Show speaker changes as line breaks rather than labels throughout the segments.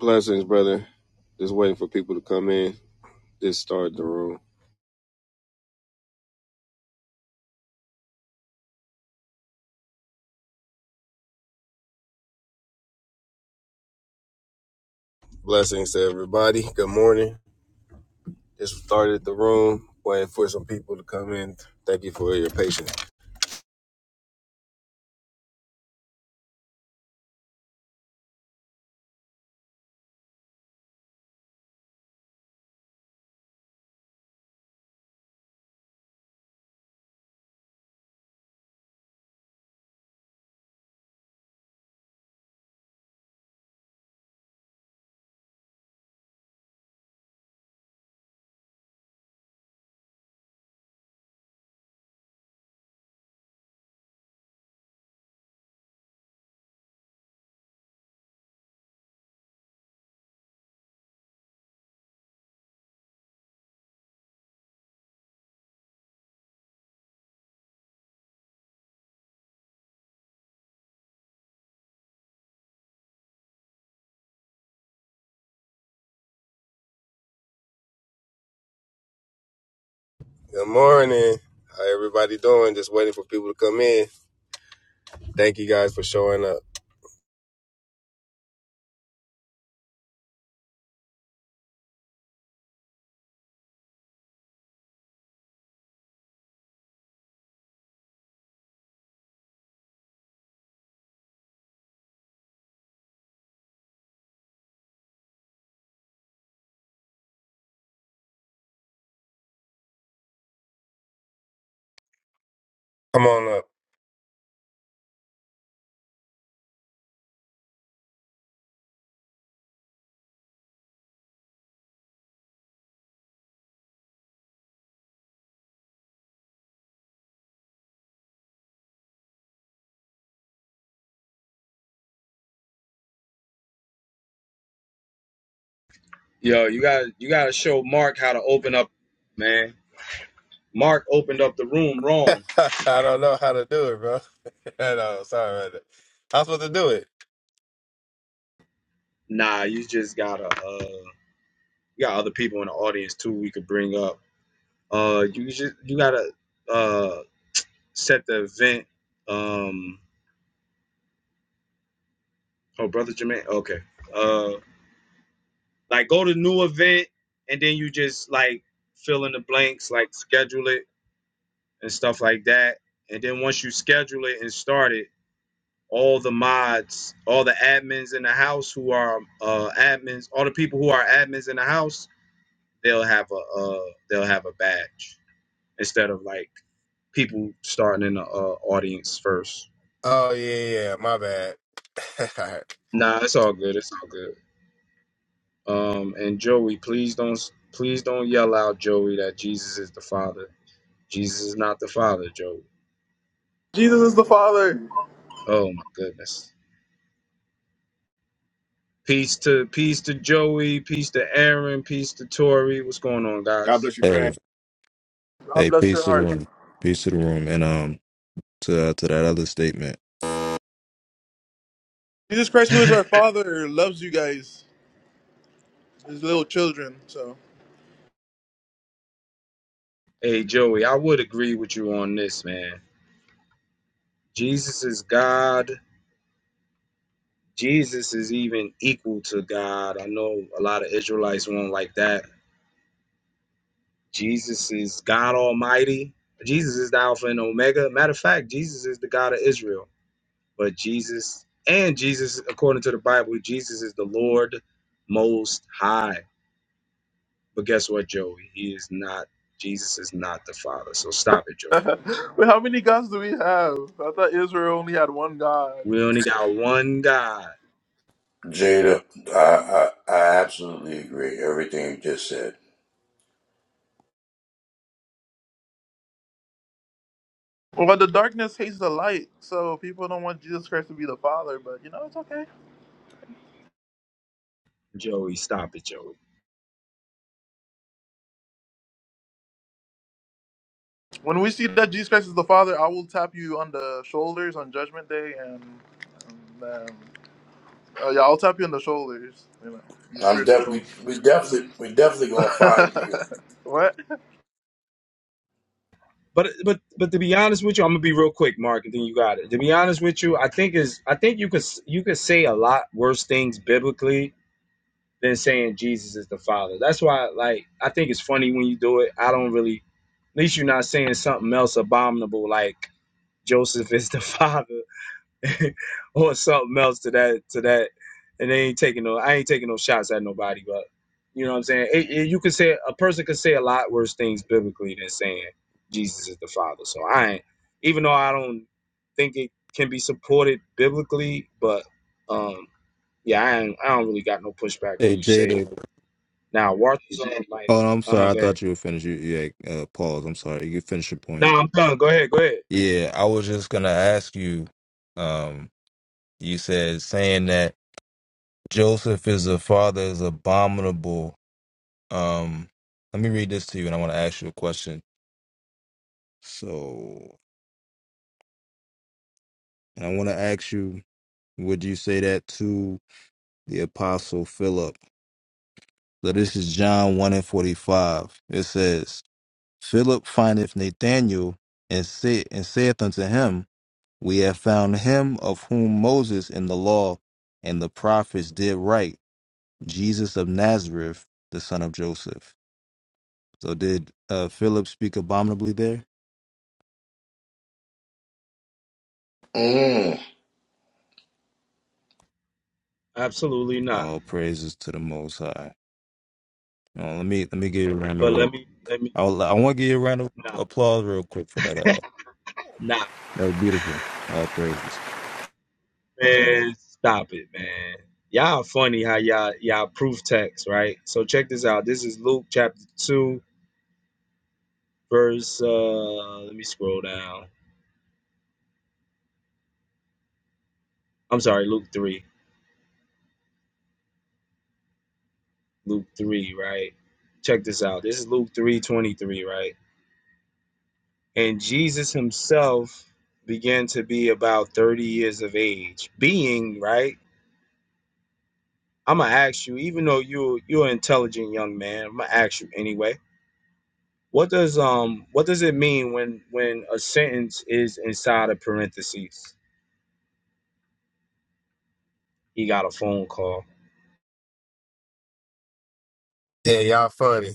Blessings, brother. Just waiting for people to come in. Just started the room. Blessings to everybody. Good morning. Just started the room. Waiting for some people to come in. Thank you for your patience. Good morning. How everybody doing? Just waiting for people to come in. Thank you guys for showing up. Come on
Yo, you got to you got to show Mark how to open up, man. Mark opened up the room
up.
wrong.
I don't know how to do it, bro. no, sorry about that. I was supposed to do it.
Nah, you just gotta uh, you got other people in the audience too. We could bring up. Uh, you just you gotta uh set the event. Um, oh, brother Jermaine. Okay. Uh, like go to new event and then you just like fill in the blanks, like schedule it and stuff like that. And then once you schedule it and start it all the mods, all the admins in the house who are uh, admins, all the people who are admins in the house, they'll have a uh, they'll have a badge instead of like people starting in the uh, audience first.
Oh yeah, yeah. My bad.
Nah, it's all good. It's all good. Um, and Joey, please don't please don't yell out, Joey, that Jesus is the Father. Jesus is not the Father, Joey.
Jesus is the Father.
Oh my goodness. Peace to peace to Joey, peace to Aaron, peace to Tori. What's going on,
God
guys?
bless you,
Hey,
fam.
God
hey,
bless
peace
your
to the
heart.
room, peace to the room, and um, to uh, to that other statement.
Jesus Christ, who is our Father, loves you guys, his little children. So,
Hey Joey, I would agree with you on this, man. Jesus is God. Jesus is even equal to God. I know a lot of Israelites won't like that. Jesus is God Almighty. Jesus is the Alpha and Omega. Matter of fact, Jesus is the God of Israel. But Jesus and Jesus, according to the Bible, Jesus is the Lord Most High. But guess what, Joey? He is not. Jesus is not the Father. So stop it, Joey.
wait, how many gods do we have? I thought Israel only had one God.
We only got one God.
Jada, I, I I absolutely agree everything you just said.
Well, the darkness hates the light, so people don't want Jesus Christ to be the Father. But you know, it's okay.
Joey, stop it, Joey.
When we see that Jesus Christ is the Father, I will tap you on the shoulders on Judgment Day, and, and um, oh yeah, I'll tap you on the shoulders. You know, your
I'm
spiritual
def-
shoulder.
we we definitely we definitely gonna find you.
what?
But but but to be honest with you, I'm gonna be real quick, Mark, and then you got it. To be honest with you, I think is I think you could you could say a lot worse things biblically than saying Jesus is the Father. That's why, like, I think it's funny when you do it. I don't really, at least you're not saying something else abominable like Joseph is the Father or something else to that to that. And they ain't taking no I ain't taking no shots at nobody, but you know what I'm saying? It, it- you could say a person could say a lot worse things biblically than saying Jesus is the Father. So I ain't even though I don't think it can be supported biblically, but um yeah, I ain't, I don't really got no pushback when
Hey,
you say it.
Jada.
Now Walter's on like
Oh, no, I'm
uh
sorry.
huh,
I
go ahead.
thought you were finished. You, yeah, uh, pause. I'm sorry. You can finish your
No,
point.
I'm done. Go ahead, go ahead.
Yeah, I was just gonna ask you. Um, you said saying that Joseph is a father is abominable. Um, let me read this to you, and I want to ask you a question. So, and I want to ask you, would you say that to the apostle Philip? So this is John 1 and 45. It says, Philip findeth Nathanael and, say, and saith unto him, We have found him of whom Moses in the law and the prophets did write, Jesus of Nazareth, the son of Joseph. So did uh, Philip speak abominably there?
Mm.
Absolutely not.
All praises to the Most High. Uh, let me let me give you a round
But
of
let me let me
I, I want to give you a round of applause real quick for that. Uh,
no.
that was beautiful. All praises.
Man, stop it, man. Y'all funny how y'all y'all proof text, right? So check this out. This is Luke chapter two, verse uh let me scroll down. I'm sorry, Luke three. Luke three, right? Check this out. This is Luke three twenty three, right? And Jesus himself began to be about thirty years of age. Being, right? I'ma ask you, even though you you're an intelligent young man, I'm gonna ask you anyway What does um what does it mean when when a sentence is inside of parentheses? He got a phone call.
yeah, y'all funny.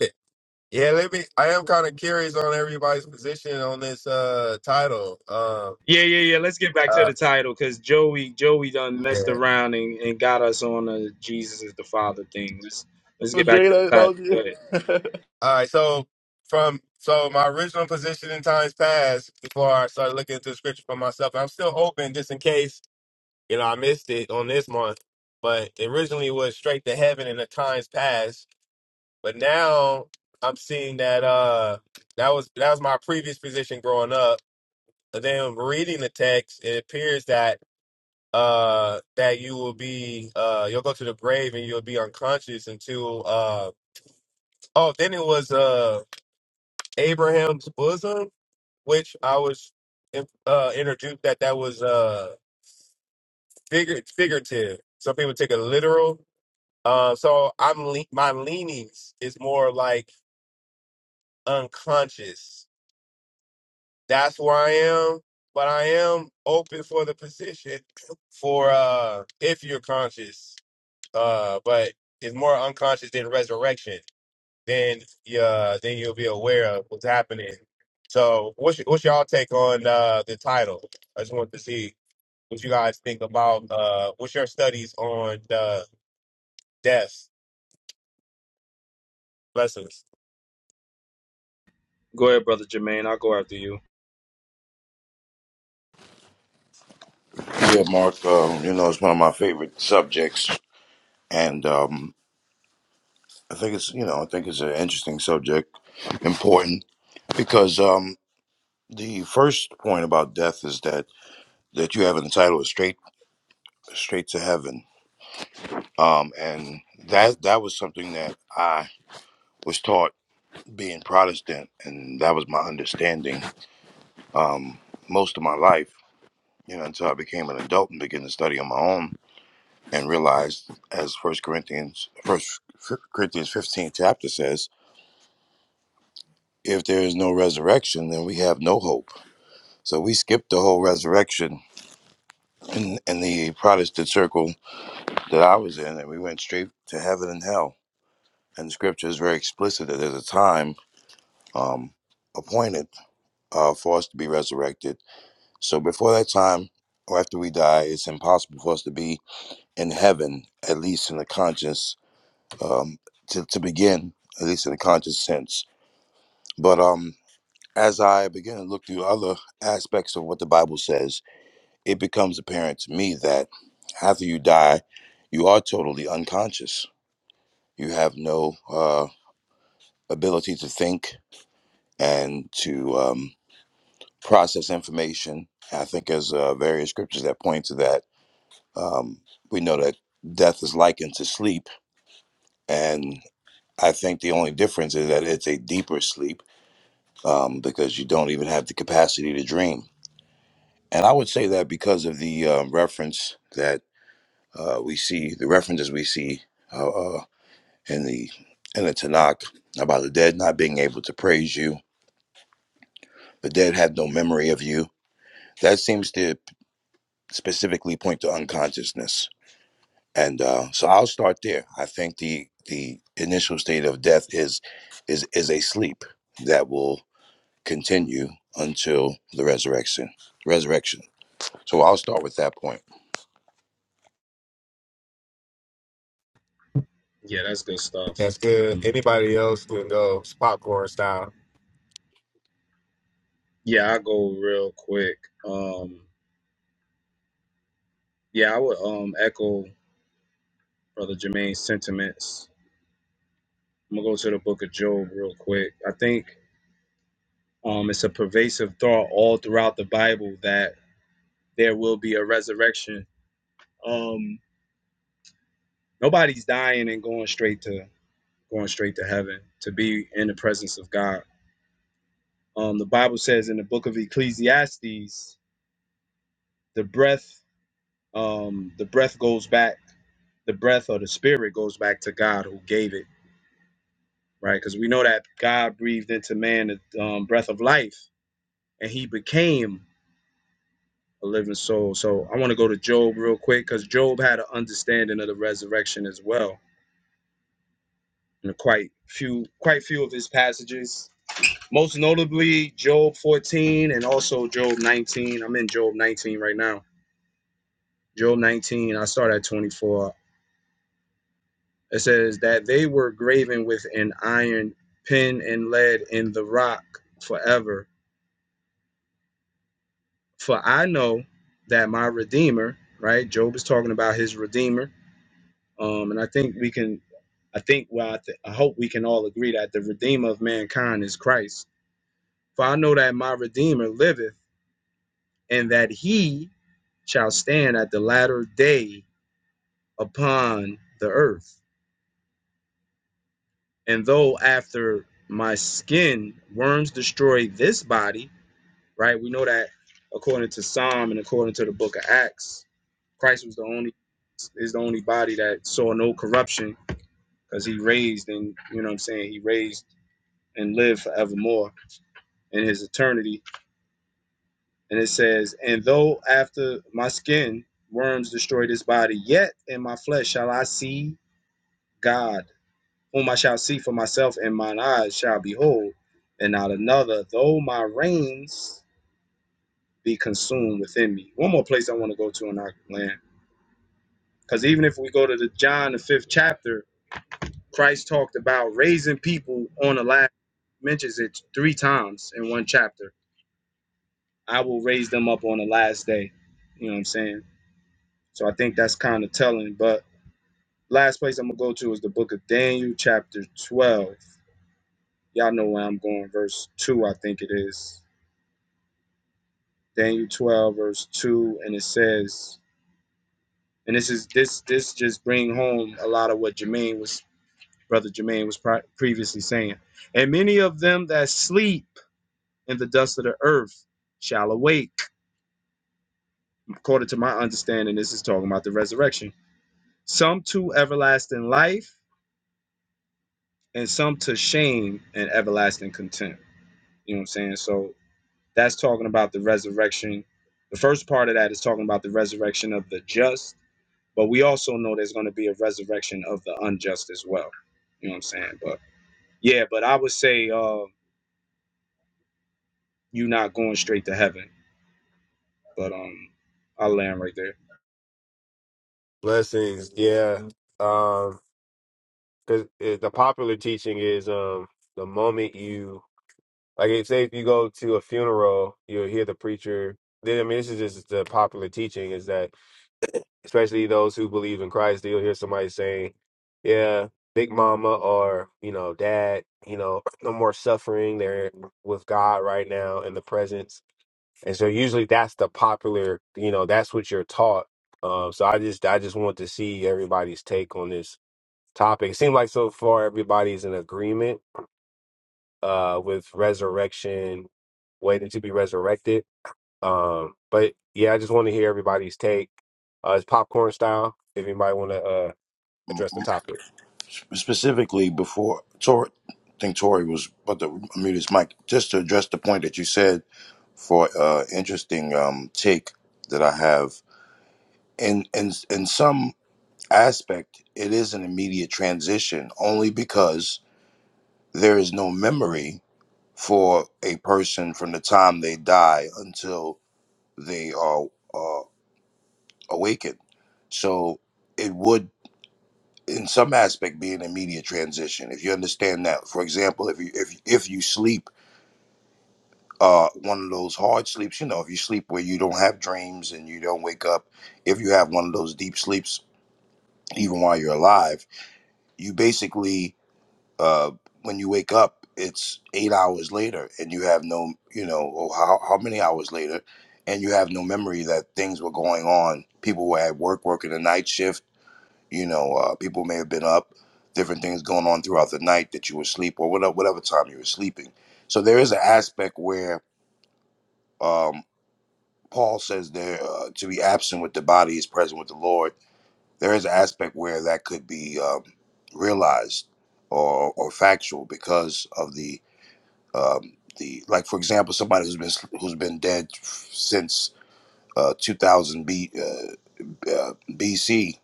Yeah, let me. I am kind of curious on everybody's position on this uh title. Um,
Yeah, yeah, yeah. Let's get back to
uh,
the title because Joey Joey done messed
yeah.
around and, and got us on the Jesus is the Father thing. Let's let's
Oh,
get back
Jay,
to
that,
the
that
title.
was
Go
you.
ahead.
All right, so from so my original position in times past, before I started looking into scripture for myself, I'm still open just in case you know I missed it on this month. But it originally was straight to heaven in the times past, but now I'm seeing that uh that was that was my previous position growing up. But then reading the text, it appears that uh that you will be uh you'll go to the grave and you'll be unconscious until uh oh then it was uh Abraham's bosom which I was in- uh introduced that that was uh figure figurative some people take it literal uh so I'm le- my leanings is more like unconscious that's where I am but I am open for the position for uh if you're conscious uh, but it's more unconscious than resurrection. Then, uh, then you'll be aware of what's happening. So, what's y- what's y'all take on uh, the title? I just want to see what you guys think about. Uh, what's your studies on uh, death? Blessings.
Go ahead, brother Jermaine. I'll go after you.
Yeah, Mark. Um, you know, it's one of my favorite subjects, and um, I think it's you know I think it's an interesting subject, important because um, the first point about death is that that you have an entitlement straight straight to heaven, um, and that that was something that I was taught being Protestant, and that was my understanding um, most of my life, you know, until I became an adult and began to study on my own and realized, as First Corinthians, First Corinthians 15 chapter says, if there is no resurrection, then we have no hope. So we skipped the whole resurrection in, in the Protestant circle that I was in, and we went straight to heaven and hell. And the scripture is very explicit that there's a time um, appointed uh, for us to be resurrected. So before that time, or after we die, it's impossible for us to be in heaven, at least in a conscious um, to, to begin, at least in a conscious sense. But um, as I begin to look through other aspects of what the Bible says, it becomes apparent to me that after you die, you are totally unconscious. You have no uh, ability to think and to um, process information. I think there's uh, various scriptures that point to that. Um, we know that death is likened to sleep, and. I think the only difference is that it's a deeper sleep um, because you don't even have the capacity to dream. And I would say that because of the um, reference that uh, we see, the references we see uh, uh, in the in the Tanakh about the dead not being able to praise you, the dead had no memory of you. That seems to specifically point to unconsciousness. And uh, so I'll start there. I think the the initial state of death is is is a sleep that will continue until the resurrection. Resurrection. So I'll start with that point.
Yeah, that's good stuff.
That's good.
Um,
Anybody else can go It's popcorn style.
yeah, I'll go real quick. Um, yeah, I would um echo brother Jermaine's sentiments. I'm gonna go to the book of Job real quick. I think Um, it's a pervasive thought all throughout the Bible that there will be a resurrection. Um, nobody's dying and going straight to going straight to heaven to be in the presence of God. Um, the Bible says in the book of Ecclesiastes, the breath, um, the breath goes back, the breath or the spirit goes back to God who gave it, right? Because we know that God breathed into man the um, breath of life, and he became. a living soul. So I want to go to Job real quick because Job had an understanding of the resurrection as well in quite few quite few of his passages. Most notably Job 14 and also Job 19. I'm in Job 19 right now. Job 19, I start at 24. It says that they were graven with an iron pen and lead in the rock forever. For I know that my redeemer, right? Job is talking about his redeemer. Um, and I think we can I think, well, I, th- I hope we can all agree that the Redeemer of mankind is Christ. For I know that my Redeemer liveth, and that he shall stand at the latter day upon the earth. And though after my skin worms destroy this body, right? We know that according to Psalm and according to the book of Acts, Christ was the only is the only body that saw no corruption because he raised and you know what I'm saying he raised and lived forevermore in his eternity And it says, And though after my skin worms destroy this body, yet in my flesh shall I see God, whom I shall see for myself, and mine eyes shall behold, and not another, though my reins be consumed within me. One more place I want to go to in our land. Because even if we go to the John, the fifth chapter, Christ talked about raising people on the last, mentions it three times in one chapter. I will raise them up on the last day. You know what I'm saying? So I think that's kind of telling. But last place I'm gonna go to is the book of Daniel, chapter 12. Y'all know where I'm going, verse 2, I think it is. Daniel 12, verse 2, and it says, and this is this this just bring home a lot of what Jermaine was brother Jermaine was pri- previously saying. And many of them that sleep in the dust of the earth shall awake. According to my understanding, this is talking about the resurrection. Some to everlasting life, and some to shame and everlasting contempt. You know what I'm saying? So that's talking about the resurrection. The first part of that is talking about the resurrection of the just, but we also know there's going to be a resurrection of the unjust as well. You know what I'm saying? But yeah, but I would say uh, you not going straight to heaven. But um, I'll land right there.
Blessings. Yeah. Um, 'cause, uh, the popular teaching is um, the moment you Like, if say if you go to a funeral, you'll hear the preacher. Then, I mean, this is just the popular teaching is that, especially those who believe in Christ, you'll hear somebody saying, "Yeah, Big Mama or you know Dad, you know, no more suffering. They're with God right now in the presence." And so, usually, that's the popular. You know, that's what you're taught. Um, so, I just, I just want to see everybody's take on this topic. It seems like so far everybody's in agreement uh, with resurrection, waiting to be resurrected. Um, but yeah, I just want to hear everybody's take. Uh, it's popcorn style. If anybody want to uh, address the topic,
Specifically before Tori I think Tori was but the mute his mic, just to address the point that you said for uh interesting um take that I have. In in in some aspect it is an immediate transition only because there is no memory for a person from the time they die until they are uh, awakened. So it would in some aspect being in media transition if you understand that for example if you if, if you sleep uh one of those hard sleeps you know if you sleep where you don't have dreams and you don't wake up if you have one of those deep sleeps even while you're alive you basically uh when you wake up it's eight hours later and you have no you know or how, how many hours later and you have no memory that things were going on people were at work working a night shift You know, uh, people may have been up, different things going on throughout the night that you were asleep or whatever, whatever time you were sleeping. So there is an aspect where um, Paul says there uh, to be absent with the body is present with the Lord. There is an aspect where that could be um, realized or, or factual because of the um, the like, for example, somebody who's been who's been dead since uh, 2000 B. uh, uh, BC,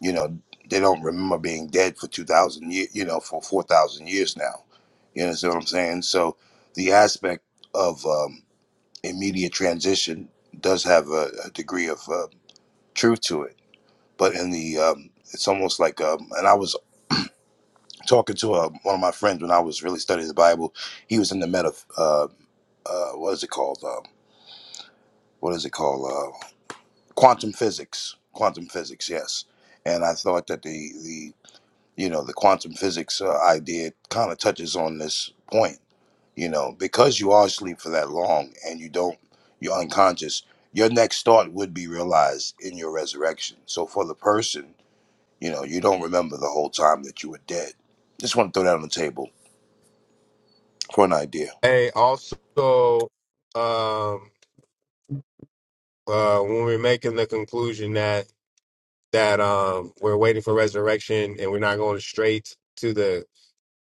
you know, they don't remember being dead for 2,000 years, you know, for 4,000 years now. You understand what I'm saying? So the aspect of um, immediate transition does have a, a degree of uh, truth to it. But in the, um, it's almost like, um, and I was talking to uh, one of my friends when I was really studying the Bible. He was in the meta, uh, uh, what is it called? Um, what is it called? Uh, quantum physics. Quantum physics, yes. And I thought that the, you know the quantum physics uh, idea kind of touches on this point you know because you are asleep for that long and you don't you're unconscious your next thought would be realized in your resurrection so for the person you know you don't remember the whole time that you were dead just want to throw that on the table for an idea
Hey, also, um, uh, when we're making the conclusion that that um, we're waiting for resurrection and we're not going straight to the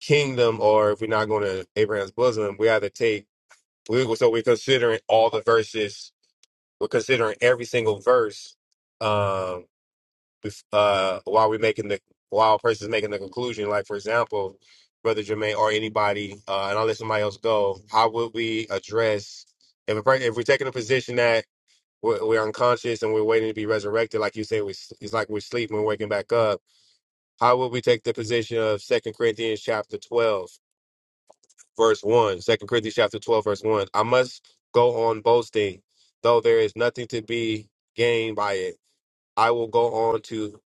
kingdom, or if we're not going to Abraham's bosom, we have to take. We, so we're considering all the verses. We're considering every single verse Um. uh, while we're making the while a person's making the conclusion. Like for example, Brother Jermaine or anybody, uh, and I'll let somebody else go. How would we address if a, per- if we're taking a position that we're, we're unconscious and we're waiting to be resurrected? Like you say, we s- it's like we're sleeping, we're waking back up. How would we take the position of Second Corinthians chapter twelve, verse one? Second Corinthians chapter twelve, verse one. I must go on boasting, though there is nothing to be gained by it. I will go on to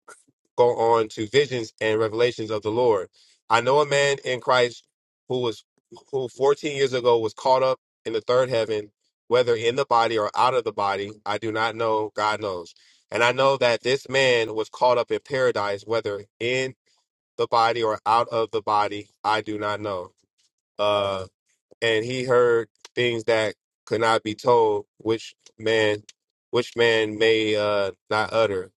go on to visions and revelations of the Lord. I know a man in Christ who was who 14 years ago was caught up in the third heaven, whether in the body or out of the body, I do not know, God knows. And I know that this man was caught up in paradise, whether in the body or out of the body, I do not know. Uh, and he heard things that could not be told, which man, which man may uh, not utter.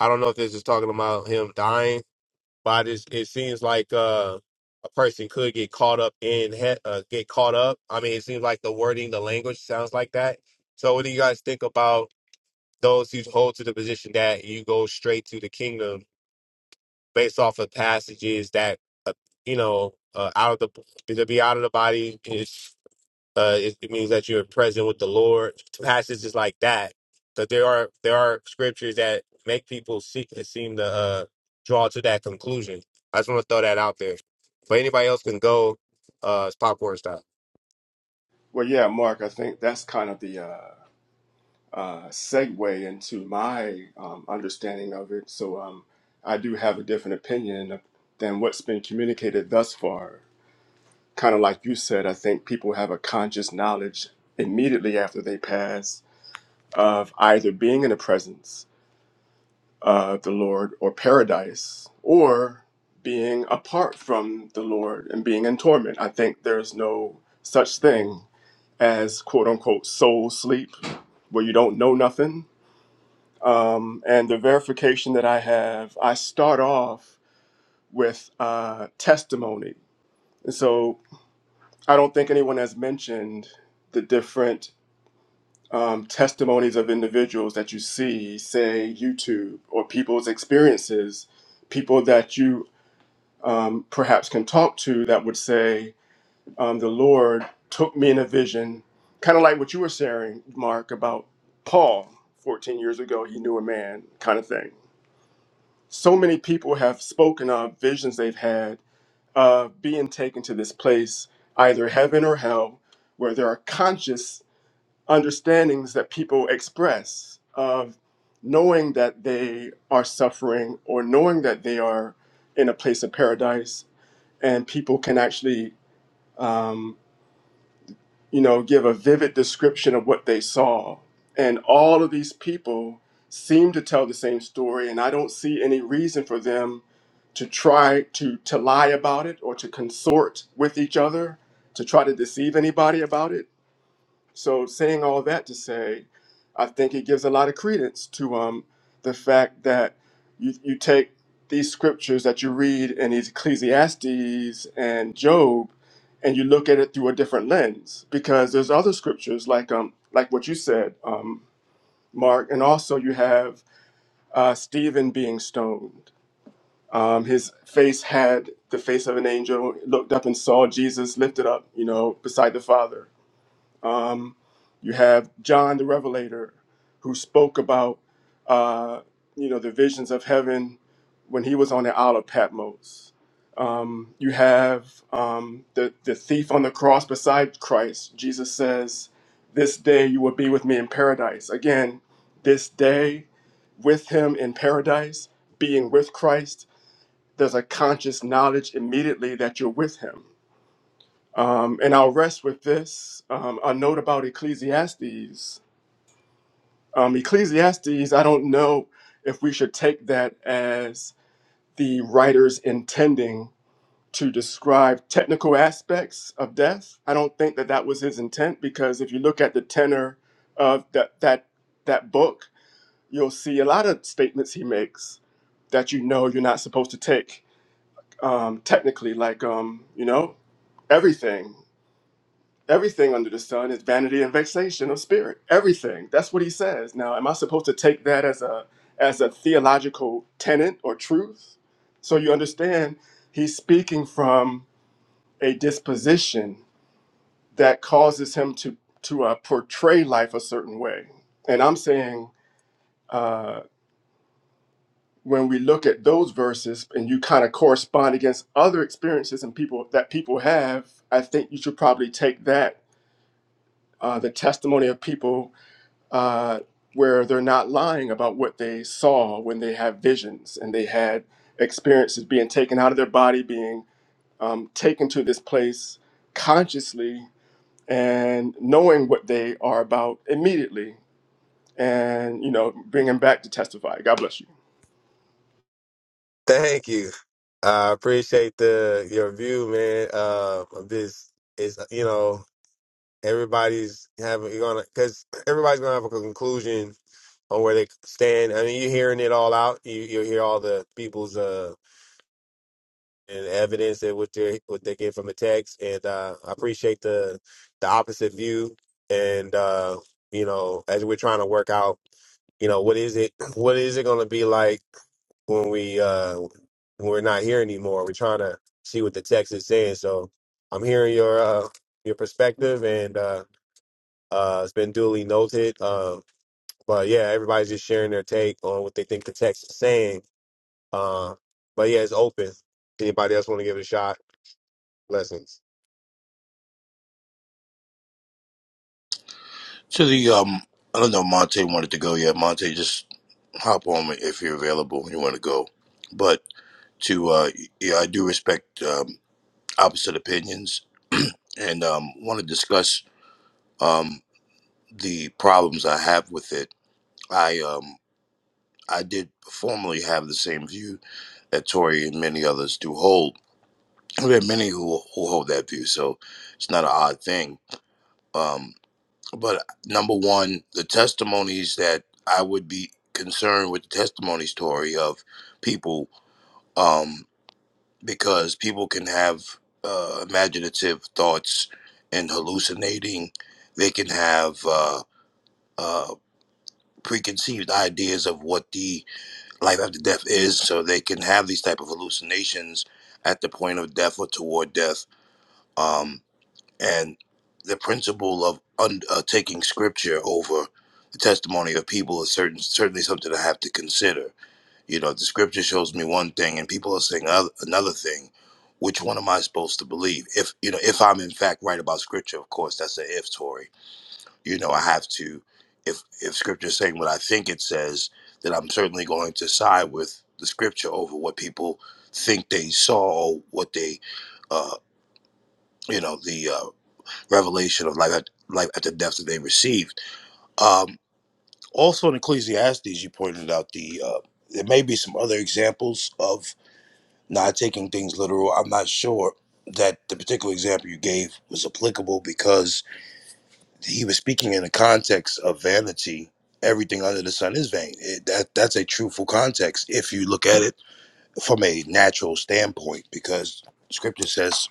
I don't know if this is talking about him dying but I just it seems like uh, a person could get caught up in he- uh, get caught up. I mean, it seems like the wording, the language sounds like that. So, what do you guys think about those who hold to the position that you go straight to the kingdom based off of passages that uh, you know uh, out of the to be out of the body? Uh, it, it means that you're present with the Lord. Passages like that, because there are there are scriptures that make people seek and seem to uh, draw to that conclusion. I just want to throw that out there. But anybody else can go. Uh, it's popcorn style.
Well, yeah, Mark, I think that's kind of the uh, uh, segue into my um, understanding of it. So um, I do have a different opinion than what's been communicated thus far. Kind of like you said, I think people have a conscious knowledge immediately after they pass of either being in the presence of the Lord or paradise or being apart from the Lord and being in torment. I think there's no such thing as quote unquote soul sleep, where you don't know nothing. Um, and the verification that I have, I start off with uh, testimony. And so I don't think anyone has mentioned the different um, testimonies of individuals that you see, say YouTube, or people's experiences, people that you um, perhaps can talk to that would say, um, the Lord took me in a vision, kind of like what you were sharing, Mark, about Paul 14 years ago, he knew a man kind of thing. So many people have spoken of visions they've had of being taken to this place, either heaven or hell, where there are conscious understandings that people express of knowing that they are suffering or knowing that they are in a place of paradise, and people can actually um, you know, give a vivid description of what they saw. And all of these people seem to tell the same story, and I don't see any reason for them to try to, to lie about it or to consort with each other to try to deceive anybody about it. So, saying all that to say, I think it gives a lot of credence to um, the fact that you, you take these scriptures that you read in these Ecclesiastes and Job, and you look at it through a different lens because there's other scriptures like um like what you said, um, Mark, and also you have uh, Stephen being stoned. Um, his face had the face of an angel. He Looked up and saw Jesus lifted up, you know, beside the Father um, you have John the Revelator, who spoke about uh, you know the visions of heaven when he was on the Isle of Patmos. Um, you have um, the the thief on the cross beside Christ. Jesus says, "This day you will be with me in paradise." Again, this day with him in paradise, being with Christ. There's a conscious knowledge immediately that you're with him um, and I'll rest with this um, a note about Ecclesiastes. Um, Ecclesiastes, I don't know if we should take that as the writer's intending to describe technical aspects of death. I don't think that that was his intent because if you look at the tenor of that that that book, you'll see a lot of statements he makes that you know you're not supposed to take um, technically, like um, you know everything. Everything under the sun is vanity and vexation of spirit. Everything. That's what he says. Now, am I supposed to take that as a as a theological tenet or truth? So you understand, he's speaking from a disposition that causes him to to uh, portray life a certain way. And I'm saying uh, when we look at those verses and you kind of correspond against other experiences and people that people have, I think you should probably take that uh, the testimony of people uh, where they're not lying about what they saw when they have visions and they had experiences being taken out of their body, being um, taken to this place consciously and knowing what they are about immediately and you know bringing back to testify god bless you
Thank you. I appreciate the your view, man. Uh, of this is you know everybody's having you're gonna because everybody's gonna have a conclusion on where they stand. I mean, you're hearing it all out. You you hear all the people's uh and evidence and what they what they get from the text. And uh, I appreciate the the opposite view. And uh, you know, as we're trying to work out, you know, what is it? What is it going to be like when we uh, when we're not here anymore? We're trying to see what the text is saying. So I'm hearing your uh, your perspective, and uh, uh, it's been duly noted. Uh, but yeah, everybody's just sharing their take on what they think the text is saying. Uh, but yeah, it's open. Anybody else want to give it a shot? Blessings.
to the um i don't know monte wanted to go yet monte just hop on if you're available and you want to go but to uh yeah i do respect um. opposite opinions and um, want to discuss um, the problems I have with it. I um, I did formerly have the same view that Tory and many others do hold. There are many who, who hold that view, so it's not an odd thing. Um, but number one, the testimonies that I would be concerned with the testimonies, Tory, of people. Um, because people can have uh, imaginative thoughts and hallucinating. They can have uh, uh, preconceived ideas of what the life after death is, so they can have these type of hallucinations at the point of death or toward death. Um, and the principle of un- uh, taking scripture over the testimony of people is certain certainly something I have to consider you know, the scripture shows me one thing and people are saying oth- another thing. Which one am I supposed to believe? If you know, if I'm in fact right about scripture, of course, that's an if Tory. You know, I have to if if scripture is saying what I think it says, then I'm certainly going to side with the scripture over what people think they saw or what they uh you know, the uh, revelation of life at life at the depth that they received. Um also in Ecclesiastes you pointed out the uh there may be some other examples of not taking things literal. I'm not sure that the particular example you gave was applicable because he was speaking in the context of vanity. Everything under the sun is vain. It, that that's a truthful context if you look at it from a natural standpoint, because Scripture says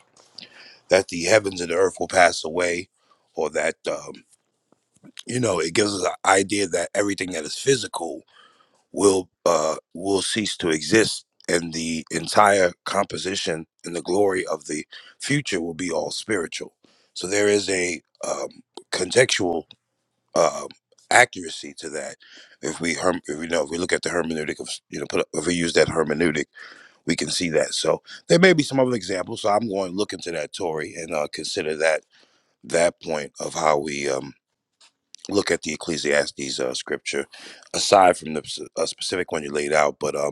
that the heavens and the earth will pass away, or that um, you know it gives us an idea that everything that is physical will uh, will cease to exist, and the entire composition and the glory of the future will be all spiritual. So there is a um, contextual um accuracy to that. If we herm- if we know if we look at the hermeneutic of you know put, if we use that hermeneutic, we can see that. So there may be some other examples. So I'm going to look into that, Tory, and uh, consider that that point of how we um, look at the Ecclesiastes uh, scripture aside from the s- uh, specific one you laid out. But um.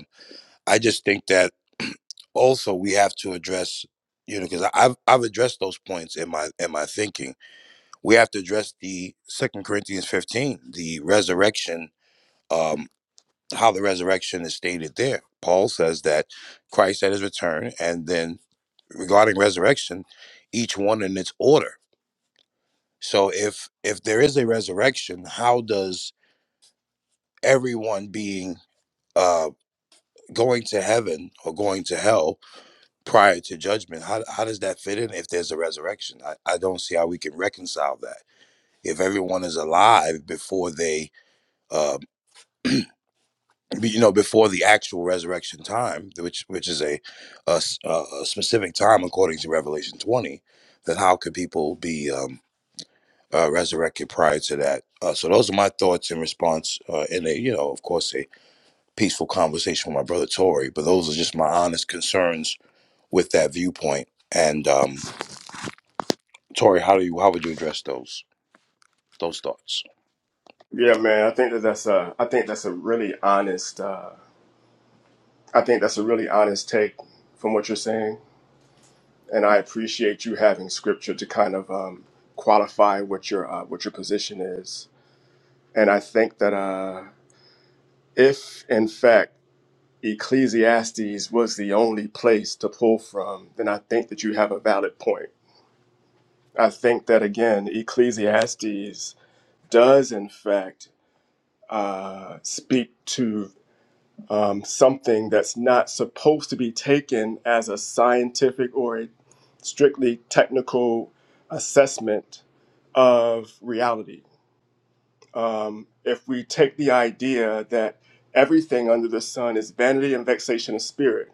I just think that also we have to address you know because i've i've addressed those points in my in my thinking we have to address the second corinthians 15 the resurrection um how the resurrection is stated there paul says that christ at his return and then regarding resurrection each one in its order so if if there is a resurrection how does everyone being uh going to heaven or going to hell prior to judgment. How, how does that fit in if there's a resurrection? I, I don't see how we can reconcile that. If everyone is alive before they, uh, you know, before the actual resurrection time, which which is a, a s- a- a specific time according to Revelation 20, then how could people be um, uh, resurrected prior to that? Uh, so those are my thoughts in response. Uh, in a, you know, of course, a peaceful conversation with my brother Tory, but those are just my honest concerns with that viewpoint. And um, Tori, how do you how would you address those those thoughts?
yeah man i think that that's a i think that's a really honest uh, i think that's a really honest take from what you're saying and i appreciate you having scripture to kind of um, qualify what your uh, what your position is And I think that uh, if, in fact, Ecclesiastes was the only place to pull from, then I think that you have a valid point. I think that, again, Ecclesiastes does, in fact, uh, speak to um, something that's not supposed to be taken as a scientific or a strictly technical assessment of reality um, if we take the idea that everything under the sun is vanity and vexation of spirit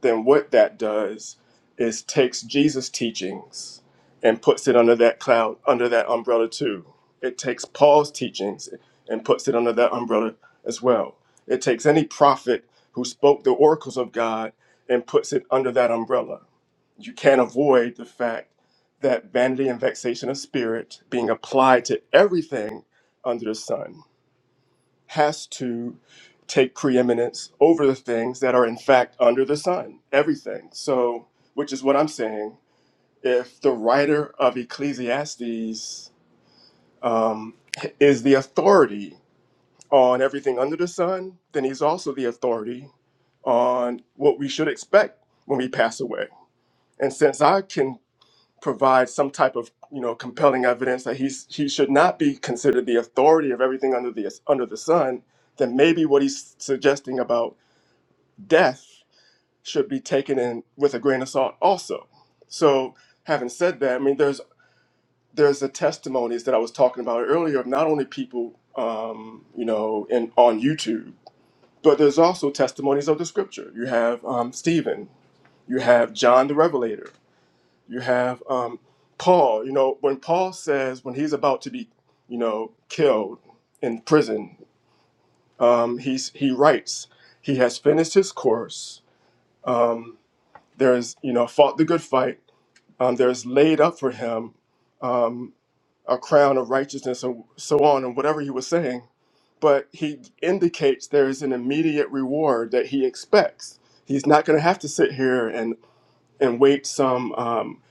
then what that does is takes Jesus' teachings and puts it under that cloud, under that umbrella too. It takes Paul's teachings and puts it under that umbrella as well. It takes any prophet who spoke the oracles of God and puts it under that umbrella. You can't avoid the fact that vanity and vexation of spirit being applied to everything under the sun has to take preeminence over the things that are in fact under the sun, everything. So, which is what I'm saying. If the writer of Ecclesiastes um, is the authority on everything under the sun, then he's also the authority on what we should expect when we pass away. And since I can provide some type of you know compelling evidence that he's he should not be considered the authority of everything under the under the sun, then maybe what he's suggesting about death should be taken in with a grain of salt also. So having said that, I mean there's there's the testimonies that I was talking about earlier of not only people um, you know in on YouTube, but there's also testimonies of the scripture. You have um, Stephen, you have John the Revelator you have um, Paul. You know, when Paul says when he's about to be, you know, killed in prison, um, he's he writes he has finished his course. Um, there is you know fought the good fight. Um, there is laid up for him um, a crown of righteousness and so on and whatever he was saying. But he indicates there is an immediate reward that he expects. He's not going to have to sit here and and wait some. Um,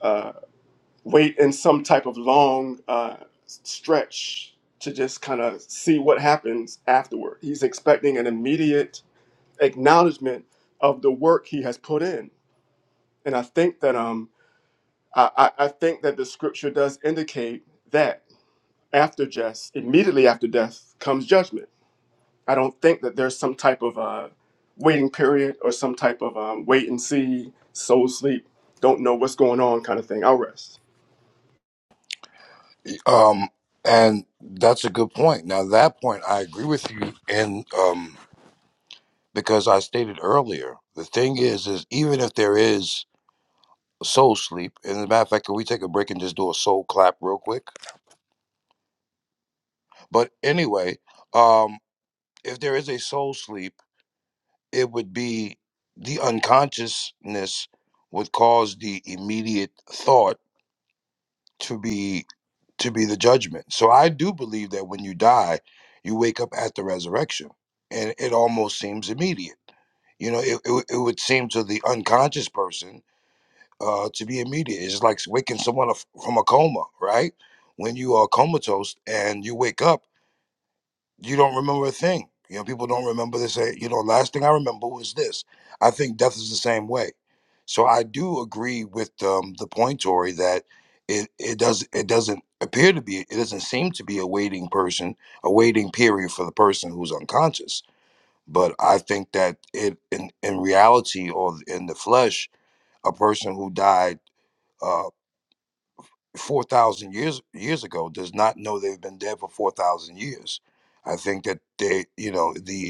uh, wait in some type of long uh, stretch to just kind of see what happens afterward. He's expecting an immediate acknowledgement of the work he has put in, and I think that um I, I I think that the scripture does indicate that after death, immediately after death, comes judgment. I don't think that there's some type of uh, waiting period or some type of um, wait and see, soul sleep, don't know what's going on kind of thing. I'll rest.
Um, and that's a good point. Now, that point, I agree with you. And um, because I stated earlier, the thing is, is even if there is soul sleep, and as a matter of fact, can we take a break and just do a soul clap real quick? But anyway, um, if there is a soul sleep, it would be the unconsciousness would cause the immediate thought to be to be the judgment. So I do believe that when you die, you wake up at the resurrection, and it almost seems immediate. You know, it, it, would- it would seem to the unconscious person uh, to be immediate. It's like waking someone up from a coma, right? When you are comatose and you wake up you don't remember a thing. You know, people don't remember this. Say, you know, last thing I remember was this. I think death is the same way. So I do agree with um, the point, Tori, that it it does it doesn't appear to be it doesn't seem to be a waiting person, a waiting period for the person who's unconscious. But I think that it in in reality or in the flesh, a person who died uh, four thousand years years ago does not know they've been dead for four thousand years. I think that they, you know, the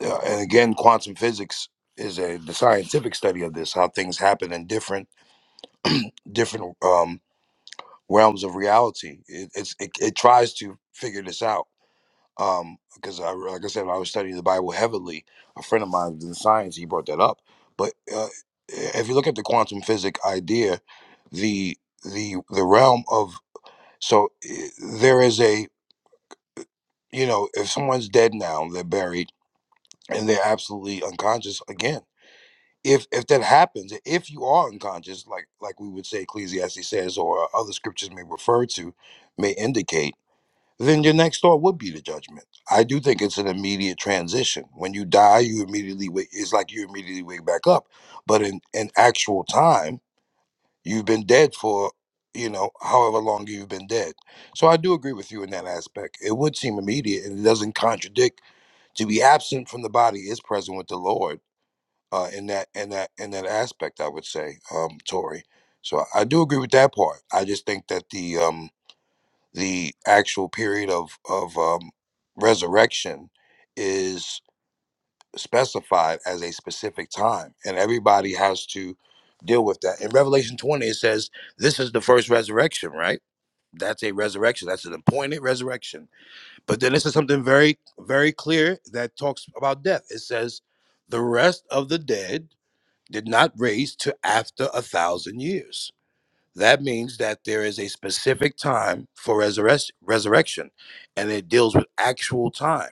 uh, and again, quantum physics is a the scientific study of this, how things happen in different different um, realms of reality. It, it's it, it tries to figure this out. Um, because I, like I said, when I was studying the Bible heavily, a friend of mine in science, he brought that up. But uh, if you look at the quantum physics idea, the the the realm of so eh, there is a you know if someone's dead now they're buried and they're absolutely unconscious again if if that happens, if you are unconscious, like like we would say Ecclesiastes says, or uh, other scriptures may refer to, may indicate, then your next thought would be the judgment. I do think it's an immediate transition. When you die, you immediately wake. It's like you immediately wake back up, but in in actual time, you've been dead for you know however long you've been dead. So I do agree with you in that aspect. It would seem immediate, and it doesn't contradict. To be absent from the body is present with the Lord uh, in that in that in that aspect. I would say, um, Tory. So I, I do agree with that part. I just think that the um, the actual period of of um, resurrection is specified as a specific time, and everybody has to deal with that. In Revelation twenty, it says this is the first resurrection, right? That's a resurrection. That's an appointed resurrection. But then this is something very, very clear that talks about death. It says, the rest of the dead did not raise to after a thousand years. That means that there is a specific time for resurrec- resurrection, and it deals with actual time.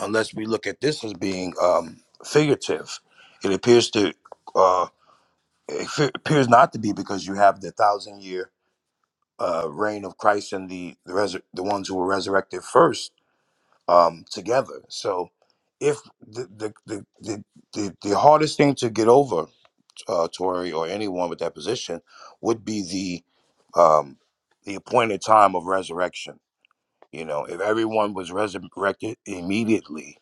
Unless we look at this as being um, figurative, it appears to uh, it fe- appears not to be because you have the thousand year uh, reign of Christ and the the, resur- the ones who were resurrected first um, together. So, if the the, the the the the hardest thing to get over uh, Tory or anyone with that position would be the um, the appointed time of resurrection. You know, if everyone was resurrected immediately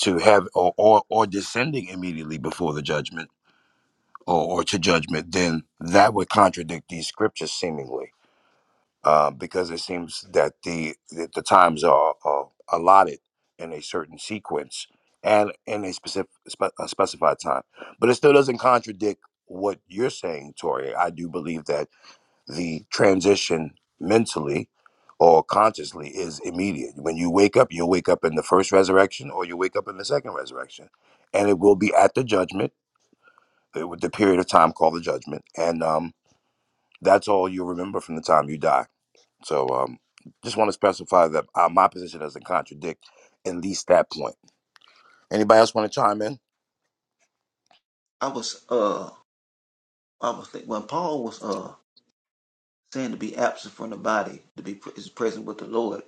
to have or or, or descending immediately before the judgment or, or to judgment, then that would contradict these scriptures seemingly uh, because it seems that the that the times are, are allotted in a certain sequence and in a specific spe- a specified time. But it still doesn't contradict what you're saying, Tori. I do believe that the transition mentally or consciously is immediate. When you wake up, you'll wake up in the first resurrection or you wake up in the second resurrection, and it will be at the judgment, uh, with the period of time called the judgment, and um, that's all you remember from the time you die so um, just want to specify that uh, my position doesn't contradict at least that point. Anybody else want to chime in?
I was uh I was think when Paul was uh saying to be absent from the body to be pre- is present with the Lord.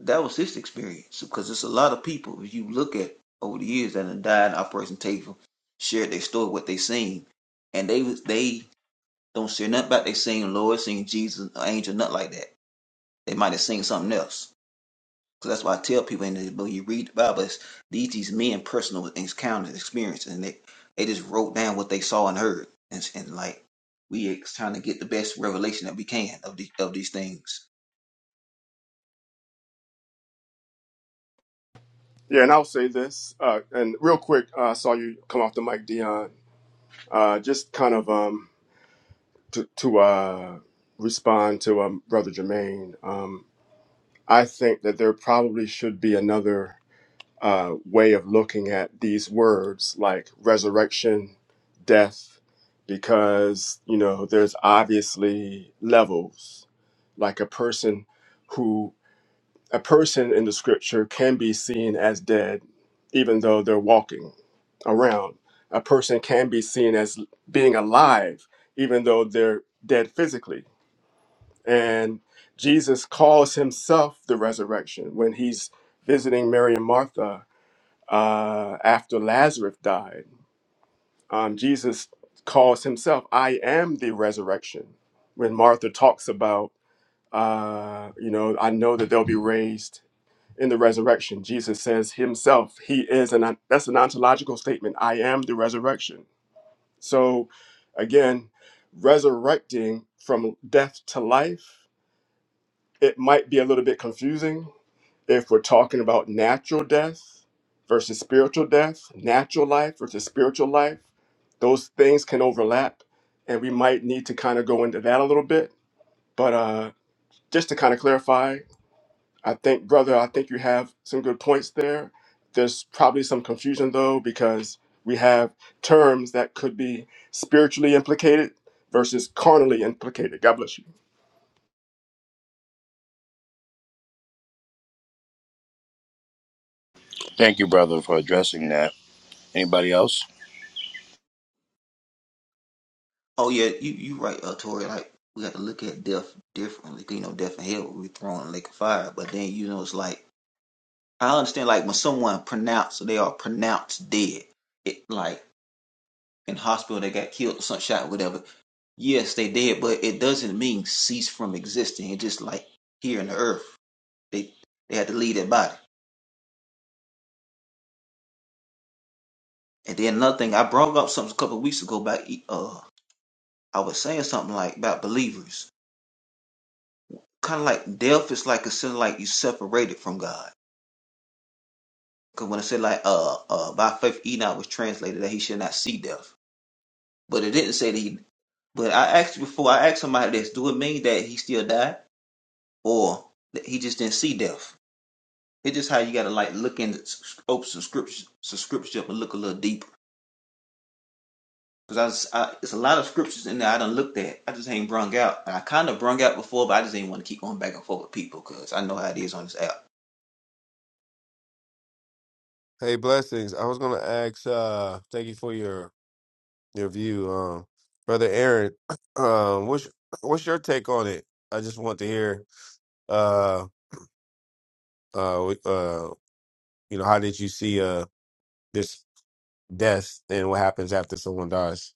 That was his experience because there's a lot of people if you look at over the years that have died in Operation Takeover, shared their story what they seen, and they was- they don't share nothing about they seen Lord, seen Jesus, angel, nothing like that. They might have seen something else Because that's why I tell people in the book, you read the Bible, it's these, these men personal encounters, experiences, and they, they just wrote down what they saw and heard. And, and like, we ex- trying to get the best revelation that we can of, the, of these things.
Yeah, and I'll say this, uh, and real quick, uh, I saw you come off the mic, Dion. Uh, just kind of um, to, to uh, respond to um, Brother Jermaine, um, I think that there probably should be another uh, way of looking at these words like resurrection, death, because, you know, there's obviously levels. Like a person who A person in the scripture can be seen as dead, even though they're walking around. A person can be seen as being alive, even though they're dead physically. And Jesus calls himself the resurrection when he's visiting Mary and Martha uh, after Lazarus died. Um, Jesus calls himself, I am the resurrection. When Martha talks about, uh, you know, I know that they'll be raised in the resurrection. Jesus says himself, he is an that's an ontological statement. I am the resurrection. So again, resurrecting from death to life, it might be a little bit confusing if we're talking about natural death versus spiritual death, natural life versus spiritual life. Those things can overlap and we might need to kind of go into that a little bit, but uh just to kind of clarify, I think, brother, I think you have some good points there. There's probably some confusion though, because we have terms that could be spiritually implicated versus carnally implicated. God bless you.
Thank you, brother, for addressing that. Anybody else?
Oh, yeah, you, you right, uh, Tori. Like, we got to look at death differently. 'cause, You know, death and hell will be thrown in the lake of fire. But then, you know, it's like, I understand, like, when someone pronounced, so they are pronounced dead, it like in hospital, they got killed or some shot, whatever Yes, they did, but it doesn't mean cease from existing. It's just like here in the earth, they they had to leave their body. And then another thing, I brought up something a couple of weeks ago about uh, I was saying something like about believers, kind of like death is like a sin, like you separated from God. Because when I said like uh uh by faith Enoch was translated that he should not see death, but it didn't say that he. But I asked before I asked somebody this, do it mean that he still died or that he just didn't see death? It's just how you gotta like look in open subscription subscription and look a little deeper. Cause I, I it's a lot of scriptures in there I done looked at. I just ain't brung out. And I kind of brung out before, but I just ain't want to keep going back and forth with people because I know how it is on this app.
Hey, blessings. I was gonna ask. uh Thank you for your your view, um, brother Aaron. Um, what's what's your take on it? I just want to hear. Uh, uh, uh, you know, how did you see uh this death and what happens after someone dies?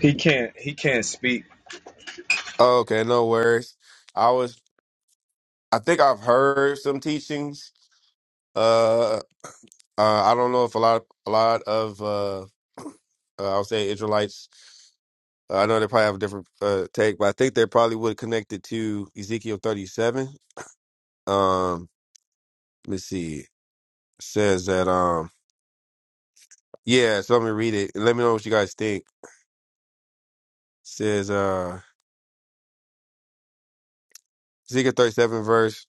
He can't. He can't speak.
Oh, okay, no worries. I was. I think I've heard some teachings. Uh, uh I don't know if a lot a lot of uh, uh I would say Israelites. Uh, I know they probably have a different uh, take, but I think they probably would connect it to Ezekiel 37. Um, let's see. It says that um yeah, so let me read it and let me know what you guys think. It says uh Ezekiel 37 verse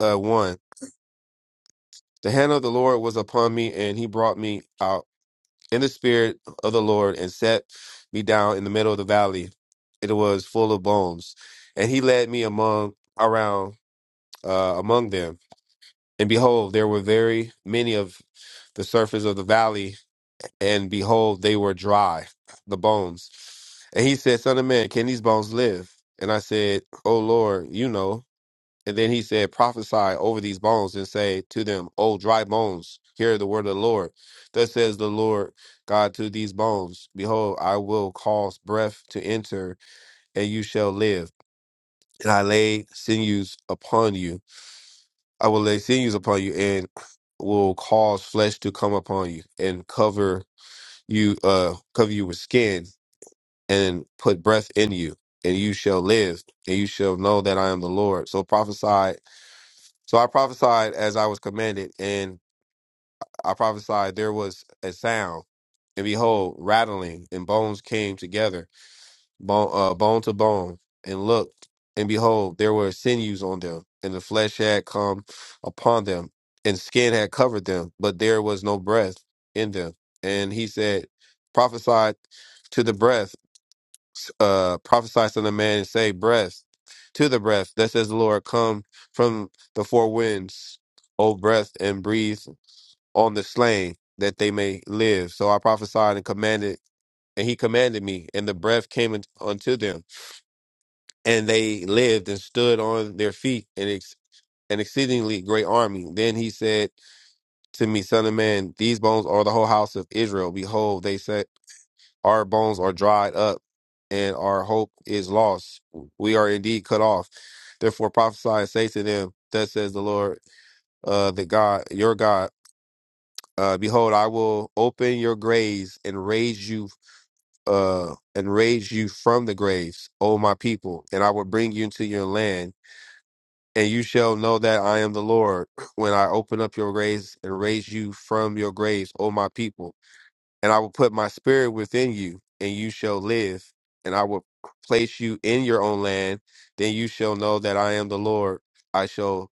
uh 1. The hand of the Lord was upon me and he brought me out in the spirit of the Lord and set me down in the middle of the valley. It was full of bones. And he led me among around uh among them And behold, there were very many of the surface of the valley, and behold, they were dry, the bones. And he said, Son of man, can these bones live? And I said, O Lord, you know. And then he said, Prophesy over these bones and say to them, O dry bones, hear the word of the Lord. Thus says the Lord God to these bones, Behold, I will cause breath to enter, and you shall live. And I lay sinews upon you I will lay sinews upon you and will cause flesh to come upon you and cover you uh cover you with skin and put breath in you and you shall live and you shall know that I am the Lord. So prophesied so I prophesied as I was commanded and I prophesied there was a sound and behold rattling and bones came together bone, uh, bone to bone, and looked, and behold, there were sinews on them, and the flesh had come upon them, and skin had covered them, but there was no breath in them. And he said, "Prophesy to the breath, uh, prophesy to the man, and say, breath, to the breath, that says the Lord, come from the four winds, O breath, and breathe on the slain, that they may live. So I prophesied and commanded, and he commanded me, and the breath came un- unto them and they lived and stood on their feet an, ex- an exceedingly great army. Then he said to me, Son of man, these bones are the whole house of Israel. Behold, they said, Our bones are dried up, and our hope is lost. We are indeed cut off. Therefore prophesy and say to them, Thus says the Lord, uh, the God, your God. Uh, behold, I will open your graves and raise you, uh, and raise you from the graves, O my people, and I will bring you into your land And you shall know that I am the Lord when I open up your graves and raise you from your graves, O my people. And I will put my spirit within you, and you shall live. And I will place you in your own land. Then you shall know that I am the Lord. I shall,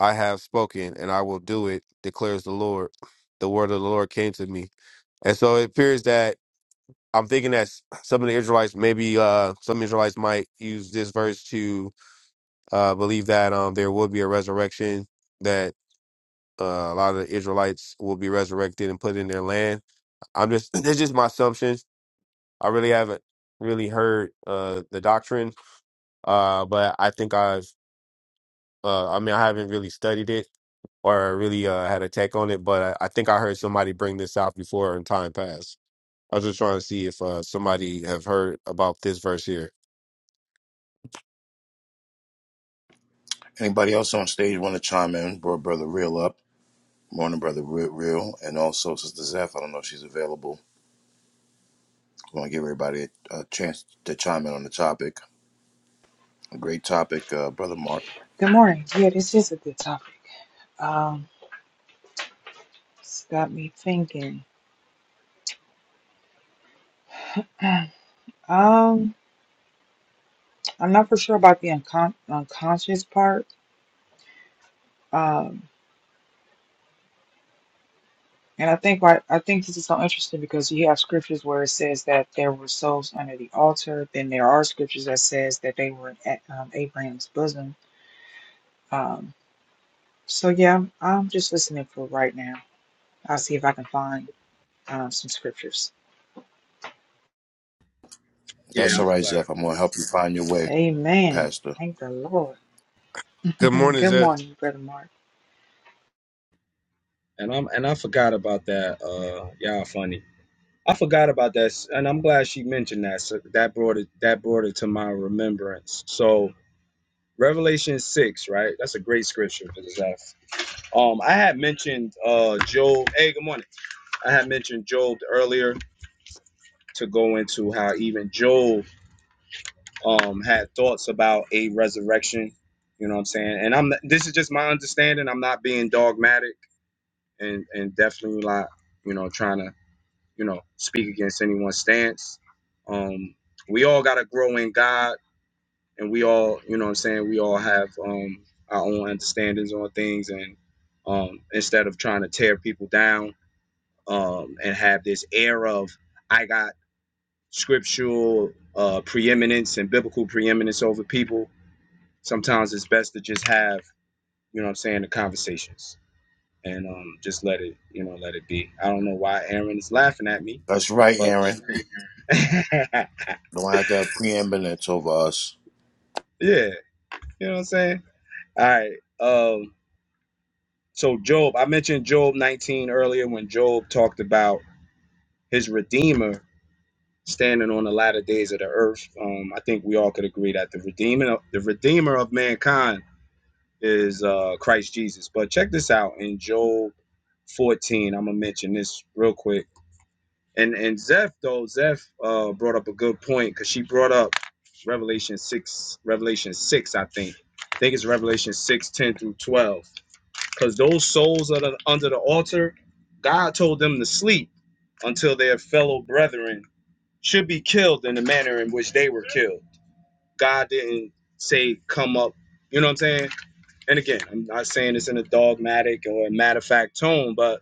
I have spoken, and I will do it, declares the Lord. The word of the Lord came to me. And so it appears that I'm thinking that s- some of the Israelites, maybe uh, some Israelites might use this verse to uh, I believe that um, there will be a resurrection, that uh, a lot of the Israelites will be resurrected and put in their land. I'm just, it's just my assumptions. I really haven't really heard uh, the doctrine, uh, but I think I've, uh, I mean, I haven't really studied it or really uh, had a take on it, but I, I think I heard somebody bring this out before in time past. I was just trying to see if uh, somebody have heard about this verse here.
Anybody else on stage want to chime in? Bro, brother, real up. Morning, brother, real, real, and also Sister Zeph. I don't know if she's available. I want to give everybody a, a chance to chime in on the topic. A great topic, uh, brother Mark.
Good morning. Yeah, this is a good topic. Um, it's got me thinking. Um, I'm not for sure about the uncon- unconscious part. Um, and I think why I think this is so interesting because you have scriptures where it says that there were souls under the altar. Then there are scriptures that says that they were at um, Abraham's bosom. Um, so yeah, I'm just listening for right now. I'll see if I can find um, some scriptures.
That's
Yeah, I'm
all right,
glad.
Zeph. I'm going to help you find your way,
Amen.
Pastor.
Thank the Lord.
Good morning,
Good
Zeph.
morning, Brother Mark.
And I'm and I forgot about that. Uh, y'all funny. I forgot about that, s- and I'm glad she mentioned that. So that brought it that brought it to my remembrance. So Revelation six, right? That's a great scripture for this. Um, I had mentioned uh Job. Hey, good morning. I had mentioned Job earlier to go into how even Job um had thoughts about a resurrection. You know what I'm saying? And I'm this is just my understanding. I'm not being dogmatic and and definitely not you know trying to you know speak against anyone's stance. Um, we all gotta grow in God and we all, you know what I'm saying, we all have um our own understandings on things and um instead of trying to tear people down um and have this air of I got scriptural uh preeminence and biblical preeminence over people, sometimes it's best to just have, you know what I'm saying, the conversations and um just let it, you know, let it be. I don't know why Aaron is laughing at me,
That's right,
but
Aaron.
yeah,
Don't have that preeminence over us.
you know what I'm saying? All right. Um So Job, I mentioned Job 19 earlier when Job talked about his redeemer standing on the latter days of the earth. Um, I think we all could agree that the redeemer, the redeemer of mankind, is uh, Christ Jesus. But check this out in Job 14. I'm gonna mention this real quick. And and Zeph though Zeph uh, brought up a good point because she brought up Revelation six, Revelation six, I think. I think it's Revelation six ten through 12 because those souls that are under the altar, God told them to sleep until their fellow brethren should be killed in the manner in which they were killed. God didn't say, come up. You know what I'm saying? And again, I'm not saying this in a dogmatic or a matter of fact tone, but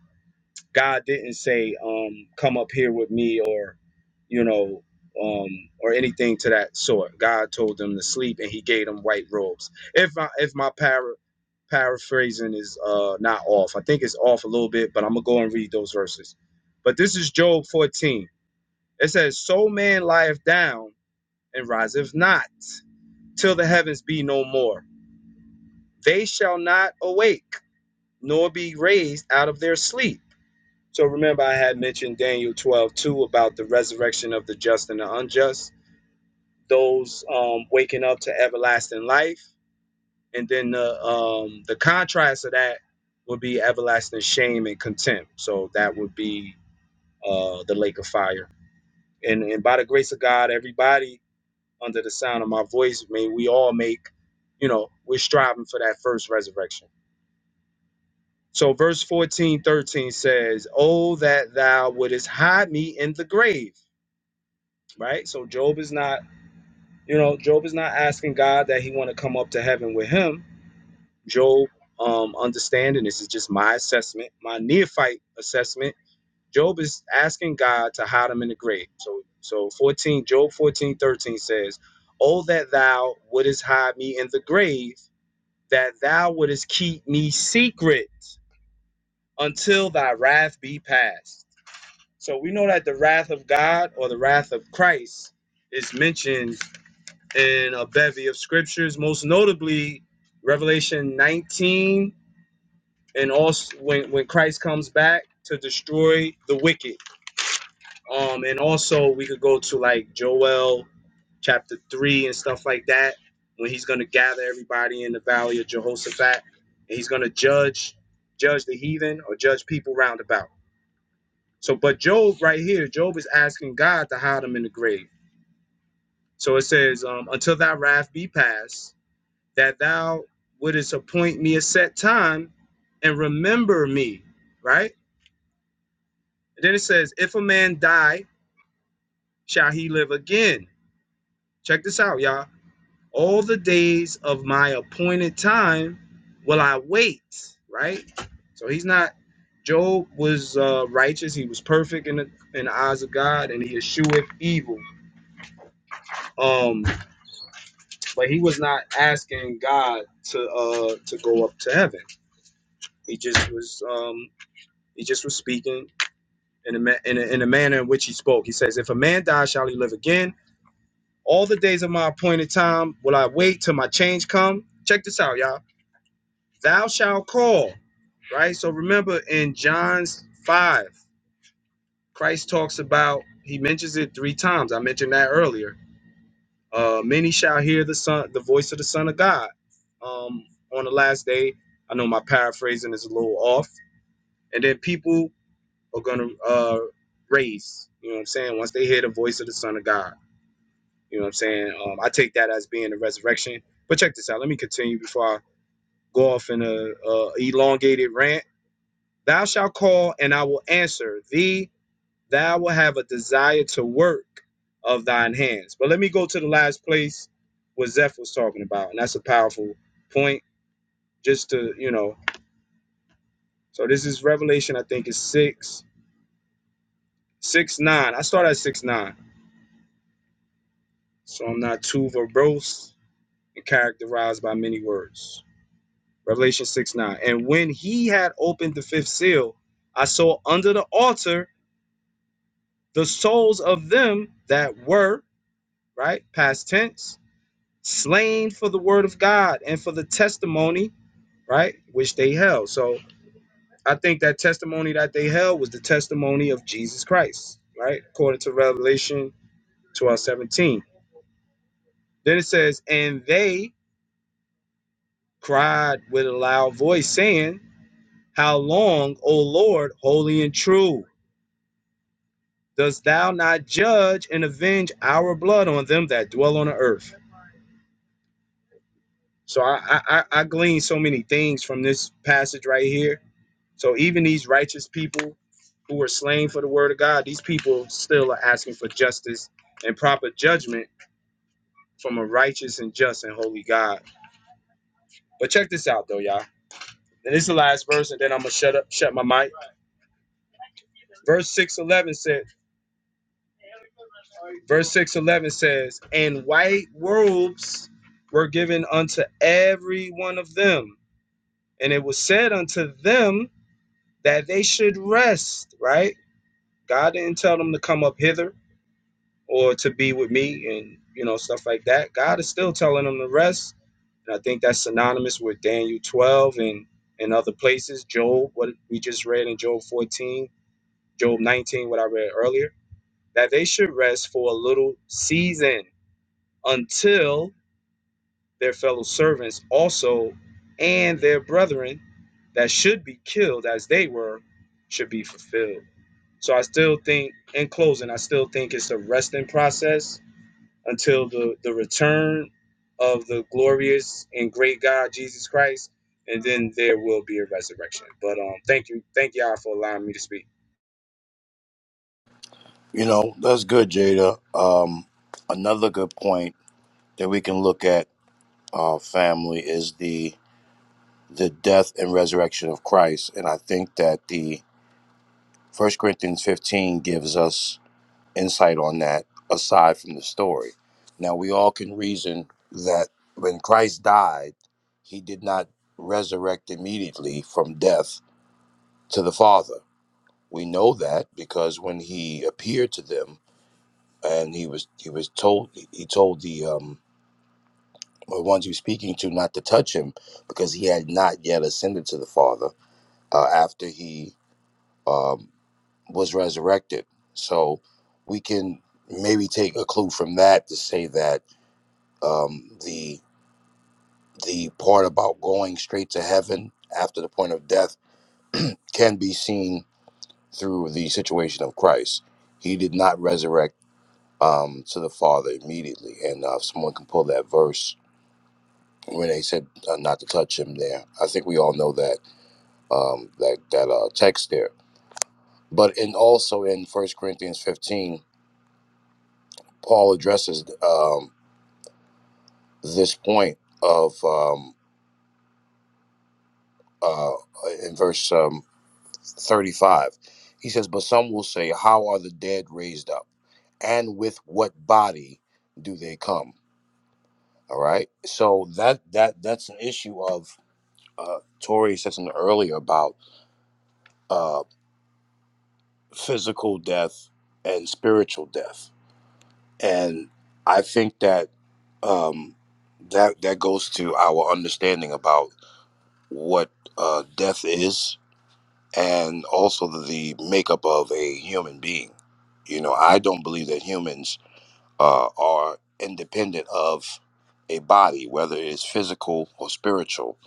God didn't say, um, come up here with me or, you know, um, or anything to that sort. God told them to sleep and he gave them white robes. If I, if my para, paraphrasing is uh, not off, I think it's off a little bit, but I'm going to go and read those verses. But this is Job 14. It says, So man lieth down and riseth not till the heavens be no more. They shall not awake nor be raised out of their sleep. So remember, I had mentioned Daniel 12 2 about the resurrection of the just and the unjust, those um, waking up to everlasting life. And then the, um, the contrast of that would be everlasting shame and contempt. So that would be uh, the lake of fire. And, and by the grace of God, everybody under the sound of my voice, may we all make, you know, we're striving for that first resurrection. So verse 14 13 says, Oh, that thou wouldest hide me in the grave right? So Job is not, you know, Job is not asking God that he want to come up to heaven with him. Job, um, understanding this is just my assessment, my neophyte assessment. Job is asking God to hide him in the grave. So, so 14, Job 14 13 says, Oh, that thou wouldest hide me in the grave, that thou wouldest keep me secret until thy wrath be past. So we know that the wrath of God or the wrath of Christ is mentioned and a bevy of scriptures, most notably Revelation 19, and also when, when Christ comes back to destroy the wicked. Um, and also we could go to like Joel chapter three and stuff like that, when he's gonna gather everybody in the valley of Jehoshaphat, and he's gonna judge judge the heathen or judge people round about. So, but Job right here, Job is asking God to hide him in the grave. So it says, um, until thy wrath be past that thou wouldest appoint me a set time and remember me, right? And then it says, If a man die, shall he live again? Check this out, y'all. All the days of my appointed time will I wait, right? So he's not, Job was uh, righteous. He was perfect in the, in the eyes of God and he escheweth evil. Um, but he was not asking God to uh, to go up to heaven. He just was um, he just was speaking in a, ma- in, a, in a manner in which he spoke. He says, If a man die, shall he live again? All the days of my appointed time will I wait till my change come. Check this out, y'all. Thou shalt call, right? So remember in John's 5, Christ talks about, he mentions it three times. I mentioned that earlier. Uh, many shall hear the son, the voice of the Son of God um, on the last day. I know my paraphrasing is a little off. And then people are going to uh, race, you know what I'm saying, once they hear the voice of the Son of God. You know what I'm saying? Um, I take that as being a resurrection. But check this out. Let me continue before I go off in a, a elongated rant. Thou shalt call, and I will answer thee. Thou will have a desire to work of thine hands. But let me go to the last place what Zeph was talking about, and that's a powerful point. Just to you know, so this is Revelation. I think it's six, six nine. I start at six nine, so I'm not too verbose and characterized by many words. Revelation 6 9. And when he had opened the fifth seal, I saw under the altar the souls of them that were, right, past tense, slain for the word of God and for the testimony, right, which they held. So I think that testimony that they held was the testimony of Jesus Christ, right, according to Revelation twelve seventeen. Then it says, And they cried with a loud voice, saying, How long, O Lord, holy and true? dost thou not judge and avenge our blood on them that dwell on the earth? So I, I, I I glean so many things from this passage right here. So even these righteous people who were slain for the word of God, these people still are asking for justice and proper judgment from a righteous and just and holy God. But check this out though, y'all. And this is the last verse, and then I'm gonna shut up, shut my mic. Verse six eleven says. Verse 611 says, And white robes were given unto every one of them. And it was said unto them that they should rest, right? God didn't tell them to come up hither or to be with me and, you know, stuff like that. God is still telling them to rest. And I think that's synonymous with Daniel 12 and, and other places, Job, what we just read in Job 14, Job 19, what I read earlier, that they should rest for a little season until their fellow servants also and their brethren that should be killed as they were should be fulfilled. So I still think, in closing, I still think it's a resting process until the, the return of the glorious and great God Jesus Christ, and then there will be a resurrection. But um, thank you, thank y'all for allowing me to speak.
You know, that's good, Jada. Um, another good point that we can look at, uh, family, is the the death and resurrection of Christ, and I think that the First Corinthians fifteen gives us insight on that. Aside from the story, now we all can reason that when Christ died, he did not resurrect immediately from death to the Father. We know that because when he appeared to them and he was he was told he told the um the ones he was speaking to not to touch him because he had not yet ascended to the Father uh, after he um, was resurrected. So we can maybe take a clue from that to say that um, the the part about going straight to heaven after the point of death can be seen through the situation of Christ. He did not resurrect um, to the Father immediately, and uh, if someone can pull that verse when they said uh, not to touch him there. I think we all know that um, that that uh, text there. But in also in First Corinthians 15, Paul addresses um, this point of um, uh, in verse um, 35. He says, "But some will say, How are the dead raised up? And with what body do they come?" All right. So that that that's an issue of uh, Tori said something earlier about. Uh, physical death and spiritual death. And I think that um, that that goes to our understanding about what uh, death is and also the the makeup of a human being. You know, I don't believe that humans uh, are independent of a body, whether it's physical or spiritual.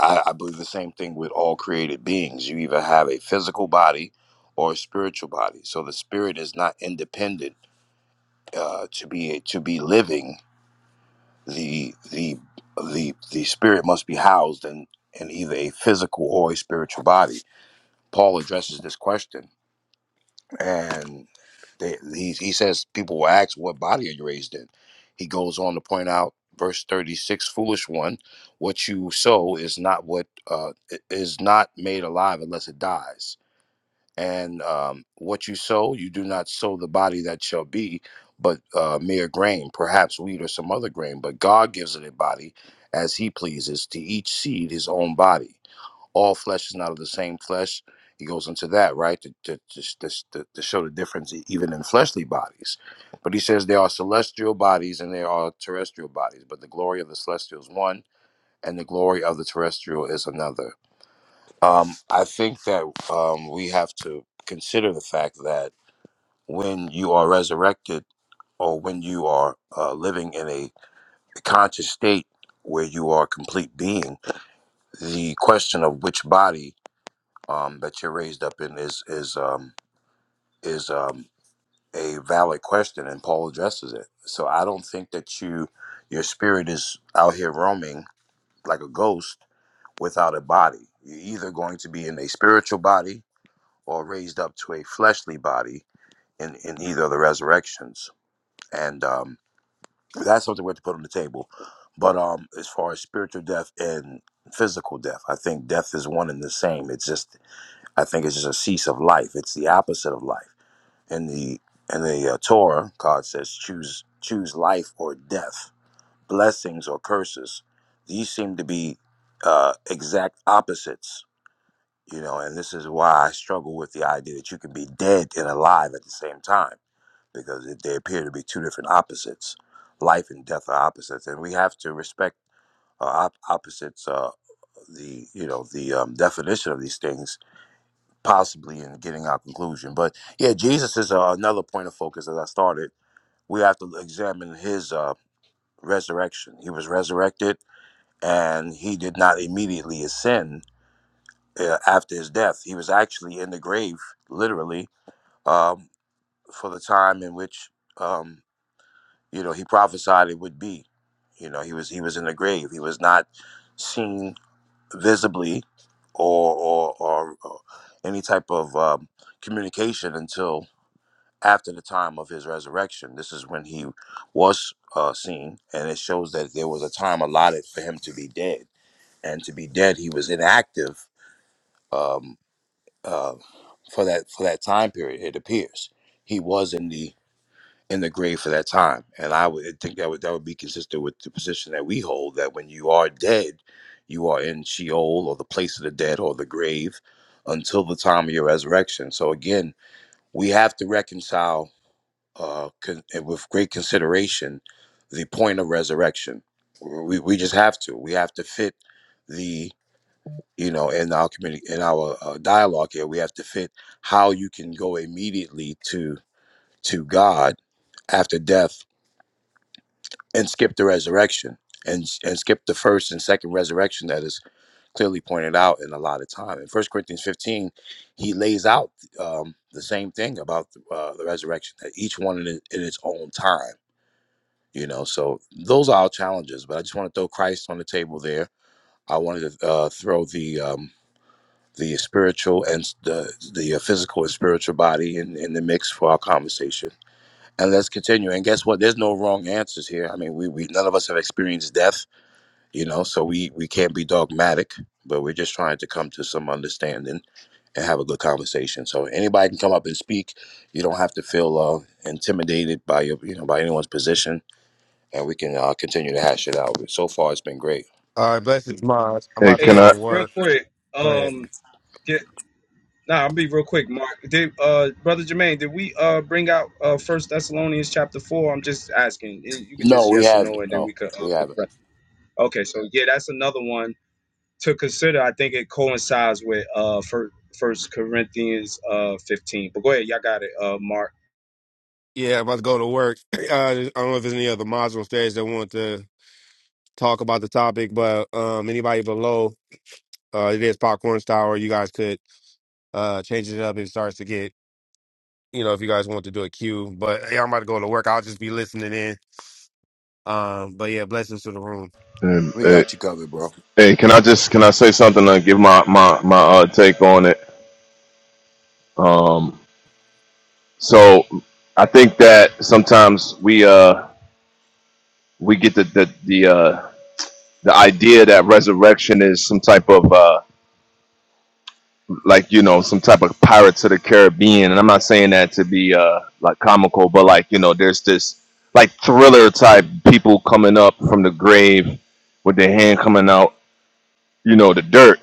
I, I believe the same thing with all created beings. You either have a physical body or a spiritual body. So the spirit is not independent uh, to be to be living. The the the the spirit must be housed in in either a physical or a spiritual body. Paul addresses this question and they, he, he says people will ask what body are you raised in he goes on to point out verse 36 foolish one what you sow is not what uh, i- is not made alive unless it dies and um, what you sow you do not sow the body that shall be but uh, mere grain perhaps wheat or some other grain but god gives it a body as he pleases to each seed his own body all flesh is not of the same flesh. He goes into that, right, to, to, to, to, to show the difference e, even in fleshly bodies. But he says there are celestial bodies and there are terrestrial bodies, but the glory of the celestial is one and the glory of the terrestrial is another. Um, I think that um, we have to consider the fact that when you are resurrected or when you are uh, living in a conscious state where you are a complete being, the question of which body um, that you raised up in is is um, is um, a valid question, and Paul addresses it. So I don't think that you your spirit is out here roaming like a ghost without a body. You're either going to be in a spiritual body or raised up to a fleshly body in in either of the resurrections, and um, that's something we have to put on the table. But um, as far as spiritual death and physical death, I think death is one and the same. It's just I think it's just a cease of life. It's the opposite of life. in the in the uh, Torah, God says, "Choose choose life or death, blessings or curses." These seem to be uh, exact opposites, you know. And this is why I struggle with the idea that you can be dead and alive at the same time, because it, they appear to be two different opposites. Life and death are opposites, and we have to respect uh, op- opposites. Uh, the you know the um, definition of these things, possibly in getting our conclusion. But yeah, Jesus is uh, another point of focus as I started we have to examine his uh, resurrection. He was resurrected, and he did not immediately ascend uh, after his death. He was actually in the grave, literally, um, for the time in which um, you know he prophesied it would be. You know, he was he was in the grave. He was not seen visibly, or or, or, or any type of um, communication until after the time of his resurrection. This is when he was uh, seen, and it shows that there was a time allotted for him to be dead. And to be dead, he was inactive um, uh, for that for that time period. It appears he was in the in the grave for that time, and I would think that would that would be consistent with the position that we hold that when you are dead, you are in Sheol or the place of the dead or the grave until the time of your resurrection. So again, we have to reconcile uh, con- and with great consideration the point of resurrection. We, we just have to. We have to fit the you know in our community in our uh, dialogue here. We have to fit how you can go immediately to to God after death and skip the resurrection and and skip the first and second resurrection that is clearly pointed out in a lot of time. In First Corinthians fifteen, he lays out um, the same thing about uh, the resurrection that each one in, it- in its own time you know so those are our challenges but i just want to throw christ on the table there i wanted to uh, throw the um, the spiritual and s- the the uh, physical and spiritual body in, in the mix for our conversation and let's continue and guess what there's no wrong answers here i mean we, we none of us have experienced death you know so we we can't be dogmatic but we're just trying to come to some understanding and have a good conversation so anybody can come up and speak you don't have to feel uh, intimidated by your you know by anyone's position and we can uh, continue to hash it out. So far, it's been great.
All right, blessings, Mons. I'm
Hey,
about to
can
go
Hey,
to
I?
real
work.
quick.
Go ahead.
Um, Nah, I'll be real quick, Mark. Did uh brother Jermaine, did we uh bring out uh First Thessalonians chapter four? I'm just asking. Y- You could
No,
just
we
yes or
haven't.
no, and then we
No,
could. Uh,
we haven't.
progress. okay, so yeah, that's another one to consider. I think it coincides with uh First, first Corinthians uh 15. But go ahead, y'all got it, uh Mark.
Yeah, about to go to work. Uh, I don't know if there's any other mods on stage that want to talk about the topic, but um, anybody below, uh, it is popcorn style, or you guys could uh, change it up if it starts to get, you know, if you guys want to do a queue. But yeah, I'm about to go to work. I'll just be listening in. Um, but yeah, blessings to the room.
Um,
We
hey,
got you covered, bro.
hey, can I just can I say something to give my my my uh, take on it? Um, so I think that sometimes we uh we get the the the uh, the idea that resurrection is some type of uh like you know some type of Pirates of the Caribbean, and I'm not saying that to be uh like comical, but like you know there's this like thriller type people coming up from the grave with their hand coming out, you know, the dirt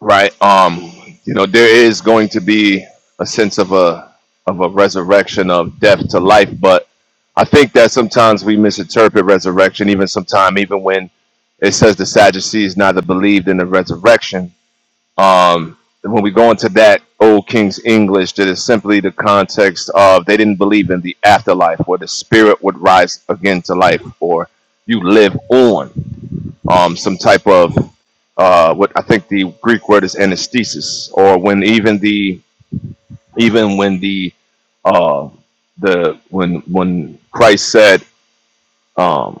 right? Um, you know, there is going to be a sense of a of a resurrection of death to life, but I think that sometimes we misinterpret resurrection. Even sometime, even when it says the Sadducees neither believed in the resurrection, um, when we go into that old King's English, that is simply the context of they didn't believe in the afterlife, where the spirit would rise again to life, or you live on um, some type of uh, what I think the Greek word is anesthesis, or when even the even when the uh, the when when Christ said, um,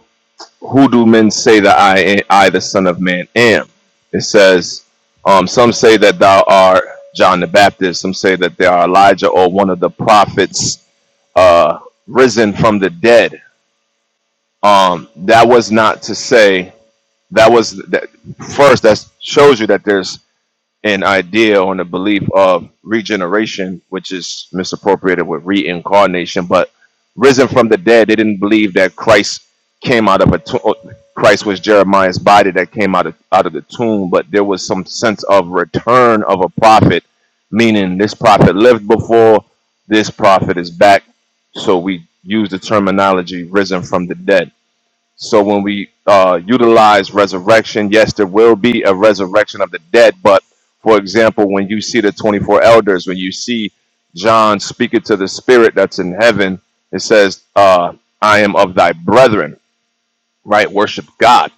"Who do men say that I I the Son of Man am?" It says, um, "Some say that thou art John the Baptist. Some say that they are Elijah or one of the prophets uh, risen from the dead." Um, that was not to say that was that first that shows you that there's an idea on the belief of regeneration, which is misappropriated with reincarnation, but risen from the dead, they didn't believe that Christ came out of a tomb. Christ was Jeremiah's body that came out of out of the tomb, but there was some sense of return of a prophet, meaning this prophet lived before, this prophet is back. So we use the terminology risen from the dead. So when we uh, utilize resurrection, yes, there will be a resurrection of the dead. But for example, when you see the 24 elders, when you see John speaking to the spirit that's in heaven, it says, uh, I am of thy brethren right? Worship God,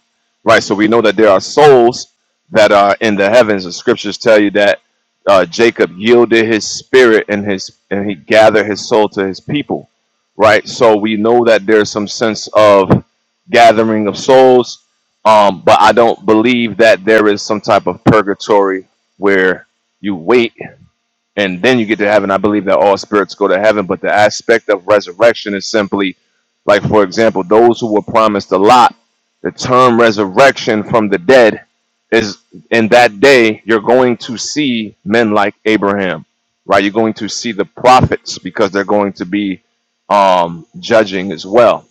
right? So we know that there are souls that are in the heavens. The scriptures tell you that uh, Jacob yielded his spirit and his and he gathered his soul to his people, right? So we know that there's some sense of gathering of souls, um, but I don't believe that there is some type of purgatory where you wait and then you get to heaven. I believe that all spirits go to heaven, but the aspect of resurrection is simply like, for example, those who were promised a lot. The term resurrection from the dead is in that day, you're going to see men like Abraham, right? You're going to see the prophets because they're going to be um, judging as well.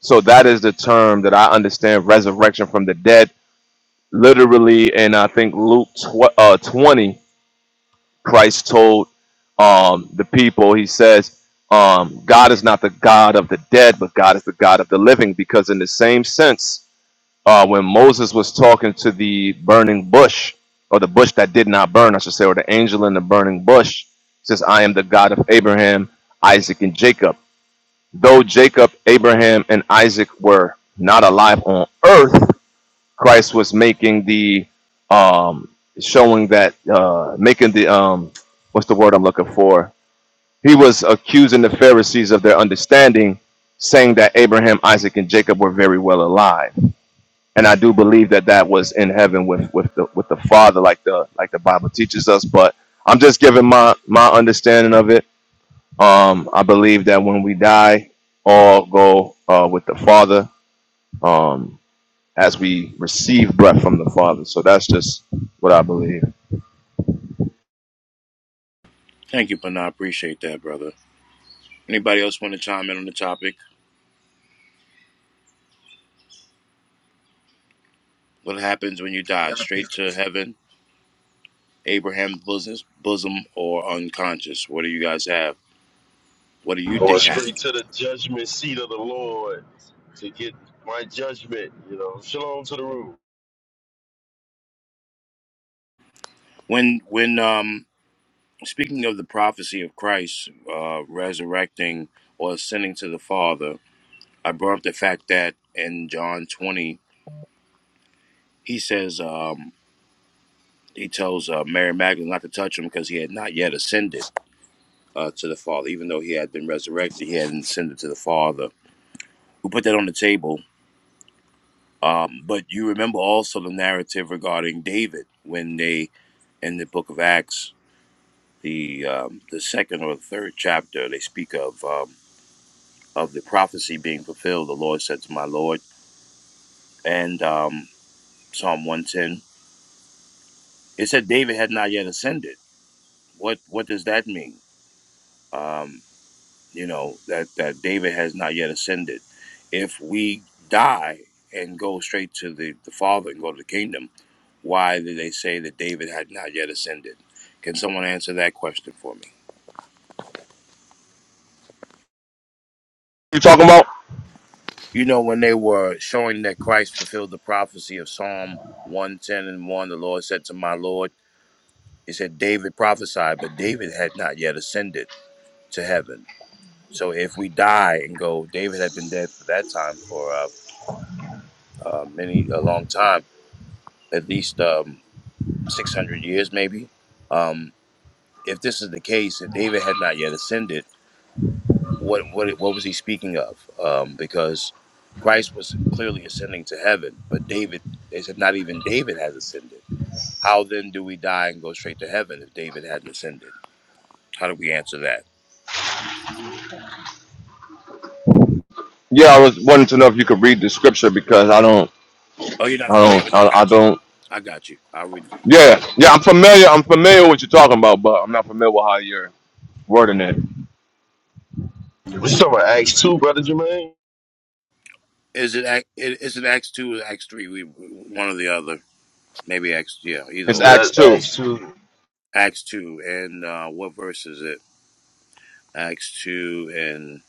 So that is the term that I understand resurrection from the dead, literally, and I think Luke tw- uh, 20 Christ told um, the people, he says, um, God is not the God of the dead, but God is the God of the living. Because, in the same sense, uh, when Moses was talking to the burning bush, or the bush that did not burn, I should say, or the angel in the burning bush, says, I am the God of Abraham, Isaac, and Jacob. Though Jacob, Abraham, and Isaac were not alive on earth, Christ was making the um showing that uh making the um what's the word I'm looking for? He was accusing the Pharisees of their understanding, saying that Abraham, Isaac, and Jacob were very well alive. And I do believe that that was in heaven with with the with the Father, like the like the Bible teaches us. But I'm just giving my my understanding of it. Um, I believe that when we die, all go uh, with the Father. Um, as we receive breath from the Father. So that's just what I believe.
Thank you, Pana. I appreciate that, brother. Anybody else want to chime in on the topic? What happens when you
We
die?
got
Straight to
people.
heaven, Abraham's bosom, bosom, or unconscious? What do you guys have? What do you
Going
think
straight
happened?
to the judgment seat of the Lord to get my judgment, you know. Shalom to the room.
When, when, um, speaking of the prophecy of Christ uh, resurrecting or ascending to the Father, I brought up the fact that in John 20, he says, um, he tells uh, Mary Magdalene not to touch him because he had not yet ascended uh, to the Father. Even though he had been resurrected, he hadn't ascended to the Father. We put that on the table. Um, but you remember also the narrative regarding David when they, in the book of Acts, the um, the second or third chapter, they speak of um, of the prophecy being fulfilled. The Lord said to my Lord, and um, Psalm one ten, it said David had not yet ascended. What what does that mean? Um, you know that that david has not yet ascended if we die and go straight to the, the father and go to the kingdom why did they say that david had not yet ascended can someone answer that question for me
You talking about?
you know when they were showing that christ fulfilled the prophecy of psalm 110 and 1 the lord said to my lord he said david prophesied but david had not yet ascended to heaven so if we die and go david had been dead for that time for uh, uh, many a long time at least um, 600 years, maybe. Um, if this is the case, if David had not yet ascended, what what what was he speaking of? Um, because Christ was clearly ascending to heaven, but David, they said, not even David has ascended. How then do we die and go straight to heaven if David hadn't ascended? How do we answer that?
Yeah, I was wanting to know if you could read the scripture because I don't,
Oh, you're not
I
familiar
don't,
with? that.
I,
I
I
got you.
don't.
I got you. I read.
Yeah, yeah, I'm familiar. I'm familiar with what you're talking about, but I'm not familiar with how you're wording it.
What you talking about Acts 2, Brother Jermaine?
Is it Ac- it- it's in Acts two or Acts three? We one or the other. Maybe Acts yeah, either
It's
Yeah,
or.
Acts
that's
two.
Acts 2.
Acts two and uh, what verse is it? Acts two and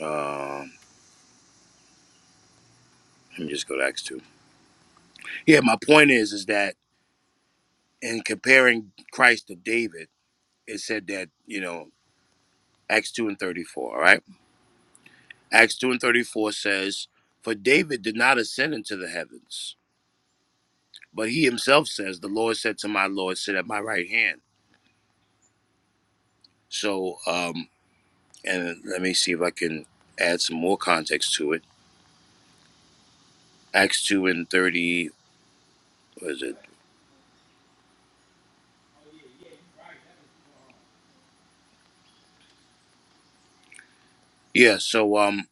um, let me just go to Acts two. Yeah, my point is is that in comparing Christ to David, it said that you know Acts two and thirty four. All right, Acts two and thirty four says, "For David did not ascend into the heavens, but he himself says, the Lord said to my Lord, sit at my right hand." So, um, and let me see if I can add some more context to it. Acts two and thirty was it? Yeah. So, um,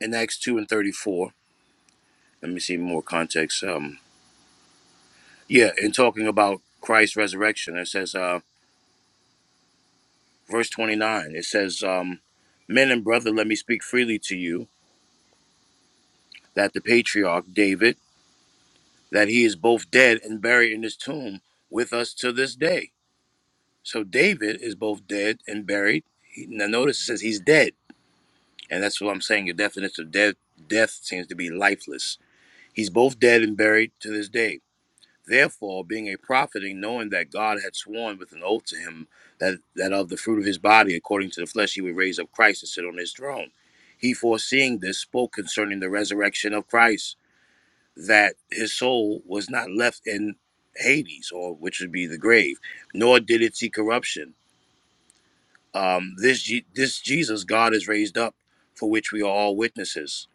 in Acts two and thirty four. let me see more context. Um, yeah, in talking about Christ's resurrection, it says, uh, verse 29, it says, um, Men and brethren, let me speak freely to you that the patriarch David, that he is both dead and buried in his tomb with us to this day. So David is both dead and buried. He, now notice it says he's dead. And that's what I'm saying. The definition of dead death seems to be lifeless. He's both dead and buried to this day. Therefore, being a prophet and knowing that God had sworn with an oath to him that, that of the fruit of his body, according to the flesh, he would raise up Christ and sit on his throne. He, foreseeing this, spoke concerning the resurrection of Christ, that his soul was not left in Hades, or which would be the grave, nor did it see corruption. Um, this, Je- this Jesus God is raised up, for which we are all witnesses.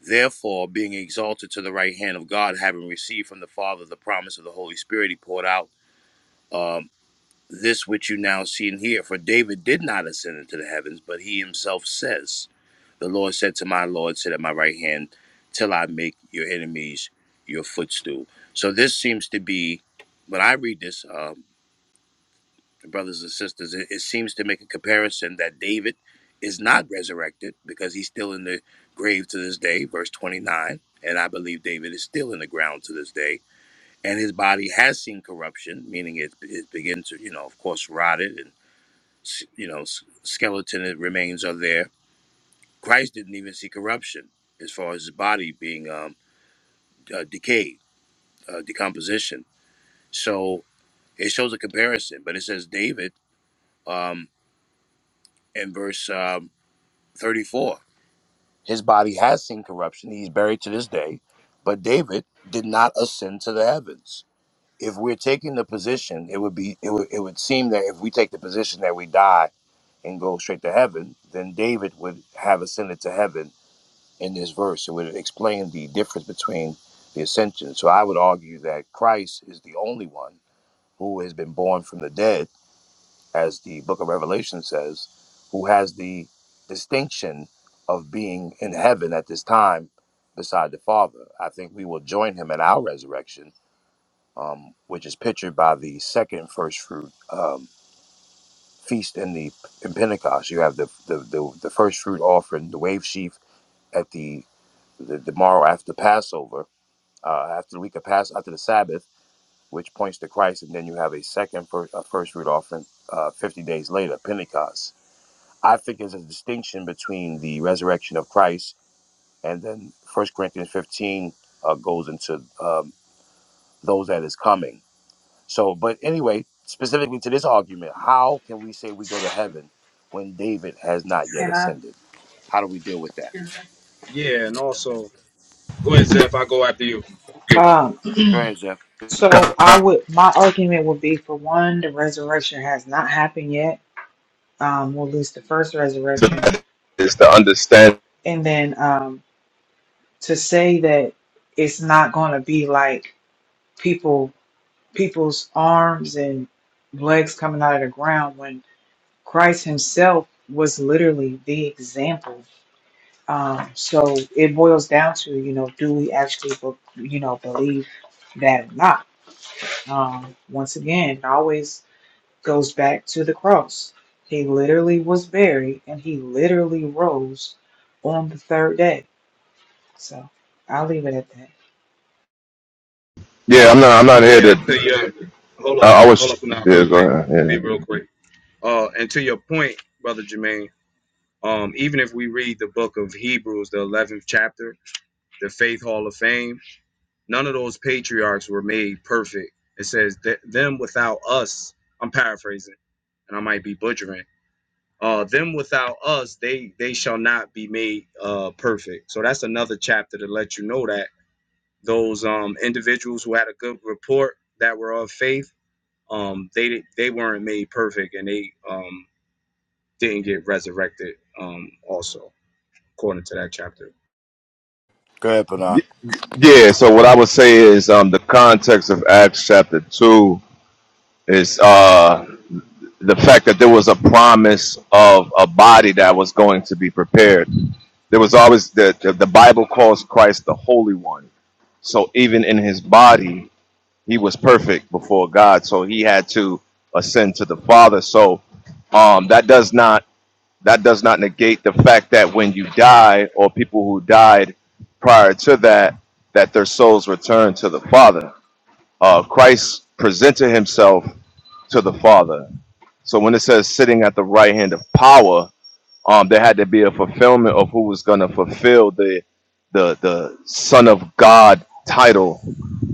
Therefore, being exalted to the right hand of God, having received from the Father the promise of the Holy Spirit, he poured out um, this which you now see and hear. For David did not ascend into the heavens, but he himself says, The Lord said to my Lord, Sit at my right hand till I make your enemies your footstool. So this seems to be, when I read this, um, brothers and sisters, it, it seems to make a comparison that David is not resurrected because he's still in the grave to this day, verse 29. And I believe David is still in the ground to this day and his body has seen corruption, meaning it it begins to you know of course rotted and s- you know s- skeleton remains are there. Christ didn't even see corruption as far as his body being um, uh, decayed, uh, decomposition. So it shows a comparison, but it says David um, in verse um, 34, his body has seen corruption. He's buried to this day, but David did not ascend to the heavens. if we're taking the position, it would be it would it would seem that if we take the position that we die and go straight to heaven, then David would have ascended to heaven in this verse. It would explain the difference between the ascension. So I would argue that Christ is the only one who has been born from the dead, as the book of Revelation says, who has the distinction of being in heaven at this time beside the Father. I think we will join him at our resurrection um, which is pictured by the second first fruit um, feast in the in Pentecost. You have the the, the, the first fruit offering, the wave sheaf at the the, the morrow after Passover, uh, after the week of Pass after the Sabbath, which points to Christ, and then you have a second first, a first fruit offering uh, fifty days later, Pentecost. I think there's a distinction between the resurrection of Christ and then First Corinthians fifteen uh, goes into um, those that is coming. So, but anyway, specifically to this argument, how can we say we go to heaven when David has not yet
Can I?
ascended? How do we deal with that?
Yeah, and also go ahead, Zeph. I go after you.
Um,
Go ahead, Jeff.
so I would, my argument would be for one, the resurrection has not happened yet, um, or at least the first
So
resurrection.
that is to understand.
And then um, to say that it's not going to be like people, people's arms and legs coming out of the ground when Christ Himself was literally the example. Um, so it boils down to, you know, do we actually, be- you know, believe that or not? Um, once again, always goes back to the cross. He literally was buried and he literally rose on the third day. So I'll leave it at that.
Yeah, I'm not. I'm not here
Yeah, to
to.
your hold up,
I I
hold up,
was.
now real
Yeah, go
quick. Be
ahead.
real quick. Uh, and to your point, brother Jermaine. Um, even if we read the book of Hebrews, the 11th chapter, the Faith Hall of Fame, none of those patriarchs were made perfect. It says, that them without us, I'm paraphrasing and I might be butchering. Uh, them without us, they they shall not be made uh, perfect. So that's another chapter to let you know that those um, individuals who had a good report that were of faith, um, they they weren't made perfect and they um, didn't get resurrected. Um, also, according to that chapter.
Go ahead, Panah.
Yeah. Yeah. So what I would say is, um, the context of Acts chapter two is, uh. the fact that there was a promise of a body that was going to be prepared. There was always the, the, the Bible calls Christ the Holy One. So even in his body, he was perfect before God. So he had to ascend to the Father. So um, that does not that does not negate the fact that when you die or people who died prior to that, that their souls return to the Father. Uh, Christ presented himself to the Father. So when it says sitting at the right hand of power, um, there had to be a fulfillment of who was going to fulfill the the the Son of God title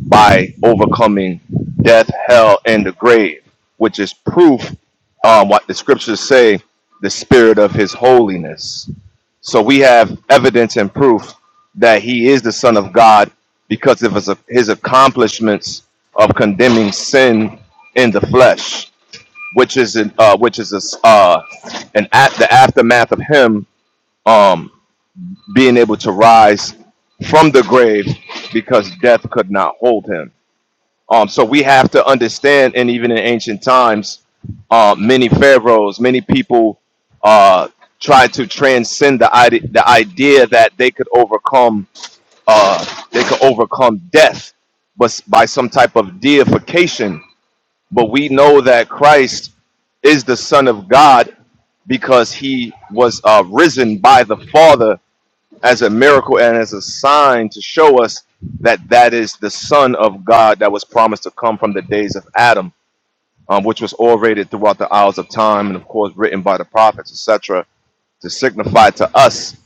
by overcoming death, hell, and the grave, which is proof um, what the scriptures say the spirit of his holiness. So we have evidence and proof that he is the Son of God because of his, his accomplishments of condemning sin in the flesh which is an, uh, which is a, uh, an at the aftermath of him um, being able to rise from the grave because death could not hold him. Um, so we have to understand, and even in ancient times, uh, many pharaohs, many people uh, tried to transcend the idea, the idea that they could overcome uh, they could overcome death, but s- by some type of deification but we know that Christ is the Son of God because he was uh, risen by the Father as a miracle and as a sign to show us that that is the Son of God that was promised to come from the days of Adam, um, which was orated throughout the hours of time and, of course, written by the prophets, etc., to signify to us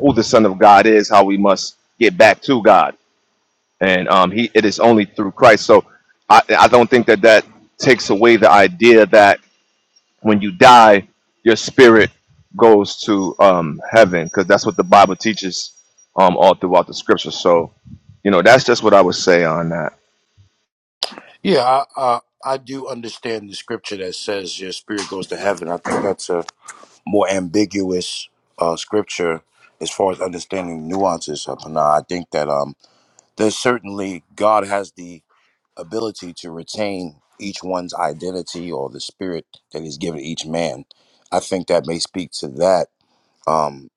who the Son of God is, how we must get back to God and um, he it is only through Christ. So I, I don't think that that takes away the idea that when you die, your spirit goes to um, heaven because that's what the Bible teaches um, all throughout the Scripture. So you know that's just what I would say on that.
Yeah, I, I I do understand the scripture that says your spirit goes to heaven. I think that's a more ambiguous uh, scripture as far as understanding nuances of Panah. I think that um, there's certainly God has the ability to retain each one's identity or the spirit that he's given each man. I think that may speak to that, um,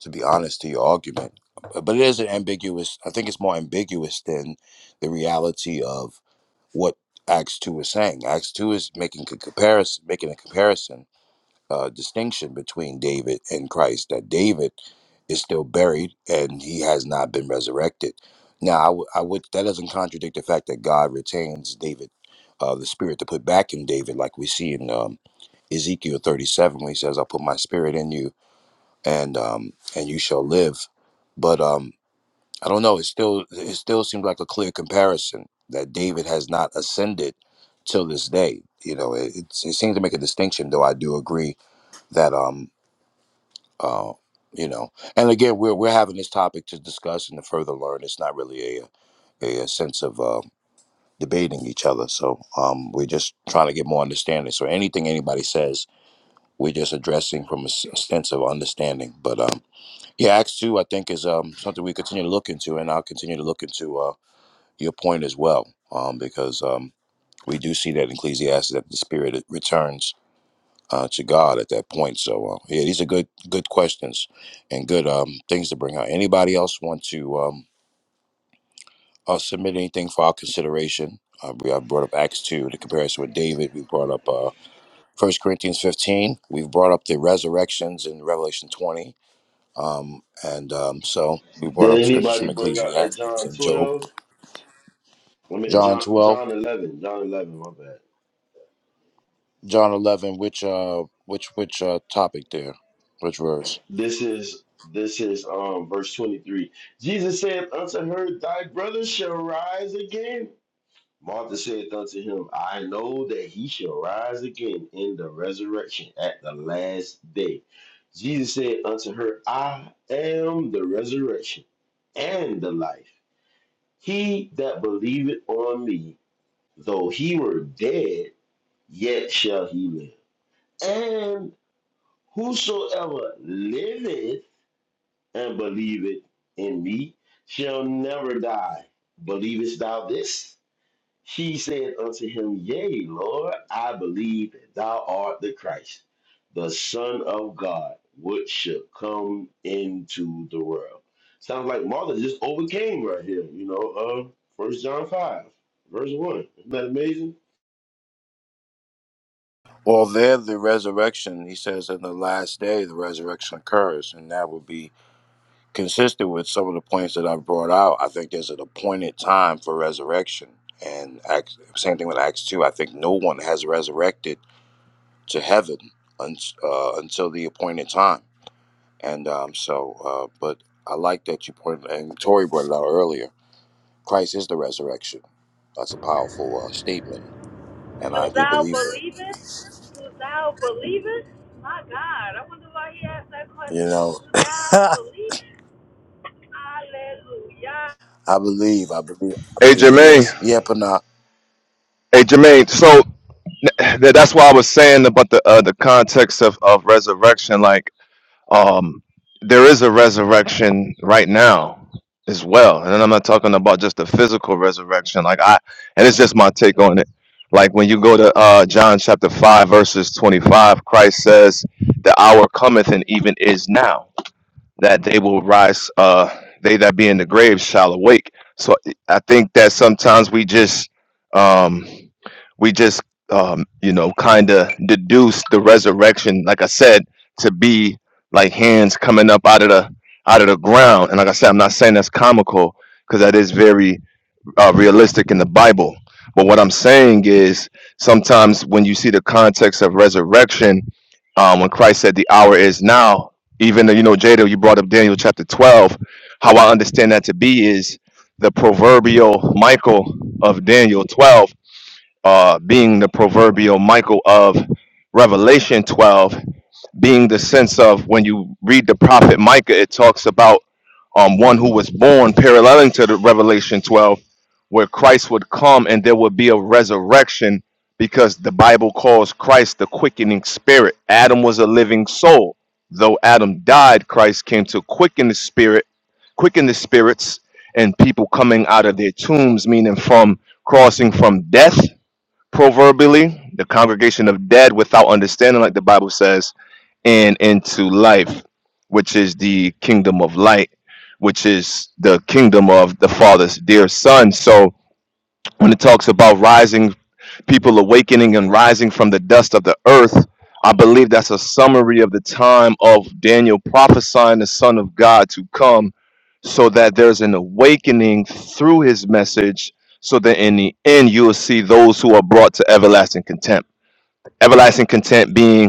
to be honest, to your argument. But it is an ambiguous, I think it's more ambiguous than the reality of what Acts 2 is saying. Acts 2 is making a comparison, making a comparison uh, distinction between David and Christ that David is still buried and he has not been resurrected. Now, I, w- I would that doesn't contradict the fact that God retains David, uh, the spirit to put back in David, like we see in um, Ezekiel 37, when he says, "I'll put my spirit in you, and um, and you shall live." But um, I don't know. It still it still seems like a clear comparison that David has not ascended till this day. You know, it, it's- it seems to make a distinction, though. I do agree that um, uh, you know, and again, we're we're having this topic to discuss and to further learn. It's not really a a, sense of uh, debating each other. So um, we're just trying to get more understanding. So anything anybody says, we're just addressing from a s- a sense of understanding. But um, yeah, Acts two, I think, is um, something we continue to look into, and I'll continue to look into uh, your point as well, um, because um, we do see that in Ecclesiastes that the spirit returns uh, to God at that point. So uh, yeah, these are good good questions and good um, things to bring out. Anybody else want to um, uh, submit anything for our consideration? Uh, we have brought up Acts two, the comparison with David. We brought up uh, 1 Corinthians fifteen. We've brought up the resurrections in Revelation twenty, um, and um, so we brought
Did
up scriptures
anybody
from
bring out that
Ecclesiastes
John
and Job,
12? I mean
John
John
twelve,
John 11. John 11, my bad.
John eleven. Which uh, which which uh, topic there? Which verse?
This is this is um verse 23. Jesus said unto her, Thy brother shall rise again. Martha said unto him, I know that he shall rise again in the resurrection at the last day. Jesus said unto her, I am the resurrection and the life. He that believeth on me, though he were dead, yet shall he live. And whosoever liveth and believeth in me shall never die. Believest thou this? She said unto him, Yea, Lord, I believe that thou art the Christ, the Son of God, which should come into the world. Sounds like Martha just overcame right here, you know, uh, First John 5, verse 1. Isn't that amazing?
Well, there the resurrection, he says, in the last day the resurrection occurs, and that would be consistent with some of the points that I've brought out. I think there's an appointed time for resurrection, and Acts, same thing with Acts two. I think no one has resurrected to heaven un, uh, until the appointed time, and um, so. Uh, but I like that you pointed, and Tori brought it out earlier. Christ is the resurrection. That's a powerful uh, statement, and I
Do
do
thou
believe it.
believest? Do thou believest? My God, I wonder why he asked that
You
question.
know.
Do thou believest? Hallelujah.
I believe. I believe. I
Hey
believe he
Jermaine,
is. Yeah, Panah.
hey Jermaine. So th- that's why I was saying about the uh, the context of, of resurrection. Like Um, there is a resurrection right now as well, and I'm not talking about just the physical resurrection. Like I, and it's just my take on it. Like when you go to uh, John chapter five verses 25, Christ says, "The hour cometh and even is now." that they will rise uh they that be in the grave shall awake so i think that sometimes we just um we just um you know kind of deduce the resurrection like i said to be like hands coming up out of the out of the ground and like i said i'm not saying that's comical because that is very uh, realistic in the Bible. But what I'm saying is sometimes when you see the context of resurrection, um, when Christ said the hour is now, even though, you know, Jada, you brought up Daniel chapter 12, how I understand that to be is the proverbial Michael of Daniel 12 uh, being the proverbial Michael of Revelation 12 being the sense of when you read the prophet Micah, it talks about um, one who was born, paralleling to the Revelation 12, where Christ would come and there would be a resurrection because the Bible calls Christ the quickening spirit. Adam was a living soul. Though Adam died, Christ came to quicken the spirit, quicken the spirits, and people coming out of their tombs, meaning from crossing from death, proverbially, the congregation of dead without understanding, like the Bible says and into life, which is the kingdom of light, which is the kingdom of the Father's dear Son. So when it talks about rising, people awakening and rising from the dust of the earth, I believe that's a summary of the time of Daniel prophesying the Son of God to come so that there's an awakening through his message. So that in the end, you will see those who are brought to everlasting contempt. Everlasting contempt being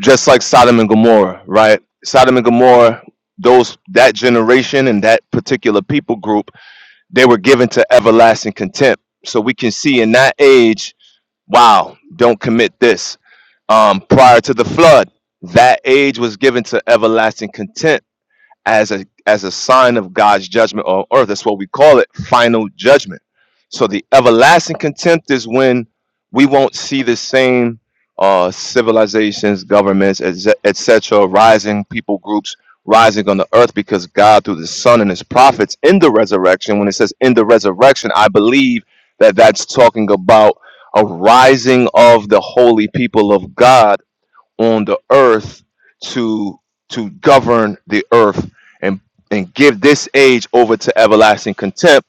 just like Sodom and Gomorrah, right? Sodom and Gomorrah, those that generation and that particular people group, they were given to everlasting contempt. So we can see in that age, wow, don't commit this. Um, prior to the flood, that age was given to everlasting contempt as a as a sign of God's judgment on earth. That's what we call it, final judgment. So the everlasting contempt is when we won't see the same uh, civilizations, governments, et cetera, rising people groups rising on the earth because God, through the Son and His prophets, in the resurrection. When it says in the resurrection, I believe that that's talking about a rising of the holy people of God on the earth to to govern the earth and and give this age over to everlasting contempt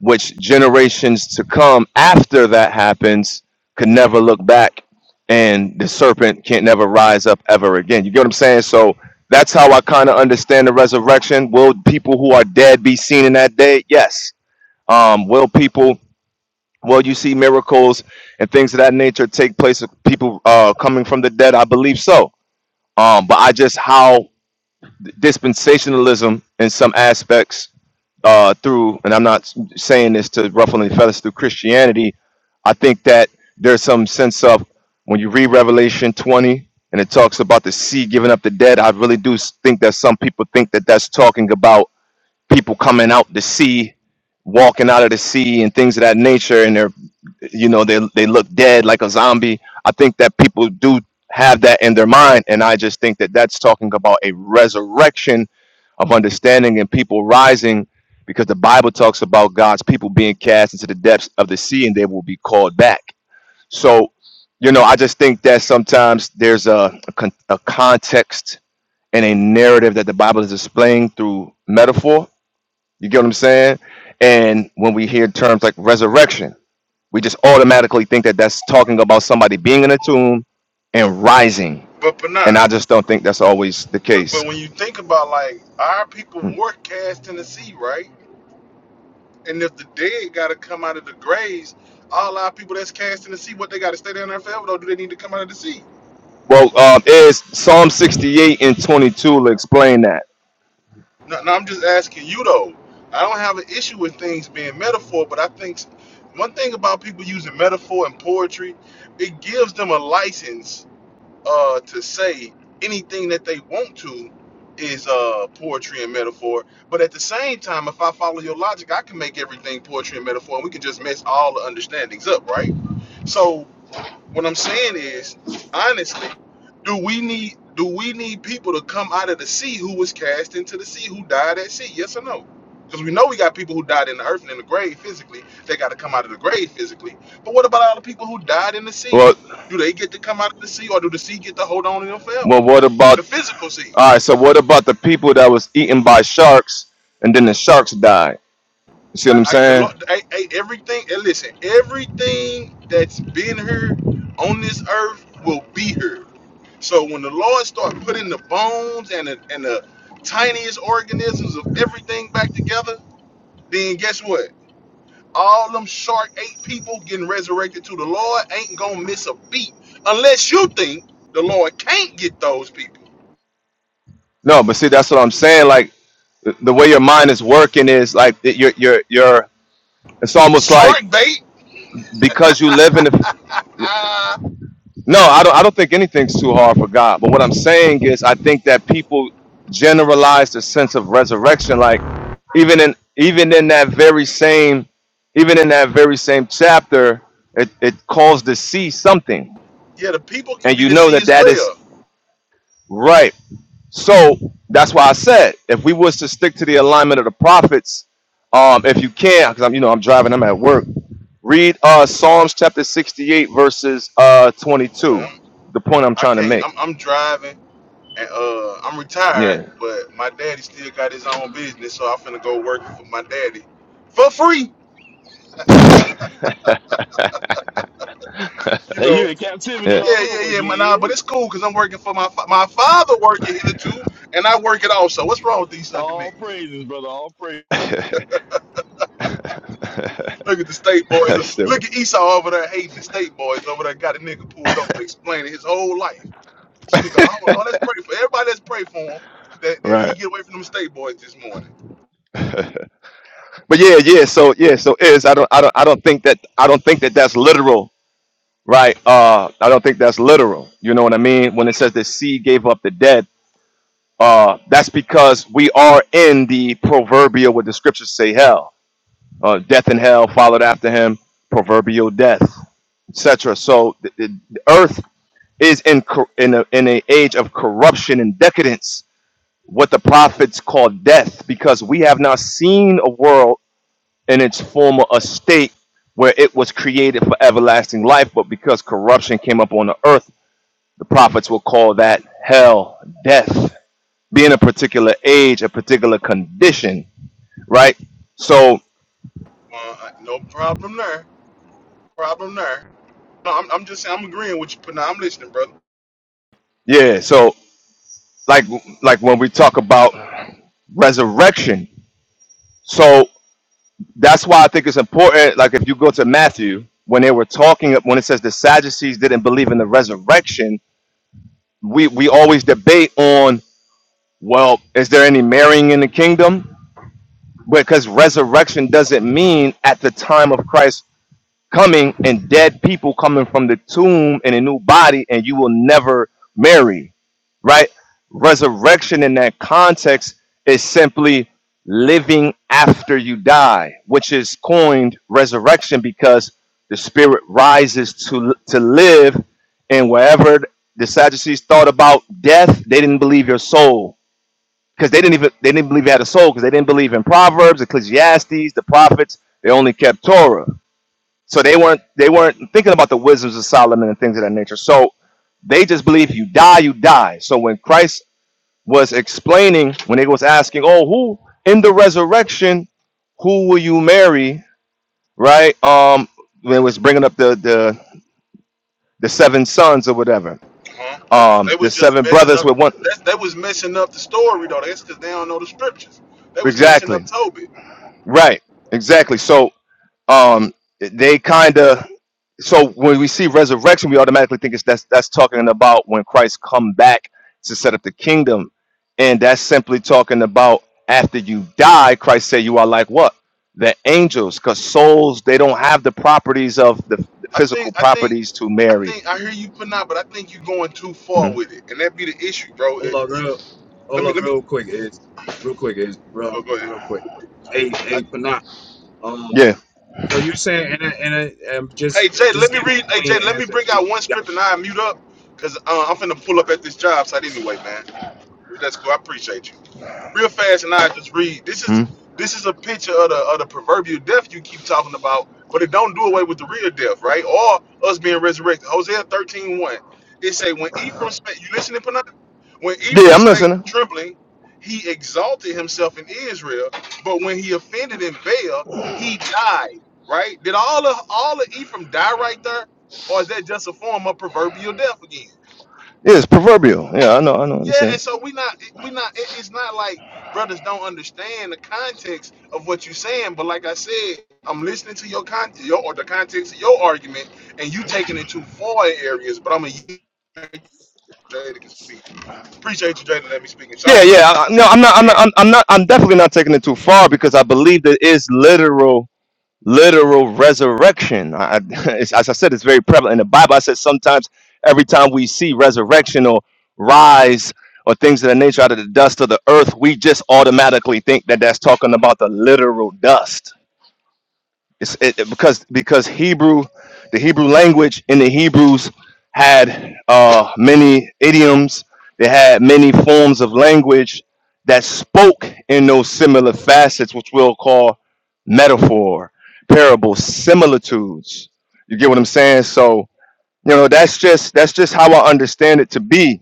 which generations to come after that happens could never look back and the serpent can't never rise up ever again you get what i'm saying so that's how i kind of understand the resurrection will people who are dead be seen in that day yes um will people will you see miracles and things of that nature take place of people uh coming from the dead i believe so um, but I just how dispensationalism in some aspects uh, through, and I'm not saying this to ruffle any feathers through Christianity. I think that there's some sense of when you read Revelation 20 and it talks about the sea giving up the dead. I really do s- think that some people think that that's talking about people coming out the sea, walking out of the sea, and things of that nature, and they're you know they they look dead like a zombie i think that people do have that in their mind and i just think that that's talking about a resurrection of understanding and people rising because the bible talks about god's people being cast into the depths of the sea and they will be called back so you know i just think that sometimes there's a, a, con- a context and a narrative that the bible is displaying through metaphor you get what i'm saying and when we hear terms like resurrection we just automatically think that that's talking about somebody being in a tomb and rising.
But but nah.
And I just don't think that's always the
But
case.
but when you think about like our people
Mm.
were cast in the sea, right? And if the dead gotta come out of the graves, all our people that's cast in the sea, what they gotta stay down there forever though? Do they need to come out of the sea?
Well, um, is Psalm 68 and 22 will explain that.
No, no, I'm just asking you though. I don't have an issue with things being metaphor, but I think s- one thing about people using metaphor and poetry, it gives them a license uh, to say anything that they want to is uh, poetry and metaphor. But at the same time, if I follow your logic, I can make everything poetry and metaphor, and we can just mess all the understandings up, right? So what I'm saying is, honestly, do we need do we need people to come out of the sea who was cast into the sea, who died at sea? Yes or no? Because we know we got people who died in the earth and in the grave physically. They got to come out of the grave physically. But what about all the people who died in the sea?
Well,
Do they get to come out of the sea, or do the sea get to hold on to them forever?
well, what about,
The physical sea,
all right, so what about the people that was eaten by sharks and then the sharks died? You see
I,
what I'm
I, the,
saying?
lo- I, I, everything. And listen, everything that's been here on this earth will be here So when the Lord started putting the bones and the, and the tiniest organisms of everything back together, then guess what? All them shark eight people getting resurrected to the Lord ain't gonna miss a beat unless you think the Lord can't get those people.
No, but see, that's what I'm saying. Like, the the way your mind is working is like that you're you're you're it's almost like
Shark bait?
because you live in the
Ah,
No, I don't. I don't think anything's too hard for God. But what I'm saying is, I think that people generalize the sense of resurrection. Like even in even in that very same even in that very same chapter, it it calls to see something,
yeah, the people can
and
be
you
the
know
sea
that
as
that is
well.
right. So that's why I said if we was to stick to the alignment of the prophets, um, if you can, because I'm you know I'm driving, I'm at work. Read uh, Psalms chapter 68 verses uh 22.
Um,
The point I'm
I
trying to
can't.
make.
I'm, I'm driving and uh, I'm
Yeah.
retired, but my daddy still got his own business, so I'm finna go work for my daddy for free. You
And
know,
you in captivity
yeah.
Yeah,
all
yeah,
over
yeah. My, nah,
again,
but it's
Is
cool because I'm working for my fa- my father working hitherto, and I work it also. What's wrong with these sucker
All
niggas?
praises, brother, all praises.
Look at the state boys.
Stupid.
Look at Esau over there hating the state boys over there. Got a nigga pulled over explaining his whole life. This nigga, oh Lord, let's pray for everybody. Let's pray for him that, that he
Right.
get away from them state boys this morning.
but yeah, yeah. So yeah, so is I don't I don't I don't think that I don't think that that's literal, right? Uh, I don't think that's literal. You know what I mean? When it says the sea gave up the dead, uh, that's because we are in the proverbial what the scriptures say hell, uh, death and hell followed after him, proverbial death, etc. So the, the, the earth is in cor- in a, in a age of corruption and decadence what the prophets call death because we have not seen a world in its former estate where it was created for everlasting life, but because corruption came up on the earth, the prophets will call that hell, death, being a particular age, a particular condition, right? So,
Uh, uh, no problem there. Problem there. No, I'm, I'm just saying I'm agreeing with you, but now I'm listening, brother.
yeah, so like like when we talk about resurrection, so that's why I think it's important. Like if you go to Matthew, when they were talking, when it says the Sadducees didn't believe in the resurrection, we we always debate on, well, is there any marrying in the kingdom? Because resurrection doesn't mean at the time of Christ coming and dead people coming from the tomb in a new body and you will never marry right resurrection in that context is simply living after you die which is coined resurrection because the spirit rises to to live and wherever the sadducees thought about death they didn't believe your soul because they didn't even they didn't believe you had a soul because they didn't believe in proverbs ecclesiastes the prophets they only kept torah so they weren't they weren't thinking about the wisdoms of Solomon and things of that nature. So they just believe you die, you die. So when Christ was explaining, when he was asking, Oh, who in the resurrection, who will you marry? Right? Um, when it was bringing up the the the seven sons or whatever.
Huh? They was
Um,
they
the
was just
seven
messing
brothers
up.
with one
That's they was messing up the story though. That's because they don't know the scriptures. They was messing
exactly.
up Tobit.
Right. Exactly. So um they kind of so when we see resurrection we automatically think it's that's that's talking about when christ come back to set up the kingdom and that's simply talking about after you die christ said you are like what the angels because souls they don't have the properties of the the
I
physical
think I think
properties to
I
marry
think I hear you putting out, but I think you're going too far
Mhm.
with it, and that be the issue, bro.
Hold
It-
up,
you-
real,
let
hold
me
up,
let me
real quick is, real quick is, real,
oh, go ahead.
real quick. Hey,
I,
hey, Panat. Um,
yeah
so you saying, and, I- and, I- um,
hey
just,
Jay, let
just
me
give me a
read. Hey Jay,
clean
let me
answer.
bring
And
out one
yeah.
script and I mute up, cause uh, I'm finna pull up at this job site anyway, man. That's cool. I appreciate you. real fast and I just read. This is
Mhm.
this is a picture of the of the proverbial death you keep talking about, but it don't do away with the real death, right? Or us being resurrected. Hosea thirteen one, It say when Ephraim spake you listening, Panay? When
yeah
Ephraim
i'm listening
spake trembling, he exalted himself in Israel, but when he offended in Baal, he died. Right? Did all of all of Ephraim die right there? Or is that just a form of proverbial death again?
yeah it's proverbial yeah i know i know i
Yeah, and
understand
so we not we not it- it's not like brothers don't understand the context of what you're saying, but like I said, I'm listening to your content your or the context of your argument and you taking it too far in areas, but I'm a Jada can speak. Appreciate you, Jada, let me speak. And
yeah
shout
yeah
out
I, I- no i'm not I'm
to
not,
you
I'm, I'm not i'm definitely not taking it too far because i believe there is literal literal resurrection. I, I- it's, as I said, it's very prevalent in the Bible. I said sometimes every time we see resurrection or rise or things of that nature out of the dust of the earth, we just automatically think that that's talking about the literal dust it's it, it- because because Hebrew, the Hebrew language and the Hebrews had uh, many idioms. They had many forms of language that spoke in those similar facets, which we'll call metaphor, parable, similitudes. You get what I'm saying? So you know that's just that's just how i understand it to be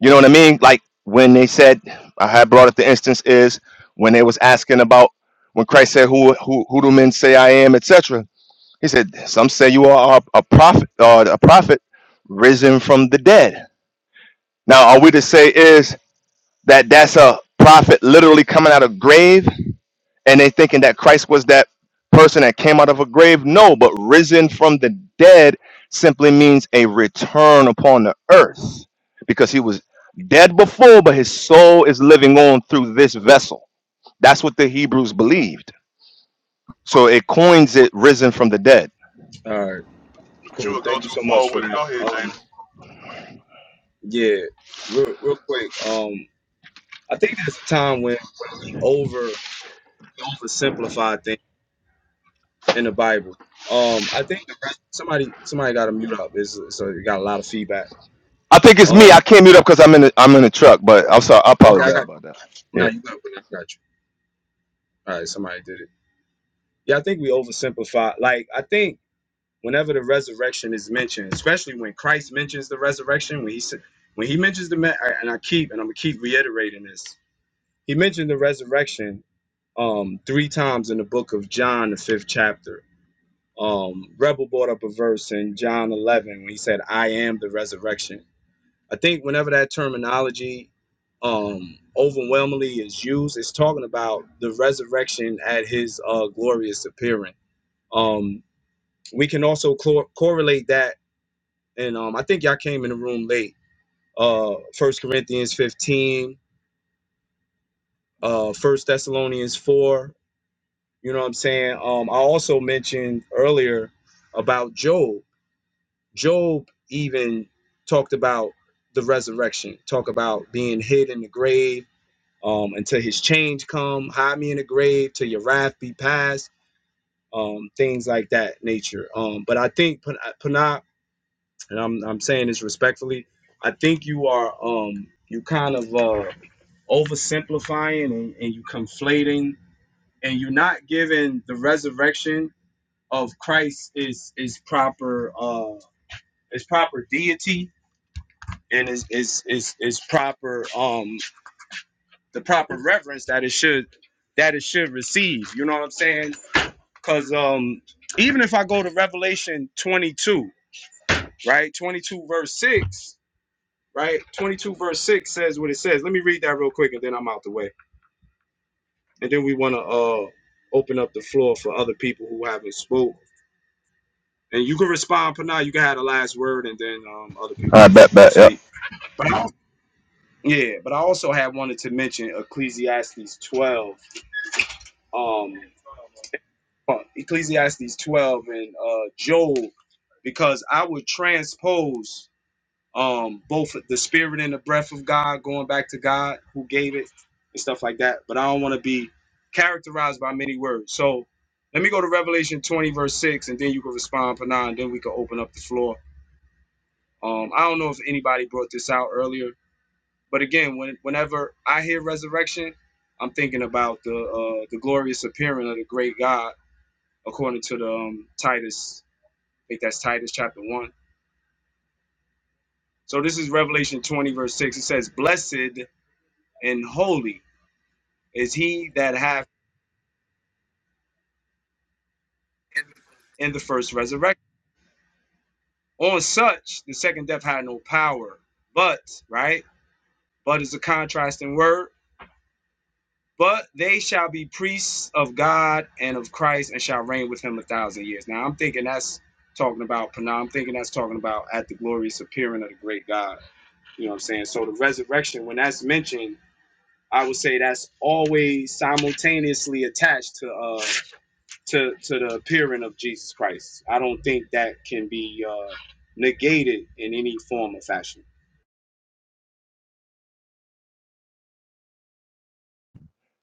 you know what i mean like when they said i had brought up the instance is when they was asking about when christ said who who, who do men say i am etc he said some say you are a, prophet or a prophet risen from the dead now are we to say is that that's a prophet literally coming out of grave and they thinking that Christ was that person that came out of a grave. No, but risen from the dead simply means a return upon the earth because he was dead before, but his soul is living on through this vessel. That's what the Hebrews believed. So it coins it risen from the dead.
All right,
but you
cool.
will go
Thank you
too
so
far
much for
with it. Go
that.
ahead, Jada.
Um, yeah, real, real quick. Um, I think there's a time when over oversimplified things in the Bible. Um, I think the rest, somebody, somebody got to mute up. It's, so you got a lot of feedback.
I think it's me.
Um,
I can't mute up because I'm in the, I'm in the truck, but I'm sorry. I
okay, I
apologize
got.
about that.
No,
Yeah.
you got. I got you. All right, somebody did it. Yeah, I think we oversimplify. Like, I think whenever the resurrection is mentioned, especially when Christ mentions the resurrection, when he said, when he mentions the ma- and I keep and I'm gonna keep reiterating this. He mentioned the resurrection um three times in the book of John, the fifth chapter. Um, Rebel brought up a verse in John 11 when he said, "I am the resurrection." I think whenever that terminology um overwhelmingly is used, it's talking about the resurrection at his uh glorious appearing. Um, we can also cor- correlate that, and um, I think y'all came in the room late. Uh, First Corinthians 15, uh, First Thessalonians 4. You know what I'm saying? Um, I also mentioned earlier about Job. Job even talked about the resurrection, talk about being hid in the grave um, until his change come, hide me in the grave till your wrath be past, um, things like that nature. Um, but I think Pana and I'm I'm saying this respectfully. I think you are um you kind of uh oversimplifying and, and you conflating and you're not giving the resurrection of Christ is is proper uh is proper deity and is is is is proper um the proper reverence that it should that it should receive. You know what I'm saying? Cause um even if I go to Revelation 22, right? 22 verse 6 right? 22 verse 6 says what it says. Let me read that real quick and then I'm out the way. And then we want to uh open up the floor for other people who haven't spoke. And you can respond, Panay. You can have the last word, and then um, other
All
people can,
right, bet,
can
bet. Yep.
speak. But I, yeah, but I also had wanted to mention Ecclesiastes 12, um, uh, Ecclesiastes 12 and uh, Job, because I would transpose. um both the spirit and the breath of God, going back to God who gave it and stuff like that. But I don't want to be characterized by many words. So let me go to Revelation 20, verse 6, and then you can respond, Panah, and then we can open up the floor. Um, I don't know if anybody brought this out earlier, but again, when whenever I hear resurrection, I'm thinking about the uh, the glorious appearing of the great God, according to the um, Titus. I think that's Titus chapter one. So this is Revelation 20, verse 6. It says, Blessed and holy is he that hath in the first resurrection. On such the second death had no power, but right, but is a contrasting word. But they shall be priests of God and of Christ and shall reign with him a thousand years. Now I'm thinking that's talking about Pana. I'm thinking that's talking about at the glorious appearing of the great God. You know what I'm saying? So the resurrection, when that's mentioned, I would say that's always simultaneously attached to uh to to the appearing of Jesus Christ. I don't think that can be uh, negated in any form or fashion.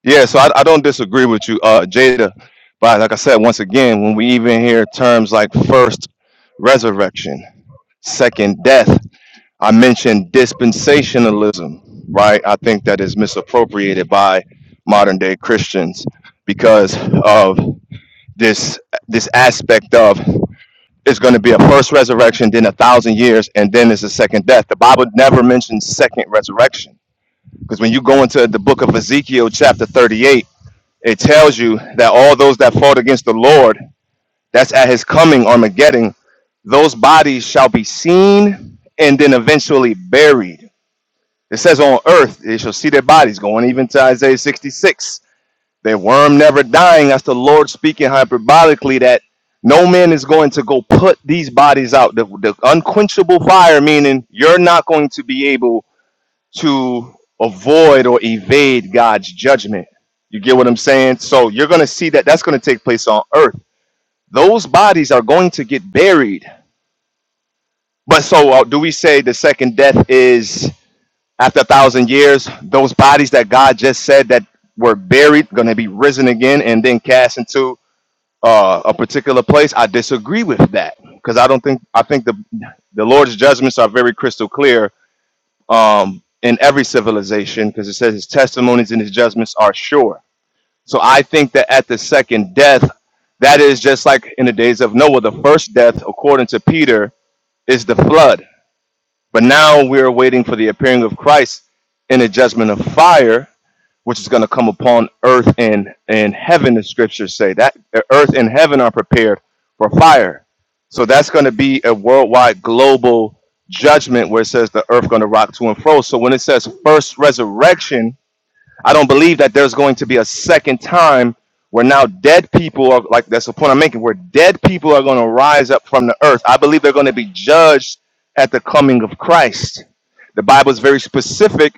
Yeah, so I, I don't disagree with you, uh, Jada. But like I said, once again, when we even hear terms like first resurrection, second death, I mentioned dispensationalism, right? I think that is misappropriated by modern day Christians because of this this aspect of it's going to be a first resurrection, then a thousand years, and then it's a second death. The Bible never mentions second resurrection because when you go into the book of Ezekiel, chapter 38 it tells you that all those that fought against the Lord, that's at his coming, Armageddon, those bodies shall be seen and then eventually buried. It says on earth, they shall see their bodies, going even to Isaiah 66. Their worm never dying. That's the Lord speaking hyperbolically that no man is going to go put these bodies out. The, the unquenchable fire, meaning you're not going to be able to avoid or evade God's judgment. You get what I'm saying? So you're going to see that that's going to take place on earth. Those bodies are going to get buried. But so uh, do we say the second death is after a thousand years? Those bodies that God just said that were buried going to be risen again and then cast into uh, a particular place? I disagree with that because I don't think I think the the Lord's judgments are very crystal clear um, in every civilization because it says his testimonies and his judgments are sure. So I think that at the second death, that is just like in the days of Noah, the first death, according to Peter, is the flood. But now we're waiting for the appearing of Christ in a judgment of fire which is going to come upon earth and and heaven the scriptures say that uh, earth and heaven are prepared for fire so that's going to be a worldwide global judgment where it says the earth going to rock to and fro so when it says first resurrection i don't believe that there's going to be a second time where now dead people are like that's the point i'm making where dead people are going to rise up from the earth i believe they're going to be judged at the coming of christ the bible is very specific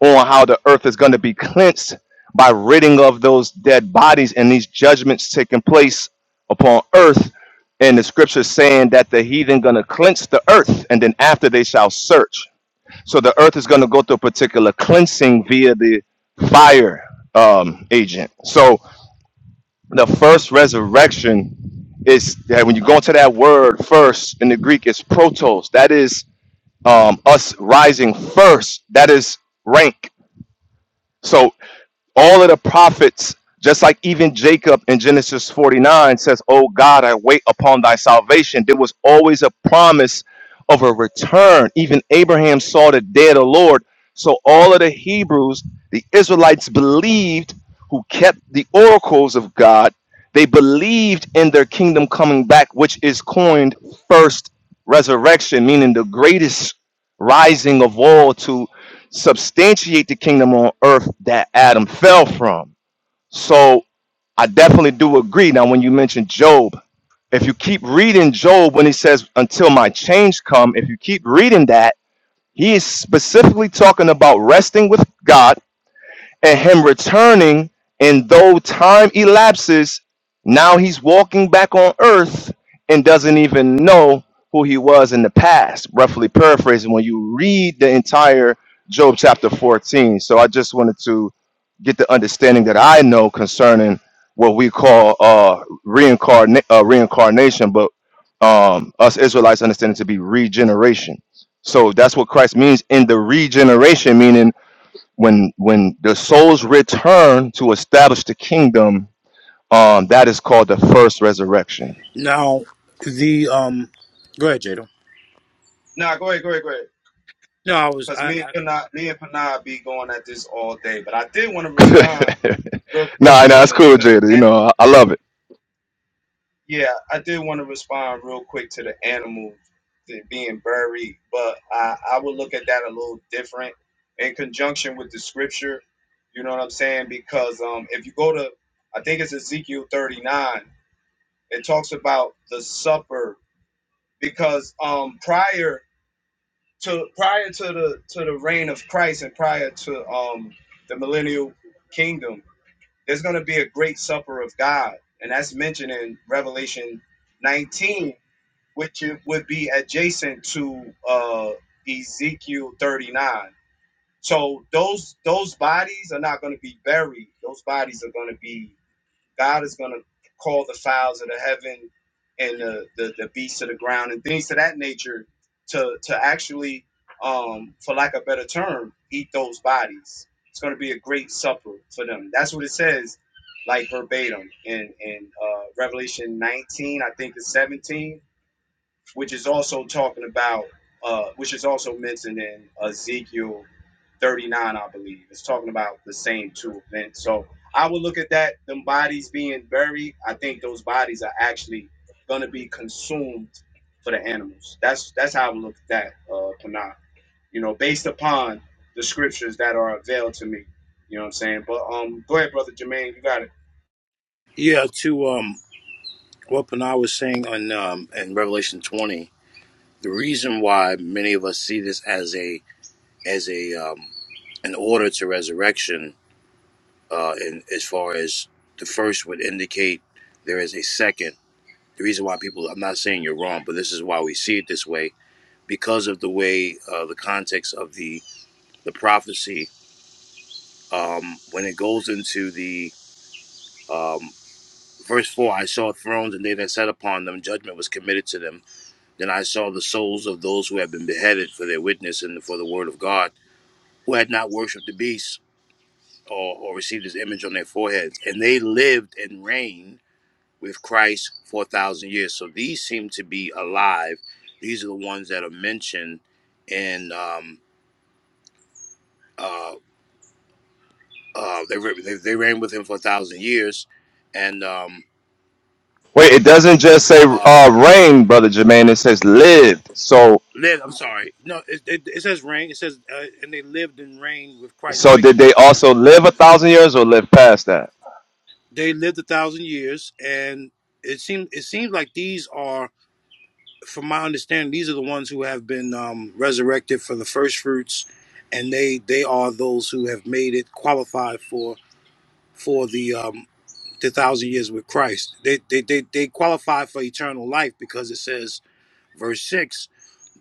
on how the earth is going to be cleansed by ridding of those dead bodies and these judgments taking place upon earth and the scripture saying that the heathen going to cleanse the earth and then after they shall search so the earth is going to go through a particular cleansing via the fire um, agent so the first resurrection is that when you go into that word first in the greek it's protos that is um, us rising first that is rank So all of the prophets, just like even Jacob in Genesis 49 says, Oh God, I wait upon thy salvation. There was always a promise of a return. Even Abraham saw the day of the Lord. So all of the Hebrews, the Israelites believed who kept the oracles of God. They believed in their kingdom coming back, which is coined first resurrection, meaning the greatest rising of all to substantiate the kingdom on earth that Adam fell from. So I definitely do agree. Now, when you mention Job, if you keep reading Job when he says, Until my change come, if you keep reading that, he is specifically talking about resting with God and him returning and though time elapses now he's walking back on earth and doesn't even know who he was in the past roughly paraphrasing when you read the entire job chapter 14 so i just wanted to get the understanding that i know concerning what we call uh, reincarna- uh reincarnation but um us israelites understand it to be regeneration so that's what christ means in the regeneration meaning when when the souls return to establish the kingdom um that is called the first resurrection
Now the um, go ahead, Jada.
Nah, go ahead, go ahead, go ahead.
No, I was
Because
I,
me and
I
Panay, me and Panay be going at this all day. But I did want to
nah
respond real quick
nah
to
that's
the
cool
to
jada
the
you
animal.
know I, I love it
Yeah, I did want to respond real quick to the animal being buried, but I, I would look at that a little different in conjunction with the scripture. You know what I'm saying? Because um, if you go to, I think it's Ezekiel 39, it talks about the supper because um prior to prior to the to the reign of Christ and prior to um the millennial kingdom there's going to be a great supper of God and that's mentioned in Revelation 19 which it would be adjacent to uh Ezekiel 39 so those those bodies are not going to be buried those bodies are going to be God is going to call the fowls of the heaven and the, the, the beasts of the ground and things to that nature to, to actually, um, for lack of a better term, eat those bodies. It's going to be a great supper for them. That's what it says, like verbatim in, in uh, Revelation 19, I think it's 17 which is also talking about, uh, which is also mentioned in Ezekiel 39, I believe. It's talking about the same two events. So I would look at that, them bodies being buried. I think those bodies are actually going to be consumed for the animals. That's that's how I would look at that, uh, Panah. You know, based upon the scriptures that are availed to me. You know what I'm saying? But um, go ahead, brother Jermaine, you got it.
yeah to um what Panah was saying on um in Revelation twenty. The reason why many of us see this as a as a um an order to resurrection, uh, in as far as the first would indicate there is a second. The reason why people, I'm not saying you're wrong, but this is why we see it this way because of the way uh, the context of the the prophecy um, when it goes into the um, verse 4 i saw thrones and they that sat upon them judgment was committed to them then i saw the souls of those who had been beheaded for their witness and for the word of god who had not worshipped the beast or, or received his image on their foreheads and they lived and reigned with christ for a thousand years so these seem to be alive these are the ones that are mentioned in um, uh, uh, they, re- they, they reigned with him for a thousand years and um,
wait it doesn't just say
uh,
uh reign brother jermaine it says lived so
Live, I'm sorry. No, it, it, it says reign. It says, uh, and they lived and reigned with Christ. That
so
makes
did they also live a thousand years or live past that
they lived a thousand years, and it seems it seems like these are, from my understanding, these are the ones who have been um, resurrected for the first fruits, and they they are those who have made it qualified for for the um, the thousand years with Christ. They they they, they qualify for eternal life because it says Verse 6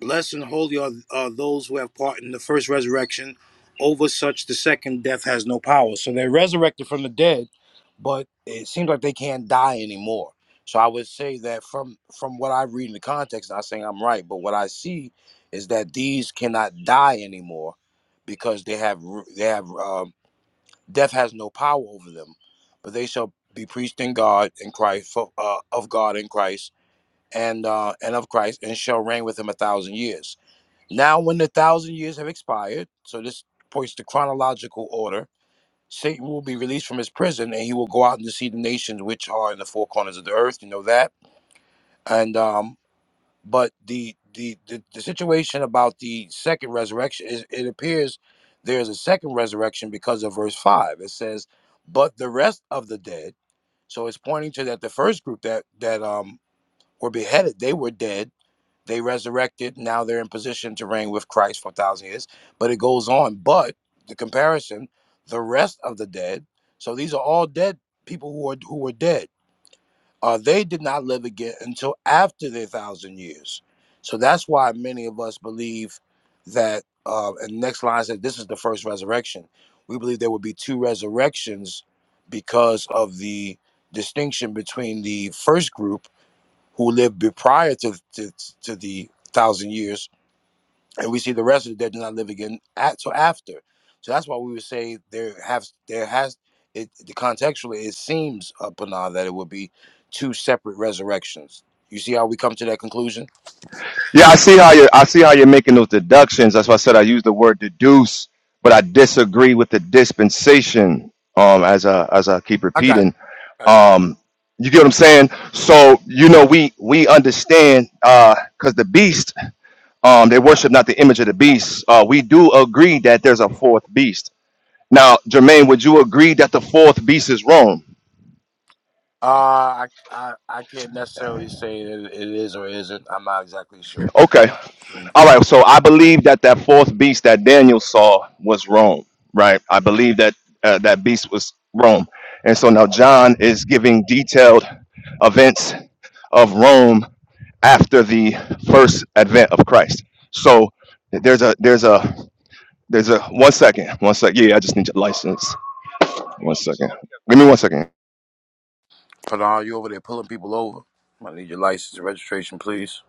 Blessed and holy are, are those who have part in the first resurrection. Over such, the second death has no power. So they're resurrected from the dead, but it seems like they can't die anymore. So I would say that from from what I read in the context, not saying I'm right, but what I see is that these cannot die anymore because they have they have um, death has no power over them, but they shall be preached in God in Christ for, uh, of God in Christ and uh, and of Christ, and shall reign with him a thousand years. Now, when the thousand years have expired, so this points to chronological order. Satan will be released from his prison, and he will go out and see the nations which are in the four corners of the earth. You know that. And um, but the the the, the situation about the second resurrection is it appears there is a second resurrection because of verse five. It says, "But the rest of the dead." So it's pointing to that the first group that that um were beheaded, they were dead they resurrected. Now they're in position to reign with Christ for a thousand years. But it goes on. But the comparison, the rest of the dead. So these are all dead people who are who were dead. Uh, they did not live again until after their thousand years. So that's why many of us believe that. Uh, and next line said this is the first resurrection. We believe there will be two resurrections because of the distinction between the first group who lived be- prior to, to to the thousand years, and we see the rest of it that did not live again at so after. So that's why we would say there have there has it the contextually it seems upon that it would be two separate resurrections. You see how we come to that conclusion?
Yeah, I see how you're I see how you're making those deductions. That's why I said I use the word deduce, but I disagree with the dispensation. Um, as I as I keep
I got
repeating,
I got you.
um, you get what I'm saying. So you know we we understand uh, because the beast, um, they worship not the image of the beast. Uh, we do agree that there's a fourth beast. Now, Jermaine, would you agree that the fourth beast is Rome?
Uh, I, I I can't necessarily say that it is or isn't. I'm not exactly sure.
Okay, All right, so I believe that that fourth beast that Daniel saw was Rome, right? I believe that uh, that beast was Rome. And so now John is giving detailed events of Rome after the first advent of Christ. So there's a there's a there's a one second, one second. Yeah, I just need your license. One second. Give me one second.
Panal, you over there pulling people over? I need your license and registration, please.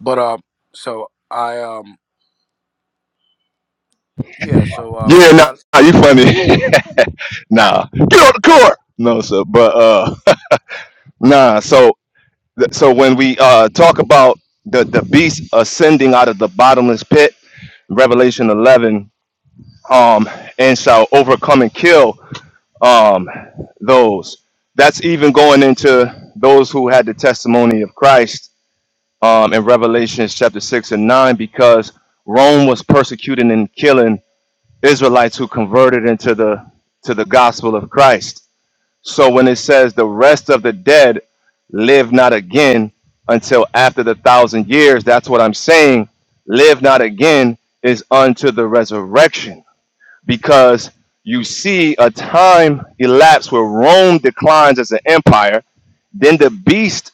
But uh, so I um Yeah, so um,
Yeah,
yeah.
nah, you funny.
Ah,
nah. Get on the court. No, sir. But uh nah, so Th- So when we uh, talk about the the beast ascending out of the bottomless pit, Revelation 11, um, and shall overcome and kill um, those. That's even going into those who had the testimony of Christ um, in Revelation chapter 6 and 9, because Rome was persecuting and killing Israelites who converted into the to the gospel of Christ so when it says the rest of the dead live not again until after the thousand years, that's what I'm saying. Live not again is unto the resurrection because you see a time elapse where Rome declines as an empire. Then the beast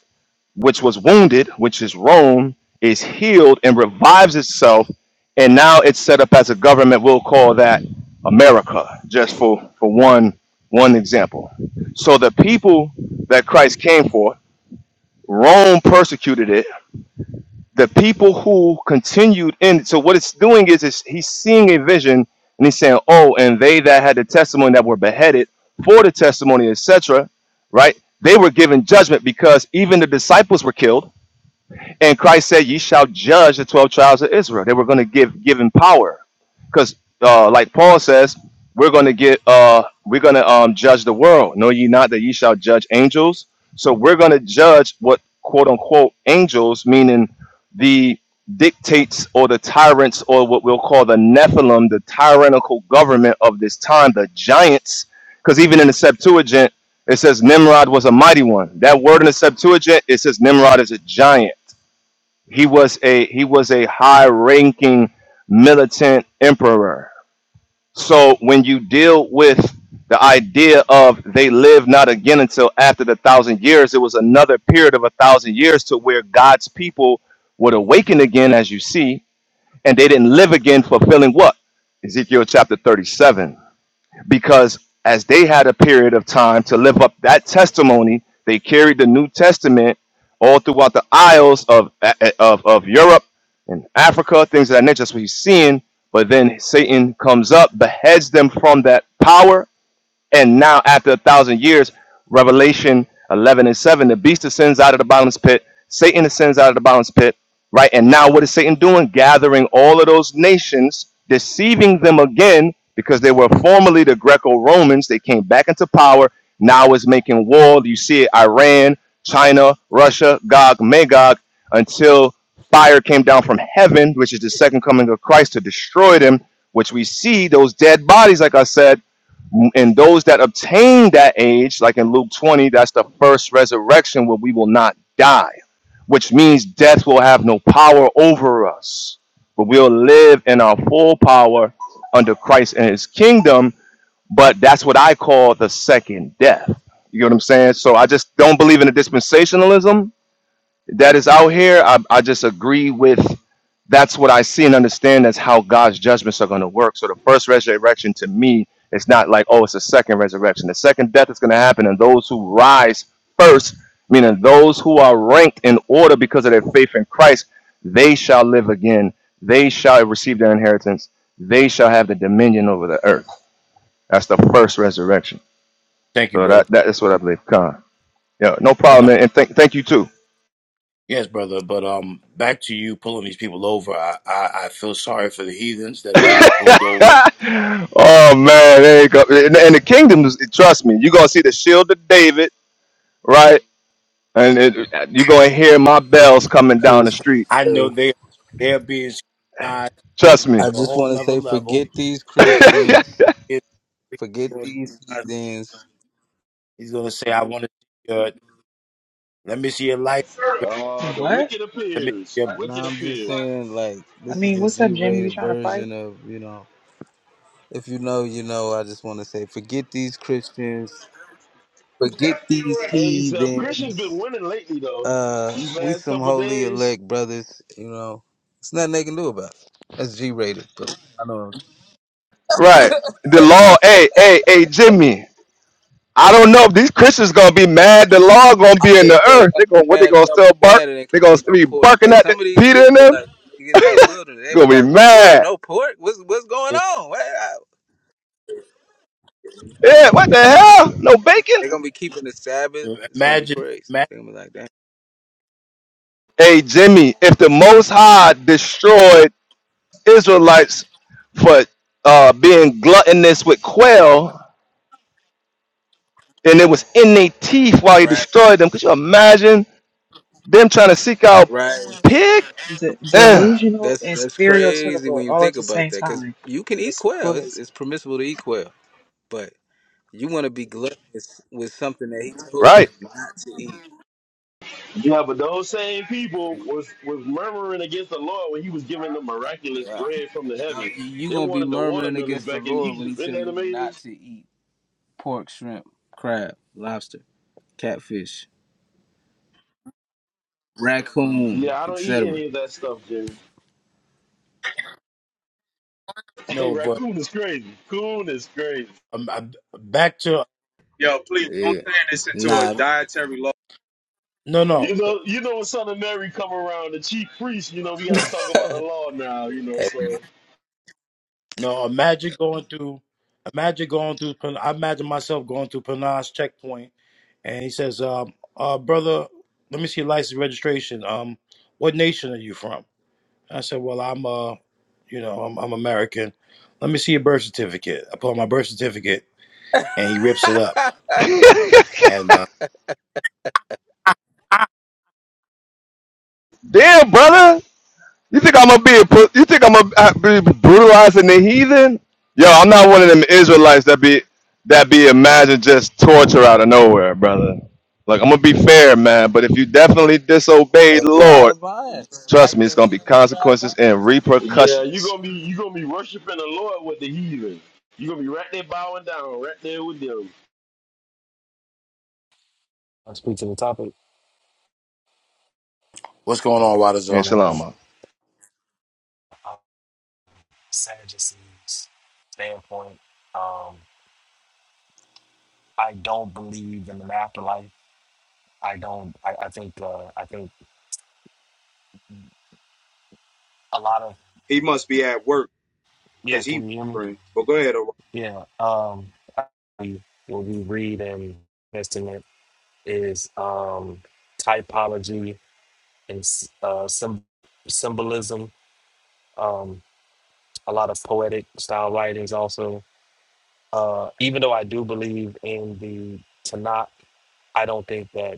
which was wounded, which is Rome, is healed and revives itself, and now it's set up as a government. We'll call that America, just for for one one example. So the people that Christ came for, Rome persecuted it. The people who continued in. So what it's doing is, is he's seeing a vision and he's saying, "Oh, and they that had the testimony that were beheaded for the testimony, etc." Right? They were given judgment because even the disciples were killed and Christ said, "Ye shall judge the twelve tribes of Israel." They were going to give given power, because uh, like Paul says, we're going to get uh, we're going to um, judge the world. Know ye not that ye shall judge angels? So we're going to judge what quote unquote angels, meaning the dictates or the tyrants or what we'll call the Nephilim, the tyrannical government of this time, the giants. Because even in the Septuagint, it says Nimrod was a mighty one. That word in the Septuagint, it says Nimrod is a giant he was a he was a high ranking militant emperor so when you deal with the idea of they live not again until after the thousand years it was another period of a thousand years to where god's people would awaken again as you see and they didn't live again fulfilling what ezekiel chapter 37 because as they had a period of time to live up that testimony, they carried the New Testament all throughout the isles of of, of Europe and Africa, things of that nature. That's what he's seeing. But then Satan comes up, beheads them from that power, and now, after a thousand years, Revelation 11 and 7, the beast ascends out of the bottomless pit, Satan ascends out of the bottomless pit, right? And now, what is Satan doing? Gathering all of those nations, deceiving them again, because they were formerly the Greco Romans. They came back into power. Now it's making war. You see it Iran, China, Russia, Gog, Magog, until fire came down from heaven, which is the second coming of Christ to destroy them, which we see those dead bodies, like I said and those that obtain that age, like in Luke 20, that's the first resurrection where we will not die, which means death will have no power over us, but we'll live in our full power under Christ and his kingdom. But that's what I call the second death. You know what I'm saying? So I just don't believe in the dispensationalism that is out here, I, I just agree with that's what I see and understand that's how God's judgments are going to work. So the first resurrection to me, it's not like, oh, it's a second resurrection. The second death is going to happen, and those who rise first, meaning those who are ranked in order because of their faith in Christ, they shall live again. They shall receive their inheritance. They shall have the dominion over the earth. That's the first resurrection.
Thank you,
So
brother.
that, that is what I believe. Con. Yeah, no
But
problem,
no,
man. And thank thank you too.
yes, brother. But um, back to you pulling these people over. I, I I feel sorry for the heathens that are getting pulled over.
oh man, there you go. And, and the kingdom, is- trust me, you're gonna see the shield of David, right? And it, you're gonna hear my bells coming
I
down
just
the
want
street.
I
to
know
say,
they they're being scrutinized to a,
Trust me.
I
to a
just
whole
want to
nother
say,
level.
forget these
right.
Christians,
It-
forget these heathens.
He's gonna say, "I want to see your. Let me see your life.
Uh, the
What?
wicked
Let me
appears.
see your.
The wicked
Now I'm just
appears.
saying, like,
I
this is
mean,
the
what's up, Jimmy? You
G-rated
trying to fight?
version of, you know, if you know, you know. I just want to say, forget these Christians, forget these
Hey, so Christian's been
heathens.
winning lately, though.
Uh,
These
we
last
some
couple
holy
days.
elect brothers, you know. It's nothing they can do about. It. That's G-rated, but I know.
The law, hey, hey, hey, Jimmy. I don't know if these Christians gonna be mad. The law gonna be in
Yeah,
the
yeah,
earth.
y'all
They gonna
be
what? They
mad,
gonna
y'all be
still bark?
mad and they
They
can to
gonna
be
still
no
be
pork.
barking
Hey,
at the,
some of these
Peter and
Israelites,
them?
when they get to the wilderness, they be
Gonna be
like, whoa, whoa,
mad.
no pork? What's what's going
This,
on? What- I- They're gonna
Yeah.
be
What the
mad, man. They're
hell?
gonna be
No
mad.
bacon.
They're gonna be keeping the Sabbath. It's gonna be
imagine,
crazy.
imagine.
They're gonna be like, damn.
Hey, Jimmy. If the Most High destroyed Israelites for uh, being gluttonous with quail, and it was in their teeth while he
Right,
destroyed them. Could you imagine them trying to seek out
right.
pig?
De-
Eh,
delusional
That's
and
that's crazy when
stereotypical
you
all at
think
the
about
same
that, because
time.
you can eat
It's
quail. It's,
crazy.
it's permissible to eat quail, but you want to be gluttonous with something that he told
right?
you not to eat.
Yeah, but those same people was was murmuring against the Lord when He was giving them miraculous
Wow.
bread from the heaven.
You you
They
gonna be
wanted the
murmuring
watermelons
against the
back in
Lord when he
Egypt. Isn't
tell
that
you
amazing?
not to eat pork, shrimp, crab, lobster, catfish, raccoon,
Yeah, I don't eat
etc.
any of that stuff, Jimmy. Hey,
No, but
raccoon is crazy. Coon is crazy.
um, I- back to
Yo, please don't
Yeah.
turn this into a
Nah.
dietary law.
no,
You
no.
know, you know when Son of Mary come around, the chief priest. You know, we got to talk about the law now. You know, so
No, imagine going through. Imagine going through. Pen- I imagine myself going through Penang's checkpoint, and he says, um, uh, "Brother, let me see your license registration. Um, what nation are you from?" I said, "Well, I'm uh, you know, I'm, I'm American. Let me see your birth certificate." I pull out my birth certificate, and he rips it up. And uh, Ah!
Damn, brother. You think I'm gonna be a, pu- you think I'm gonna uh, be brutalizing the heathen? Yo, I'm not one of them Israelites that be that be imagined just torture out of nowhere, brother. Like I'm gonna be fair, man, but if you definitely disobey the
That's ride
Lord,
a bond. Like
trust me, it's
the
gonna be
heathen with a ride a vine.
consequences and
yeah, you
repercussions.
gonna be you gonna be worshiping the Lord with the heathen. You gonna be right there bowing down, right there with them.
I speak to the topic.
what's going
And
on,
Yeah,
Wadazar?
shalom.
um,
man.
I'm Sadducees standpoint, um, I don't believe in an afterlife. I don't. I, I think. Uh, I think a lot of
He must be at work.
yeah.
Cause he
Can you hear me?
praying. But go ahead. Aaron.
Yeah. Um, I- what we read in Testament is um, typology and s- uh, sym- symbolism. Um, a lot of poetic style writings also. Uh, even though I do believe in the Tanakh, I don't think that.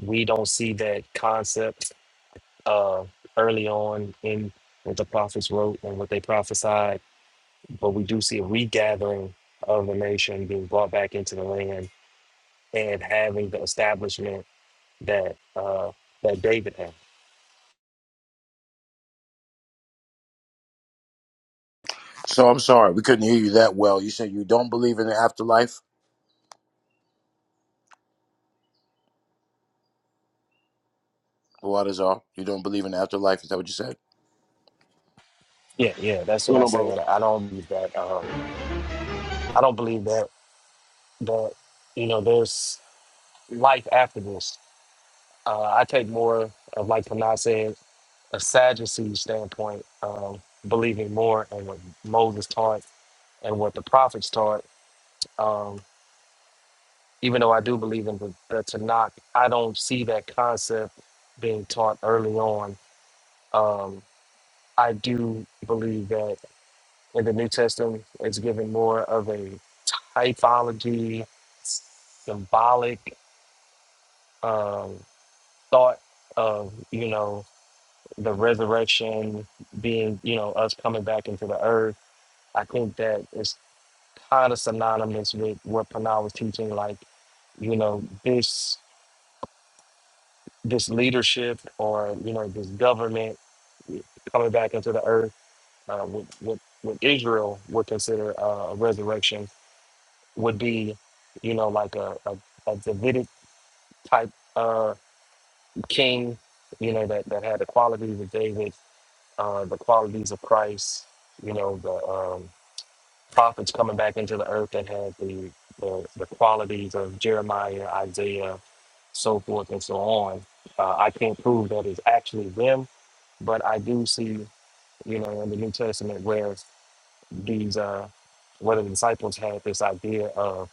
we don't see that concept uh, early on in what the prophets wrote and what they prophesied, but we do see a regathering of the nation being brought back into the land and having the establishment that uh, that David had.
So I'm sorry we couldn't hear you that well. You said you don't believe in the afterlife, Wadazar. You don't believe in the afterlife. Is that what you said?
Yeah, yeah, that's what
You
I
know, Baba.
say. I don't believe that. Um, I don't believe that that you know there's life after this. Uh, I take more of like Panah said, a Sadducee standpoint, um, believing more in what Moses taught and what the prophets taught. Um, even though I do believe in the, the Tanakh, I don't see that concept being taught early on. Um, I do believe that in the New Testament, it's given more of a typology, symbolic um, thought of you know the resurrection being you know us coming back into the earth. I think that it's kind of synonymous with what Panay was teaching, like, you know, this this leadership or, you know, this government coming back into the earth, uh, what, what, what Israel would consider uh, a resurrection would be, you know, like a, a, a Davidic type uh, king, you know, that, that had the qualities of David, uh, the qualities of Christ, you know, the um, prophets coming back into the earth that had the, the, the qualities of Jeremiah, Isaiah, so forth and so on. Uh, I can't prove that it's actually them, but I do see, you know, in the New Testament where these, uh, where the disciples had this idea of,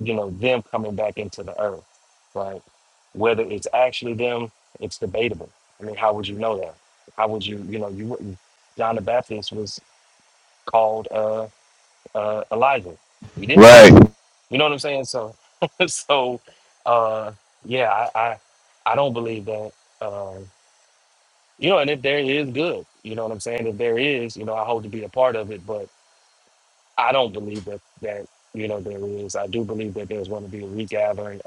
you know, them coming back into the earth, right? Whether it's actually them, it's debatable. I mean, how would you know that? How would you, you know, you wouldn't. John the Baptist was called uh, uh, Elijah. We didn't know
Right.
that You know what I'm saying? So, so, uh, yeah, I, I, I don't believe that. Um, you know, and if there is good, you know what I'm saying. If there is, you know, I hope to be a part of it, but I don't believe that that you know there is. I do believe that there's going to be a regathering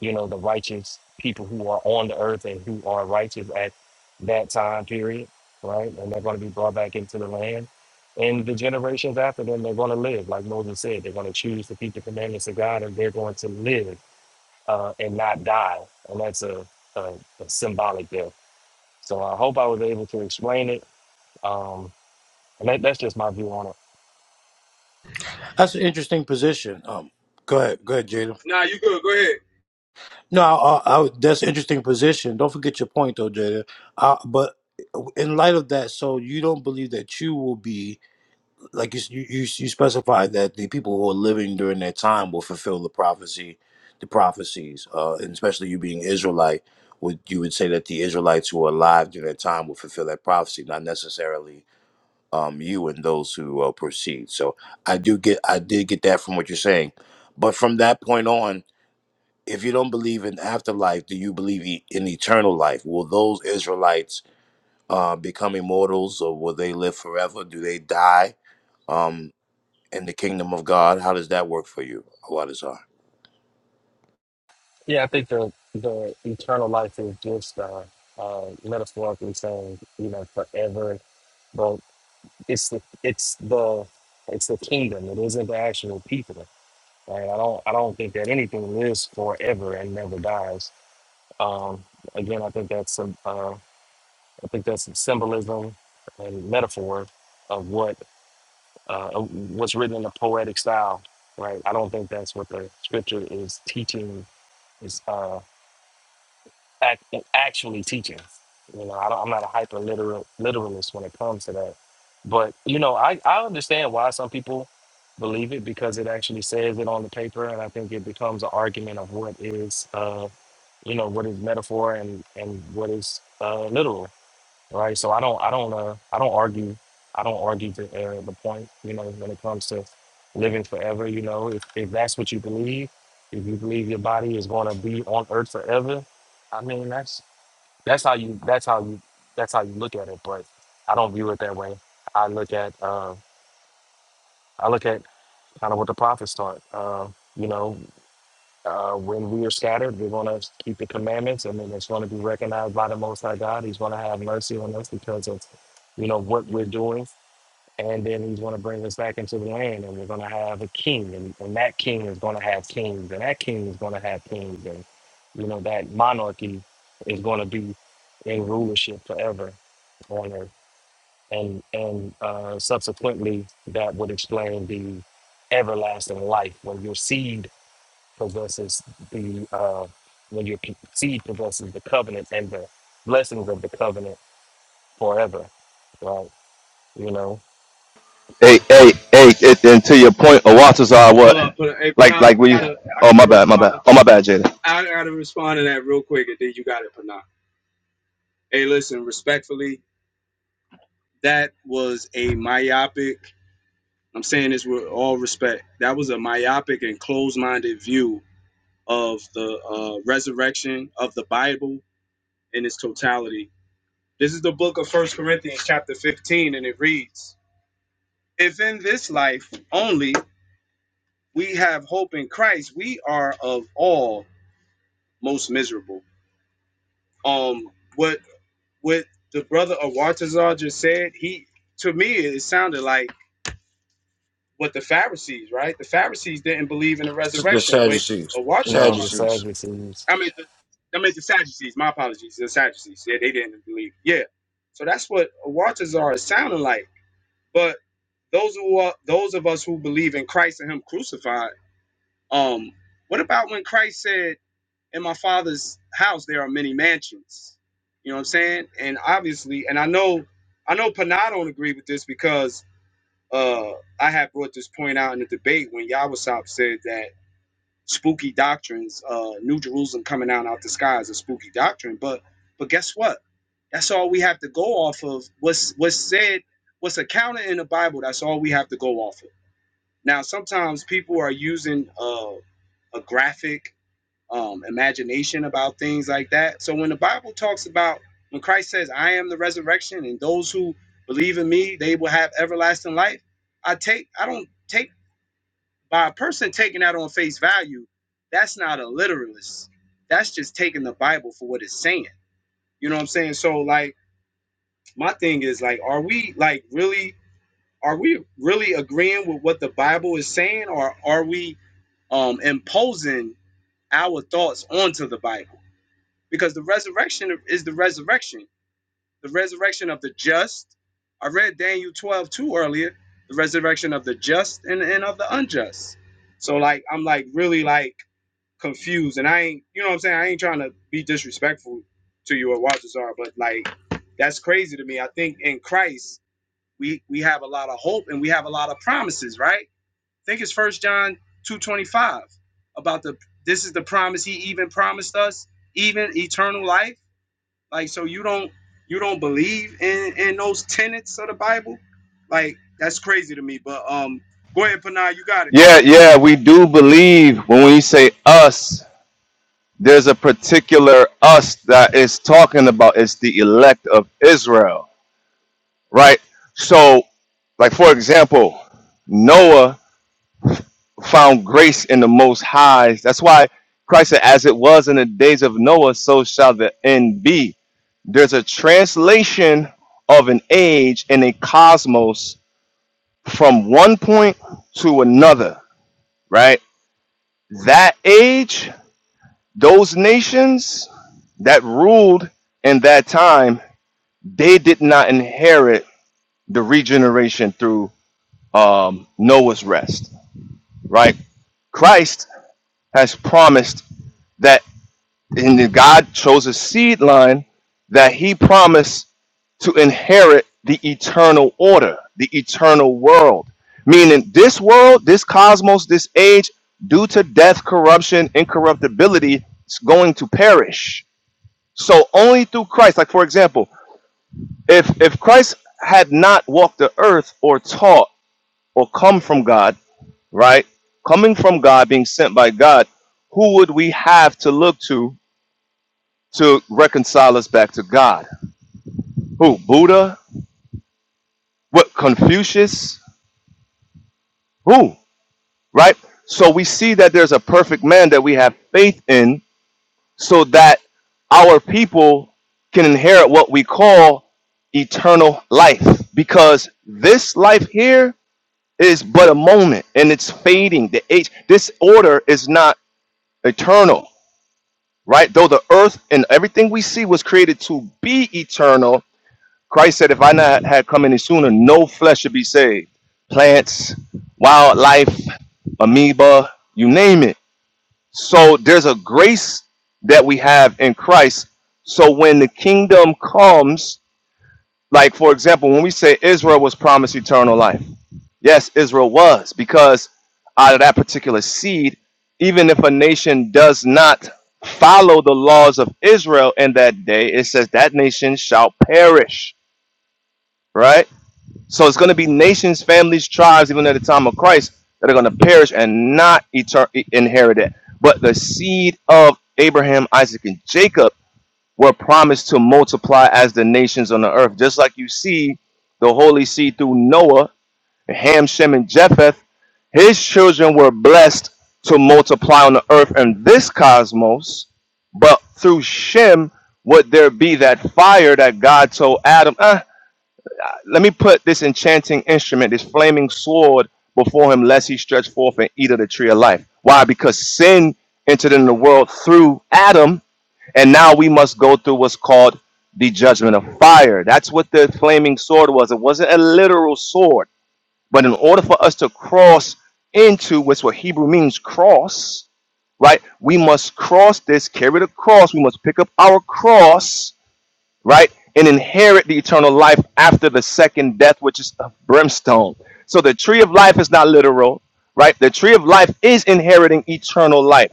you know, the righteous people who are on the earth and who are righteous at that time period, right? And they're going to be brought back into the land. And the generations after them, they're going to live. Like Moses said, they're going to choose to keep the commandments of God and they're going to live uh, and not die. And that's a, a, a symbolic death. So I hope I was able to explain it. Um, and that, that's just my view on it.
That's an interesting position. Um, go ahead, go ahead, Jada.
Nah, you good. Go ahead.
No, I, I, I, that's an interesting position. Don't forget your point, though, Jada. Uh, but in light of that, so you don't believe that you will be like you, you, you you specified that the people who are living during that time will fulfill the prophecy, the prophecies, uh, and especially you being Israelite, would you would say that the Israelites who are alive during that time will fulfill that prophecy, not necessarily um, you and those who uh, proceed. So I do get, I did get that from what you're saying, but from that point on, if you don't believe in afterlife, do you believe e- in eternal life? Will those Israelites uh, become immortals, or will they live forever? Do they die um, in the kingdom of God? How does that work for you, Awadazar?
Yeah, I think the, the eternal life is just uh, uh, metaphorically saying, you know, forever. But it's the it's the it's the kingdom. It isn't the actual people. Right? I don't I don't think that anything lives forever and never dies. Um, again, I think that's some uh, I think that's some symbolism and metaphor of what uh, of what's written in a poetic style. Right? I don't think that's what the scripture is teaching. Is uh, act, actually teaching. You know, I don't, I'm not a hyper literal literalist when it comes to that. But you know, I, I understand why some people believe it because it actually says it on the paper, and I think it becomes an argument of what is uh you know what is metaphor and and what is uh literal, right? So I don't I don't uh I don't argue I don't argue the uh, the point you know when it comes to living forever. You know, if if that's what you believe, if you believe your body is going to be on earth forever, I mean, that's that's how you. That's how you. That's how you look at it. But I don't view it that way. I look at. Uh, I look at kind of what the prophets taught. Uh, you know, uh, when we are scattered, we're going to keep the commandments, and then it's going to be recognized by the Most High God. He's going to have mercy on us because of, you know, what we're doing and then he's going to bring us back into the land and we're going to have a king and, and that king is going to have kings and that king is going to have kings and you know that monarchy is going to be in rulership forever on earth and and uh, subsequently that would explain the everlasting life when your seed possesses the uh, when your p- seed possesses the covenant and the blessings of the covenant forever right you know so
Hey, hey, hey, it, and to your point, Awatazar, what?
Hold up. Put hey,
Like,
nah, I
like we,
gotta, I
oh,
gotta
my bad, my bad.
respond.
Oh, my bad, Jada.
I gotta respond to that real quick, and then you got it, Panah. Hey, listen, respectfully, that was a myopic. I'm saying this with all respect. That was a myopic and closed-minded view of the uh, resurrection of the Bible in its totality. This is the book of First Corinthians, chapter 15, and it reads: If in this life only we have hope in Christ, we are of all most miserable. Um, what what the brother of Wartazar just said, he to me it sounded like what the Pharisees, right? The Pharisees didn't believe in the
The
resurrection. What
Sadducees.
Wartazar,
No, the
Sadducees.
Sadducees.
I mean, the, I mean the Sadducees. My apologies, the Sadducees. Yeah, they didn't believe. Yeah, so that's what Wartazar is sounding like. But those who are those of us who believe in Christ and Him crucified, um, what about when Christ said? in my father's house there are many mansions. You know what I'm saying? And obviously, and I know I know Panah don't agree with this because uh I had brought this point out in the debate when Yawasop said that spooky doctrines, uh New Jerusalem coming down out the sky is a spooky doctrine. But but guess what? That's all we have to go off of. What's what's said, what's accounted in the Bible, that's all we have to go off of. Now sometimes people are using uh a graphic um, imagination about things like that. So when the Bible talks about when Christ says, "I am the resurrection," and those who believe in me, they will have everlasting life. I take I don't take by a person taking that on face value. That's not a literalist. That's just taking the Bible for what it's saying. You know what I'm saying? So like my thing is like, are we like really? Are we really agreeing with what the Bible is saying, or are we um, imposing our thoughts onto the Bible? because the resurrection is the resurrection, the resurrection of the just. I read Daniel 12 too earlier, the resurrection of the just and, and of the unjust. So like I'm like really like confused and I ain't you know what I'm saying? I ain't trying to be disrespectful to you or Walter but like that's crazy to me. I think in Christ we we have a lot of hope and we have a lot of promises, right? I think it's first John two twenty five about the this is the promise he even promised us, even eternal life like, so you don't you don't believe in in those tenets of the Bible? Like, that's crazy to me. But um, go ahead, Panay, you got it.
Yeah, yeah, we do believe when we say us, there's a particular us that is talking about. It's the elect of Israel, right? So, like, for example, Noah found grace in the Most High. That's why Christ said, as it was in the days of Noah, so shall the end be there's a translation of an age and a cosmos from one point to another, right? That age, those nations that ruled in that time, they did not inherit the regeneration through um, Noah's rest, right? Christ has promised that, and God chose a seed line that He promised to inherit the eternal order, the eternal world. Meaning, this world, this cosmos, this age, due to death, corruption, incorruptibility, it's going to perish. So only through Christ, like for example, if if Christ had not walked the earth or taught or come from God, right? Coming from God, being sent by God, who would we have to look to to reconcile us back to God? Who? Buddha? What? Confucius? Who? right? So we see that there's a perfect man that we have faith in so that our people can inherit what we call eternal life because this life here is but a moment and it's fading the age this order is not eternal right though the earth and everything we see was created to be eternal christ said if i not had come any sooner no flesh should be saved plants wildlife amoeba you name it so there's a grace that we have in Christ. So when the kingdom comes, like for example, when we say Israel was promised eternal life, yes, Israel was, because out of that particular seed, even if a nation does not follow the laws of Israel in that day, it says that nation shall perish, right? So it's going to be nations, families, tribes, even at the time of Christ, that are going to perish and not etern- inherit it. But the seed of Abraham, Isaac, and Jacob were promised to multiply as the nations on the earth. Just like you see the holy seed through Noah, Ham, Shem, and Japheth, his children were blessed to multiply on the earth and this cosmos. But through Shem, would there be that fire that God told Adam? eh, let me put this enchanting instrument, this flaming sword, before him, lest he stretch forth and eat of the tree of life. Why? Because sin entered in the world through Adam, and now we must go through what's called the judgment of fire. That's what the flaming sword was. It wasn't a literal sword, but in order for us to cross into what's what Hebrew means cross, right? We must cross this, carry the cross. We must pick up our cross right? And inherit the eternal life after the second death, which is of brimstone. So the tree of life is not literal, right? The tree of life is inheriting eternal life,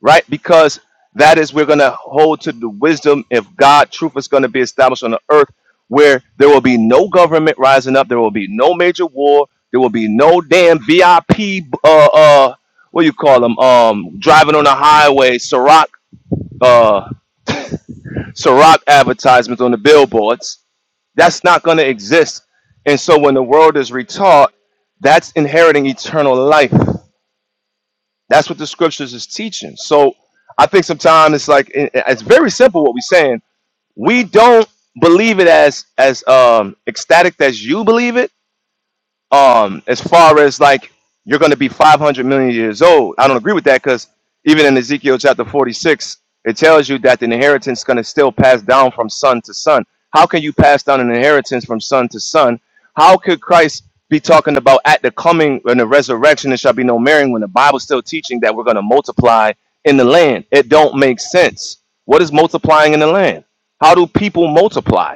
right? Because that is we're gonna hold to the wisdom if God truth is gonna be established on the earth where there will be no government rising up, there will be no major war, there will be no damn VIP uh uh what do you call them? Um driving on the highway, Ciroc uh Ciroc advertisements on the billboards that's not going to exist. And so when the world is retaught, that's inheriting eternal life. That's what the scriptures is teaching. So I think sometimes it's like it- it's very simple what we're saying. We don't believe it as as um ecstatic as you believe it um as far as like you're going to be 500 million years old i don't agree with that because even in ezekiel chapter 46 it tells you that the inheritance is going to still pass down from son to son how can you pass down an inheritance from son to son how could christ be talking about at the coming and the resurrection there shall be no marrying when the bible's still teaching that we're going to multiply in the land it don't make sense what is multiplying in the land how do people multiply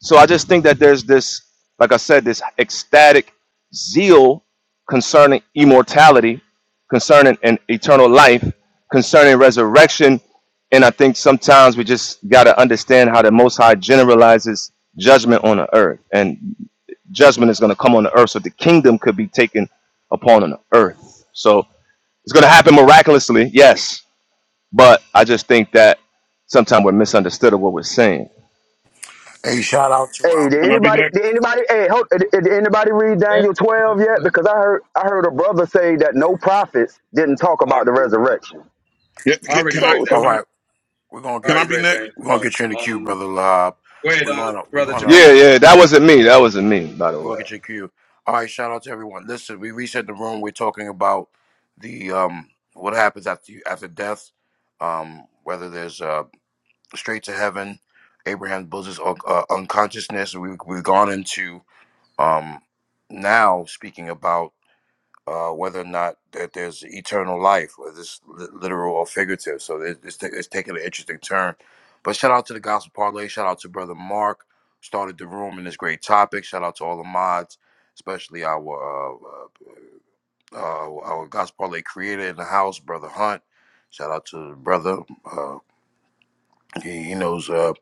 so I just think that there's this, like I said, this ecstatic zeal concerning immortality, concerning an eternal life, concerning resurrection. And I think sometimes we just got to understand how the Most High generalizes judgment on the earth. And judgment is going to come on the earth, so the kingdom could be taken upon on the earth. So it's going to happen miraculously, yes. But I just think that sometimes we're misunderstood of what we're saying
Hey, shout out to
Hey,
out.
did
Can I be
anybody?
next?
Did anybody? Hey, hold, did, did anybody read
Yeah,
Daniel twelve yet? Because I heard I heard a brother say that no prophets didn't talk
I
about the
already read that.
resurrection.
Yeah,
I
ca-
already
can I
read
So
that.
so
All
can I
right, we're gonna
I
can
get
I
already
you. In
be
read
the,
next?
that.
we're gonna
Well,
get you in the queue,
um,
brother Lob.
go ahead,
We're
uh,
gonna. We're
brother
gonna.
Jermaine.
Yeah, yeah, that wasn't me. That wasn't me, by the
We'll
way.
get your cue. All right, shout out to everyone. Listen, we reset the room. We're talking about the um what happens after you, after death, um whether there's uh straight to heaven, Abraham's bosom, or uh, unconsciousness. We we've gone into um now speaking about uh, whether or not that there's eternal life, whether it's li- literal or figurative. So it- it's, ta- it's taking an interesting turn. But shout out to the Gospel Parlay. Shout out to Brother Mark, started the room in this great topic. Shout out to all the mods, especially our uh, uh, our Gospel Parlay creator in the house, Brother Hunt. Shout out to the brother. Uh, he, he knows uh,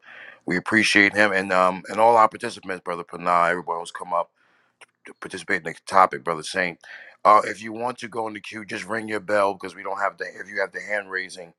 we appreciate him and um and all our participants, Brother Panay, everyone who's come up participate in the topic, brother Saint. Uh, if you want to go in the queue, just ring your bell because we don't have the. If you have the hand raising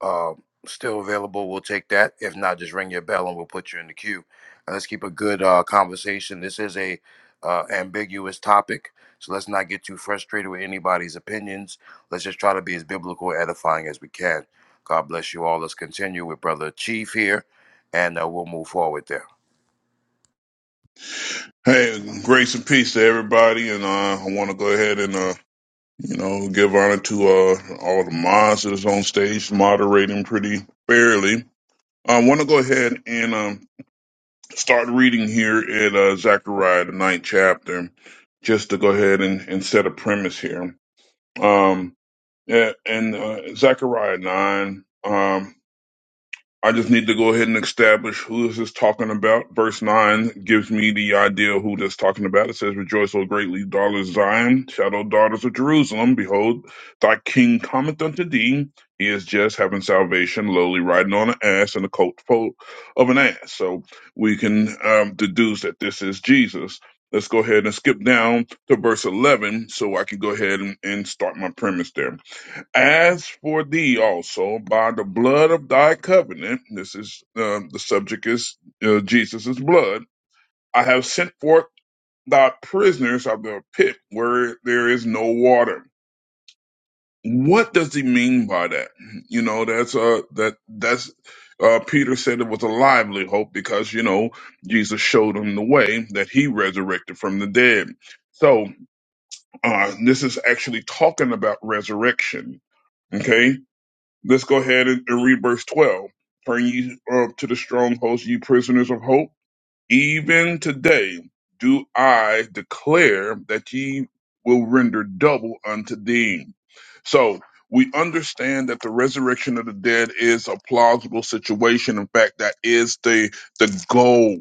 uh, still available, we'll take that. If not, just ring your bell and we'll put you in the queue. And let's keep a good uh, conversation. This is a uh, ambiguous topic, so let's not get too frustrated with anybody's opinions. Let's just try to be as biblical and edifying as we can. God bless you all. Let's continue with brother Chief here, and uh, we'll move forward there.
Hey, grace and peace to everybody, and uh, I want to go ahead and uh, you know give honor to uh, all the mods that's on stage moderating pretty fairly. I want to go ahead and um, start reading here in uh, Zechariah the ninth chapter, just to go ahead and, and set a premise here. Um, yeah, and uh, Zechariah nine. Um, I just need to go ahead and establish who this is talking about. Verse 9 gives me the idea of who this talking about. It says, Rejoice, O greatly, daughter Zion, shout shadow daughters of Jerusalem. Behold, thy king cometh unto thee. He is just having salvation, lowly riding on an ass and the coat foal of an ass. So we can um, deduce that this is Jesus. Let's go ahead and skip down to verse 11 so I can go ahead and, and start my premise there. As for thee also, by the blood of thy covenant, this is um, the subject is uh, Jesus' blood, I have sent forth thy prisoners of the pit where there is no water. What does he mean by that? You know, that's uh that that's uh Peter said it was a lively hope because you know Jesus showed him the way that he resurrected from the dead. So uh this is actually talking about resurrection. Okay, Let's go ahead and, and read verse 12. Turn ye uh, to the strong host, ye prisoners of hope. Even today do I declare that ye will render double unto thee. So we understand that the resurrection of the dead is a plausible situation. In fact, that is the the goal.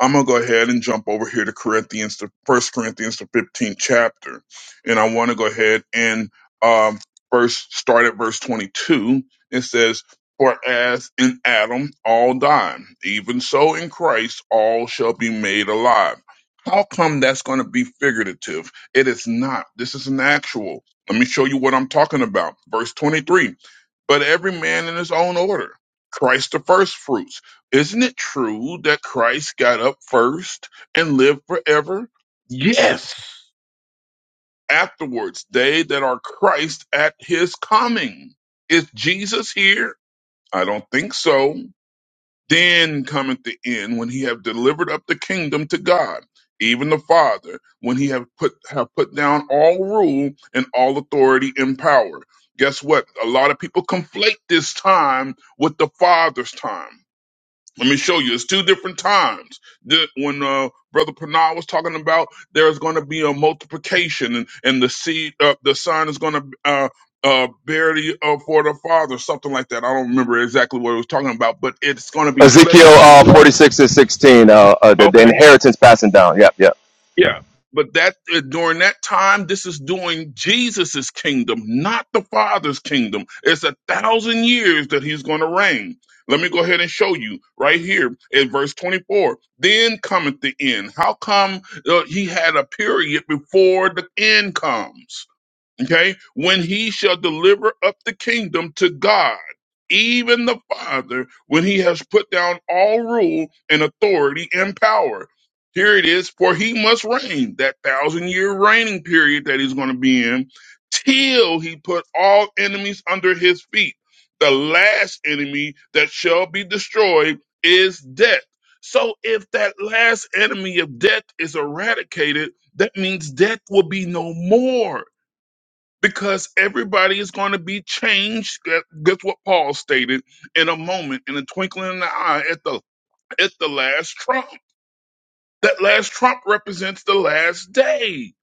I'm gonna go ahead and jump over here to Corinthians, the First Corinthians, the 15th chapter, and I want to go ahead and um, first start at verse 22. It says. For as in Adam all die, even so in Christ all shall be made alive. How come that's going to be figurative? It is not. This is an actual. Let me show you what I'm talking about. Verse 23. But every man in his own order. Christ the first fruits. Isn't it true that Christ got up first and lived forever? Yes. Afterwards, they that are Christ at his coming. Is Jesus here? I don't think so. Then cometh the end when he have delivered up the kingdom to God, even the Father, when he have put have put down all rule and all authority and power. Guess what? A lot of people conflate this time with the Father's time. Let me show you. It's two different times. The- when uh, Brother Panah was talking about there's going to be a multiplication, and, and the seed, uh, the son is going to uh, uh, bear the uh, for the father, something like that. I don't remember exactly what he was talking about, but it's going to be flesh
Ezekiel
and
uh,
blood.
46 and 16, uh, uh, the, the
Okay.
inheritance passing down. Yep, yep. yep.
Yeah, but that uh, during that time, this is doing Jesus's kingdom, not the Father's kingdom. It's a thousand years that he's going to reign. Let me go ahead and show you right here in verse 24. Then cometh the end. How come uh, he had a period before the end comes? Okay. When he shall deliver up the kingdom to God, even the Father, when he has put down all rule and authority and power. Here it is. For he must reign that thousand year reigning period that he's going to be in till he put all enemies under his feet. The last enemy that shall be destroyed is death. So if that last enemy of death is eradicated, that means death will be no more because everybody is going to be changed. That- That's what Paul stated in a moment, in a twinkling in the eye, at the at the last trump. That last trump represents the last day.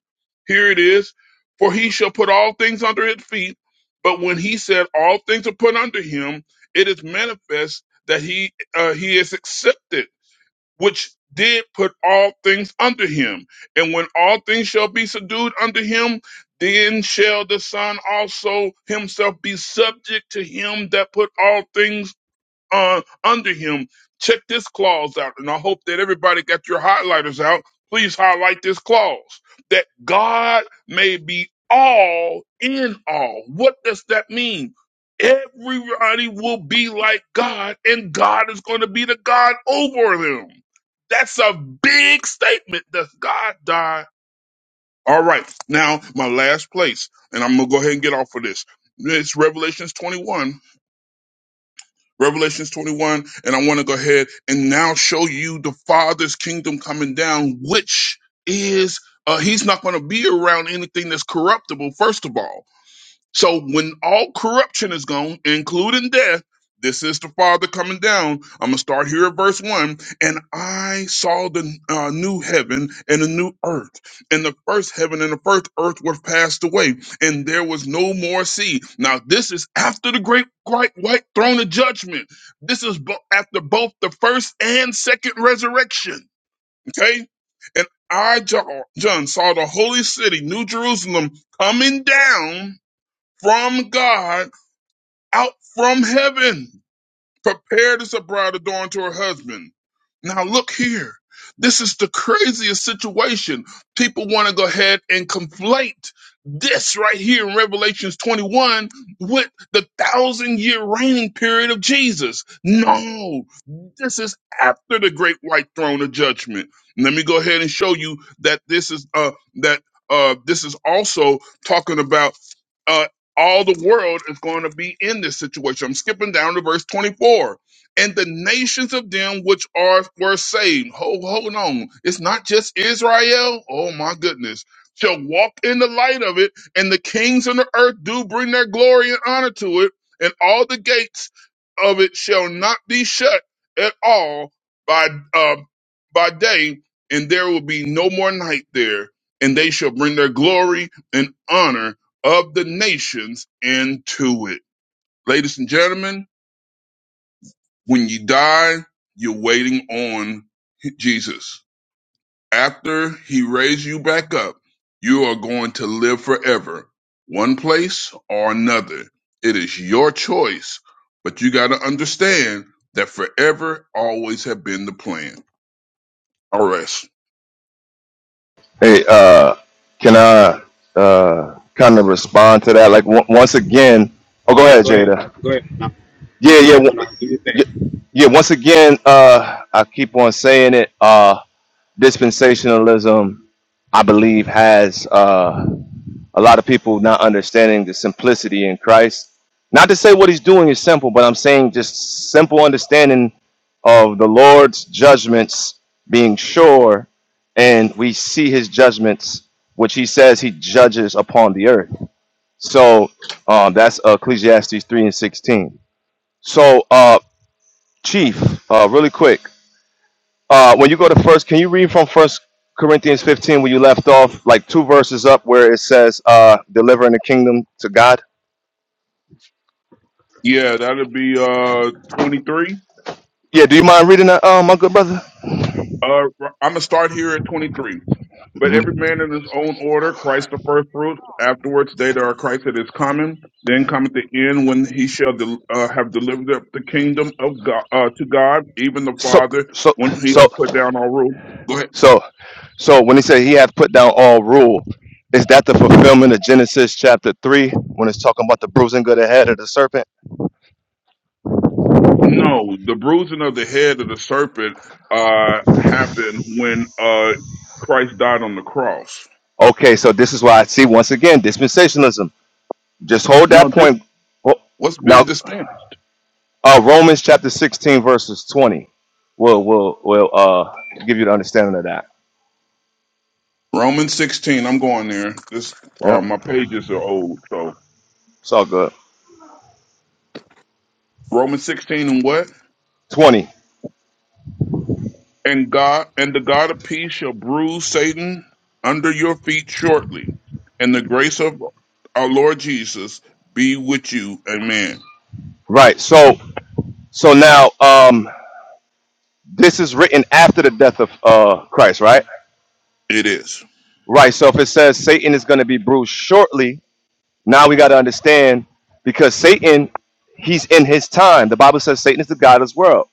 Here it is: for he shall put all things under his feet. But when he said all things are put under him, it is manifest that he uh, he is accepted which did put all things under him. And when all things shall be subdued under him, then shall the Son also himself be subject to him that put all things uh, under him. Check this clause out, and I hope that everybody got your highlighters out. Please highlight this clause that God may be all in all. What does that mean? Everybody will be like God, and God is going to be the God over them. That's a big statement. Does God die? All right. Now, my last place, and I'm going to go ahead and get off of this. It's Revelations 21 Revelations 21, and I want to go ahead and now show you the Father's kingdom coming down, which is uh, he's not going to be around anything that's corruptible, first of all. So when all corruption is gone, including death, this is the Father coming down. I'm gonna start here at verse one. And I saw the uh, new heaven and the new earth, and the first heaven and the first earth were passed away, and there was no more sea. Now this is after the great white, white throne of judgment. This is bo- after both the first and second resurrection. Okay, and I John John, saw the holy city, New Jerusalem, coming down from God out from heaven, prepared as a bride adorned to her husband. Now, look here. This is the craziest situation. People want to go ahead and conflate this right here in Revelations 21 with the thousand year reigning period of Jesus. No, this is after the great white throne of judgment. Let me go ahead and show you that this is uh that uh this is also talking about uh, all the world is going to be in this situation. I'm skipping down to verse 24. And the nations of them which are were saved. Hold, hold on. It's not just Israel. Oh my goodness. Shall walk in the light of it, and the kings on the earth do bring their glory and honor to it, and all the gates of it shall not be shut at all by uh, by day, and there will be no more night there. And they shall bring their glory and honor of the nations into it. Ladies and gentlemen, when you die, you're waiting on Jesus. After he raised you back up, you are going to live forever, one place or another. It is your choice, but you got to understand that forever always have been the plan. All right.
Hey, uh, can I uh, kind of respond to that? Like, on- once again, oh, go
Yeah,
ahead,
go ahead.
Jada.
Go ahead. No,
Yeah,
no go
yeah,
ahead,
w-
Panay. Do your thing.
yeah, yeah, once again, uh, I keep on saying it. Uh, dispensationalism, I believe, has uh, a lot of people not understanding the simplicity in Christ. Not to say what he's doing is simple, but I'm saying just simple understanding of the Lord's judgments being sure, and we see his judgments, which he says he judges upon the earth. So uh, that's Ecclesiastes 3 and 16. So, uh, Chief, uh, really quick uh, when you go to first, can you read from First Corinthians 15 where you left off, like two verses up, where it says, uh, "Delivering the kingdom to God"?
Yeah, that'll be uh 23.
Yeah, do you mind reading that, uh, my good brother?
Uh, I'm gonna start here at 23. But
hmm
every man in his own order, Christ the first fruits, afterwards they that are Christ that is coming, then cometh the end when he shall del uh, have delivered up the kingdom of God uh, to God, even the
So,
Father,
so,
when he
so,
hath put down all rule. Go ahead.
so, so, when he said he hath put down all rule, is that the fulfillment of Genesis chapter three when it's talking about the bruising of the head of the serpent?
No, the bruising of the head of the serpent uh, happened when uh, Christ died on the cross.
Okay, so this is why I see once again dispensationalism. Just hold
No,
that
this
point. Oh,
what's been
Now,
dispensed.
Uh, Romans chapter 16, verses 20. We'll, we'll, we'll uh, give you the understanding of that.
Romans 16. I'm going there. This uh,
Yep.
my pages are old, so.
It's all good.
Romans 16 and what?
20.
And God and the God of peace shall bruise Satan under your feet shortly. And the grace of our Lord Jesus be with you. Amen.
Right. So, so now, um, this is written after the death of uh, Christ, right?
It is.
Right. So if it says Satan is going to be bruised shortly, now we got to understand because Satan, he's in his time. The Bible says Satan is the God of this world.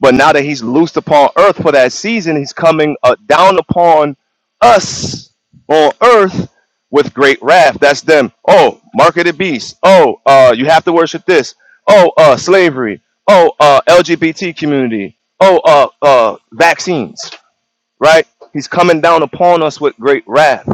But now that he's loosed upon earth for that season, he's coming uh, down upon us on earth with great wrath. That's them. Oh, market of the beast. Oh, uh, you have to worship this. Oh, uh, slavery. Oh, uh, LGBT community. Oh, uh, uh, vaccines right? He's coming down upon us with great wrath,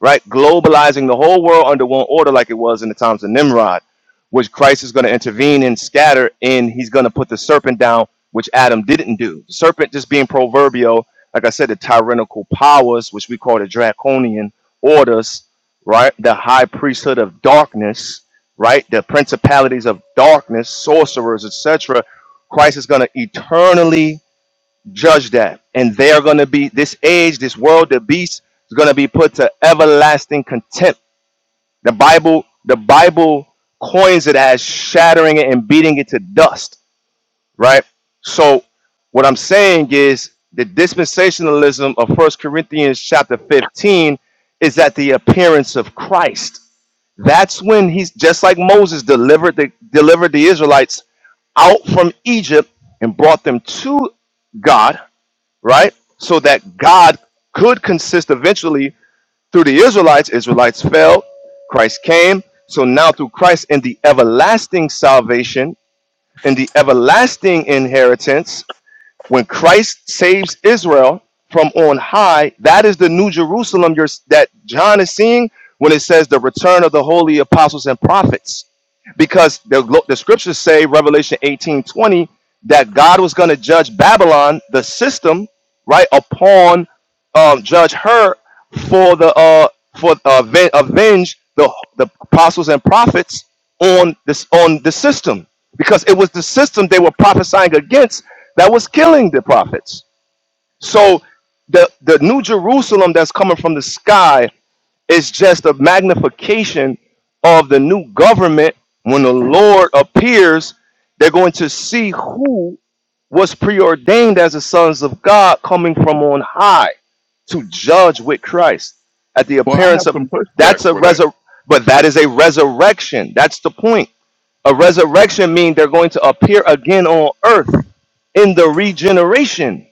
right? Globalizing the whole world under one order, like it was in the times of Nimrod, which Christ is going to intervene and scatter, and he's going to put the serpent down, which Adam didn't do. The serpent just being proverbial, like I said, the tyrannical powers, which we call the draconian orders, right? The high priesthood of darkness, right? The principalities of darkness, sorcerers, etc. Christ is going to eternally judge that. And they are going to be, this age, this world, the beast is going to be put to everlasting contempt. The Bible, the Bible coins it as shattering it and beating it to dust, right? So what I'm saying is the dispensationalism of First Corinthians chapter 15 is at the appearance of Christ. That's when he's just like Moses delivered the delivered the Israelites out from Egypt and brought them to God right? So that God could consist eventually through the Israelites. Israelites fell, Christ came. So now through Christ in the everlasting salvation, in the everlasting inheritance, when Christ saves Israel from on high, that is the new Jerusalem you're, that John is seeing when it says the return of the holy apostles and prophets. Because the, the scriptures say, Revelation 18 20 that God was going to judge Babylon, the system, right, upon um, judge her for the uh, for uh, aven- avenge the the apostles and prophets on this on the system because it was the system they were prophesying against that was killing the prophets. So the the New Jerusalem that's coming from the sky is just a magnification of the new government. When the Lord appears, they're going to see who was preordained as the sons of God coming from on high to judge with Christ at the
Well, I
appearance
have
of
some
that's
pushback
a
for that.
resur but that is a resurrection. That's the point. A resurrection means they're going to appear again on earth in the regeneration.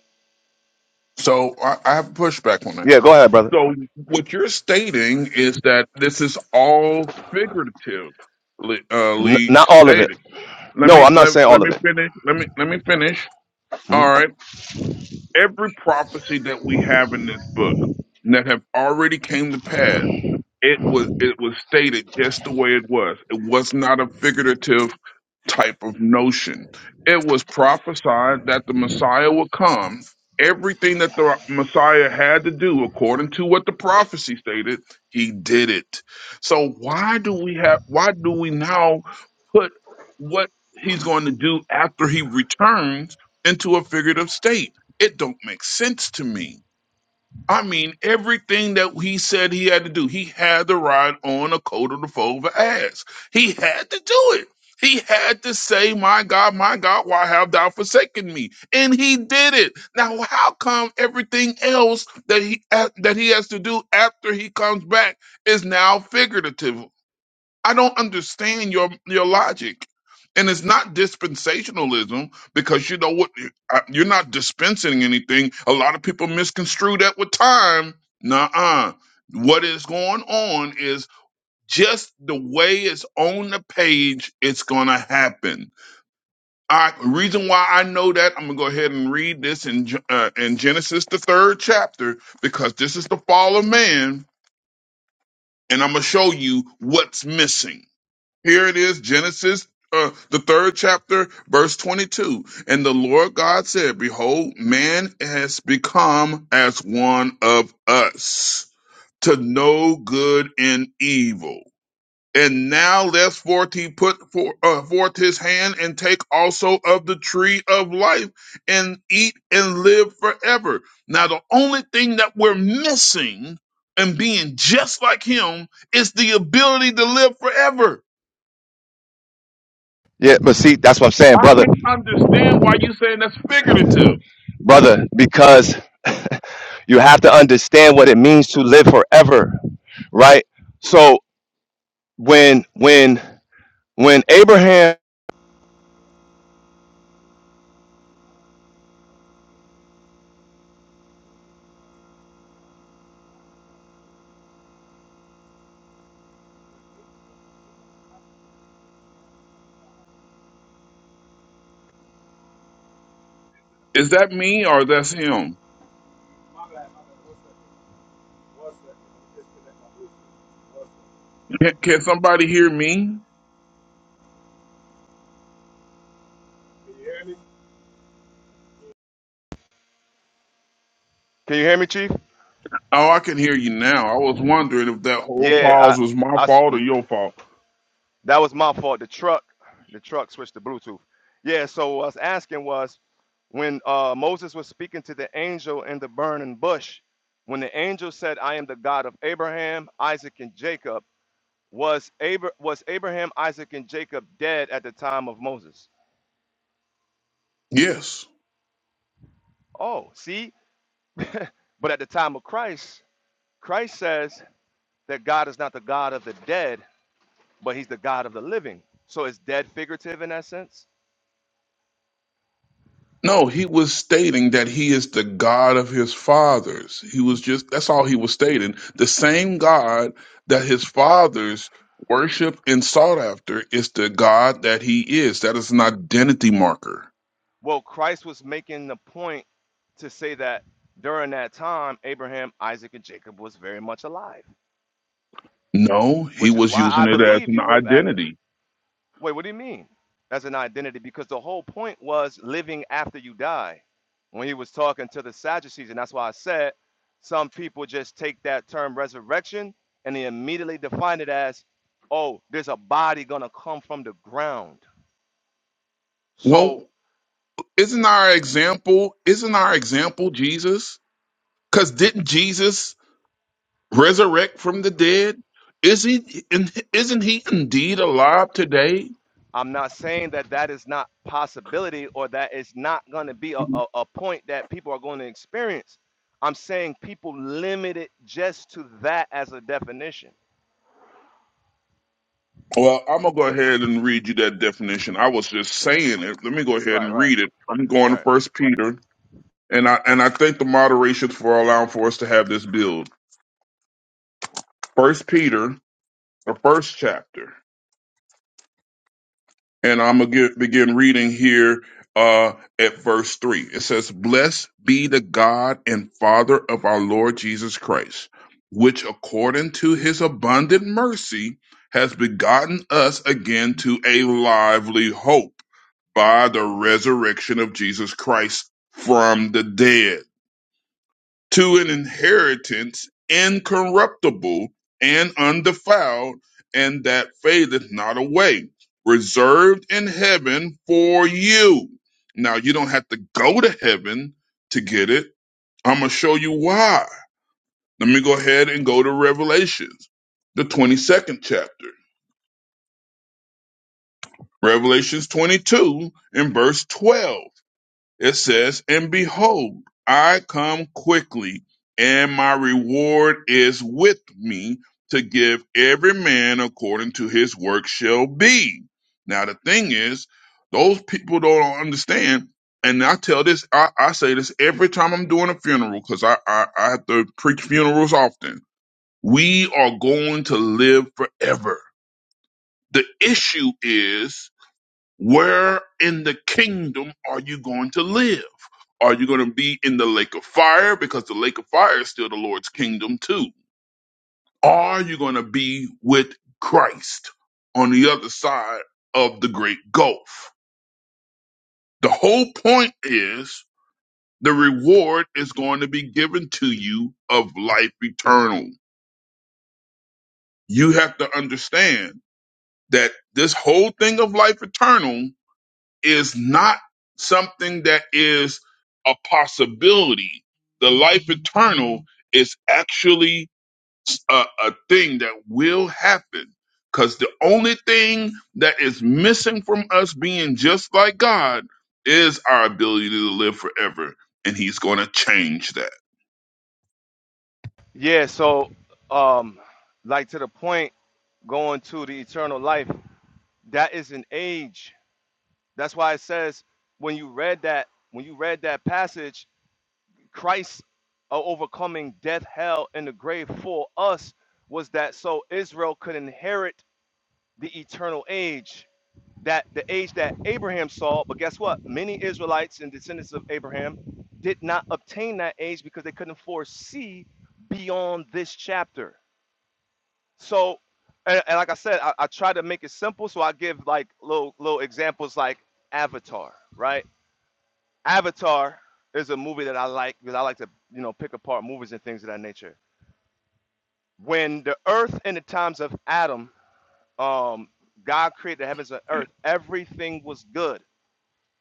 So I, I have pushback on that.
Yeah, go ahead, brother.
So what you're stating is that this is all figuratively uh,
N- not all of
stated.
it.
let
No,
me
I'm not
let,
saying all
let
of
me
it.
finish. Let me let me finish. All
Mhm.
right. Every prophecy that we have in this book that have already came to pass, it was it was stated just the way it was. It was not a figurative type of notion. It was prophesied that the Messiah would come. Everything that the Messiah had to do, according to what the prophecy stated, he did it. So why do we have? Why do we now put what he's going to do after he returns into a figurative state? It don't make sense to me. I mean, everything that he said he had to do, he had to ride on a coat of the fova ass. He had to do it. He had to say, My God, my God, why have thou forsaken me? And he did it. Now, how come everything else that he that he has to do after he comes back is now figurative? I don't understand your your logic. And it's not dispensationalism because you know what uh, you're not dispensing anything. A lot of people misconstrue that with time. Nuh-uh. What is going on is just the way it's on the page, it's gonna happen. I reason why I know that I'm gonna go ahead and read this in Ge- uh, in Genesis the third chapter because this is the fall of man, and I'm gonna show you what's missing here it is, Genesis, uh, the third chapter, verse 22. And the Lord God said, Behold, man has become as one of us to know good and evil. And now lest forth he put for, uh, forth his hand and take also of the tree of life and eat and live forever. Now the only thing that we're missing and being just like him is the ability to live forever.
Yeah, but see, that's what I'm saying,
I
brother,
can't understand why you saying that's figurative.
brother, because you have to understand what it means to live forever, right? So when when when Abraham
Is that me or that's him? Can, can somebody hear me?
can you hear me, Chief?
Oh, I can hear you now. I was wondering if that whole
Yeah,
pause was my
I, I s-
fault
m-
or your fault.
that was my fault. The truck, the truck switched to Bluetooth. Yeah, so what I was asking was when uh, Moses was speaking to the angel in the burning bush, when the angel said, "I am the God of Abraham, Isaac, and Jacob," was Abra- was Abraham, Isaac, and Jacob dead at the time of Moses?
Yes.
Oh, see, but at the time of Christ, Christ says that God is not the God of the dead, but he's the God of the living. So it's dead figurative in that sense?
No, he was stating that he is the God of his fathers. He was just, that's all he was stating. The same God that his fathers worship and sought after is the God that he is. That is an identity marker.
Well, Christ was making the point to say that during that time, Abraham, Isaac, and Jacob was very much alive,
No, he
which is
was
why
using
I
it as
believe
an
you live after.
identity.
Wait, what do you mean? As an identity, because the whole point was living after you die. When he was talking to the Sadducees, and that's why I said some people just take that term resurrection and they immediately define it as, oh, there's a body gonna come from the ground.
Well,
So
isn't our example, isn't our example Jesus? Because didn't Jesus resurrect from the dead? Is he, in- isn't he indeed alive today?
I'm not saying that that is not possibility or that it's not going to be a, a, a point that people are going to experience. I'm saying people limit it just to that as a definition.
Well, I'm gonna go ahead and read you that definition. I was just saying it. Let me go ahead
Right,
and
right,
read it. I'm going to
right.
First Peter, and I and I thank the moderations for allowing for us to have this build. First Peter, the first chapter. and I'm gonna begin reading here uh, at verse three. It says, "Blessed be the God and Father of our Lord Jesus Christ, which according to His abundant mercy has begotten us again to a lively hope by the resurrection of Jesus Christ from the dead." to an inheritance incorruptible and undefiled, and that fadeth not away, reserved in heaven for you. Now, you don't have to go to heaven to get it. I'm going to show you why. Let me go ahead and go to Revelations, the 22nd chapter. Revelations 22 and verse 12. It says, And behold, I come quickly, and my reward is with me to give every man according to his work shall be. Now, the thing is, those people don't understand. And I tell this, I, I say this every time I'm doing a funeral because I, I, I have to preach funerals often. We are going to live forever. The issue is where in the kingdom are you going to live? Are you going to be in the lake of fire? Because the lake of fire is still the Lord's kingdom, too. Are you going to be with Christ on the other side of the great gulf? The whole point is the reward is going to be given to you of life eternal. You have to understand that this whole thing of life eternal is not something that is a possibility. The life eternal is actually a, a thing that will happen. Because the only thing that is missing from us being just like God is our ability to live forever. And He's going to change that.
Yeah, so um like to the point going to the eternal life, that is an age. That's why it says when you read that when you read that passage, Christ uh, overcoming death, hell, and the grave for us was that so Israel could inherit the eternal age, that the age that Abraham saw. But guess what? Many Israelites and descendants of Abraham did not obtain that age because they couldn't foresee beyond this chapter. So, and, and like I said, I, I try to make it simple. So I give like little little examples, like Avatar, right? Avatar is a movie that I like because I like to you know pick apart movies and things of that nature. When the Earth in the times of Adam um, God created the heavens and earth. Everything was good.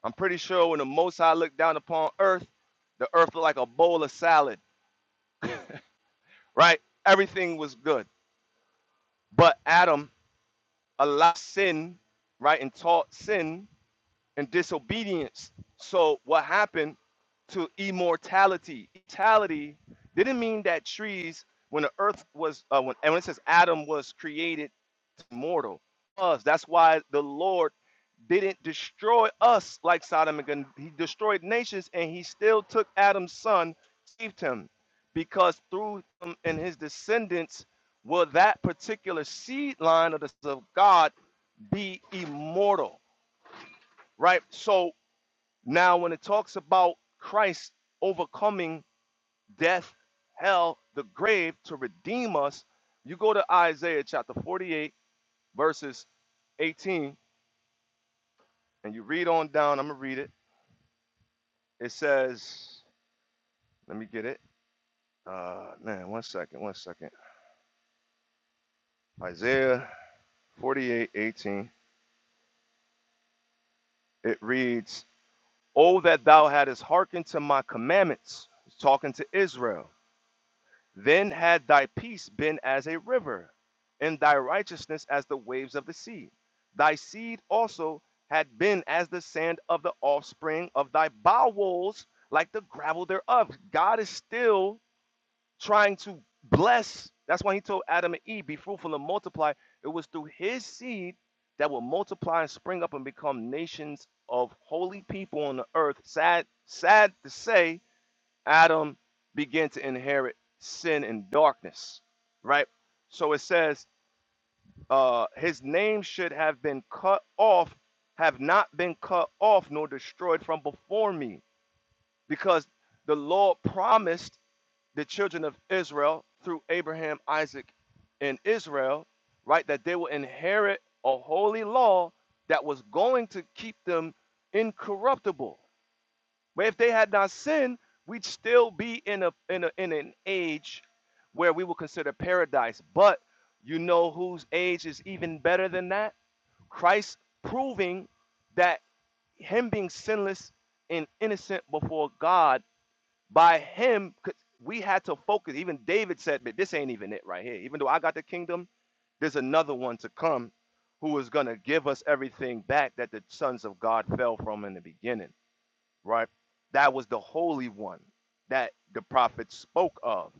I'm pretty sure when the Most High looked down upon earth, the earth looked like a bowl of salad, right? Everything was good. But Adam allowed sin, right, and taught sin and disobedience. So what happened to immortality? Immortality didn't mean that trees, when the earth was, uh, when, and when it says Adam was created mortal, us. That's why the Lord didn't destroy us like Sodom and Gomorrah. He destroyed nations, and he still took Adam's son, saved him, because through him and his descendants will that particular seed line of the sons of God be immortal, right? So now, when it talks about Christ overcoming death, hell, the grave to redeem us, you go to Isaiah chapter 48, verses 18, and you read on down. I'm going to read it. It says, let me get it. Uh, man, one second, one second. Isaiah 48:18. It reads, Oh, that thou hadst hearkened to my commandments. He's talking to Israel Then had thy peace been as a river, and thy righteousness as the waves of the sea. Thy seed also had been as the sand of the offspring of thy bowels, like the gravel thereof. God is still trying to bless. That's why he told Adam and Eve, Be fruitful and multiply. It was through his seed that will multiply and spring up and become nations of holy people on the earth. Sad, sad to say, Adam began to inherit sin and darkness, right? So it says, uh, his name should have been cut off, have not been cut off nor destroyed from before me, because the Lord promised the children of Israel through Abraham, Isaac, and Israel, right, that they will inherit a holy law that was going to keep them incorruptible but if they had not sinned, we'd still be in a in a in an age where we will consider paradise. But you know whose age is even better than that? Christ proving that him being sinless and innocent before God by him. we had to focus. Even David said, "But this ain't even it right here. Even though I got the kingdom, there's another one to come who is going to give us everything back that the sons of God fell from in the beginning." right? That was the Holy One that the prophet spoke of.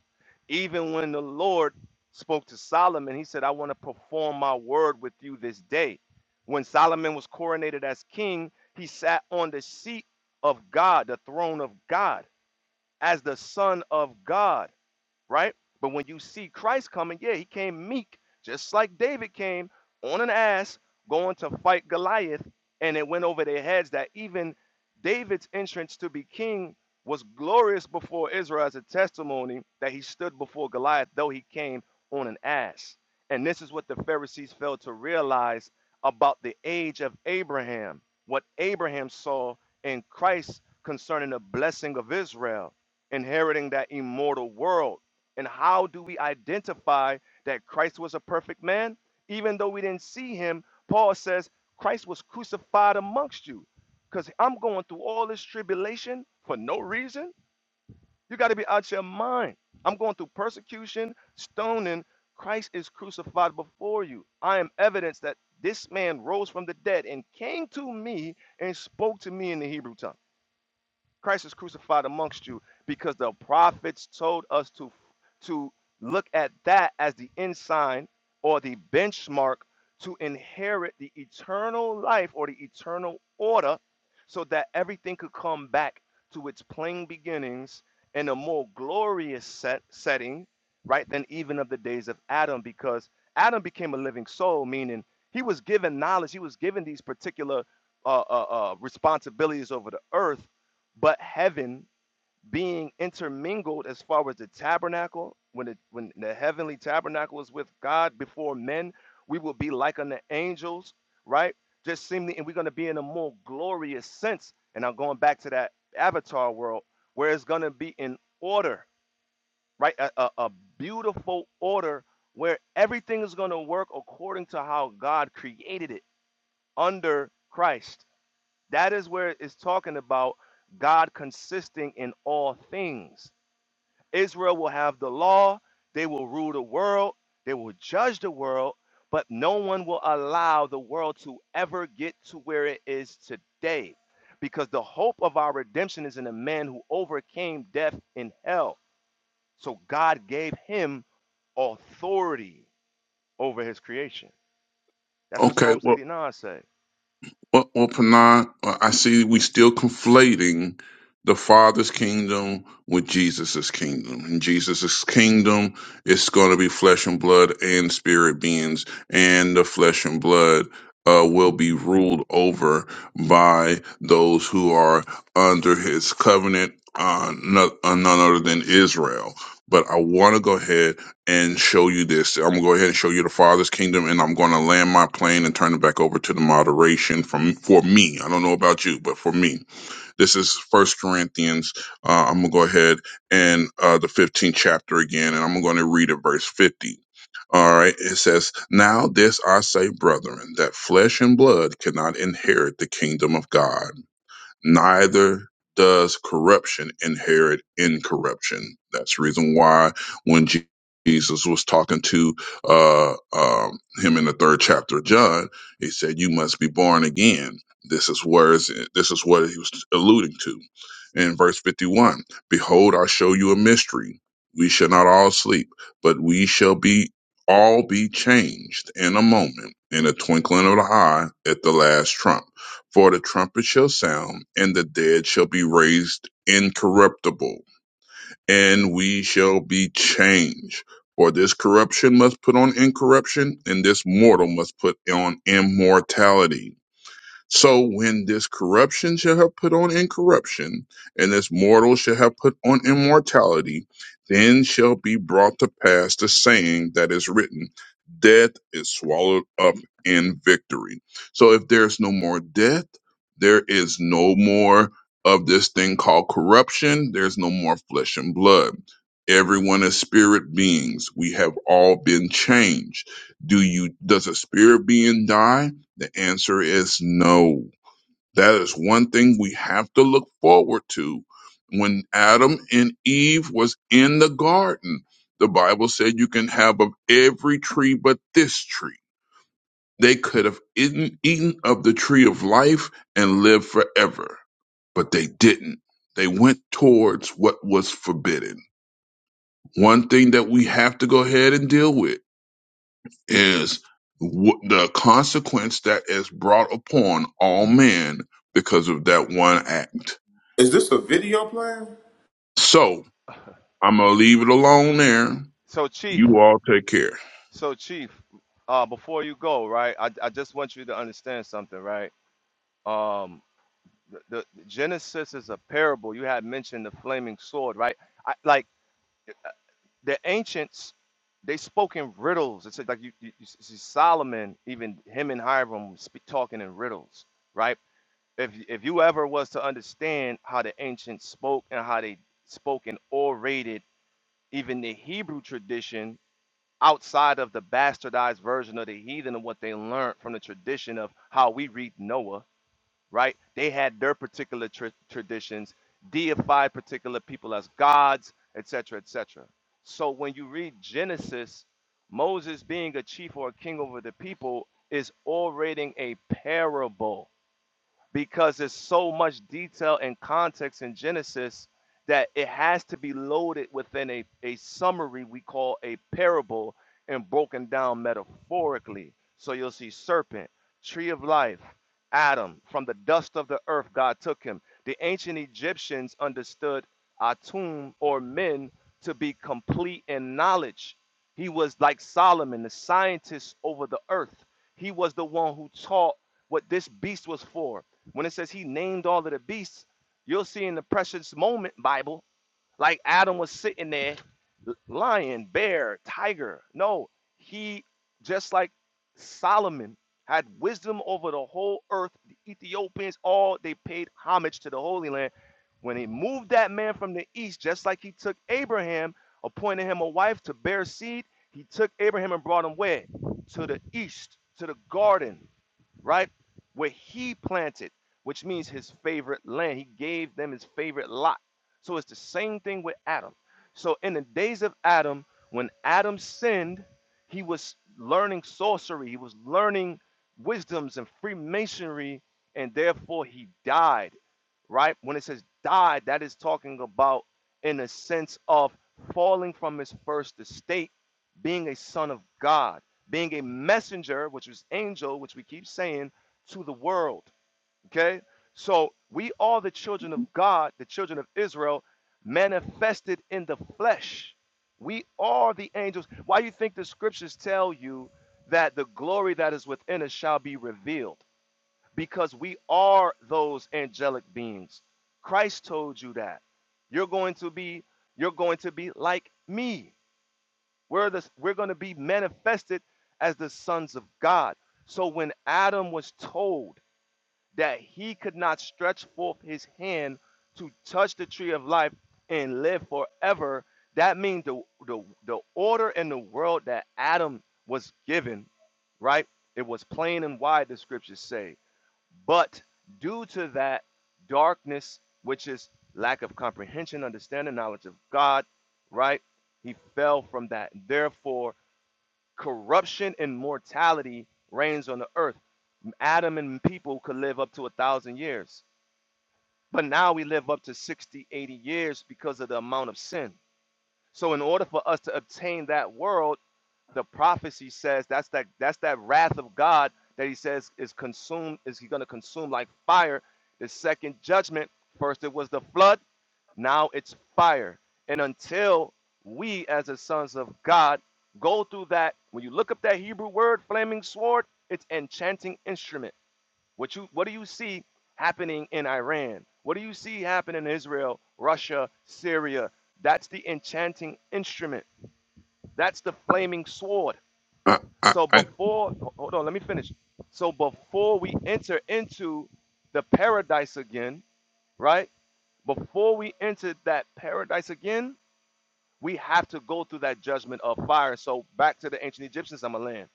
Even when the Lord spoke to Solomon, he said, I want to perform my word with you this day. When Solomon was coronated as king, he sat on the seat of God, the throne of God, as the son of God right? But when you see Christ coming, yeah, he came meek, just like David came on an ass going to fight Goliath, and it went over their heads that even David's entrance to be king was glorious before Israel as a testimony that he stood before Goliath, though he came on an ass. And this is what the Pharisees failed to realize about the age of Abraham, what Abraham saw in Christ concerning the blessing of Israel, inheriting that immortal world and how do we identify that Christ was a perfect man? Even though we didn't see him, Paul says, Christ was crucified amongst you. Because I'm going through all this tribulation for no reason. You got to be out your mind. I'm going through persecution, stoning. Christ is crucified before you. I am evidence that this man rose from the dead and came to me and spoke to me in the Hebrew tongue. Christ is crucified amongst you because the prophets told us to to look at that as the ensign or the benchmark to inherit the eternal life or the eternal order so that everything could come back to its plain beginnings in a more glorious set setting right than even of the days of Adam because Adam became a living soul meaning he was given knowledge he was given these particular uh, uh, uh, responsibilities over the earth but heaven being intermingled as far as the tabernacle when the when the heavenly tabernacle is with god before men we will be like unto angels right just seemingly and we're going to be in a more glorious sense and i'm going back to that avatar world where it's going to be in order right a, a, a beautiful order where everything is going to work according to how god created it under christ that is where it's talking about God consisting in all things. Israel will have the law, they will rule the world, they will judge the world, but no one will allow the world to ever get to where it is today. Because the hope of our redemption is in a man who overcame death and hell. So God gave him authority over his creation. That's what
Okay,
Psalms
Well.
89 say.
Well, well Panah, uh, I see we still conflating the Father's kingdom with Jesus's kingdom. And Jesus's kingdom is going to be flesh and blood and spirit beings, and the flesh and blood uh, will be ruled over by those who are under his covenant, uh, no, uh, none other than Israel. But I want to go ahead and show you this. I'm gonna go ahead and show you the Father's kingdom, and I'm gonna land my plane and turn it back over to the moderation from for me. I don't know about you, but for me, this is First Corinthians. Uh, I'm gonna go ahead and uh, the 15th chapter again, and I'm gonna read it verse 50. All right, it says, Now this I say, brethren, that flesh and blood cannot inherit the kingdom of God neither does corruption inherit incorruption. That's the reason why when Je- Jesus was talking to uh, um, him in the third chapter of John, he said, "You must be born again." This is where is this is what he was alluding to in verse fifty-one. Behold, I show you a mystery: we shall not all sleep, but we shall be all be changed in a moment, in a twinkling of the eye, at the last trump. For the trumpet shall sound, and the dead shall be raised incorruptible, and we shall be changed. For this corruption must put on incorruption, and this mortal must put on immortality. So when this corruption shall have put on incorruption, and this mortal shall have put on immortality, then shall be brought to pass the saying that is written, Death is swallowed up in victory. So if there's no more death, there is no more of this thing called corruption, there's no more flesh and blood. Everyone is spirit beings. We have all been changed. Do you does a spirit being die? The answer is no. That is one thing we have to look forward to. When Adam and Eve was in the garden, the Bible said you can have of every tree but this tree. They could have eaten, eaten of the tree of life and lived forever, but they didn't. They went towards what was forbidden. One thing that we have to go ahead and deal with is w- the consequence that is brought upon all men because of that one act.
Is this a video playing?
So I'm gonna leave it alone there.
So, Chief,
You all take care.
So, Chief, uh, before you go, right, I, I just want you to understand something, right? Um, the, the the Genesis is a parable. You had mentioned the flaming sword, right? I, like the ancients, they spoke in riddles. It's like you, you, you see Solomon, even him and Hiram speak, talking in riddles, right? If if you ever was to understand how the ancients spoke and how they spoke and orated, even the Hebrew tradition outside of the bastardized version of the heathen and what they learned from the tradition of how we read Noah, right? They had their particular tr- traditions, deified particular people as gods, et cetera, et cetera. So when you read Genesis, Moses being a chief or a king over the people is orating a parable because there's so much detail and context in Genesis that it has to be loaded within a, a summary we call a parable and broken down metaphorically. So you'll see serpent, tree of life, Adam, from the dust of the earth, God took him. The ancient Egyptians understood Atum or men to be complete in knowledge. He was like Solomon, the scientist over the earth. He was the one who taught what this beast was for when it says he named all of the beasts, you'll see in the precious moment Bible, like Adam was sitting there, lion, bear, tiger. No, he just like Solomon had wisdom over the whole earth. The Ethiopians all they paid homage to the Holy Land. When he moved that man from the east, just like he took Abraham, appointed him a wife to bear seed, he took Abraham and brought him where? To the east, to the garden right? Where he planted, which means his favorite land. He gave them his favorite lot. So it's the same thing with Adam. So in the days of Adam, when Adam sinned, he was learning sorcery, he was learning wisdoms and Freemasonry, and therefore he died, right? When it says died, that is talking about in a sense of falling from his first estate, being a son of God being a messenger, which is angel, which we keep saying, to the world. Okay? So we are the children of God, the children of Israel, manifested in the flesh. We are the angels. Why do you think the scriptures tell you that the glory that is within us shall be revealed? Because we are those angelic beings. Christ told you that. You're going to be, you're going to be like me. We're, the, we're going to be manifested as the sons of God. So when Adam was told that he could not stretch forth his hand to touch the tree of life and live forever, that means the, the, the order in the world that Adam was given, right? It was plain and wide, the scriptures say. But due to that darkness, which is lack of comprehension, understanding, knowledge of God, right? He fell from that. Therefore, corruption and mortality reigns on the earth. Adam and people could live up to a thousand years. But now we live up to 60, 80 years because of the amount of sin. So, in order for us to obtain that world, the prophecy says that's that that's that wrath of God that he says is consumed is he going to consume like fire the second judgment first it was the flood now it's fire and until we as the sons of God go through that when you look up that Hebrew word flaming sword it's enchanting instrument what you what do you see happening in Iran what do you see happening in Israel Russia Syria that's the enchanting instrument that's the flaming sword
I, I,
so
I,
before, hold on, let me finish. So before we enter into the paradise again, right? Before we enter that paradise again, we have to go through that judgment of fire. So back to the ancient Egyptians, I'm going to land.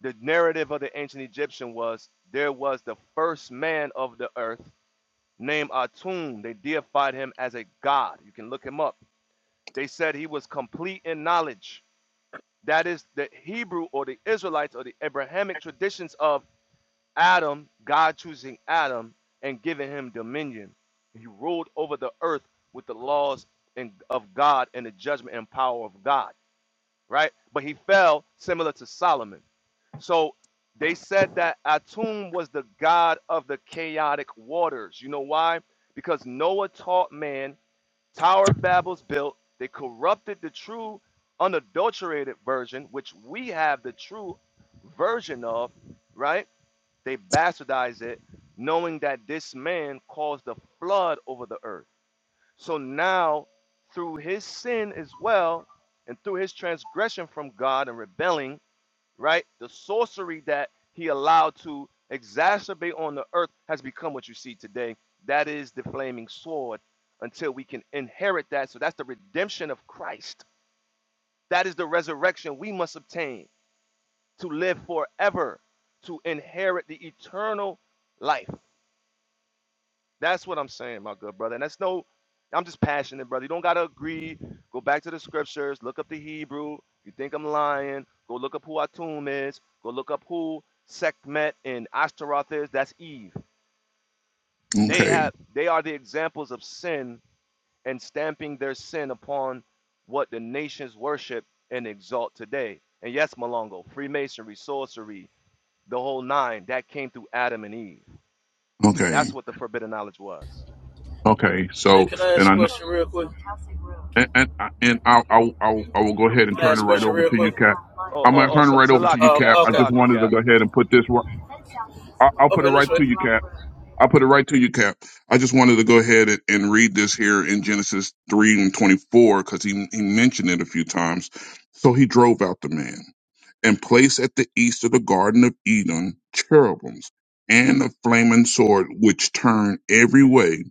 The narrative of the ancient Egyptian was there was the first man of the earth named Atum. They deified him as a god. You can look him up. They said he was complete in knowledge. That is the Hebrew or the Israelites or the Abrahamic traditions of Adam, God choosing Adam and giving him dominion. He ruled over the earth with the laws and of God and the judgment and power of God, right? But he fell similar to Solomon. So they said that Atum was the god of the chaotic waters. You know why? Because Noah taught man, Tower of Babel's built, they corrupted the true unadulterated version, which we have the true version of, right? They bastardize it, knowing that this man caused the flood over the earth. So now, through his sin as well, and through his transgression from God and rebelling, right, the sorcery that he allowed to exacerbate on the earth has become what you see today. That is the flaming sword until we can inherit that. So that's the redemption of Christ. That is the resurrection we must obtain to live forever, to inherit the eternal life. That's what I'm saying, my good brother. And that's no, I'm just passionate, brother. You don't gotta agree. Go back to the scriptures. Look up the Hebrew. You think I'm lying? Go look up who Atum is. Go look up who Sekhmet and Ashtaroth is. That's Eve. They
okay,
have, they are the examples of sin and stamping their sin upon what the nations worship and exalt today. And yes, Malongo, Freemasonry, sorcery, the whole nine, that came through Adam and Eve.
okay,
That's what the forbidden knowledge was.
okay.
Hey,
So
can I
and
ask a
I know
question real quick?
and and, I- and I, I I I will go ahead and
Can I
turn
ask
it
a
right
question
over
real
to you,
quick?
Cap.
Oh,
I'm
oh,
gonna
oh,
turn it
Sa-
right over to you,
Salaki
Cap.
Cap,
Oh,
I
okay.
just
Salaki
wanted to
Cap.
go ahead and put this. ri- I- I'll put it
Okay, no
right to
sweat.
you, Cap. I'll put it right to you, Cap. I just wanted to go ahead and, and read this here in Genesis 3 and 24 because he, he mentioned it a few times. So he drove out the man and placed at the east of the Garden of Eden cherubims and a flaming sword which turned every way.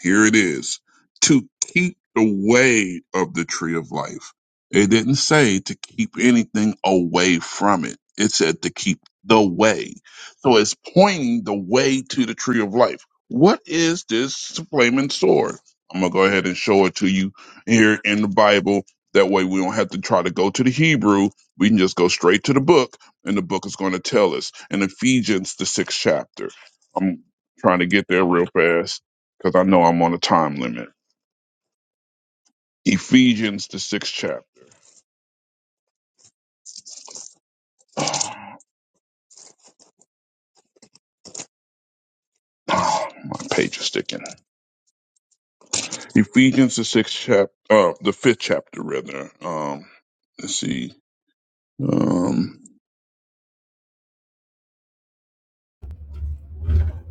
Here it is to keep the way of the tree of life. It didn't say to keep anything away from it, it said to keep the way. So it's pointing the way to the tree of life. What is this flaming sword? I'm going to go ahead and show it to you here in the Bible. That way we don't have to try to go to the Hebrew we can just go straight to the book, and the book is going to tell us in Ephesians, the sixth chapter. I'm trying to get there real fast because I know I'm on a time limit. Ephesians, the sixth chapter. my page is sticking. Ephesians, the sixth chapter, uh, the fifth chapter, rather. Um, let's see. Um,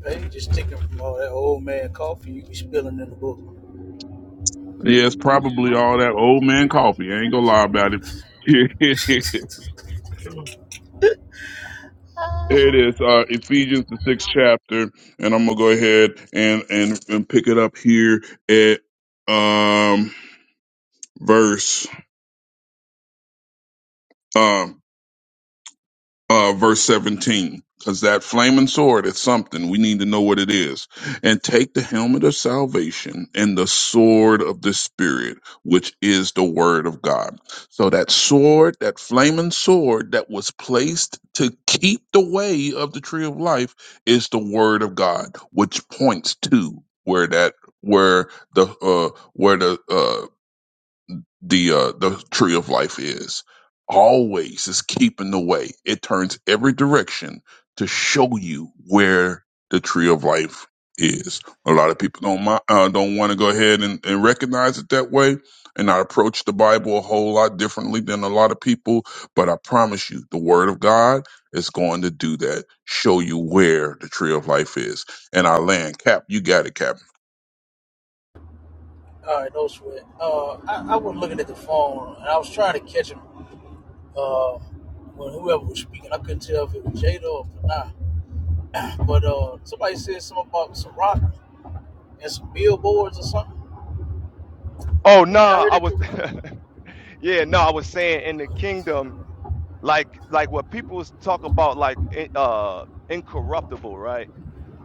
Hey, you just taking from all that old man coffee you be spilling in the book.
yeah, it's probably all that old man coffee. I ain't gonna lie about it. Here it is, uh, Ephesians the sixth chapter, and I'm gonna go ahead and and and pick it up here at um verse. um, uh, verse 17, because that flaming sword is something. We need to know what it is. And take the helmet of salvation and the sword of the Spirit, which is the word of God. So that sword, that flaming sword that was placed to keep the way of the tree of life is the word of God, which points to where that where the uh where the uh, the uh, the tree of life is. Always is keeping the way. It turns every direction to show you where the tree of life is. A lot of people don't mi- uh, don't want to go ahead and, and recognize it that way, and I approach the Bible a whole lot differently than a lot of people. But I promise you, the Word of God is going to do that. Show you where the tree of life is. And I land cap. You got it, cap.
All right, no sweat. Uh, I, I was looking at the phone and I was trying to catch him. Uh, when whoever was speaking, I couldn't tell if it was Jada or Panah. But uh, somebody said something about some rock and some billboards or something.
Oh,
Did I
nah,
hear
I
that
was,
correct?
yeah, no, I was saying in the kingdom, like, like what people talk about, like, in- uh, incorruptible, right?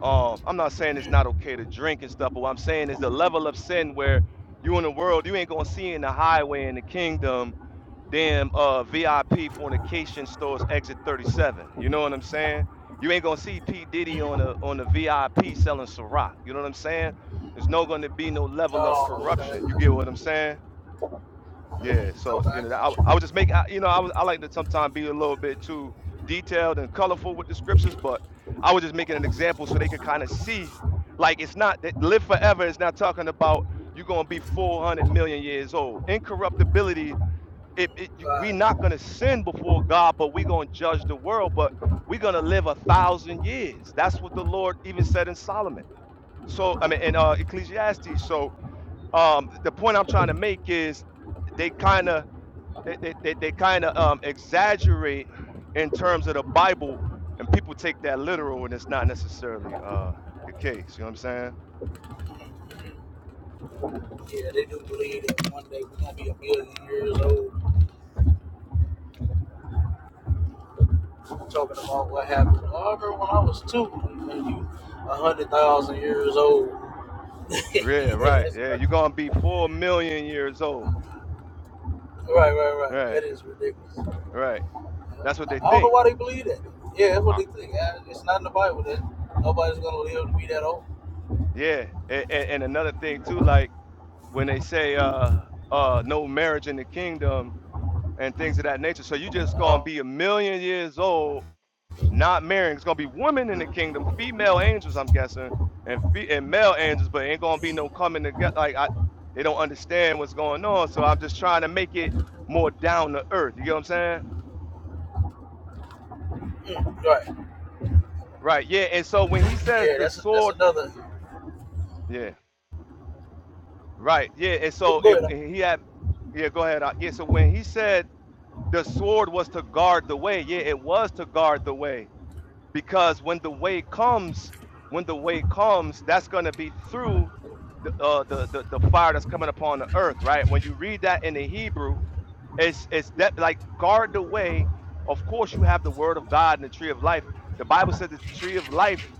Um, I'm not saying it's not okay to drink and stuff, but what I'm saying is the level of sin where you in the world, you ain't gonna see in the highway in the kingdom, damn uh VIP fornication stores exit 37. You know what I'm saying? You ain't gonna see P. Diddy on the on the VIP selling Ciroc. You know what I'm saying? There's no gonna be no level of
Oh,
corruption. You
okay.
get what I'm saying? Yeah,
Oh,
so you
I
know, I,
got
I would
you.
just make I, you know, I was I like to sometimes be a little bit too detailed and colorful with the scriptures, but I was just making an example so they could kind of see, like it's not that live forever is not talking about you're gonna be 400 million years old. Incorruptibility, it, it you, we
God,
not gonna sin before God, but we gonna judge the world, but we're gonna live a thousand years. That's what the Lord even said in Solomon. So I mean, in uh, Ecclesiastes. So um, the point I'm trying to make is they kind of they they, they, they kind of um, exaggerate in terms of the Bible, and people take that literal, and it's not necessarily uh, the case. You know what I'm saying?
yeah, they do believe that one day we're gonna be a million years old talking about what happened. Oh, I remember when I was two, and you a hundred thousand years old.
Yeah,
yeah,
right.
that's
Yeah,
right.
you're gonna be four million years old.
Right, right, right.
Right,
That is ridiculous. I
right. That's what they
I don't know
think.
why they believe that. Yeah, that's what
Uh,
they think. Uh, It's not in the Bible that nobody's gonna live to be that old.
yeah, and, and another thing too, like when they say uh, uh, no marriage in the kingdom and things of that nature. So you just gonna
Uh,
be a million years old Not marrying. It's gonna be women in the kingdom, female angels, I'm guessing, and fe- and male angels, but ain't gonna be no coming together. Like I, they don't understand what's going on. So I'm just trying to make it more down to earth. You get what I'm saying?
mm, right.
Right. Yeah. And so when he says
Yeah,
the
that's that's
sword,
another.
yeah. Right. Yeah. And
Go
so
go
and,
ahead.
and he had yeah, go ahead. uh, Yeah, so when he said the sword was to guard the way, yeah, it was to guard the way. because when the way comes, when the way comes, that's going to be through the, uh, the the the fire that's coming upon the earth, right? When you read that in the Hebrew, it's it's that like guard the way. Of course, you have the word of God and the tree of life. The Bible says the tree of life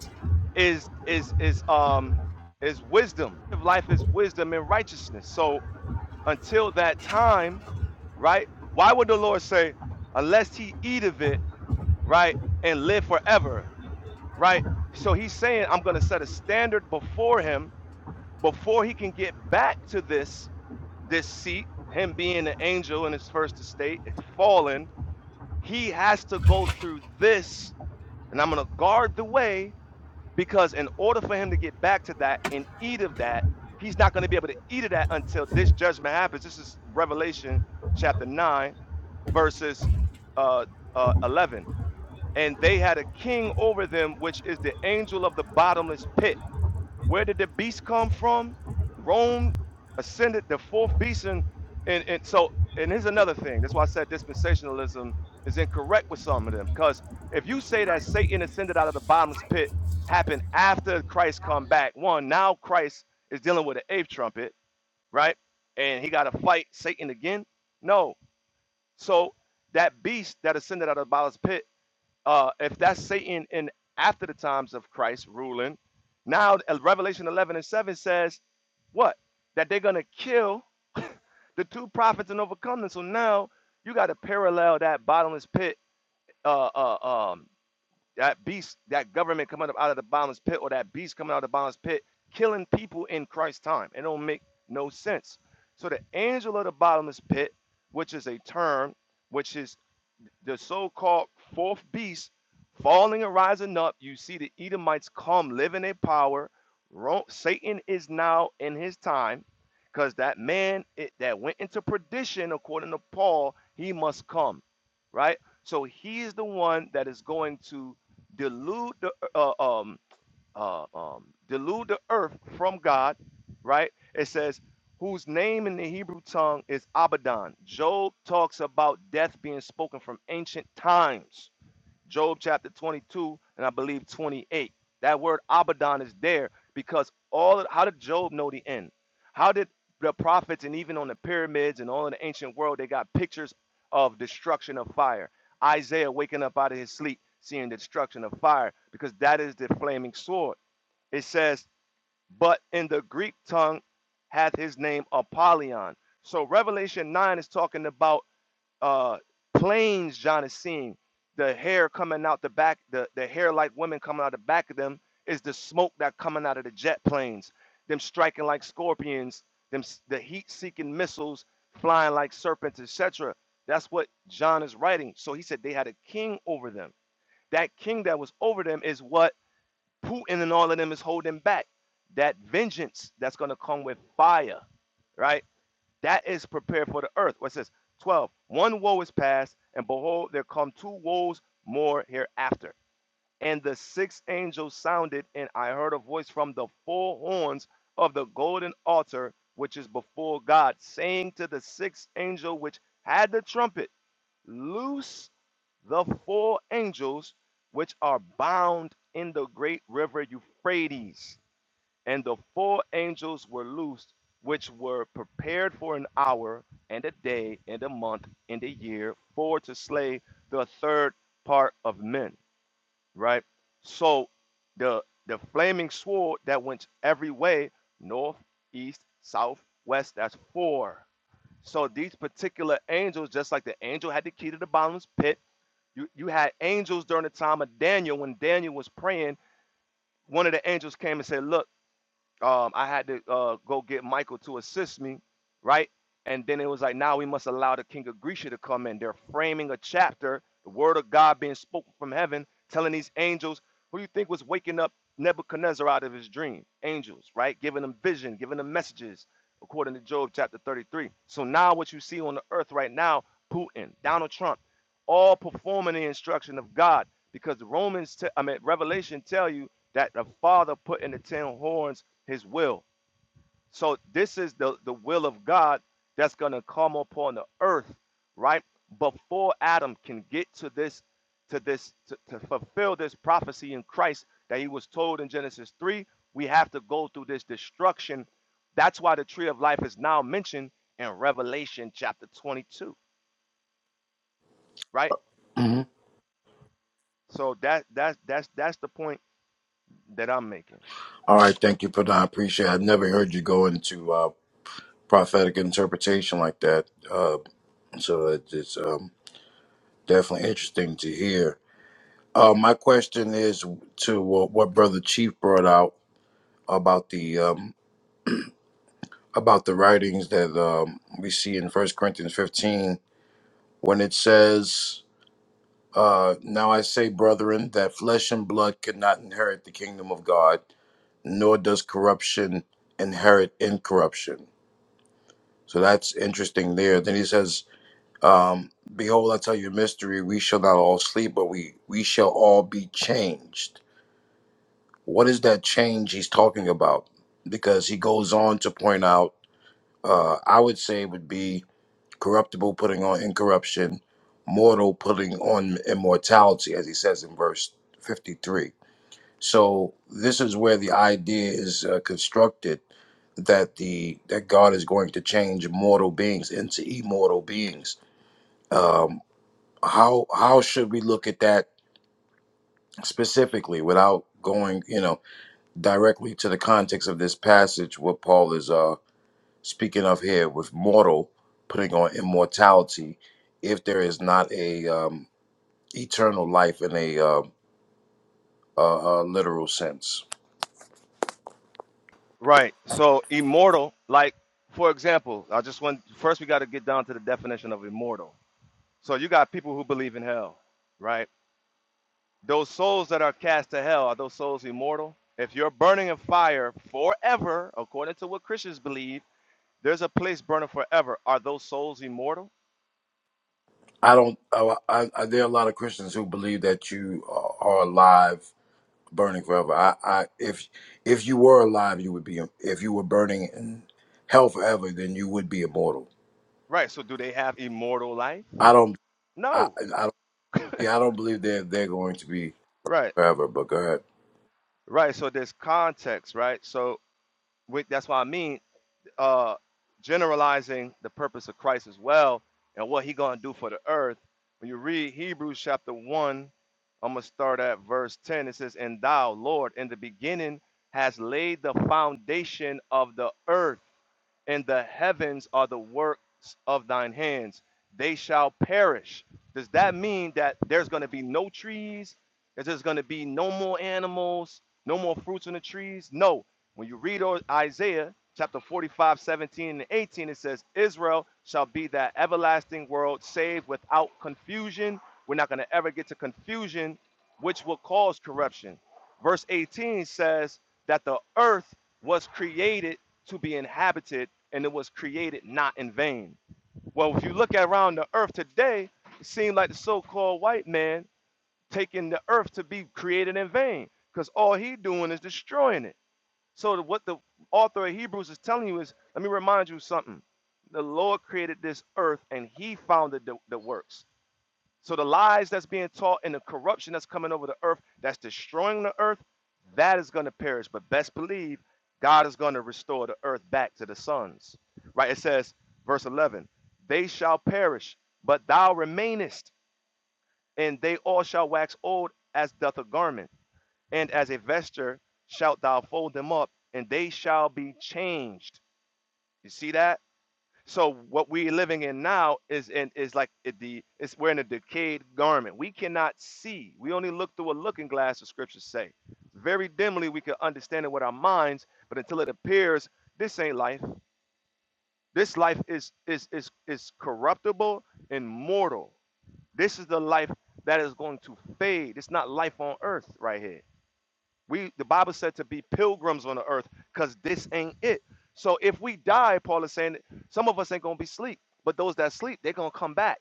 is is is um is wisdom. The Tree Of life is wisdom and righteousness. So until that time, right? Why would the Lord say, unless he eat of it, right, and live forever? right? So he's saying, I'm going to set a standard before him before he can get back to this this seat. Him being an angel in his first estate, and fallen, he has to go through this, and I'm going to guard the way because in order for him to get back to that and eat of that, he's not going to be able to eat of that until this judgment happens. This is Revelation chapter nine, verses uh, uh, eleven. And they had a king over them, which is the angel of the bottomless pit where did the beast come from? Rome ascended the fourth beast, and, and, and so and here's another thing. That's why I said dispensationalism is incorrect with some of them, because if you say that Satan ascended out of the bottomless pit happened after Christ come back, one now Christ is dealing with the eighth trumpet, right? And he got to fight Satan again. No, so that beast that ascended out of the bottomless pit uh, if that's Satan in after the times of Christ ruling, now uh, Revelation 11 and 7 says what? That they're going to kill the two prophets and overcome them. So now you got to parallel that bottomless pit, uh, uh, um, that beast, that government coming up out of the bottomless pit, or that beast coming out of the bottomless pit, killing people in Christ's time. It don't make no sense. So the angel of the bottomless pit, which is a term, which is the so-called fourth beast falling and rising up. You see the Edomites come, live in their power. Satan is now in his time, because that man it, that went into perdition, according to Paul, he must come, right? So he is the one that is going to delude the uh, um uh, um, delude the earth from God, right? It says, whose name in the Hebrew tongue is Abaddon. Job talks about death being spoken from ancient times. Job chapter 22 and I believe 28. That word Abaddon is there because all of, how did Job know the end? How did the prophets and even on the pyramids and all in the ancient world they got pictures of destruction of fire? Isaiah waking up out of his sleep, seeing the destruction of fire because that is the flaming sword it says, but in the Greek tongue hath his name Apollyon. So Revelation 9 is talking about uh planes John is seeing. The hair coming out the back, the, the hair like women coming out the back of them is the smoke that coming out of the jet planes, them striking like scorpions, them the heat-seeking missiles flying like serpents, etc. That's what John is writing. So he said they had a king over them. That king that was over them is what Putin and all of them is holding back. That vengeance that's going to come with fire, right? That is prepared for the earth. What says 12? One woe is past, and behold, there come two woes more hereafter. And the sixth angel sounded, and I heard a voice from the four horns of the golden altar, which is before God, saying to the sixth angel which had the trumpet, Loose the four angels which are bound in the great river Euphrates. And the four angels were loosed, which were prepared for an hour, and a day, and a month, and a year, for to slay the third part of men. Right? So the the flaming sword that went every way, north, east, south, west, that's four. So these particular angels, just like the angel had the key to the bottomless pit, you you had angels during the time of Daniel when Daniel was praying. One of the angels came and said, "Look." um, I had to uh, go get Michael to assist me, right? And then it was like, now we must allow the king of Grisha to come in. They're framing a chapter, the word of God being spoken from heaven, telling these angels, who do you think was waking up Nebuchadnezzar out of his dream? Angels, right? Giving them vision, giving them messages, according to Job chapter 33. So now what you see on the earth right now, Putin, Donald Trump, all performing the instruction of God, because the Romans, te- I mean, Revelation tell you that the Father put in the ten horns his will. So this is the, the will of God that's gonna come upon the earth, right? Before Adam can get to this, to this, to, to fulfill this prophecy in Christ that he was told in Genesis 3, we have to go through this destruction. That's why the tree of life is now mentioned in Revelation chapter 22, right?
Mhm.
So that that's that's that's the point that I'm making.
All right, thank you for that. I appreciate it. I've never heard you go into uh, prophetic interpretation like that. Uh, so it, it's um, definitely interesting to hear. Uh, my question is to what, what Brother Chief brought out about the um, about the writings that um, we see in First Corinthians 15 when it says, uh, "Now I say, brethren, that flesh and blood cannot inherit the kingdom of God, nor does corruption inherit incorruption." So that's interesting there. Then he says, Um, Behold, I tell you a mystery. We shall not all sleep, but we, we shall all be changed. What is that change he's talking about? Because he goes on to point out, uh, I would say it would be corruptible putting on incorruption, mortal putting on immortality, as he says in verse 53. So this is where the idea is uh, constructed that the that God is going to change mortal beings into immortal beings Um, how how should we look at that specifically without going you know directly to the context of this passage what paul is uh speaking of here with mortal putting on immortality if there is not a um eternal life in a uh, uh, uh literal sense
Right. So immortal, like for example, I just want first we got to get down to the definition of immortal. So you got people who believe in hell, right? Those souls that are cast to hell are those souls immortal? If you're burning in fire forever, according to what Christians believe, there's a place burning forever. Are those souls immortal?
i don't I, I, I- there are a lot of christians who believe that you are are alive burning forever i i if if you were alive you would be if you were burning in hell forever then you would be immortal
Right. So do they have immortal life?
I don't. I,
No.
I yeah, I don't believe they're they're going to be
Right.
forever. But go ahead.
Right. So there's context, right? So with, that's what I mean. uh, generalizing the purpose of Christ as well and what he gonna do for the earth. When you read Hebrews chapter one, I'm gonna start at verse 10. It says, And thou, Lord, in the beginning has laid the foundation of the earth and the heavens are the works of thine hands. They shall perish. Does that mean that there's going to be no trees? That there's going to be no more animals, no more fruits on the trees? No. When you read Isaiah chapter 45:17 and 18, it says, Israel shall be that everlasting world saved without confusion. We're not going to ever get to confusion, which will cause corruption verse 18 says that the earth was created to be inhabited and it was created not in vain. Well, if you look around the earth today, it seems like the so-called white man taking the earth to be created in vain because all he doing is destroying it. So what the author of Hebrews is telling you is, let me remind you something. The Lord created this earth and he founded the, the works. So the lies that's being taught and the corruption that's coming over the earth, that's destroying the earth, that is going to perish. But best believe God is going to restore the earth back to the sons. Right? It says, verse 11, they shall perish, but thou remainest, and they all shall wax old as doth a garment, and as a vesture shalt thou fold them up, and they shall be changed. You see that? So what we're living in now is in is like it- the it's we're in a decayed garment. We cannot see. We only look through a looking glass, the scriptures say. Very dimly we can understand it with our minds, but until it appears, this ain't life. This life is is is is corruptible and mortal. This is the life that is going to fade. It's not life on earth right here. We the Bible said to be pilgrims on the earth because this ain't it. So if we die, Paul is saying some of us ain't gonna be sleep, but those that sleep, they're gonna come back.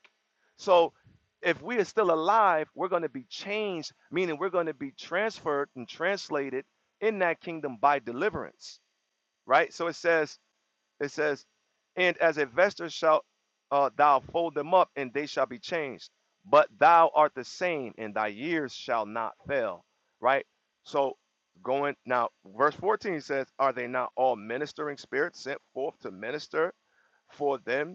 So if we are still alive, we're gonna be changed, meaning we're gonna be transferred and translated in that kingdom by deliverance. Right? So it says it says, And as a vesture shalt uh, thou fold them up, and they shall be changed. But thou art the same, and thy years shall not fail. Right? So, going now, verse 14 says, Are they not all ministering spirits sent forth to minister for them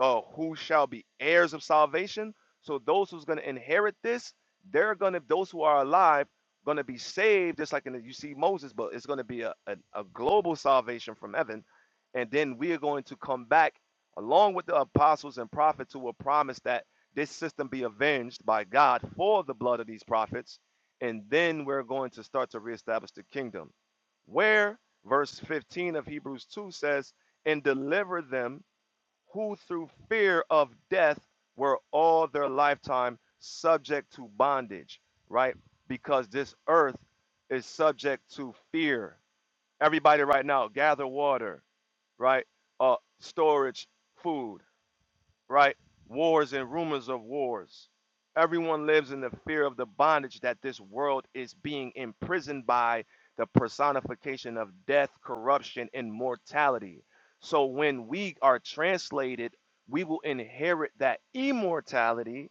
uh, who shall be heirs of salvation. So those who's going to inherit this, they're going to those who are alive going to be saved, just like in the, you see Moses, but it's going to be a, a, a global salvation from heaven, and then we are going to come back along with the apostles and prophets who will promise that this system be avenged by God for the blood of these prophets, and then we're going to start to reestablish the kingdom. Where verse 15 of Hebrews 2 says, and deliver them who through fear of death were all their lifetime subject to bondage, right? Because this earth is subject to fear. Everybody, right now, gather water, right? Uh, storage, food right? Wars and rumors of wars. Everyone lives in the fear of the bondage that this world is being imprisoned by the personification of death, corruption, and mortality. So when we are translated, we will inherit that immortality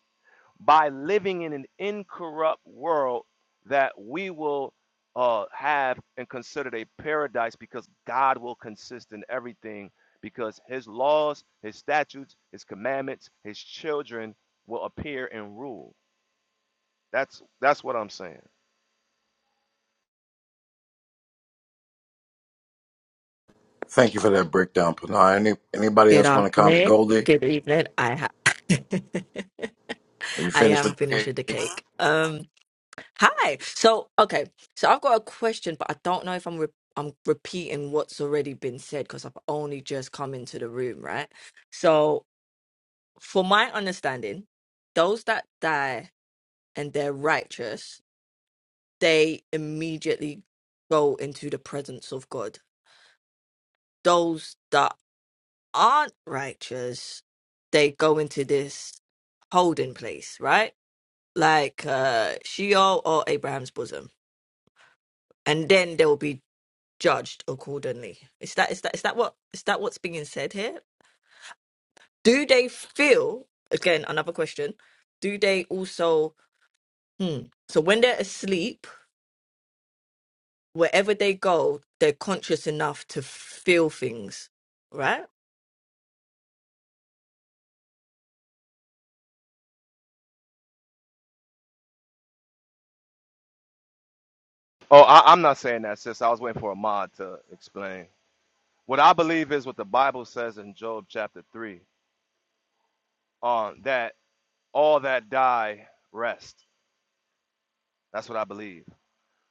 by living in an incorrupt world that we will uh, have and considered a paradise because God will consist in everything because his laws, his statutes, his commandments, his children will appear and rule. That's that's what I'm saying.
Thank you for that breakdown, Pinar. Any anybody
Good
else want to comment?
afternoon.
Goldie,
Good evening. I ha-
are you
I
finished
am
with the
finished with the
cake?
cake. Um, hi. So, okay. So I've got a question, but I don't know if I'm re- I'm repeating what's already been said because I've only just come into the room, right? So, for my understanding, those that die and they're righteous, they immediately go into the presence of God. Those that aren't righteous, they go into this holding place, right? Like uh, Sheol or Abraham's bosom, and then they will be judged accordingly. Is that is that is that what is that what's being said here? Do they feel again? Another question. Do they also? Hmm. So when they're asleep, wherever they go, they're conscious enough to feel things, right?
Oh, I, I'm not saying that, sis. I was waiting for a mod to explain. What I believe is what the Bible says in Job chapter three, uh, that all that die rest. That's what I believe.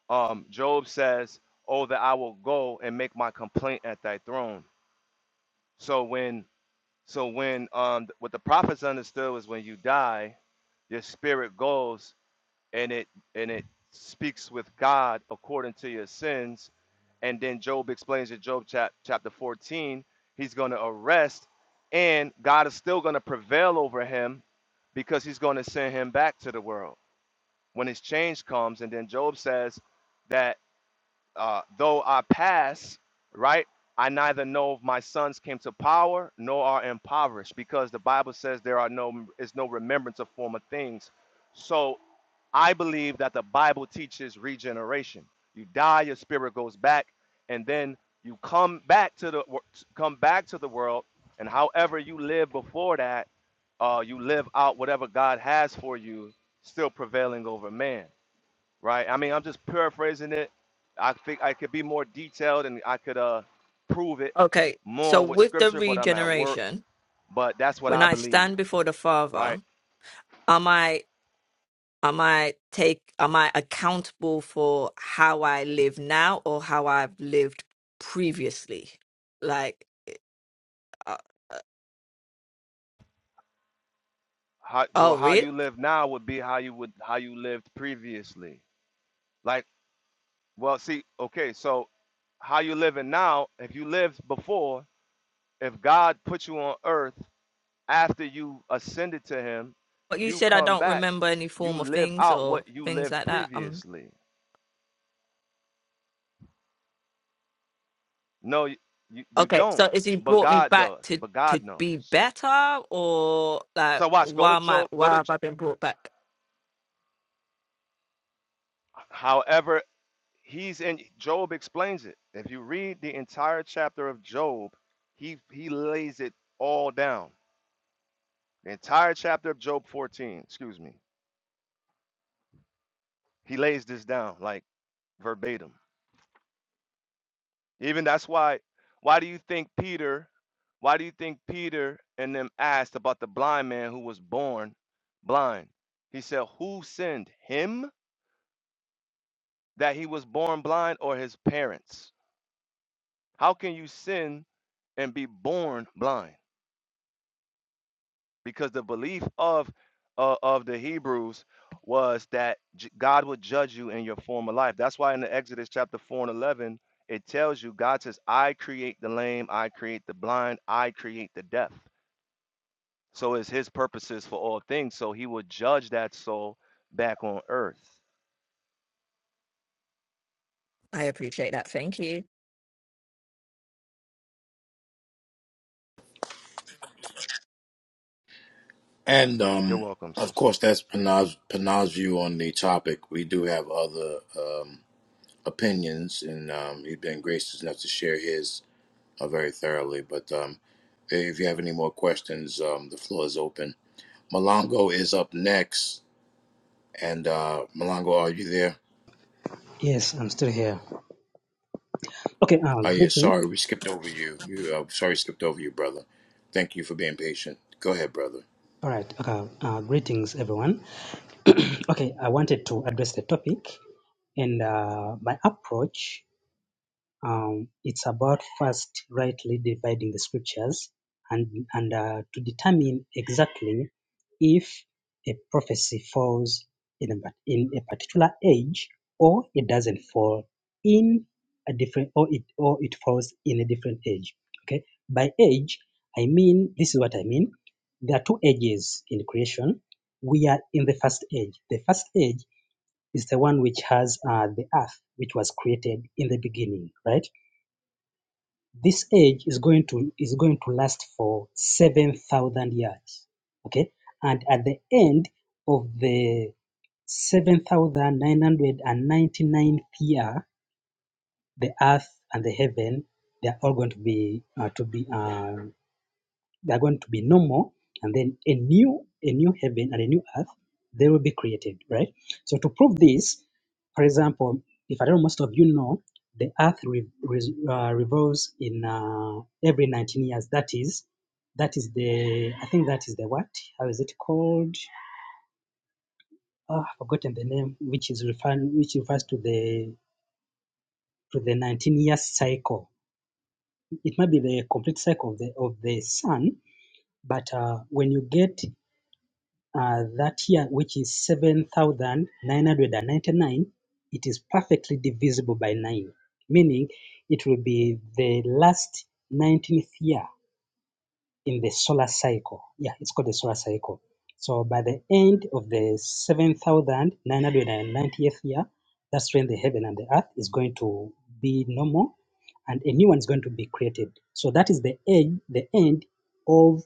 um, Job says, "Oh, that I will go and make my complaint at thy throne." So when, so when, um, what the prophets understood was when you die, your spirit goes and it and it speaks with God according to your sins, and then Job explains in Job chap, chapter 14, he's going to arrest, and God is still going to prevail over him because he's going to send him back to the world when his change comes, and then Job says that uh, though I pass, right, I neither know if my sons came to power nor are impoverished, because the Bible says there are no is no remembrance of former things. So I believe that the Bible teaches regeneration. You die, your spirit goes back, and then you come back to the come back to the world, and however you live before that, uh, you live out whatever God has for you, still prevailing over man right? I mean, I'm just paraphrasing it. I think I could be more detailed and I could uh prove it
Okay. So
more with
with the
scripture, but I'm at work.
regeneration,
But that's what
when
I
I
believe,
stand before the Father.
right?
am I am I take am I accountable for how I live now or how I've lived previously? Like, uh,
How, well,
oh,
how
really?
you live now would be how you would how you lived previously. Like, well, see, okay, so how you living now? If you lived before, if God put you on earth after you ascended to Him,
But you
you
said I
come
don't
back,
remember any
you
former
live
things
out
or
what you
things
lived
like that. Um,
previously No, you, you, you
okay.
don't.
So is he
But
brought me
God
back
does.
to
But
to
God
be
knows.
better or like
So watch. Go to
why am I
Job. Go
why
to.
have I been brought back?
However, he's in. Job explains it. If you read the entire chapter of Job, he he lays it all down. The entire chapter of Job 14. Excuse me. He lays this down like verbatim. Even that's why. Why do you think Peter? Why do you think Peter and them asked about the blind man who was born blind? He said, "Who sinned him?" that he was born blind or his parents. How can you sin and be born blind? Because the belief of uh, of the Hebrews was that j- God would judge you in your former life. That's why in the Exodus chapter 4 and 11 it tells you God says, "I create the lame, I create the blind, I create the deaf." So is his purposes for all things. So he will judge that soul back on earth.
I appreciate that. Thank you.
And
You're
um,
welcome,
of
sis.
course, that's Panav's, Panav's view on the topic. We do have other um, opinions, and um, he's been gracious enough to share his uh, very thoroughly. But um, if you have any more questions, um, the floor is open. Malongo is up next, and uh, Malongo, are you there?
Yes, I'm still here. Okay, uh,
Oh yeah,
greeting.
sorry, we skipped over you. You uh, sorry skipped over you, brother. Thank you for being patient. Go ahead, brother.
All right, okay, uh, greetings, everyone. okay, I wanted to address the topic, and uh, my approach Um, it's about first rightly dividing the scriptures and, and uh, to determine exactly if a prophecy falls in a, in a particular age or it doesn't fall in a different or it or it falls in a different age. Okay, by age I mean this is what I mean. There are two ages in creation. We are in the first age. The first age is the one which has uh, the earth, which was created in the beginning, right? this age is going to is going to last for 7,000 years. Okay, and at the end of the 7,999th year, the earth and the heaven they are all going to be uh, to be uh, they are going to be no more, and then a new a new heaven and a new earth they will be created, right? So to prove this, for example, if I don't know, most of you know, the earth re- re- uh, revolves in uh, every 19 years. That is, that is the I think that is the what? How is it called? Oh, I've forgotten the name, which is referring which refers to the to the 19 years cycle. It might be the complete cycle of the of the sun, but uh, when you get uh, that year, which is 7,999, it is perfectly divisible by 9, meaning it will be the last 19th year in the solar cycle. Yeah, it's called the solar cycle. So by the end of the 7,990th year, that's when the heaven and the earth is going to be no more, and a new one is going to be created. So that is the end, the end of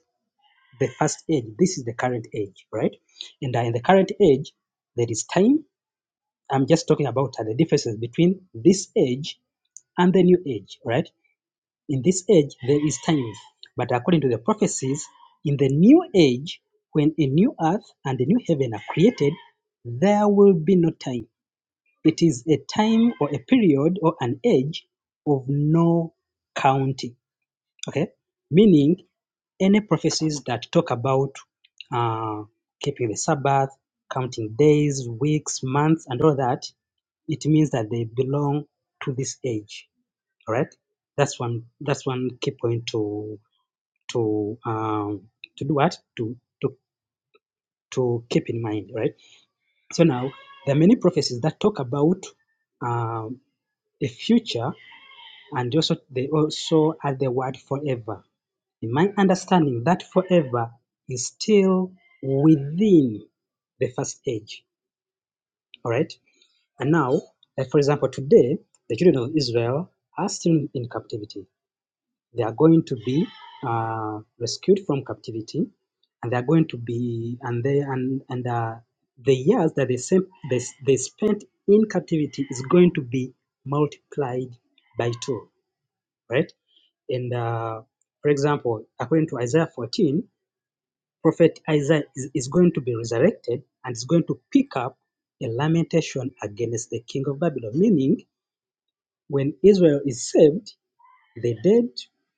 the first age. This is the current age, right? And uh, in the current age, there is time. I'm just talking about uh, the differences between this age and the new age, right? In this age, there is time. But according to the prophecies, in the new age, when a new earth and a new heaven are created, there will be no time. It is a time or a period or an age of no counting. Okay? Meaning any prophecies that talk about uh, keeping the Sabbath, counting days, weeks, months, and all that, it means that they belong to this age. All right, that's one. That's one key point to to um, to do what to to to keep in mind. Right. So now there are many prophecies that talk about um, a future And also, they also add the word forever. In my understanding, that forever is still within the first age. All right. And now, like for example, today, the children of Israel are still in captivity. They are going to be uh, rescued from captivity, and they are going to be and they and and uh, the years that they, sem- they they spent in captivity is going to be multiplied by two right? And uh, for example, according to Isaiah 14, Prophet Isaiah is, is going to be resurrected and is going to pick up a lamentation against the king of Babylon, meaning when Israel is saved, the dead,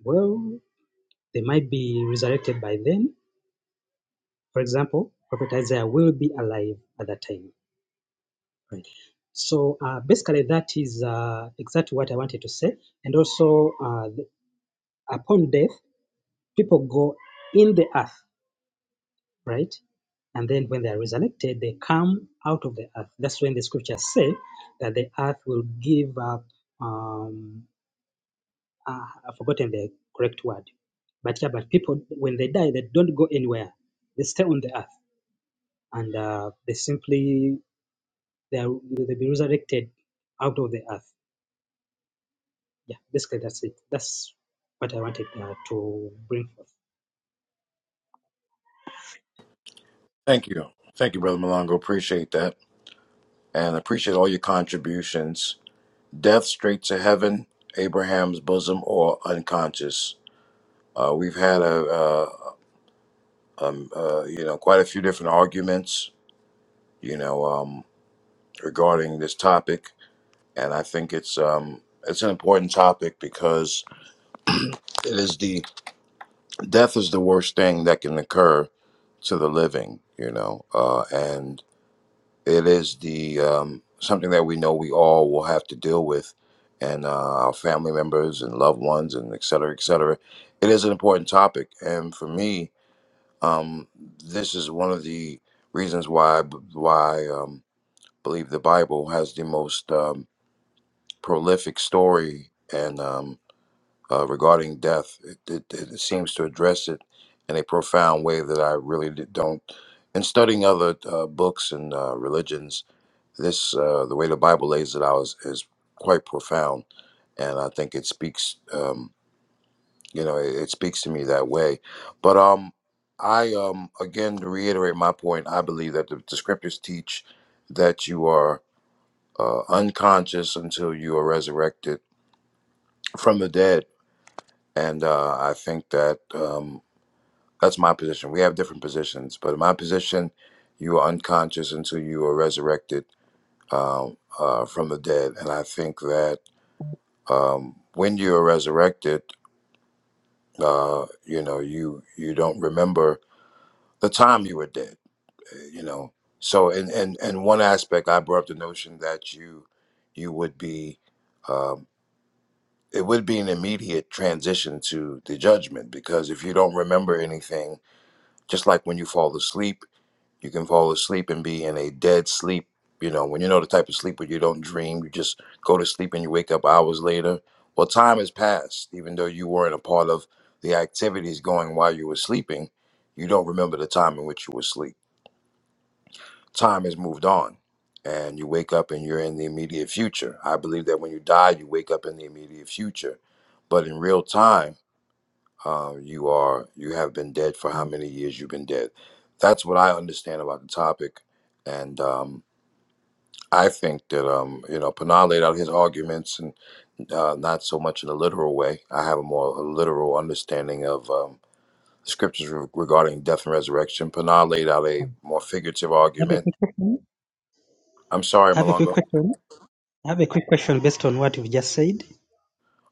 well, they might be resurrected by then. For example, Prophet Isaiah will be alive at that time. Right. So uh, basically, that is uh, exactly what I wanted to say. And also, uh, upon death, people go in the earth, right? and then when they are resurrected, they come out of the earth. That's when the scriptures say that the earth will give up. Um, uh, I've forgotten the correct word, but yeah, but people when they die, they don't go anywhere. They stay on the earth, and uh, they simply they are, they be resurrected out of the earth. Yeah, basically that's it. That's what I wanted uh, to bring forth.
Thank you. Thank you, Brother Malongo. Appreciate that. And appreciate all your contributions. Death straight to heaven, Abraham's bosom, or unconscious. Uh, we've had a, uh um, uh, you know, quite a few different arguments, you know, um, regarding this topic, and I think it's um, it's an important topic because it is the death is the worst thing that can occur to the living, you know, uh, and it is the um, something that we know we all will have to deal with, and uh, our family members and loved ones, and et cetera, et cetera. It is an important topic, and for me, um, this is one of the reasons why I b- why I um, believe the Bible has the most um, prolific story. And um, uh, regarding death. It, it, it seems to address it in a profound way that I really d- don't. In studying other uh, books and uh, religions, this uh, the way the Bible lays it out is, is quite profound, and I think it speaks. Um, you know, it, it speaks to me that way. But um, I um, again to reiterate my point, I believe that the, the scriptures teach that you are uh, unconscious until you are resurrected from the dead, and uh, I think that. Um, That's my position. We have different positions, but in my position, you are unconscious until you are resurrected um, uh, from the dead. And I think that um, when you are resurrected, uh, you know, you you don't remember the time you were dead. uh, You know, so in in, in one aspect, I brought up the notion that you you would be um, it would be an immediate transition to the judgment because if you don't remember anything, just like when you fall asleep You can fall asleep and be in a dead sleep. You know, when you know the type of sleep where you don't dream, you just go to sleep and you wake up hours later. Well, time has passed, even though you weren't a part of the activities going while you were sleeping. You don't remember the time in which you were asleep. Time has moved on, and you wake up and you're in the immediate future. I believe that when you die, you wake up in the immediate future, but in real time. Uh, you are you have been dead for how many years you've been dead. That's what I understand about the topic, and um, I think that um, you know Panal laid out his arguments, and uh, not so much in a literal way. I have a more literal understanding of um, scriptures re- regarding death and resurrection. Panal laid out a more figurative
I have a
argument.
quick question.
I'm sorry,
I have a quick
Malonga.
question. I have a quick question based on what you've just said.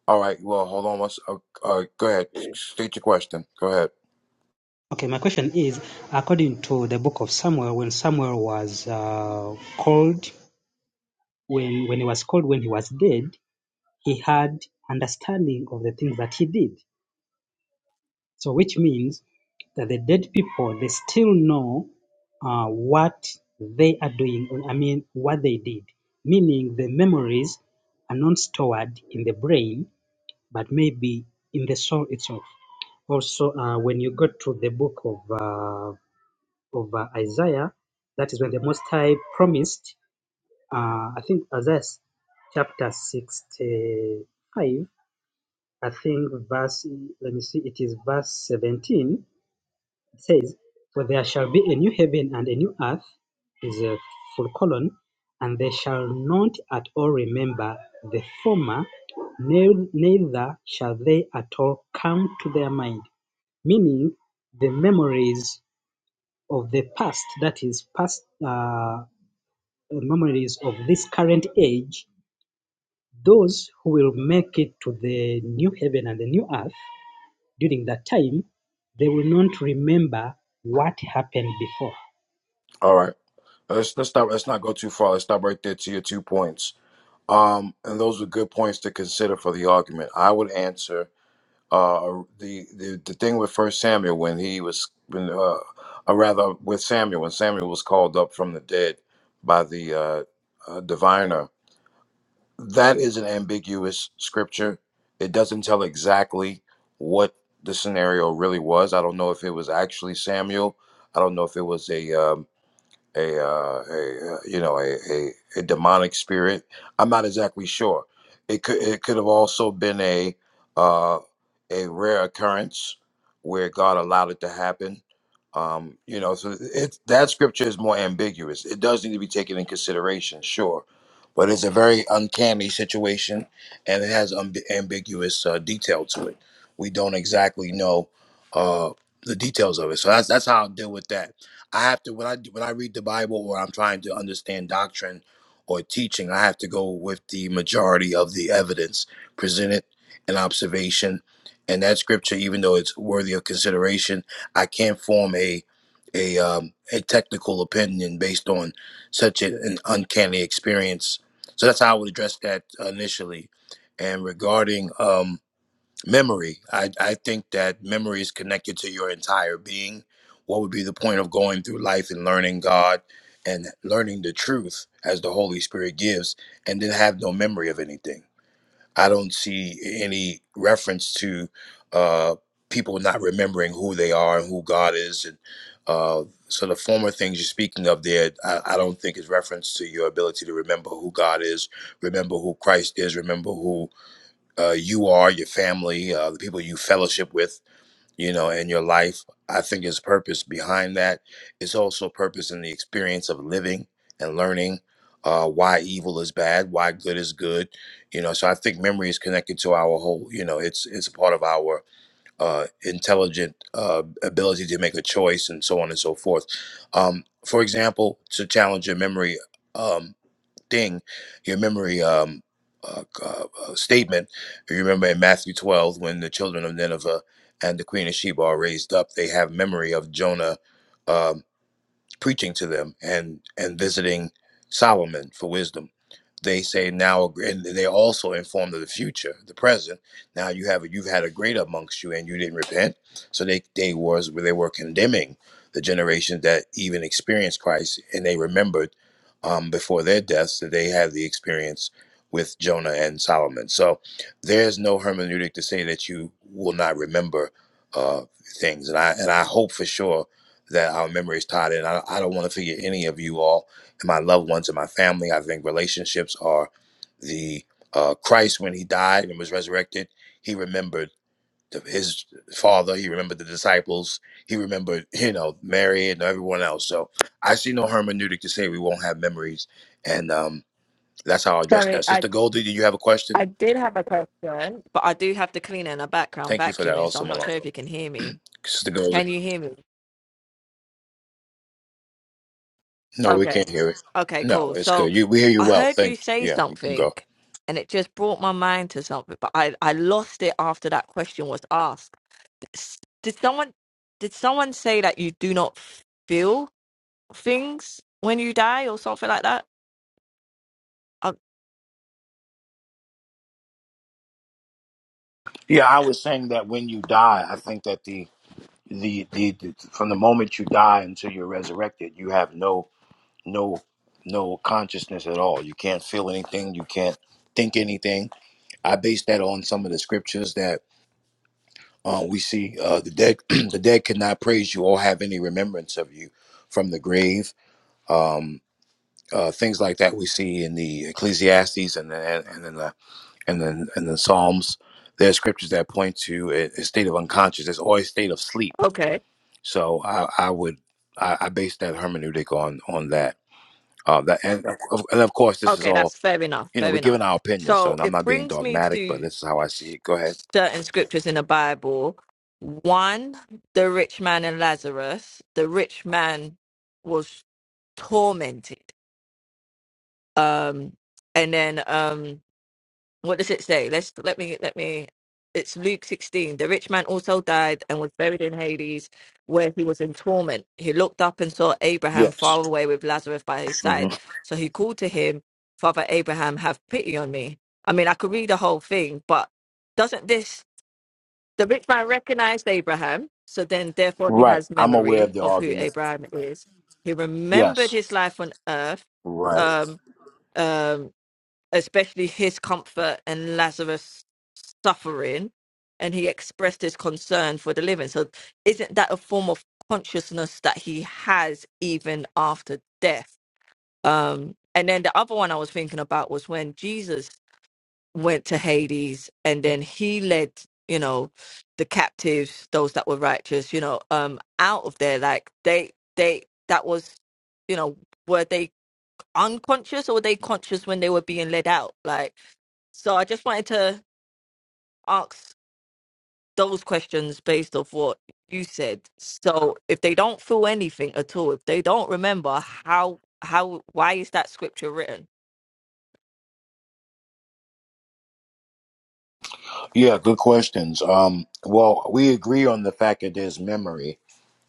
All right, well, hold on. Let's, uh, uh, go ahead. State your question. Go ahead.
Okay, my question is, according to the book of Samuel, when Samuel was uh, called, when when he was called, when he was dead, he had understanding of the things that he did. So, which means that the dead people they still know uh, what they are doing. I mean, what they did. Meaning, the memories are not stored in the brain, but maybe in the soul itself. Also, uh, when you go to the book of uh, of uh, Isaiah, that is when the Most High promised, uh, I think Isaiah chapter 65, I think verse, let me see, it is verse 17. It says, For there shall be a new heaven and a new earth, is a full colon, and they shall not at all remember the former, nei- neither shall they at all come to their mind. Meaning, the memories of the past, that is, past uh, memories of this current age, those who will make it to the new heaven and the new earth during that time, they will not remember what happened before.
All right. Let's let's stop. Let's not go too far. Let's stop right there to your two points. Um, and those are good points to consider for the argument. I would answer uh, the, the the thing with First Samuel when he was, when, uh, or rather with Samuel when Samuel was called up from the dead by the uh, uh, diviner. That is an ambiguous scripture. It doesn't tell exactly what the scenario really was. I don't know if it was actually Samuel. I don't know if it was a um, a, uh, a uh, you know a, a a demonic spirit. I'm not exactly sure. It could it could have also been a uh, a rare occurrence where God allowed it to happen. Um, you know, so it that scripture is more ambiguous. It does need to be taken in consideration, sure, but it's a very uncanny situation, and it has um, ambiguous uh, detail to it. We don't exactly know uh, the details of it, so that's that's how I deal with that I have to when I when I read the Bible or I'm trying to understand doctrine or teaching, I have to go with the majority of the evidence presented and observation. And that scripture, even though it's worthy of consideration, I can't form a a um, a technical opinion based on such a- an uncanny experience. So that's how I would address that initially. And regarding um, memory I, I think that memory is connected to your entire being what would be the point of going through life and learning god and learning the truth as the holy spirit gives and then have no memory of anything i don't see any reference to uh people not remembering who they are and who god is and uh so the former things you're speaking of there I, I don't think is reference to your ability to remember who god is remember who christ is remember who uh, you are, your family, uh, the people you fellowship with, you know, in your life. I think there's purpose behind that. It's also purpose in the experience of living and learning uh, why evil is bad, why good is good, you know. So I think memory is connected to our whole, you know, it's it's a part of our uh, intelligent uh, ability to make a choice and so on and so forth. Um, for example, to challenge your memory. um thing, your memory um, uh, uh, uh, statement. You remember in Matthew 12, when the children of Nineveh and the queen of Sheba are raised up, they have memory of Jonah. um, preaching to them and and visiting Solomon for wisdom. They say now, and they also informed of the future, the present. Now you have you've had a great amongst you, and you didn't repent. So they they was they were condemning the generations that even experienced Christ, and they remembered um, before their deaths that they had the experience with Jonah and Solomon. So there's no hermeneutic to say that you will not remember uh, things, and I and I hope for sure that our memories tied in. I, I don't want to forget any of you all and my loved ones and my family. I think relationships are the uh, Christ when he died and was resurrected. He remembered the, his father. He remembered the disciples. He remembered, you know, Mary and everyone else. So I see no hermeneutic to say we won't have memories, and um, that's how I address
Sorry,
that.
I
Sister Goldie, did you have a question?
I did have a question, but I do have the cleaner in the background
Thank you for that,
vacuuming, so
also
I'm not sure if
Malongo.
you can hear me.
Sister Goldie,
Can you hear me?
no, we can't
Okay.
hear it.
Okay,
No,
cool.
it's
So
good. You, we hear you
I
well.
heard you
Thank,
say
yeah, you can
something
go.
and it just brought my mind to something, but I, I lost it after that question was asked. S- Did someone did someone say that you do not feel things when you die or something like that? Uh,
Yeah, I was saying that when you die, I think that the the the, the from the moment you die until you're resurrected, you have no no no consciousness at all. You can't feel anything. You can't think anything. I base that on some of the scriptures that uh, we see. Uh, the dead the dead cannot praise you or have any remembrance of you from the grave. Um, uh, things like that we see in the Ecclesiastes and the, and in the and then and the Psalms. There are scriptures that point to a, a state of unconsciousness or a state of sleep.
okay.
So I, I would I, I base that hermeneutic on on that. Uh, that and of, and of course this is
Okay,
all
that's fair enough.
you know.
Fair
We're
enough.
giving our opinions, so
So
I'm
it
not being
brings me
dogmatic, but
to
this is how I see
s-
it. Go ahead.
certain scriptures in the Bible. One, the rich man and Lazarus. The rich man was tormented. Um, and then um, what does it say? Let's let me let me. It's Luke 16. The rich man also died and was buried in Hades, where he was in torment. He looked up and saw Abraham far
Yes.
away with Lazarus by his
hmm
side. So he called to him, Father Abraham, have pity on me. I mean, I could read the whole thing, but doesn't this the rich man recognized Abraham? So then, therefore, he
Right.
has
I'm aware of
memory
the
of who
argument.
Abraham is. He remembered
Yes.
his life on earth.
Right.
Um, um, especially his comfort and Lazarus' suffering, and he expressed his concern for the living. So, isn't that a form of consciousness that he has even after death? Um, and then the other one I was thinking about was when Jesus went to Hades, and then he led, you know, the captives, those that were righteous, you know, um, out of there. Like they, they, that was, you know, were they unconscious or were they conscious when they were being led out? Like so I just wanted to ask those questions based off what you said. So if they don't feel anything at all, if they don't remember how how why is that scripture written?
Yeah. Good questions. Um. Well, we agree on the fact that there's memory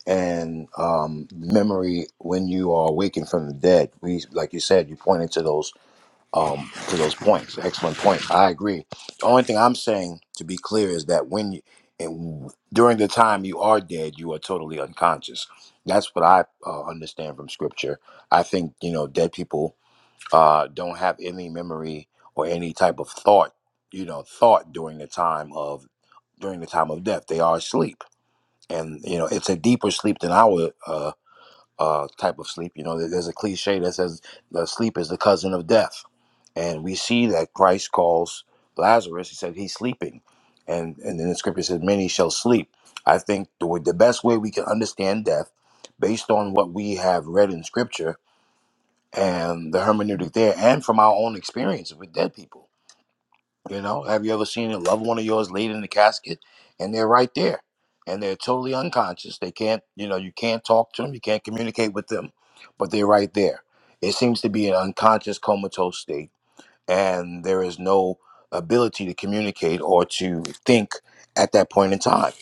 and um, memory when you are awakened from the dead. We, like you said, you pointed to those um, to those points. Excellent point. I agree. The only thing I'm saying to be clear is that when you and during the time you are dead, you are totally unconscious. That's what I uh, understand from scripture. I think you know dead people uh, don't have any memory or any type of thought. You know, thought during the time of during the time of death. They are asleep and you know it's a deeper sleep than our uh, uh, type of sleep. You know, there- there's a cliche that says that sleep is the cousin of death, and we see that Christ calls Lazarus. He said he's sleeping, and and then the scripture says many shall sleep. I think the way- the best way we can understand death, based on what we have read in scripture and the hermeneutic there, and from our own experience with dead people you know, have you ever seen a loved one of yours laid in the casket and they're right there and they're totally unconscious? They can't, you know, you can't talk to them, you can't communicate with them, but they're right there. It seems to be an unconscious comatose state and there is no ability to communicate or to think at that point in time.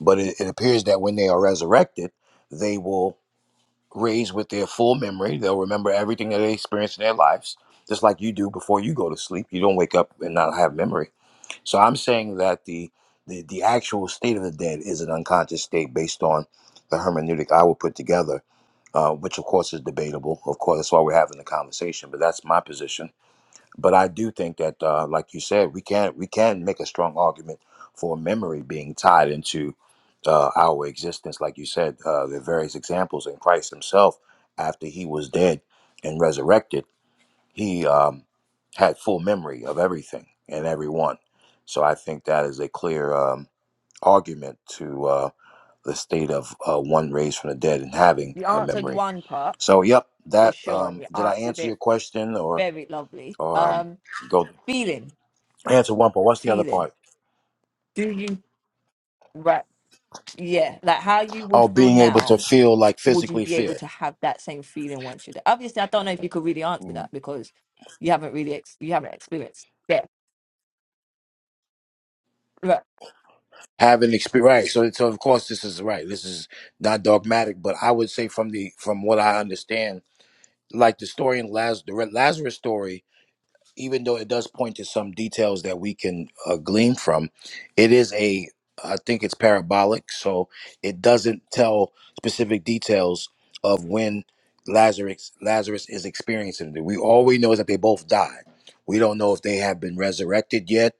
But it, it appears that when they are resurrected, they will raise with their full memory. They'll remember everything that they experienced in their lives, just like you do before you go to sleep. You don't wake up and not have memory so I'm saying that the, the the actual state of the dead is an unconscious state based on the hermeneutic I would put together, uh, which of course is debatable. Of course, that's why we're having the conversation. But that's my position. But I do think that, uh, like you said, we can we can make a strong argument for memory being tied into uh, our existence. Like you said, uh, the various examples in Christ Himself after He was dead and resurrected he um, had full memory of everything and everyone. So I think that is a clear um, argument to uh, the state of uh, one raised from the dead and having
You
a
answered
memory.
one part
So, yep,
for
that
sure, and
um,
you
did I
answered
answer your
it
question or
very lovely.
or um,
Um,
go
feeling,
answer one part? What's the other
feeling.
part?
Do you right? Yeah, like how you would
Oh,
feel
being able to
now.
feel like
Would you
physically
be able
feel.
to have that same feeling once you're there? Obviously, I don't know if you could really answer that because you haven't really ex- you haven't experienced. Yeah, right.
Having experience, right? So, so of course, this is right. This is not dogmatic, but I would say from the from what I understand, like the story in Lazarus, the Re- Lazarus story, even though it does point to some details that we can uh, glean from, it is a, I think it's parabolic, so it doesn't tell specific details of when Lazarus Lazarus is experiencing it. We all we know is that they both died. We don't know if they have been resurrected yet.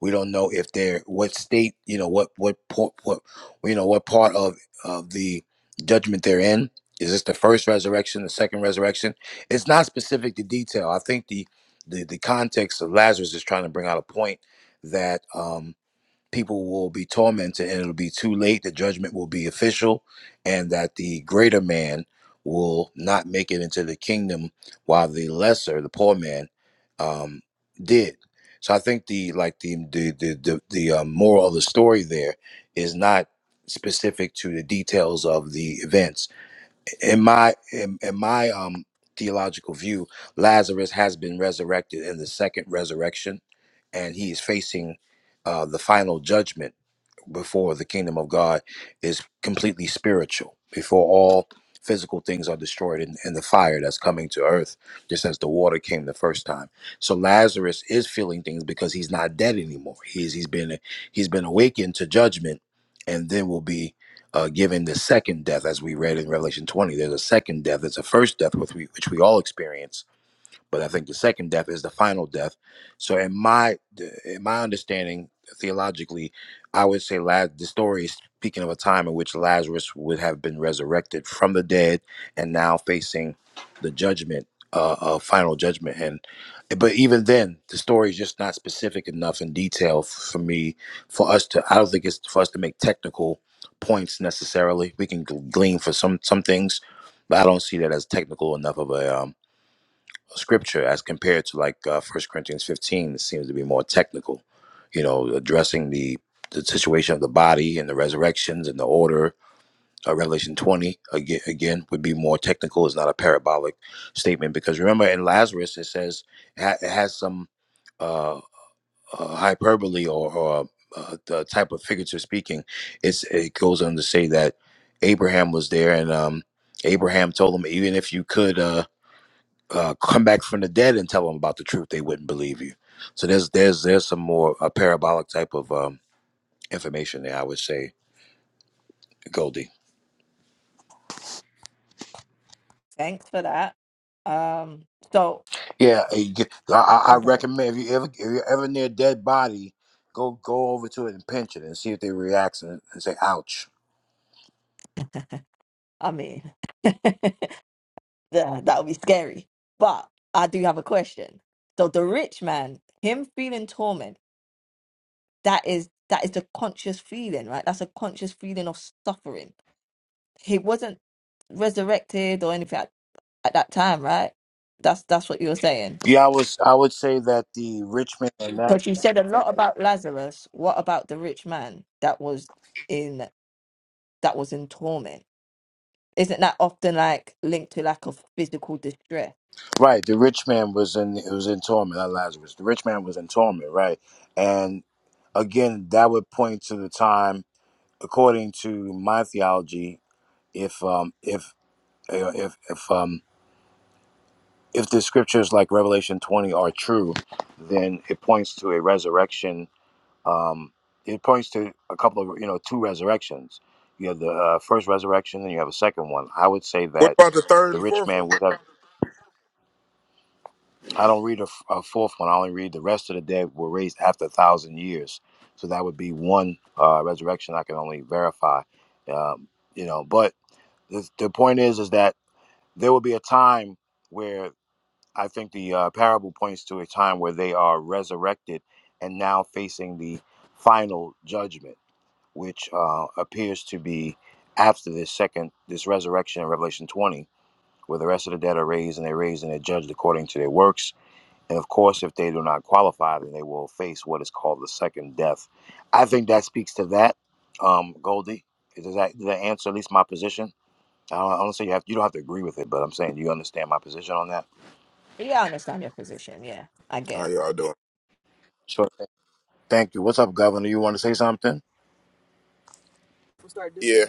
We don't know if they're what state, you know, what what po- what you know what part of of the judgment they're in. Is this the first resurrection, the second resurrection? It's not specific to detail. I think the the the context of Lazarus is trying to bring out a point that um, people will be tormented and it'll be too late. The judgment will be official, and that the greater man will not make it into the kingdom, while the lesser, the poor man, um, did. So I think the like the the the the, the um, moral of the story there is not specific to the details of the events in my in, in my um theological view lazarus has been resurrected in the second resurrection and he is facing uh the final judgment before the kingdom of God is completely spiritual, before all physical things are destroyed in, in the fire that's coming to earth, just as the water came the first time. So Lazarus is feeling things because he's not dead anymore. He's he's been he's been awakened to judgment, and then will be uh, given the second death, as we read in Revelation twenty. There's a second death. There's a first death, which we which we all experience but I think the second death is the final death. So in my in my understanding theologically, I would say Laz, the story is speaking of a time in which Lazarus would have been resurrected from the dead and now facing the judgment, uh, uh final judgment. And but even then, the story is just not specific enough in detail f- for me for us to. I don't think it's for us to make technical points necessarily. We can gl- glean for some some things, but I don't see that as technical enough of a um scripture as compared to like uh, 1 Corinthians 15 it seems to be more technical, you know, addressing the the situation of the body and the resurrections and the order. Uh, Revelation 20 again, again would be more technical. It's not a parabolic statement because remember in Lazarus it says it, ha- it has some uh, uh, hyperbole or, or uh, the type of figurative speaking. It's it goes on to say that Abraham was there and um, Abraham told him even if you could. Uh, uh, come back from the dead and tell them about the truth, they wouldn't believe you. So there's there's there's some more uh, parabolic type of um, information there. I would say, Goldie.
Thanks for that. Um, so
Yeah, uh, you get- I, I I recommend if you ever if you're ever near a dead body, go go over to it and pinch it and see if they react and, and say, "Ouch."
I mean, that that would be scary. But I do have a question. So the rich man, him feeling torment, that is that is the conscious feeling, right? That's a conscious feeling of suffering. He wasn't resurrected or anything at, at that time, right? That's that's what you were saying.
Yeah, I was I would say that the rich man and that
Because you said a lot about Lazarus. What about the rich man that was in that was in torment? Isn't that often like linked to lack of physical distress?
right the rich man was in it was in torment. Not Lazarus. The rich man was in torment, right? And again, that would point to the time, according to my theology, if um if uh, if if um if the scriptures like Revelation 20 are true, then it points to a resurrection. Um, it points to a couple of you know two resurrections. You have the uh, first resurrection, and you have a second one. I would say
What
that
about the third
the
and
rich
fourth
man
one?
would have. I don't read a, f- a fourth one. I only read the rest of the dead were raised after a thousand years. So that would be one uh, resurrection I can only verify. Um, you know, but the, the point is, is that there will be a time where I think the uh, parable points to a time where they are resurrected and now facing the final judgment, which uh, appears to be after this second, this resurrection in Revelation 20, where the rest of the dead are raised and they're raised and they're judged according to their works. And of course, if they do not qualify, then they will face what is called the second death. I think that speaks to that, um, Goldie. Does that, does that answer at least my position? I don't, I don't say you have you don't have to agree with it, but I'm saying do you understand my position on that.
Yeah, I understand your position. Yeah, I get
How
it.
y'all doing?
Thank you. What's up, Governor? You want to say something?
Yeah.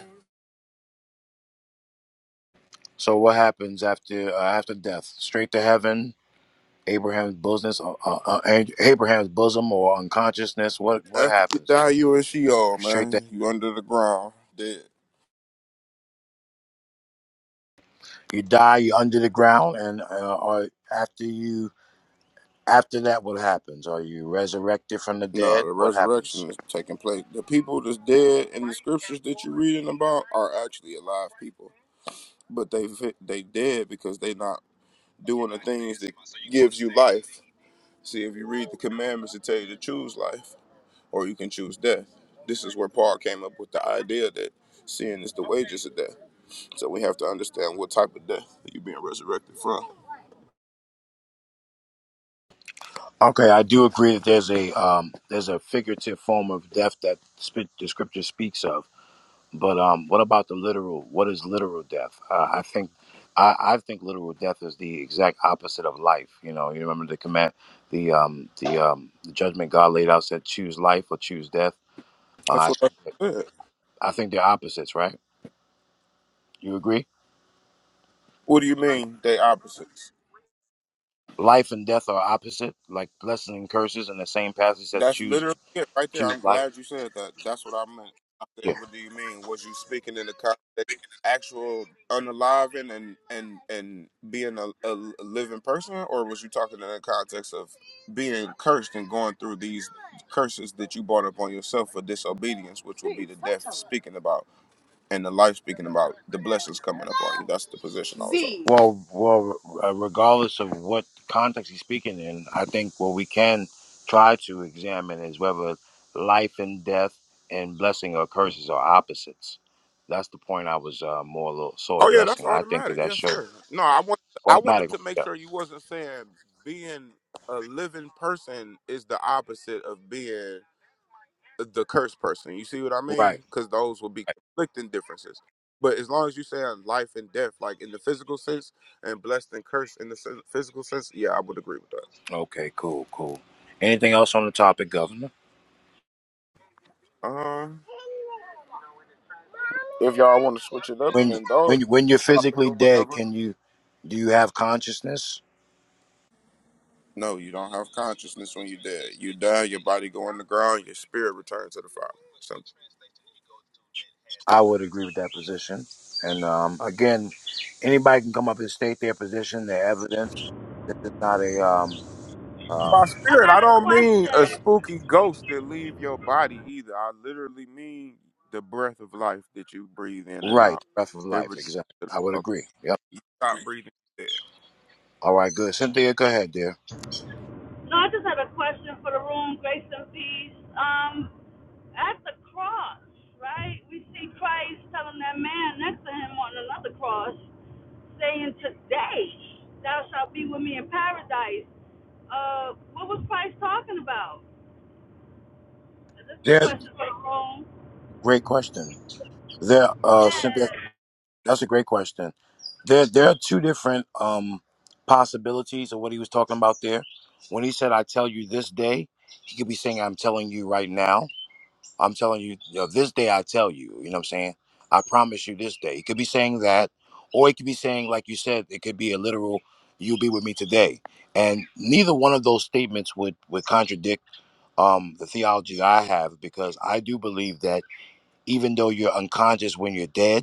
So, what happens after uh, after death? Straight to heaven? Abraham's business, uh, uh, uh, Abraham's bosom, or unconsciousness? What what
After you
happens
die,
there?
you and Sheol,
Straight to
man. You under the ground, dead.
you die. You're under the ground, and uh, or after you after that, what happens? Are you resurrected from the
Nah,
dead?
the
What happens?
resurrection is taking place. The people that's dead in the scriptures that you're reading about are actually alive people, but they fit- they dead because they not doing the things that gives you life. See, if you read the commandments, it tell you to choose life, or you can choose death. This is where Paul came up with the idea that sin is the wages of death. So we have to understand what type of death that you're being resurrected from.
Okay, I do agree that there's a um, there's a figurative form of death that sp- the scripture speaks of. But um, what about the literal? What is literal death? Uh, I think, I, I think literal death is the exact opposite of life. You know, you remember the command, the um, the um, the judgment God laid out said, choose life or choose death. Uh,
That's
I,
what I
think
said.
I think they're opposites, right? You agree?
What do you mean they opposites?
Life and death are opposite, like blessings and curses. In the same passage says,
That's
choose
literally it right there.
choose
I'm
life.
glad you said that. That's what I meant. I said, what do you mean? Was you speaking in the context of actual unaliving and and and being a, a a living person, or was you talking in the context of being cursed and going through these curses that you brought upon yourself for disobedience, which would be the death speaking about? and the life speaking about the blessings coming up on you. That's the position also. Z.
Well, well, uh, regardless of what context he's speaking in, I think what we can try to examine is whether life and death and blessing or curses are opposites. That's the point I was uh, more a little, so
Oh yeah, that's
addressing. I think that
automatic.
that
Yes,
shows
sir. No, I want I wanted
automatic.
to make
Yeah.
sure you wasn't saying being a living person is the opposite of being the cursed person. You see what I
Right.
mean? Because those would be conflicting differences. But as long as you say life and death, like in the physical sense, and blessed and cursed in the sen- physical sense, yeah, I would agree with that.
Okay. Cool. Cool. Anything else on the topic, Governor?
Uh, if y'all want to switch it up and
When
indulge
when when you're
the topic
physically
or
dead,
whatever.
can you do you have consciousness?
No, you don't have consciousness when you dead. You die, your body go on the ground, your spirit returns to the Father. So
I would agree with that position. And um, again, anybody can come up and state their position, their evidence. This is not a um, um,
by
I
spirit, I
got a
don't mean a
question.
spooky ghost that leave your body either. I literally mean the breath of life that you breathe in and
right,
out.
breath of
It
life.
returns
Exactly.
to the
I would
Father.
agree. Yep.
You stop breathing dead.
All right, good. Cynthia, go ahead, dear.
No, I just had a question for the room, grace and peace. Um, at the cross, right? We see Christ telling that man next to him on another cross, saying, "Today thou shalt be with me in paradise." Uh, what was Christ talking about? This is a
There,
question for the room.
great question. There, uh,
Yeah.
Cynthia, that's a great question. There, there are two different um, possibilities of what he was talking about there. When he said, I tell you this day, he could be saying, I'm telling you right now I'm telling you, you know, this day I tell you, you know what I'm saying? I promise you this day. It could be saying that, or it could be saying, like you said, it could be a literal, you'll be with me today. And neither one of those statements would, would contradict um, the theology I have because I do believe that even though you're unconscious when you're dead,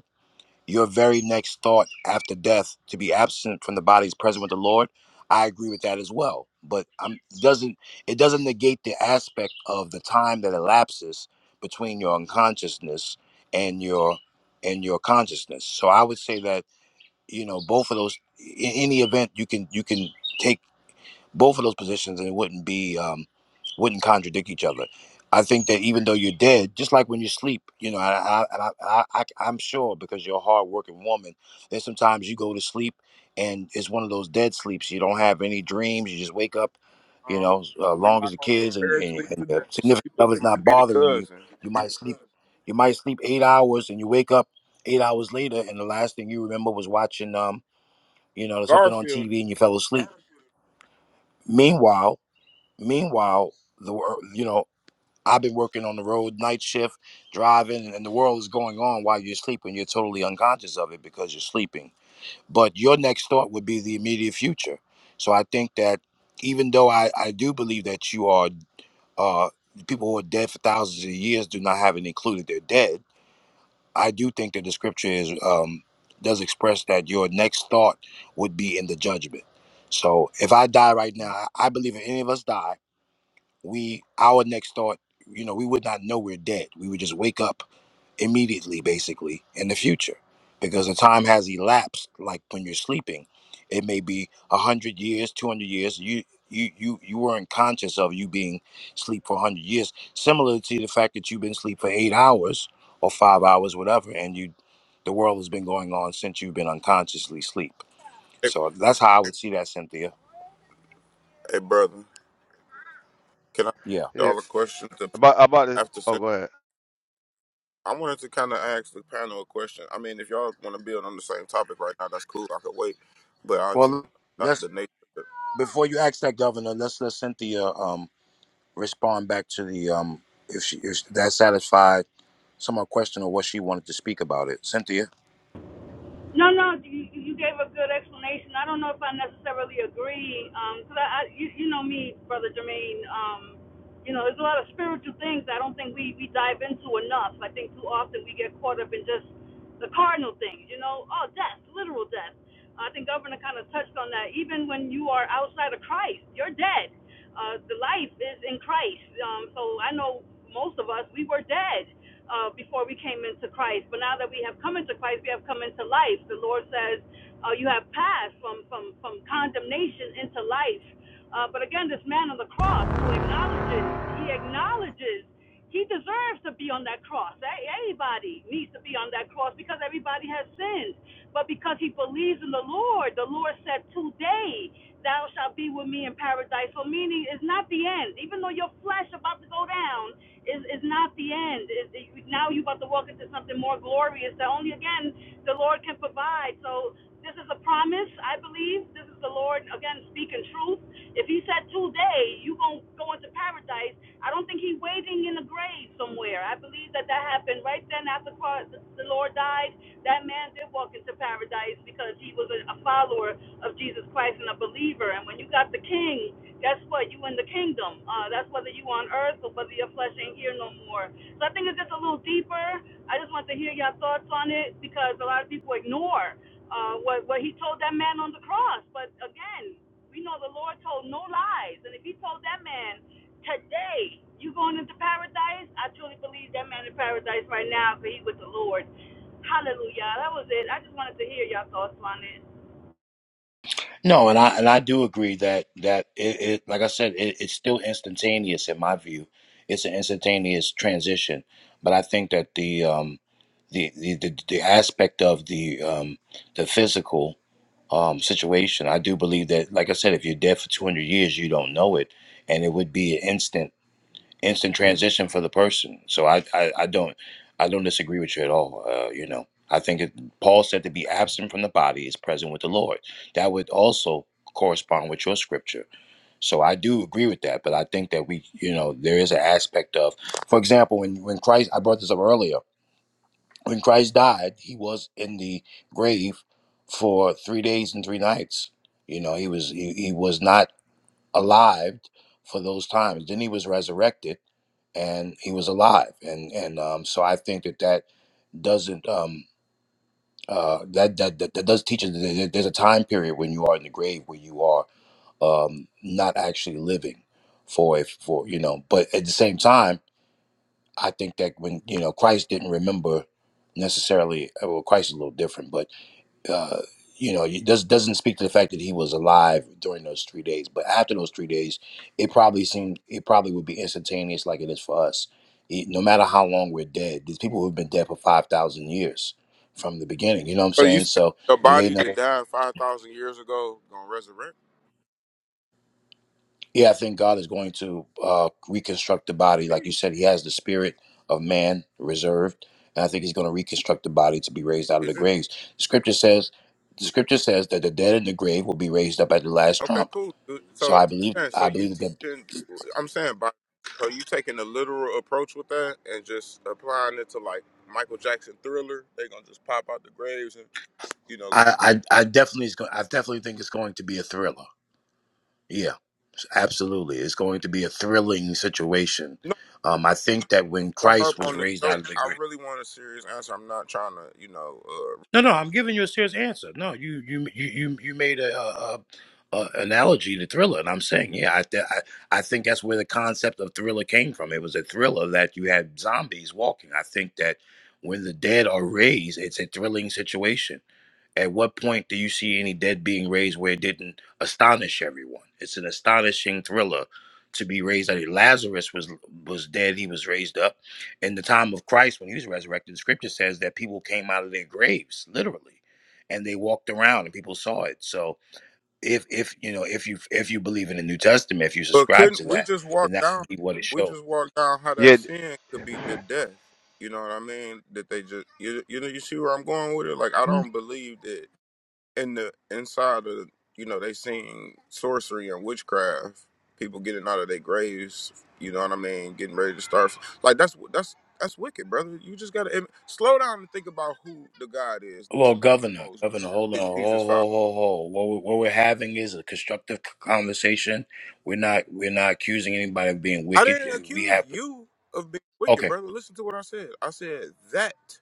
your very next thought after death to be absent from the body is present with the Lord. I agree with that as well. But I'm doesn't it doesn't negate the aspect of the time that elapses between your unconsciousness and your and your consciousness. So I would say that you know both of those in any event you can you can take both of those positions and it wouldn't be um wouldn't contradict each other i think that even though you're dead just like when you sleep you know and i and i, I, I i'm sure because you're a hardworking woman that sometimes you go to sleep and it's one of those dead sleeps you don't have any dreams you just wake up you
Uh,
know as uh,
we're
long as
not
the
gonna
kids and,
compare
and,
sleep
and
to
the
death.
significant
Sleep is,
other's not
might be the
bothering you
cousin.
you might sleep you might sleep eight hours and you wake up eight hours later and the last thing you remember was watching um you know something on
Garfield.
tv and you fell asleep meanwhile Meanwhile, the wor- you know I've been working on the road night shift, driving, and the world is going on while you're sleeping. You're totally unconscious of it because you're sleeping. But your next thought would be the immediate future. So I think that even though I I do believe that you are uh people who are dead for thousands of years do not have it included they're dead. I do think that the scripture is um does express that your next thought would be in the judgment. So if I die right now, I I believe if any of us die we our next thought you know we would not know we're dead we would just wake up immediately basically in the future because the time has elapsed like when you're sleeping it may be 100 years 200 years you you you you weren't conscious of you being asleep for 100 years similar to the fact that you've been asleep for eight hours or five hours whatever and you the world has been going on since you've been unconsciously asleep
Hey,
so that's how i would see that cynthia
hey brother, can I ask
yeah
Yeah,
y'all a question to,
about about this.
after
Oh, go ahead.
I wanted to kind of ask the panel a question. I mean, if y'all want to build on the same topic right now, that's cool. I could wait, but I'll tell
well
you about
let's
the nature. of it.
before you ask that governor, let's let Cynthia um respond back to the um if she if that satisfied some of our question or what she wanted to speak about it. Cynthia.
No, no, you, you gave a good explanation. I don't know if I necessarily agree, because um, I, I you, you know me, brother Jermaine. Um, you know, there's a lot of spiritual things I don't think we we dive into enough. I think too often we get caught up in just the cardinal things. You know, oh, death, literal death. Uh, I think Governor kind of touched on that. Even when you are outside of Christ, you're dead. Uh, the life is in Christ. Um, so I know most of us, we were dead uh, before we came into Christ. But now that we have come into Christ, we have come into life. The Lord says, uh, you have passed from, from, from condemnation into life. Uh, but again, this man on the cross who acknowledges, he acknowledges he deserves to be on that cross. A- Everybody needs to be on that cross because everybody has sinned. But because he believes in the Lord, the Lord said, Today thou shalt be with me in paradise. So meaning it's not the end. Even though your flesh about to go down is is not the end. It, it- now you're about to walk into something more glorious that only again the Lord can provide. So this is a promise, I believe. This is the Lord again speaking truth. If he said today you gonna go into paradise, I don't think he waiting in the grave somewhere. I believe that that happened right then after the Lord died. That man did walk into paradise because he was a, a follower of Jesus Christ and a believer. And when you got the King, guess what? You in the kingdom. Uh, that's whether you on earth or whether your flesh ain't here no more. So I think it's just a little deeper. I just want to hear your thoughts on it because a lot of people ignore uh, what what he told that man on the cross. But again, we know the Lord told no lies, and if he told that man today you going into paradise, I truly believe that man in paradise right now because he with the Lord. Hallelujah. That was it. I just wanted to hear your thoughts on it.
No, and I and I do agree that that it, it like I said, it, it's still instantaneous in my view. It's an instantaneous transition. But I think that the um the the, the, the aspect of the um the physical um, situation. I do believe that, like I said, if you're dead for 200 years, you don't know it, and it would be an instant. instant transition for the person. So I, I, I don't, I don't disagree with you at all. Uh, you know, I think it, Paul said to be absent from the body is present with the Lord. That would also correspond with your scripture. So I do agree with that. But I think that we, you know, there is an aspect of, for example, when when Christ, I brought this up earlier. When Christ died, he was in the grave for three days and three nights. You know, he was he, he was not alive for those times. Then he was resurrected and he was alive and and um, so i think that that doesn't um uh that that that, that does teach us that there- there's a time period when you are in the grave where you are um not actually living for if for you know but at the same time i think that when you know christ didn't remember necessarily uh, well christ is a little different but uh, you know, it does, doesn't speak to the fact that he was alive during those three days. But after those three days, it probably seemed it probably would be instantaneous, like it is for us. It- no matter how long we're dead, these people who've been dead for five thousand years from the beginning. You know what I'm
So you
saying?
said
So
your
do they
body
know?
that died five thousand years ago gonna resurrect?
Yeah, I think God is going to uh, reconstruct the body, like you
Jeez.
said. He has the spirit of man reserved, and I think He's going to reconstruct the body to be raised out of the
Is it
graves. The Scripture says, the Scripture says that the dead in the grave will be raised up at the last
okay?
trump
Cool. dude.
So
So I'm
I believe
saying, so
I
you
believe that
teaching? I'm saying, by, so you taking the literal approach with that and just applying it to like Michael Jackson Thriller? They gonna just pop out the graves and you know.
I I, I definitely is going I definitely think it's going to be a thriller. Yeah, absolutely. It's going to be a thrilling situation.
No,
Um, I think that when
to
Christ
harp
was
on the
raised out
joke.
of the
I
grave.
really want a serious answer. I'm not trying to, you know, uh,
No, no, I'm giving you a serious answer. No, you you you you, you made a, a, a analogy to thriller, and I'm saying yeah, I, th- I I think that's where the concept of thriller came from. It was a thriller that you had zombies walking. I think that when the dead are raised, it's a thrilling situation At what point do you see any dead being raised where it didn't astonish everyone? It's an astonishing thriller to be raised. I mean, Lazarus was was dead; he was raised up. In the time of Christ, when he was resurrected, the Scripture says that people came out of their graves, literally, and they walked around, and people saw it. So, if if you know if you if you believe in the New Testament, if you
But
subscribe
couldn't
to
we
that,
just walk
then that
down?
would be what it
We
showed.
just walk down how that
Yeah,
sin could be the death. You know what I mean? That they just you you know you see where I'm going with it. Like I don't believe that in the inside of you know they seen sorcery and witchcraft. People getting out of their graves. You know what I mean? Getting ready to start. Like that's that's that's wicked, brother. You just gotta and slow down and think about who the God is that
Well,
spoke to
Governor,
Moses.
Governor, hold on,
That
ho,
Jesus followed.
ho, ho, ho. What we- what we're having is a constructive c- conversation. We're not we're not accusing anybody of being
I
wicked.
didn't
We
accuse
have
you of being wicked,
okay,
brother. Listen to what I said. I said that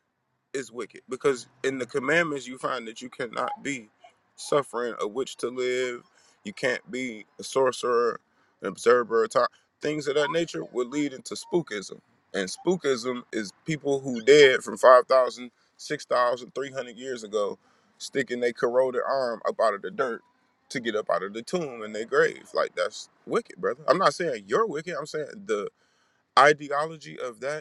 is wicked because in the commandments you find that you cannot be suffering a witch to live you can't be a sorcerer an observer ti- things of that nature would lead into spookism and spookism is people who dead from 5000, 6000, 300 years ago sticking their corroded arm up out of the dirt to get up out of the tomb in their grave like that's wicked brother i'm not saying you're wicked i'm saying the ideology of that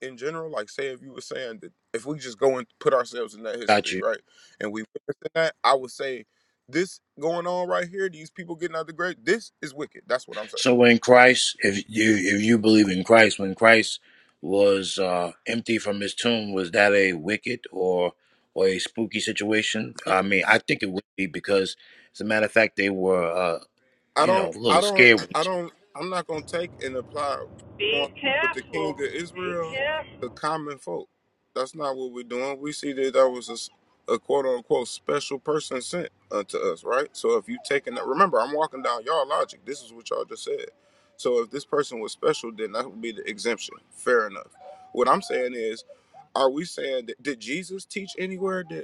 in general, like say if you were saying that if we just go and put ourselves in that
got
history,
you.
right? And we witnessed that, I would say this going on right here, these people getting out the grave, this is wicked. That's what I'm saying.
So in Christ, if you if you believe in Christ, when Christ was uh, empty from his tomb, was that a wicked or or a spooky situation? I mean, I think it would be because, as a matter of fact, they were uh,
I
you know
don't,
a
I
little
don't, I
scared
don't, I'm not gonna take and apply
Be
with the King of
careful. Be
Israel
careful.
to common folk. That's not what we're doing. We see that that was a, s- a quote unquote special person sent unto us, right? So if you taking that, remember, I'm walking down y'all logic. This is what y'all just said. So if this person was special, then that would be the exemption. Fair enough. What I'm saying is, are we saying that did Jesus teach anywhere that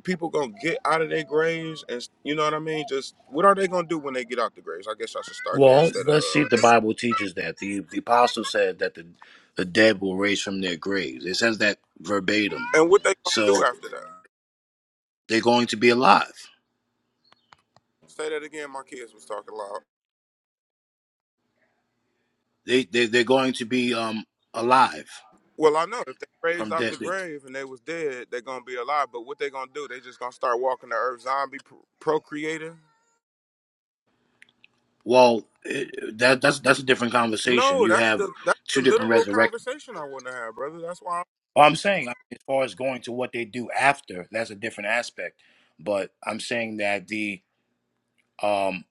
people gonna get out of their graves and you know what I mean? Just what are they gonna do when they get out the graves? I guess I should start there
Well,
instead of
let's see
uh
if the
and,
Bible teaches that. The the apostle said that the, the dead will raise from their graves. It says that verbatim.
and what they gonna do
So
after that.
they're going to be alive.
Say that again, my kids was talking loud.
They, they they're going to be um alive
Well I know if they raised
from
out the
death.
grave and they was dead, they're gonna be alive, but what they gonna do? They just gonna start walking the earth zombie pro- procreating?
Well, it, that that's that's a different conversation.
No,
You
that's
have
the that's the
two different
literal
resurrections.
conversation I wanna have, brother. That's why
Well, I'm saying I mean, as far as going to what they do after, that's a different aspect. But I'm saying that the um,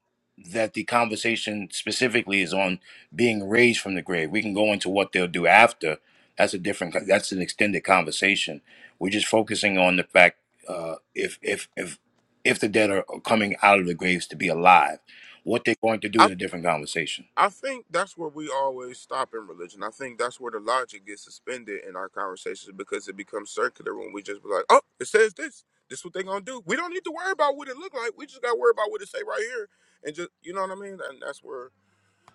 that the conversation specifically is on being raised from the grave. We can go into what they'll do after. That's a different. That's an extended conversation. We're just focusing on the fact uh, if if if if the dead are coming out of the graves to be alive, what they're going to do
I
is a different conversation.
I think that's where we always stop in religion. I think that's where the logic gets suspended in our conversations because it becomes circular when we just be like, "Oh, it says this. This is what they gonna do. We don't need to worry about what it look like. We just gotta worry about what it say right here." And just you know what I mean. And that's where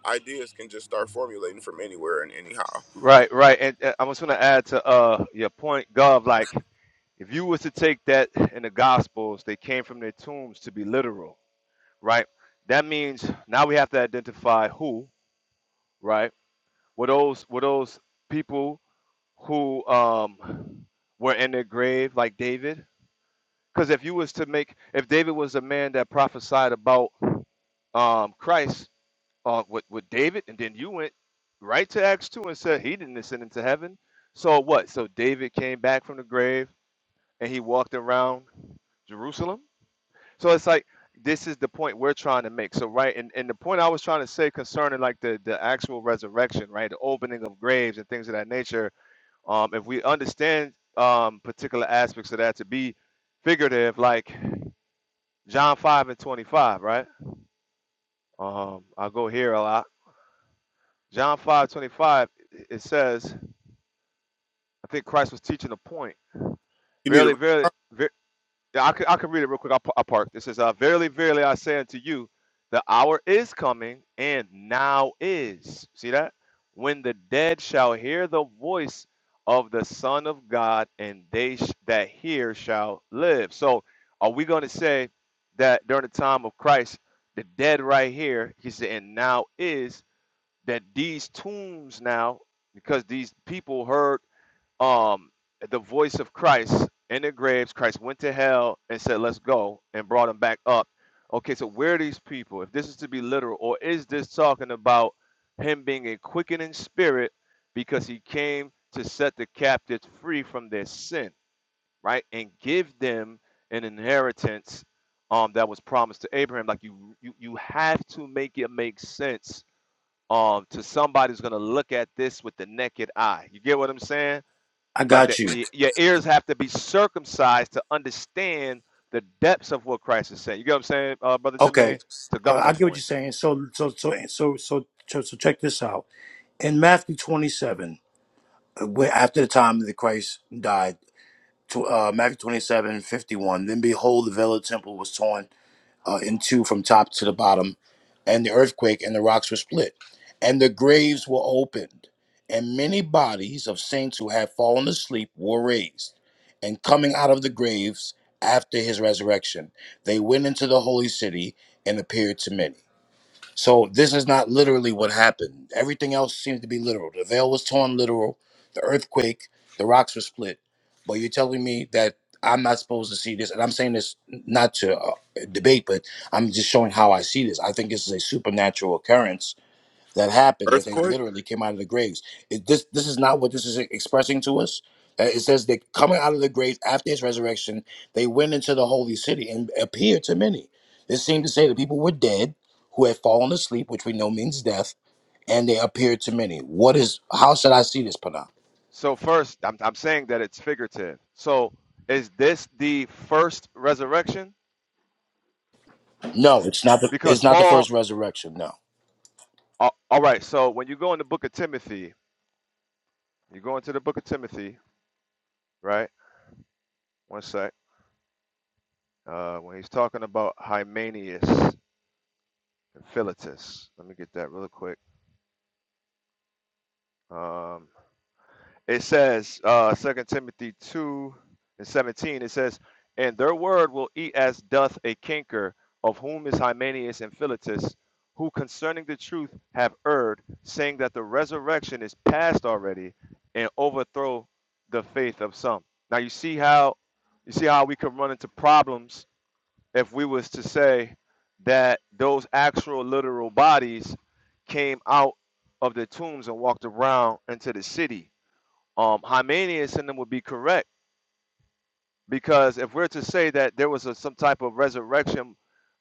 ideas can just start formulating from anywhere and anyhow.
Right, right. And uh, I was going to add to uh your point, Gov, like if you was to take that in the Gospels, they came from their tombs to be literal, right? That means now we have to identify who, right? Were those were those people who um were in their grave like David? Because if you was to make if David was a man that prophesied about um Christ, uh, with with David, and then you went right to Acts two and said he didn't ascend into heaven. So what? So David came back from the grave and he walked around Jerusalem. So it's like this is the point we're trying to make. So right, and, and the point I was trying to say concerning like the the actual resurrection, right, the opening of graves and things of that nature. Um, if we understand um particular aspects of that to be figurative, like John five and twenty five, right? Um, I'll go here a lot John 5 25, it says, I think Christ was teaching a point.
You need
Verily,
an
verily, ver- yeah, I, can, I can read it real quick. I'll, I'll park. It says, uh, Verily, verily, I say unto you, the hour is coming, and now is. See that? When the dead shall hear the voice of the Son of God, and they sh- that hear shall live. So, are we going to say that during the time of Christ, the dead right here, he said, and now is? that these tombs now, because these people heard um, the voice of Christ in their graves, Christ went to hell and said, "Let's go," and brought them back up. Okay, so where are these people? If this is to be literal, or is this talking about him being a quickening spirit because he came to set the captives free from their sin, right, and give them an inheritance um, that was promised to Abraham? Like you, you, you have to make it make sense um to somebody who's going to look at this with the naked eye. You get what I'm saying?
I
Like
got
that
you.
y- your ears have to be circumcised to understand the depths of what Christ is saying. You get what I'm saying, uh, brother
Okay,
Jermaine? To
uh,
governor
I get what
point.
you're saying. So, so, so, so, so, so, so check this out. In Matthew 27, uh, where- after the time that Christ died. tw- uh, Matthew 27 51. Then behold, the veil of the temple was torn uh, in two from top to the bottom, and the earthquake and the rocks were split, and the graves were opened, and many bodies of saints who had fallen asleep were raised. And coming out of the graves after his resurrection, they went into the holy city and appeared to many. So this is not literally what happened. Everything else seems to be literal. The veil was torn literal, the earthquake, the rocks were split. But you're telling me that I'm not supposed to see this, and I'm saying this not to uh, debate, but I'm just showing how I see this. I think this is a supernatural occurrence that happened that they
earthquake.
literally came out of the graves. It, this this is not what this is expressing to us. Uh, it says they coming out of the graves after his resurrection, they went into the holy city and appeared to many. This seemed to say that people were dead who had fallen asleep, which we know means death, and they appeared to many. What is how should I see this, Pana?
So first, I'm I'm saying that it's figurative. So is this the first resurrection?
No, it's not the
Because
it's not the
Paul
first resurrection. No.
a- all right, so when you go in the book of Timothy, you go into the book of Timothy, right? One sec. Uh, when he's talking about Hymenius and Philetus, let me get that real quick. Um, it says, uh, 2 Timothy 2 and 17, it says, And their word will eat as doth a canker, of whom is Hymenaeus and Philetus, who concerning the truth have erred, saying that the resurrection is past already, and overthrow the faith of some. Now you see how you see how we can run into problems if we was to say that those actual literal bodies came out of their tombs and walked around into the city. Um, Hymenius and them would be correct because if we're to say that there was a, some type of resurrection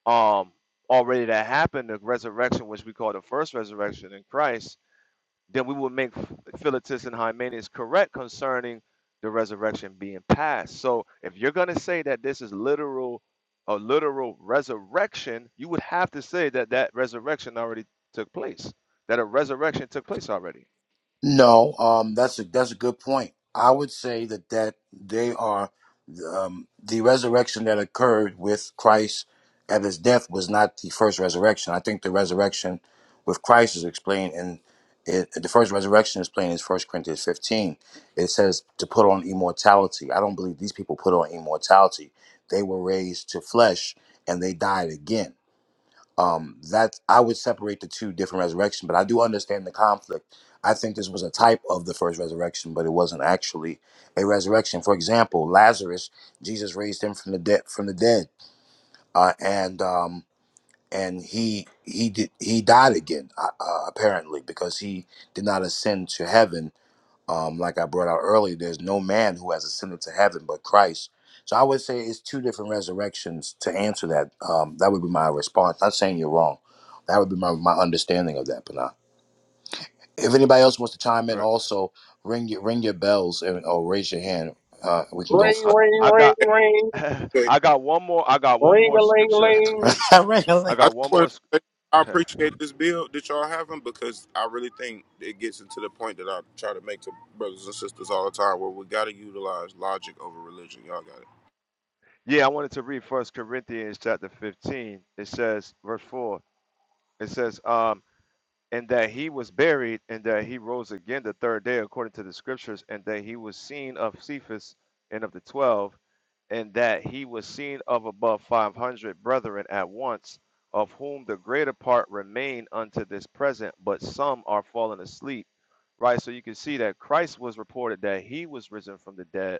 um, already that happened, the resurrection which we call the first resurrection in Christ, then we will make Philetus and Hymenaeus correct concerning the resurrection being past. So if you're going to say that this is literal, a literal resurrection, you would have to say that that resurrection already took place, that a resurrection took place already,
No, um, that's a that's a good point. I would say that that they are um, the resurrection that occurred with Christ at his death was not the first resurrection. I think the resurrection with Christ is explained in it, the first resurrection is explained in First Corinthians fifteen. It says to put on immortality. I don't believe these people put on immortality. They were raised to flesh and they died again um that i would separate the two different resurrection but i do understand the conflict i think this was a type of the first resurrection but it wasn't actually a resurrection for example lazarus jesus raised him from the dead from the dead uh, and um and he he did he died again uh, uh, apparently because he did not ascend to heaven um, like I brought out earlier, there's no man who has ascended to heaven but Christ. So I would say it's two different resurrections to answer that. Um, that would be my response. Not saying you're wrong. That would be my, my understanding of that, Panah. If anybody else wants to chime in,
right?
also ring your ring your bells and or raise your hand. Uh, we can go
Ring,
I,
for
ring,
I
ring,
got,
ring,
I got one more, I got one
ring
more
a ling
scripture.
ling.
Ring a
I
link.
I just
got one more.
wanted to say I appreciate this bill that y'all having because I really think it gets into the point that I try to make to brothers and sisters all the time where we got to utilize logic over religion. Y'all got it,
Yeah, I wanted to read First Corinthians chapter 15. It says, verse 4, it says, um, and that he was buried, and that he rose again the third day, according to the scriptures, and that he was seen of Cephas and of the twelve, and that he was seen of above five hundred brethren at once, of whom the greater part remain unto this present, but some are fallen asleep. Right, so you can see that Christ was reported that he was risen from the dead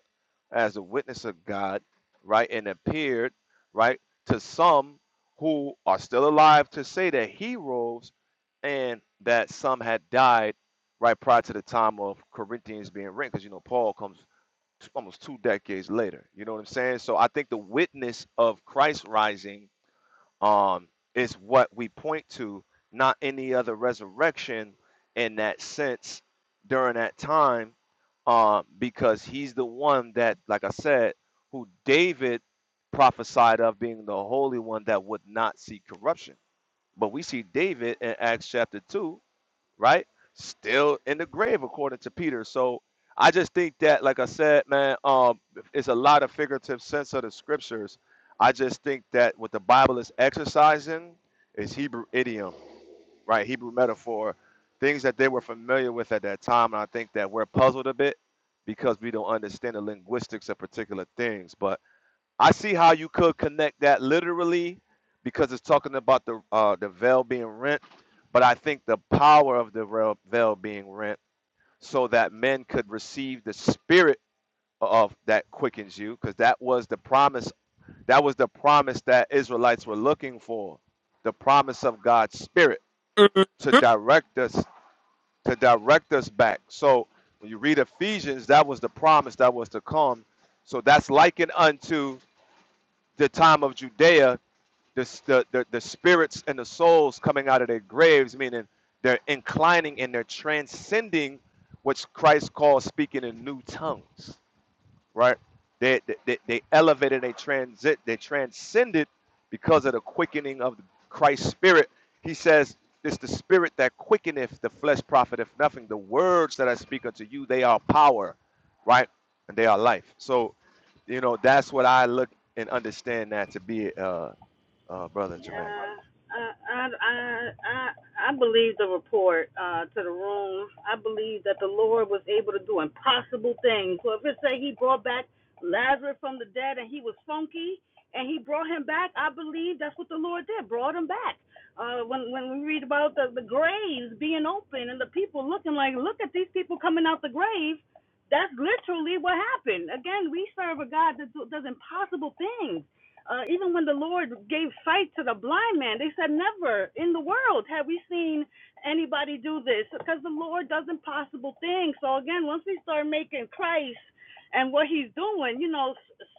as a witness of God, right, and appeared, right, to some who are still alive to say that he rose and that some had died right prior to the time of Corinthians being written, because you know Paul comes almost two decades later. You know what I'm saying? So I think the witness of Christ rising um, is what we point to, not any other resurrection in that sense during that time, um, because he's the one that, like I said, who David prophesied of being the holy one that would not see corruption. But we see David in Acts chapter 2 right? Still in the grave, according to Peter. So I just think that, like I said, man, um, it's a lot of figurative sense of the scriptures. I just think that what the Bible is exercising is Hebrew idiom, right? Hebrew metaphor, things that they were familiar with at that time. And I think that we're puzzled a bit because we don't understand the linguistics of particular things. But I see how you could connect that literally because it's talking about the uh, the veil being rent, but I think the power of the veil veil being rent so that men could receive the spirit of that quickens you because that was the promise that was the promise that Israelites were looking for the promise of God's spirit to direct us to direct us back so when you read Ephesians that was the promise that was to come so that's likened unto the time of Judea the, the, the, the spirits and the souls coming out of their graves, meaning they're inclining and they're transcending what Christ calls speaking in new tongues, right? They, they, they they elevated, they transit, they transcended because of the quickening of Christ's spirit. He says, it's the spirit that quickeneth the flesh profiteth nothing. The words that I speak unto you, they are power, right? And they are life. So, you know, that's what I look and understand that to be. Uh, uh, brother Jermaine.
Yeah, I, I, I, I believe the report uh, to the room. I believe that the Lord was able to do impossible things. So if it say He brought back Lazarus from the dead and he was funky and He brought him back, I believe that's what the Lord did. Brought him back. Uh, when when we read about the, the graves being open and the people looking like, look at these people coming out the grave. That's literally what happened. Again, we serve a God that does impossible things. Uh, even when the Lord gave sight to the blind man, they said, Never in the world have we seen anybody do this because the Lord does impossible things. So, again, once we start making Christ and what he's doing, you know,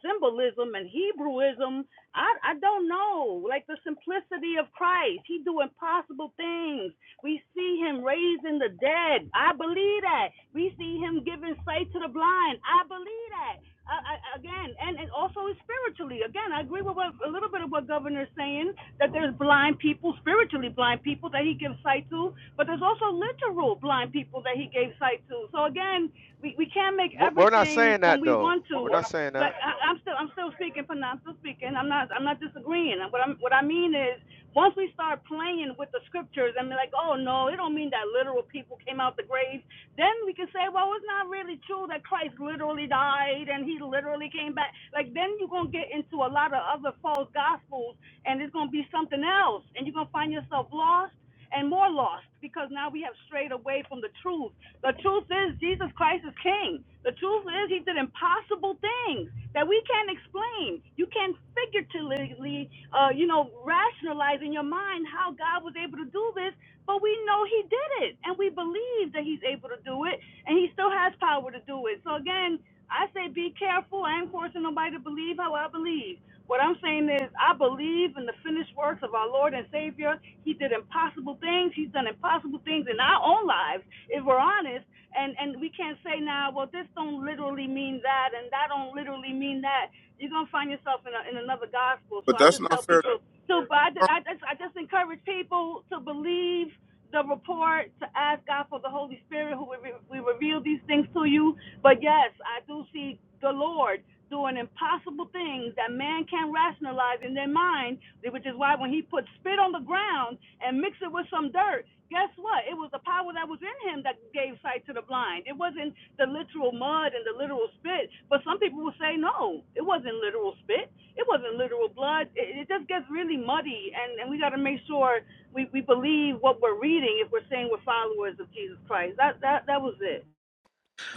symbolism and Hebrewism, I, I don't know. Like the simplicity of Christ, he do impossible things. We see him raising the dead. I believe that. We see him giving sight to the blind. I believe that. I, I, again, and, and also spiritually. Again, I agree with what, a little bit of what Governor's saying that there's blind people, spiritually blind people that he gives sight to, but there's also literal blind people that he gave sight to. So again, we, we can't make
We're we're not
everything
saying
when
that
we
though.
want to.
We're not saying that.
But I, I'm still I'm still speaking, Pana, I'm still speaking. I'm not I'm not disagreeing. What I'm what I mean is once we start playing with the scriptures and be like, oh no, it don't mean that literal people came out the grave. Then we can say, well, it's not really true that Christ literally died and he literally came back. Like, then you're going to get into a lot of other false gospels and it's going to be something else. And you're going to find yourself lost and more lost because now we have strayed away from the truth. The truth is Jesus Christ is King. The truth is he did impossible things that we can't explain. You can't figuratively, uh, you know, rationalize in your mind how God was able to do this but we know he did it, and we believe that he's able to do it, and he still has power to do it. So again, I say be careful. I ain't forcing nobody to believe how I believe. What I'm saying is, I believe in the finished works of our Lord and Savior. He did impossible things. He's done impossible things in our own lives, if we're honest. And and we can't say now, well, this don't literally mean that, and that don't literally mean that. You're gonna find yourself in a, in another gospel. So
but
I
that's
just
not
tell
fair.
people so, but I,
I
I just I just encourage people to believe the report, to ask God for the Holy Spirit who will, re- will reveal these things to you. But yes, I do see the Lord doing impossible things that man can't rationalize in their mind, which is why when he put spit on the ground and mixed it with some dirt, guess what? It was the power that was in him that gave sight to the blind. It wasn't the literal mud and the literal spit. But some people will say, no, it wasn't literal spit. It wasn't literal blood. It, it just gets really muddy, and, and we got to make sure we, we believe what we're reading if we're saying we're followers of Jesus Christ. That that that was it.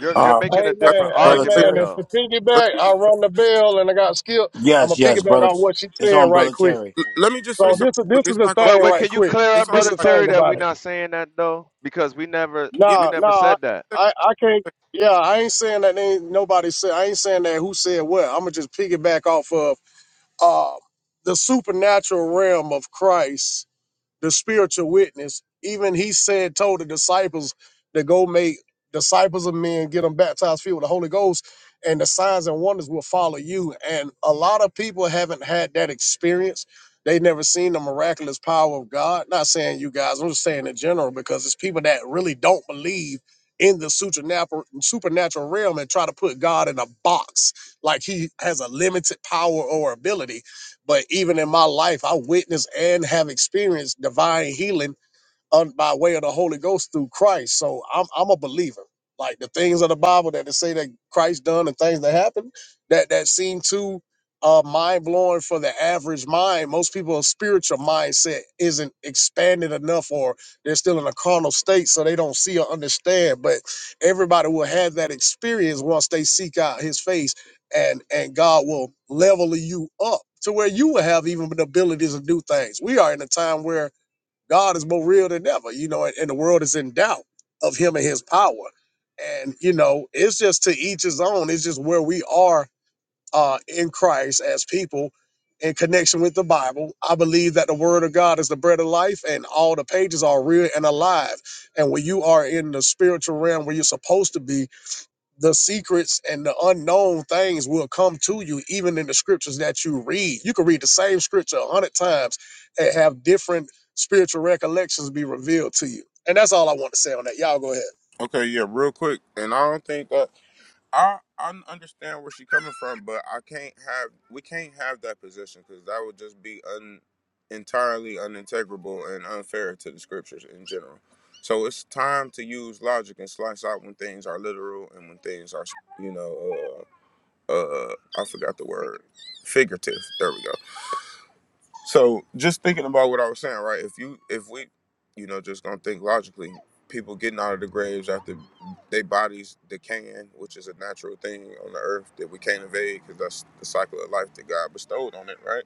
you're
uh,
making a
don't-
different
Amen,
brother
I-
argument
amen.
Terry.
And to
though.
let,
piggyback, I run the bell and I got skipped. I'm gonna
Yes, yes,
piggyback
brother.
on what she
It's
said
on
right
brother
quick.
Terry.
let me just say
So
something
this is
quick.
this is
It's
the
not gonna
But
thing
be.
wait,
right
can you
quick.
clear
It's
up,
This
only
brother
is the
like
Terry,
thing
that we're
about it.
not saying that though? Because we never
yeah.
we
Nah,
never
nah,
said that.
I think,
I I can't. Yeah, I ain't saying that ain't nobody said. I ain't saying that who said what. I'm gonna just piggyback off of uh the supernatural realm of Christ the spiritual witness. Even he said, told the disciples to go make disciples of men, get them baptized, filled with the Holy Ghost, and the signs and wonders will follow you. And a lot of people haven't had that experience. They never seen the miraculous power of God. Not saying you guys, I'm just saying in general, because it's people that really don't believe in the supernatural supernatural realm and try to put God in a box like he has a limited power or ability but even in my life, I witnessed and have experienced divine healing un, by way of the Holy Ghost through Christ. So I'm I'm a believer. Like the things of the Bible that they say that Christ done and things that happen that that seem too uh, mind blowing for the average mind. Most people's spiritual mindset isn't expanded enough, or they're still in a carnal state, so they don't see or understand. But everybody will have that experience once they seek out His face, and and God will level you up to where you will have even the abilities to do things. We are in a time where God is more real than ever, you know, and, and the world is in doubt of him and his power. And, you know, it's just to each his own. It's just where we are uh, in Christ as people in connection with the Bible. I believe that the word of God is the bread of life and all the pages are real and alive. And when you are in the spiritual realm where you're supposed to be, the secrets and the unknown things will come to you even in the scriptures that you read you can read the same scripture a hundred times and have different spiritual recollections be revealed to you and that's all i want to say on that y'all go ahead
okay, yeah, real quick, and I don't think that. I I understand where she's coming from, but I can't have we can't have that position because that would just be un entirely unintegrable and unfair to the scriptures in general. So it's time to use logic and slice out when things are literal and when things are you know uh uh I forgot the word figurative. There we go. So just thinking about what I was saying, right? If you if we, you know, just gonna think logically, people getting out of the graves after their bodies decaying, which is a natural thing on the earth that we can't evade because that's the cycle of life that God bestowed on it, right?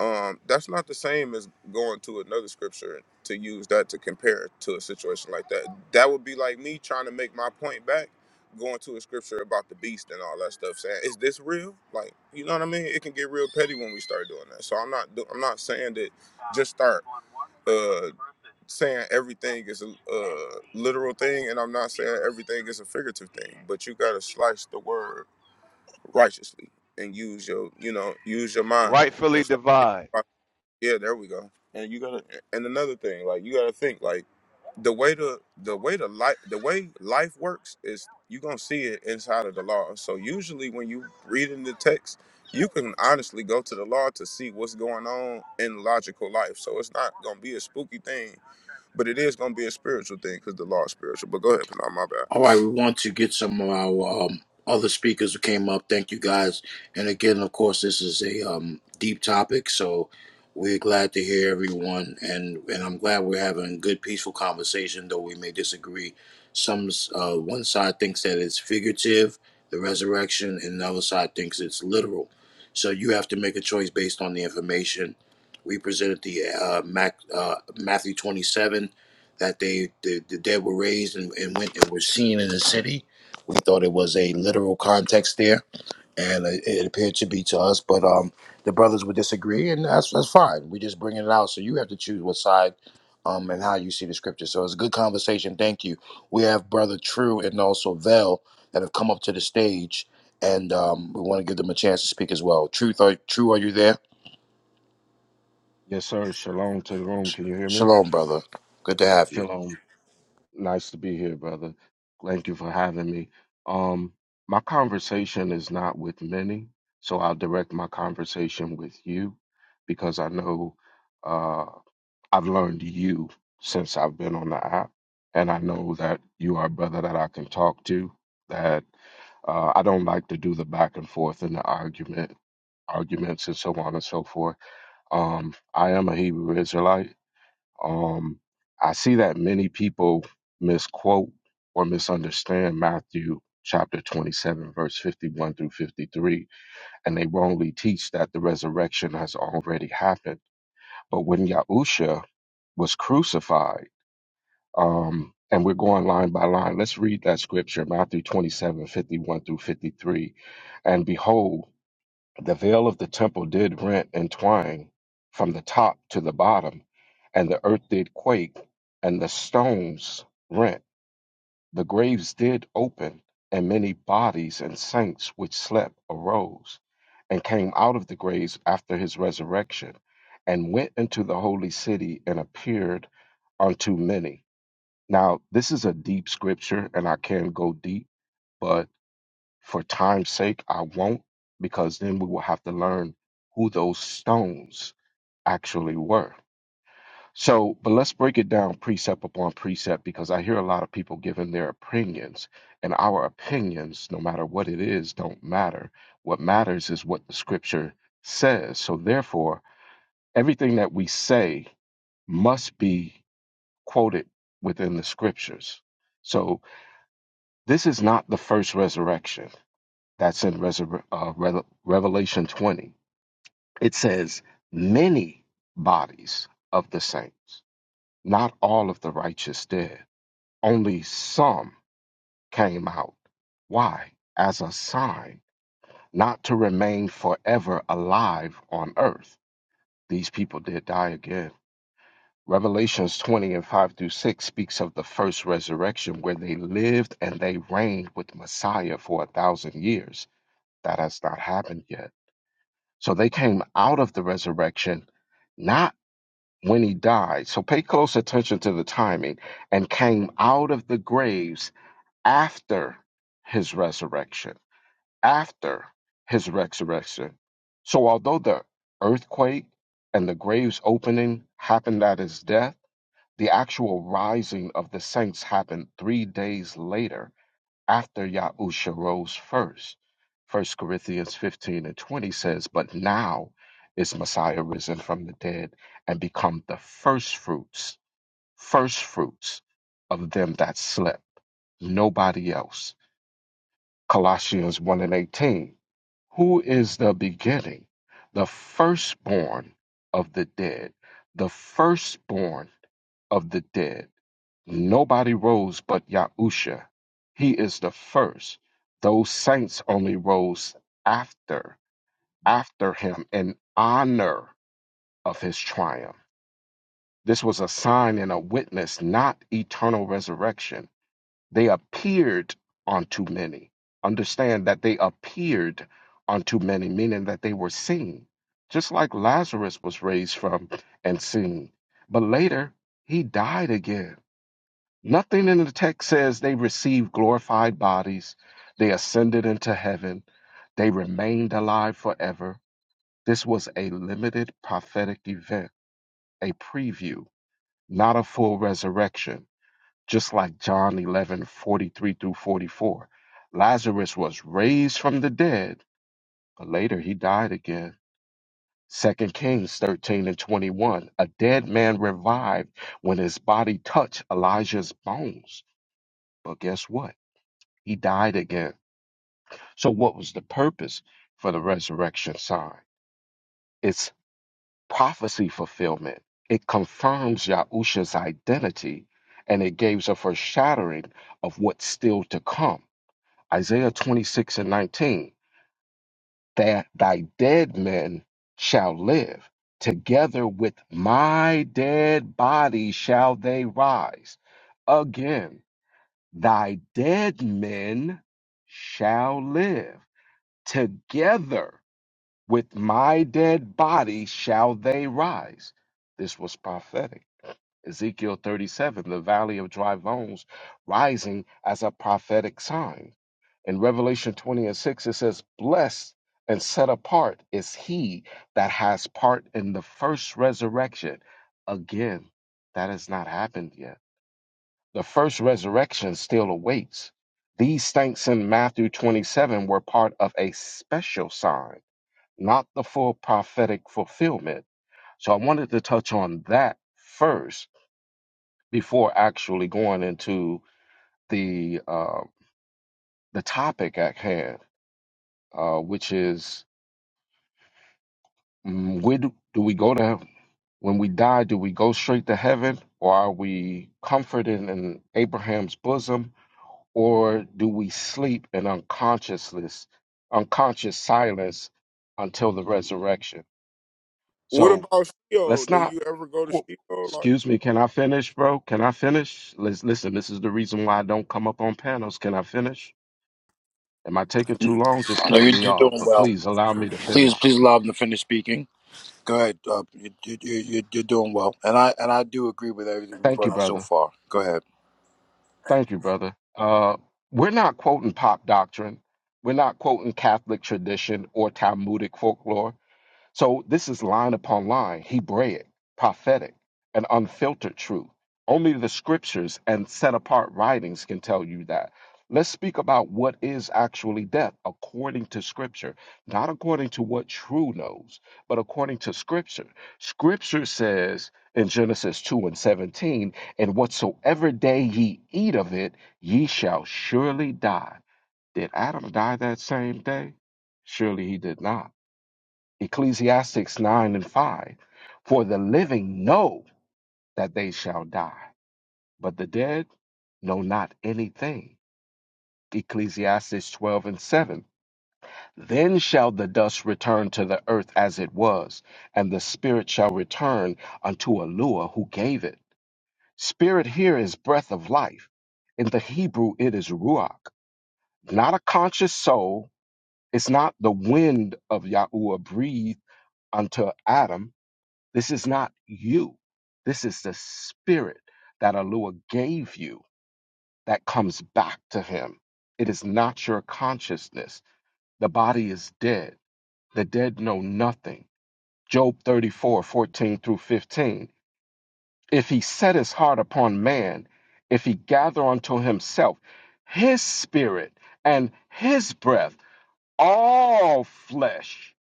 um, that's not the same as going to another scripture to use that to compare to a situation like that. That would be like me trying to make my point back, going to a scripture about the beast and all that stuff, saying, "Is this real?" Like, you know what I mean? It can get real petty when we start doing that. So I'm not, do- I'm not saying that. Just start uh, saying everything is a uh, literal thing, and I'm not saying everything is a figurative thing. But you gotta slice the word righteously and use your, you know, use your mind
Rightfully
and start.
divide.
Yeah, there we go. And you gotta and another thing, like you gotta think, like the way the the way the life the way life works is you gonna see it inside of the law. So usually when you read in the text, you can honestly go to the law to see what's going on in logical life. So it's not gonna be a spooky thing, but it is gonna be a spiritual thing because the law is spiritual. But go ahead, Panama, my bad.
All right, we want to get some of our um, other speakers who came up. Thank you guys. And again, of course, this is a um, deep topic, so we're glad to hear everyone. And and I'm glad we're having a good, peaceful conversation, though we may disagree. Some uh, one side thinks that it's figurative, the resurrection, and the other side thinks it's literal. So you have to make a choice based on the information. We presented the uh, Mac, uh, Matthew 27 that they the, the dead were raised and, and went and were seen in the city. We thought it was a literal context there, and it, it appeared to be to us. But um, the brothers would disagree, and that's that's fine. We are just bringing it out, so you have to choose what side, um, and how you see the scripture. So it's a good conversation. Thank you. We have brother True and also Vel that have come up to the stage, and um, we want to give them a chance to speak as well. Truth, are, True, are you there?
Yes, sir. Shalom to the room. Can you hear me?
Shalom, brother. Good to have you.
Shalom. Nice to be here, brother. Thank you for having me. Um, my conversation is not with many, so I'll direct my conversation with you because I know uh, I've learned you since I've been on the app, and I know that you are a brother that I can talk to. That uh, I don't like to do the back and forth and the argument, arguments, and so on and so forth. Um, I am a Hebrew Israelite. Um, I see that many people misquote or misunderstand Matthew chapter 27, verse 51 through 53, and they wrongly teach that the resurrection has already happened. But when Yahusha was crucified, um, and we're going line by line, let's read that scripture, Matthew 27:51 through 53. And behold, the veil of the temple did rent and twine from the top to the bottom, and the earth did quake, and the stones rent. The graves did open, and many bodies and saints which slept arose, and came out of the graves after his resurrection, and went into the holy city and appeared unto many. Now, this is a deep scripture, and I can go deep, but for time's sake, I won't, because then we will have to learn who those stones actually were. So, but let's break it down precept upon precept because I hear a lot of people giving their opinions, and our opinions, no matter what it is, don't matter. What matters is what the scripture says. So, therefore, everything that we say must be quoted within the scriptures. So, this is not the first resurrection That's in Reser- uh, Re- Revelation 20. It says, Many bodies of the saints, not all of the righteous dead, only some came out. Why? As a sign, not to remain forever alive on earth. These people did die again. Revelations 20 and 5 through 6 speaks of the first resurrection where they lived and they reigned with Messiah for a thousand years. That has not happened yet So they came out of the resurrection, not when he died. So pay close attention to the timing and came out of the graves after his resurrection. After his resurrection. So although the earthquake and the graves opening happened at his death, the actual rising of the saints happened three days later after Yahusha rose first. First Corinthians 15 and 20 says, But now is Messiah risen from the dead and become the first fruits, first fruits of them that slept, nobody else. Colossians 1 and 18, who is the beginning, the firstborn of the dead, the firstborn of the dead Nobody rose but Yahusha. He is the first. Those saints only rose after, after him in honor of his triumph. This was a sign and a witness, not eternal resurrection. They appeared unto many. Understand that they appeared unto many, meaning that they were seen, just like Lazarus was raised from and seen. But later, he died again Nothing in the text says they received glorified bodies, they ascended into heaven, they remained alive forever. This was a limited prophetic event, a preview, not a full resurrection, just like John 11 43 through 44. Lazarus was raised from the dead, but later he died again. Second Kings 13 and 21. A dead man revived when his body touched Elijah's bones. But guess what? He died again. So, what was the purpose for the resurrection sign? It's prophecy fulfillment. It confirms Yahusha's identity and it gives a foreshadowing of what's still to come. Isaiah 26 and 19 that thy dead men shall live, together with my dead body shall they rise. Again, thy dead men shall live Together with my dead body shall they rise. This was prophetic. Ezekiel 37, the valley of dry bones, rising as a prophetic sign. In Revelation 20 and 6, it says, Blessed and set apart is he that has part in the first resurrection. Again, that has not happened yet. The first resurrection still awaits. These thanks in Matthew 27 were part of a special sign not the full prophetic fulfillment. So I wanted to touch on that first before actually going into the uh, the topic at hand, uh, which is mm, where do, do we go to heaven? when we die? Do we go straight to heaven, or are we comforted in Abraham's bosom, or do we sleep in unconsciousness, unconscious silence until the resurrection?
What
So
about Sheol?
Let's
Do
not.
you ever go to
whoop.
Sheol? Like
Excuse me. Can I finish, bro? Can I finish? Lis- Listen, this is the reason why I don't come up on panels. Can I finish? Am I taking too long? Just
No,
cut
you're,
me
you're
off.
doing
But
well.
please allow me to
Please,
finish.
please allow them to finish speaking. Go ahead. Uh, you, you, you, you- are doing well, and I and I do agree with everything you
Thank you,
brought on so
brother.
far. Go ahead.
Thank you, brother. Uh, we're not quoting pop doctrine. We're not quoting Catholic tradition or Talmudic folklore. So this is line upon line, Hebraic, prophetic, and unfiltered truth. Only the scriptures and set apart writings can tell you that. Let's speak about what is actually death according to scripture, not according to what true knows, but according to scripture. Scripture says in Genesis 2 and 17, and whatsoever day ye eat of it, ye shall surely die. Did Adam die that same day? Surely he did not. Ecclesiastics 9 and 5. For the living know that they shall die, but the dead know not anything. Ecclesiastes 12 and 7. Then shall the dust return to the earth as it was, and the spirit shall return unto Elua who gave it. Spirit here is breath of life. In the Hebrew, it is ruach, not a conscious soul. It's not the wind of Yahuwah breathed unto Adam This is not you. This is the spirit that Allah gave you that comes back to him. It is not your consciousness. The body is dead. The dead know nothing. Job 34 14 through 15. If he set his heart upon man, if he gather unto himself his spirit and his breath, all flesh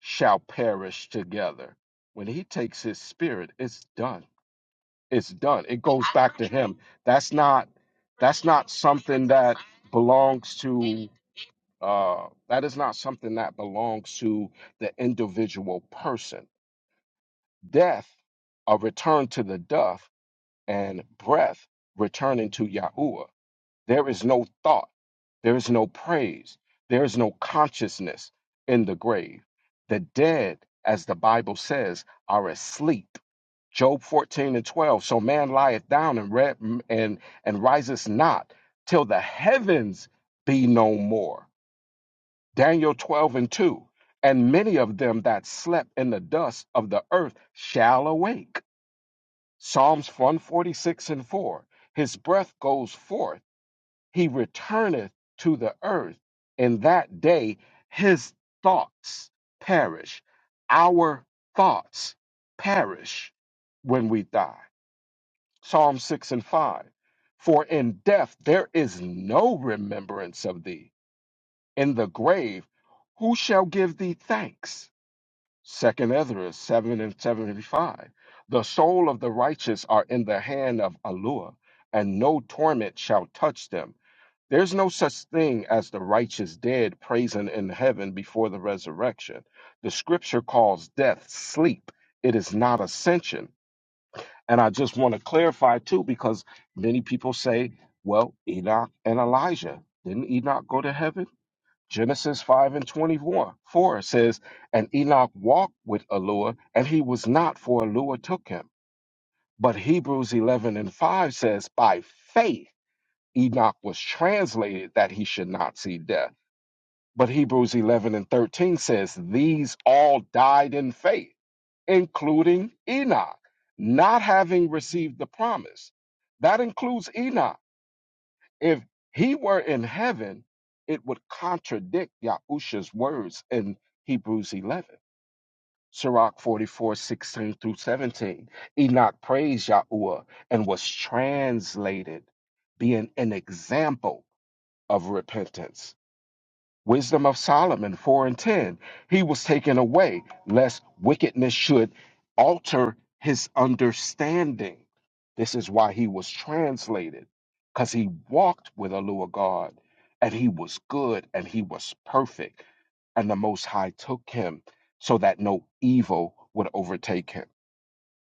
shall perish together. When he takes his spirit, it's done it's done. It goes back to him. That's not that's not something that belongs to uh that is not something that belongs to the individual person. Death, a return to the death, and breath returning to Yahuwah. There is no thought, there is no praise, there is no consciousness in the grave. The dead, as the Bible says, are asleep Job 14 and 12. So man lieth down and, re- and, and riseth not till the heavens be no more. Daniel 12 and 2. And many of them that slept in the dust of the earth shall awake. Psalms 146 and 4. His breath goes forth, he returneth to the earth. In that day his thoughts perish. Our thoughts perish when we die. Psalm 6 and 5. For in death there is no remembrance of thee. In the grave, who shall give thee thanks? Second Ezra 7 and 75. The soul of the righteous are in the hand of Allah, and no torment shall touch them. There's no such thing as the righteous dead praising in heaven before the resurrection. The scripture calls death sleep. It is not ascension. And I just want to clarify too, because many people say, well, Enoch and Elijah, didn't Enoch go to heaven? Genesis 5 and 24 4 says, And Enoch walked with Elua, and he was not, for Elua took him. But Hebrews 11 and 5 says, By faith Enoch was translated that he should not see death. But Hebrews 11 and 13 says, These all died in faith including Enoch, not having received the promise. That includes Enoch. If he were in heaven, it would contradict Yahusha's words in Hebrews 11. Sirach 44 16 through 17. Enoch praised Yahuwah and was translated, being an example of repentance. Wisdom of Solomon 4 and 10. He was taken away, lest wickedness should alter his understanding. This is why he was translated, because he walked with a Lua God, and he was good and he was perfect. And the Most High took him so that no evil would overtake him.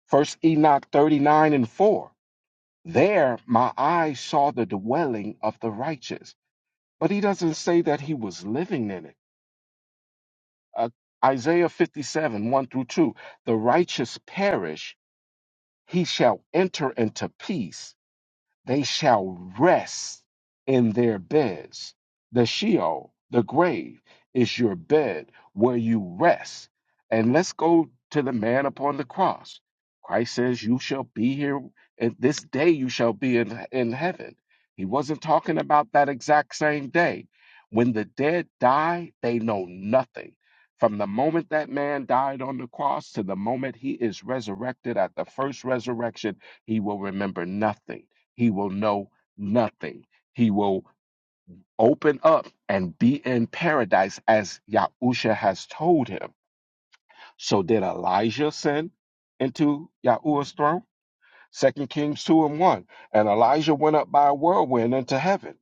First Enoch 39 and 4. There my eyes saw the dwelling of the righteous. But he doesn't say that he was living in it. Uh, Isaiah 57, 1 through 2. The righteous perish, he shall enter into peace. They shall rest in their beds. The Sheol, the grave, is your bed where you rest. And let's go to the man upon the cross. Christ says, You shall be here, and this day you shall be in, in heaven. He wasn't talking about that exact same day. When the dead die, they know nothing. From the moment that man died on the cross to the moment he is resurrected at the first resurrection, he will remember nothing he will know nothing. He will open up and be in paradise as Yahusha has told him. So did Elijah sin into Yahuwah's throne? Second Kings 2 and 1. And Elijah went up by a whirlwind into heaven.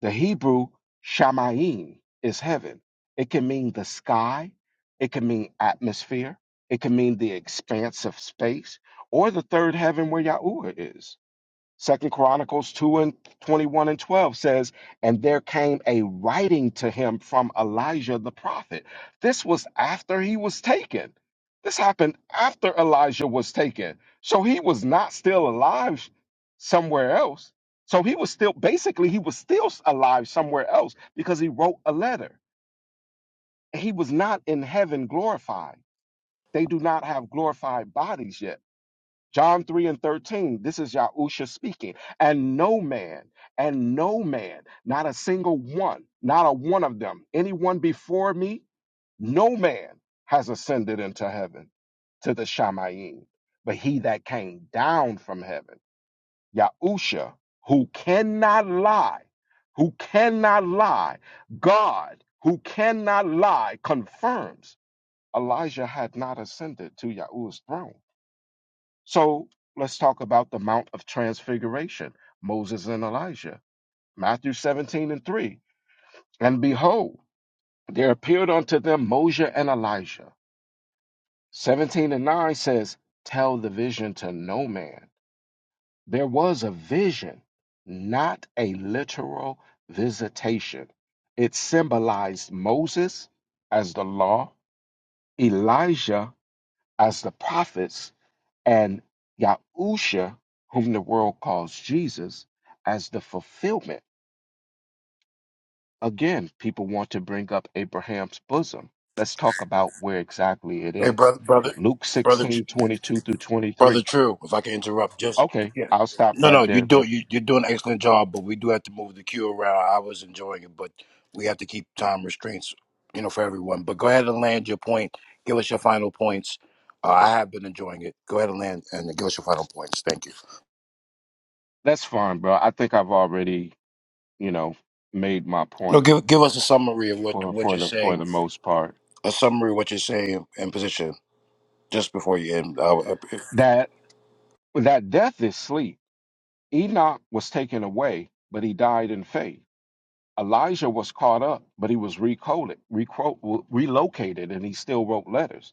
The Hebrew Shamayim is heaven. It can mean the sky, it can mean atmosphere, it can mean the expanse of space, or the third heaven where Yahuwah is. Second Chronicles 2 and 21 and 12 says, And there came a writing to him from Elijah the prophet. This was after he was taken. This happened after Elijah was taken. So he was not still alive somewhere else. So he was still, basically, he was still alive somewhere else because he wrote a letter. he was not in heaven glorified. They do not have glorified bodies yet. John 3 and 13, this is Yahusha speaking. And no man, and no man, not a single one, not a one of them, anyone before me, no man has ascended into heaven to the Shamayim, but he that came down from heaven, Yahusha, who cannot lie, who cannot lie, God, who cannot lie, confirms Elijah had not ascended to Yahuwah's throne. So let's talk about the Mount of Transfiguration, Moses and Elijah. Matthew 17 and 3. And behold, there appeared unto them Moses and Elijah. 17 and 9 says, Tell the vision to no man. There was a vision, not a literal visitation. It symbolized Moses as the law, Elijah as the prophets, and Yahusha, whom the world calls Jesus, as the fulfillment. Again, people want to bring up Abraham's bosom. Let's talk about where exactly it
Hey,
is.
brother, brother,
Luke
brother, Tr-
16 22 through
brother.
23.
True. If I can interrupt, just
Okay,
yeah.
I'll stop
No, no,
right
you
there,
do.
bro.
You, you're doing an excellent job, but we do have to move the queue around. I was enjoying it, but we have to keep time restraints, you know, for everyone. But go ahead and land your point. Give us your final points. Uh, I have been enjoying it. Go ahead and land and give us your final points. Thank you.
That's fine, bro. I think I've already, you know, made my
No,
point
give give us a summary of what
for,
what
for
you're
the for the
saying.
most part.
A summary of what you're saying and position. just before you end. I, I,
That that death is sleep. Enoch was taken away, but he died in faith. Elijah was caught up, but he was recoded, recro- relocated, and he still wrote letters.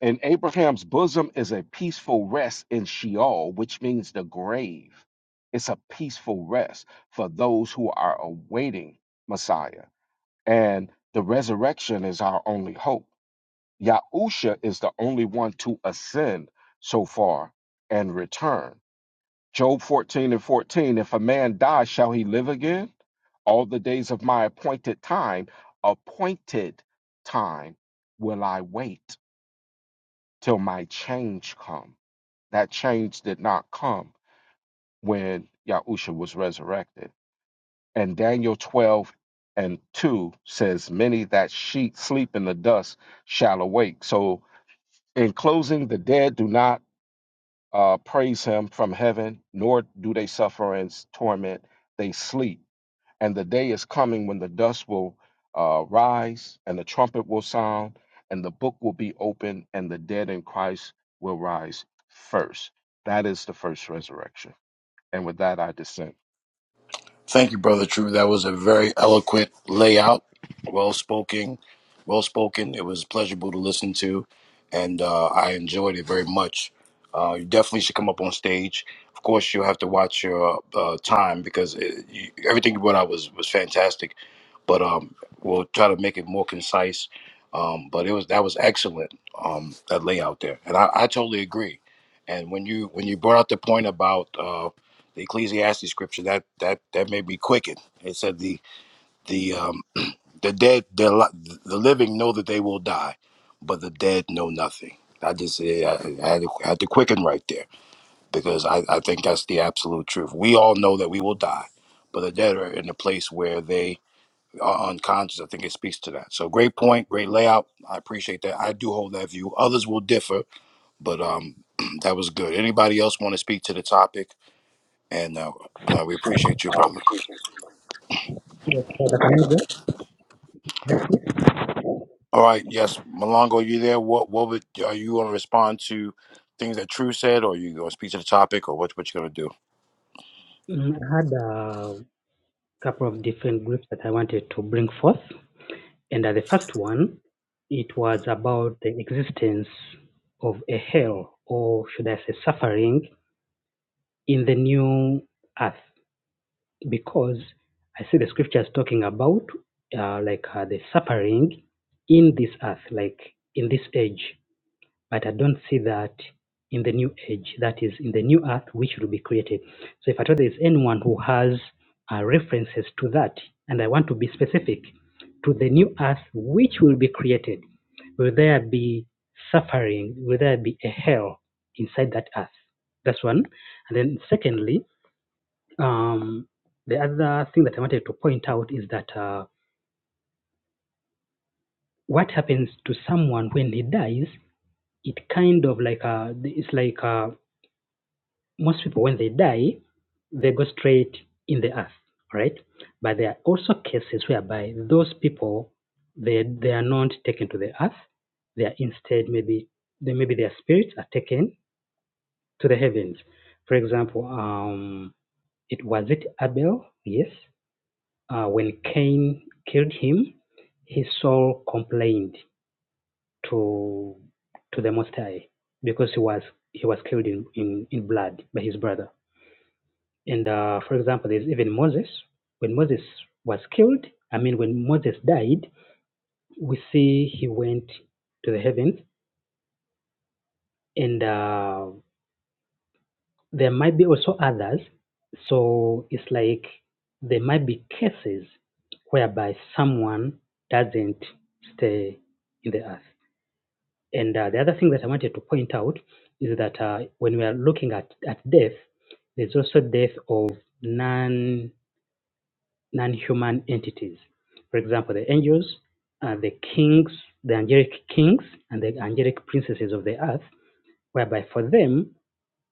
And Abraham's bosom is a peaceful rest in Sheol, which means the grave. It's a peaceful rest for those who are awaiting Messiah. And the resurrection is our only hope. Yahusha is the only one to ascend so far and return. Job 14 and 14, if a man die, shall he live again? All the days of my appointed time, appointed time, will I wait till my change come. That change did not come when Yahusha was resurrected. And Daniel 12 and 2 says, Many that sheep sleep in the dust shall awake. So, in closing, the dead do not uh, praise him from heaven, nor do they suffer in torment. They sleep And the day is coming when the dust will uh, rise, and the trumpet will sound, and the book will be opened, and the dead in Christ will rise first. That is the first resurrection. And with that, I dissent.
thank you, brother. True, that was a very eloquent layout, well spoken, well spoken. It was pleasurable to listen to, and uh, I enjoyed it very much. Uh, you definitely should come up on stage. Of course, you'll have to watch your uh, time because it, you, everything you brought out was was fantastic. but um, we'll try to make it more concise. Um, but it was that was excellent um, that layout there, and I, I totally agree. And when you when you brought out the point about uh, the Ecclesiastes scripture, that that that made me quicken. It said the the um, the dead the li- the living know that they will die, but the dead know nothing. I just yeah, I, I, had to, I had to quicken right there because I, I think that's the absolute truth. We all know that we will die, but the dead are in a place where they are unconscious. I think it speaks to that. So great point, great layout. I appreciate that. I do hold that view. Others will differ, but um, that was good. Anybody else want to speak to the topic? And uh, uh, we appreciate you, brother. All right, yes, Malongo, you there? What what would are you going to respond to things that True said, or you going to speak to the topic, or what what you going to do?
Mm, I had a couple of different groups that I wanted to bring forth, and uh, the first one it was about the existence of a hell, or should I say, suffering in the new earth, because I see the sort uh, in in this, but that be created, So if who has a reference that and I want to be specific, earth will there be well inside that earth? That's one. And then really, um, the other thing that I wanted to point out is that uh, what happened to someone when he dies, it kind of like uh, uh, most when they die, they bit in the earth, right? But there are also cases whereby those people they they are not taken to the earth. They are instead maybe they, maybe their spirits are taken to the heavens. For example, um, it was it Abel, yes. Uh, when Cain killed him, his soul complained to to the Most High because he was he was killed in, in, in blood by his brother. And uh, for example, there's even Moses. When Moses was killed, I mean, when Moses died, we see he went to the heavens and. Uh, There might be also others. So it's like there might be cases whereby someone doesn't stay in the earth. And uh, the other thing that I wanted to point out is that uh, when we are looking at, at death, there's also death of non non human entities. For example, the angels, uh, the kings, the angelic kings, and the angelic princesses of the earth, whereby for them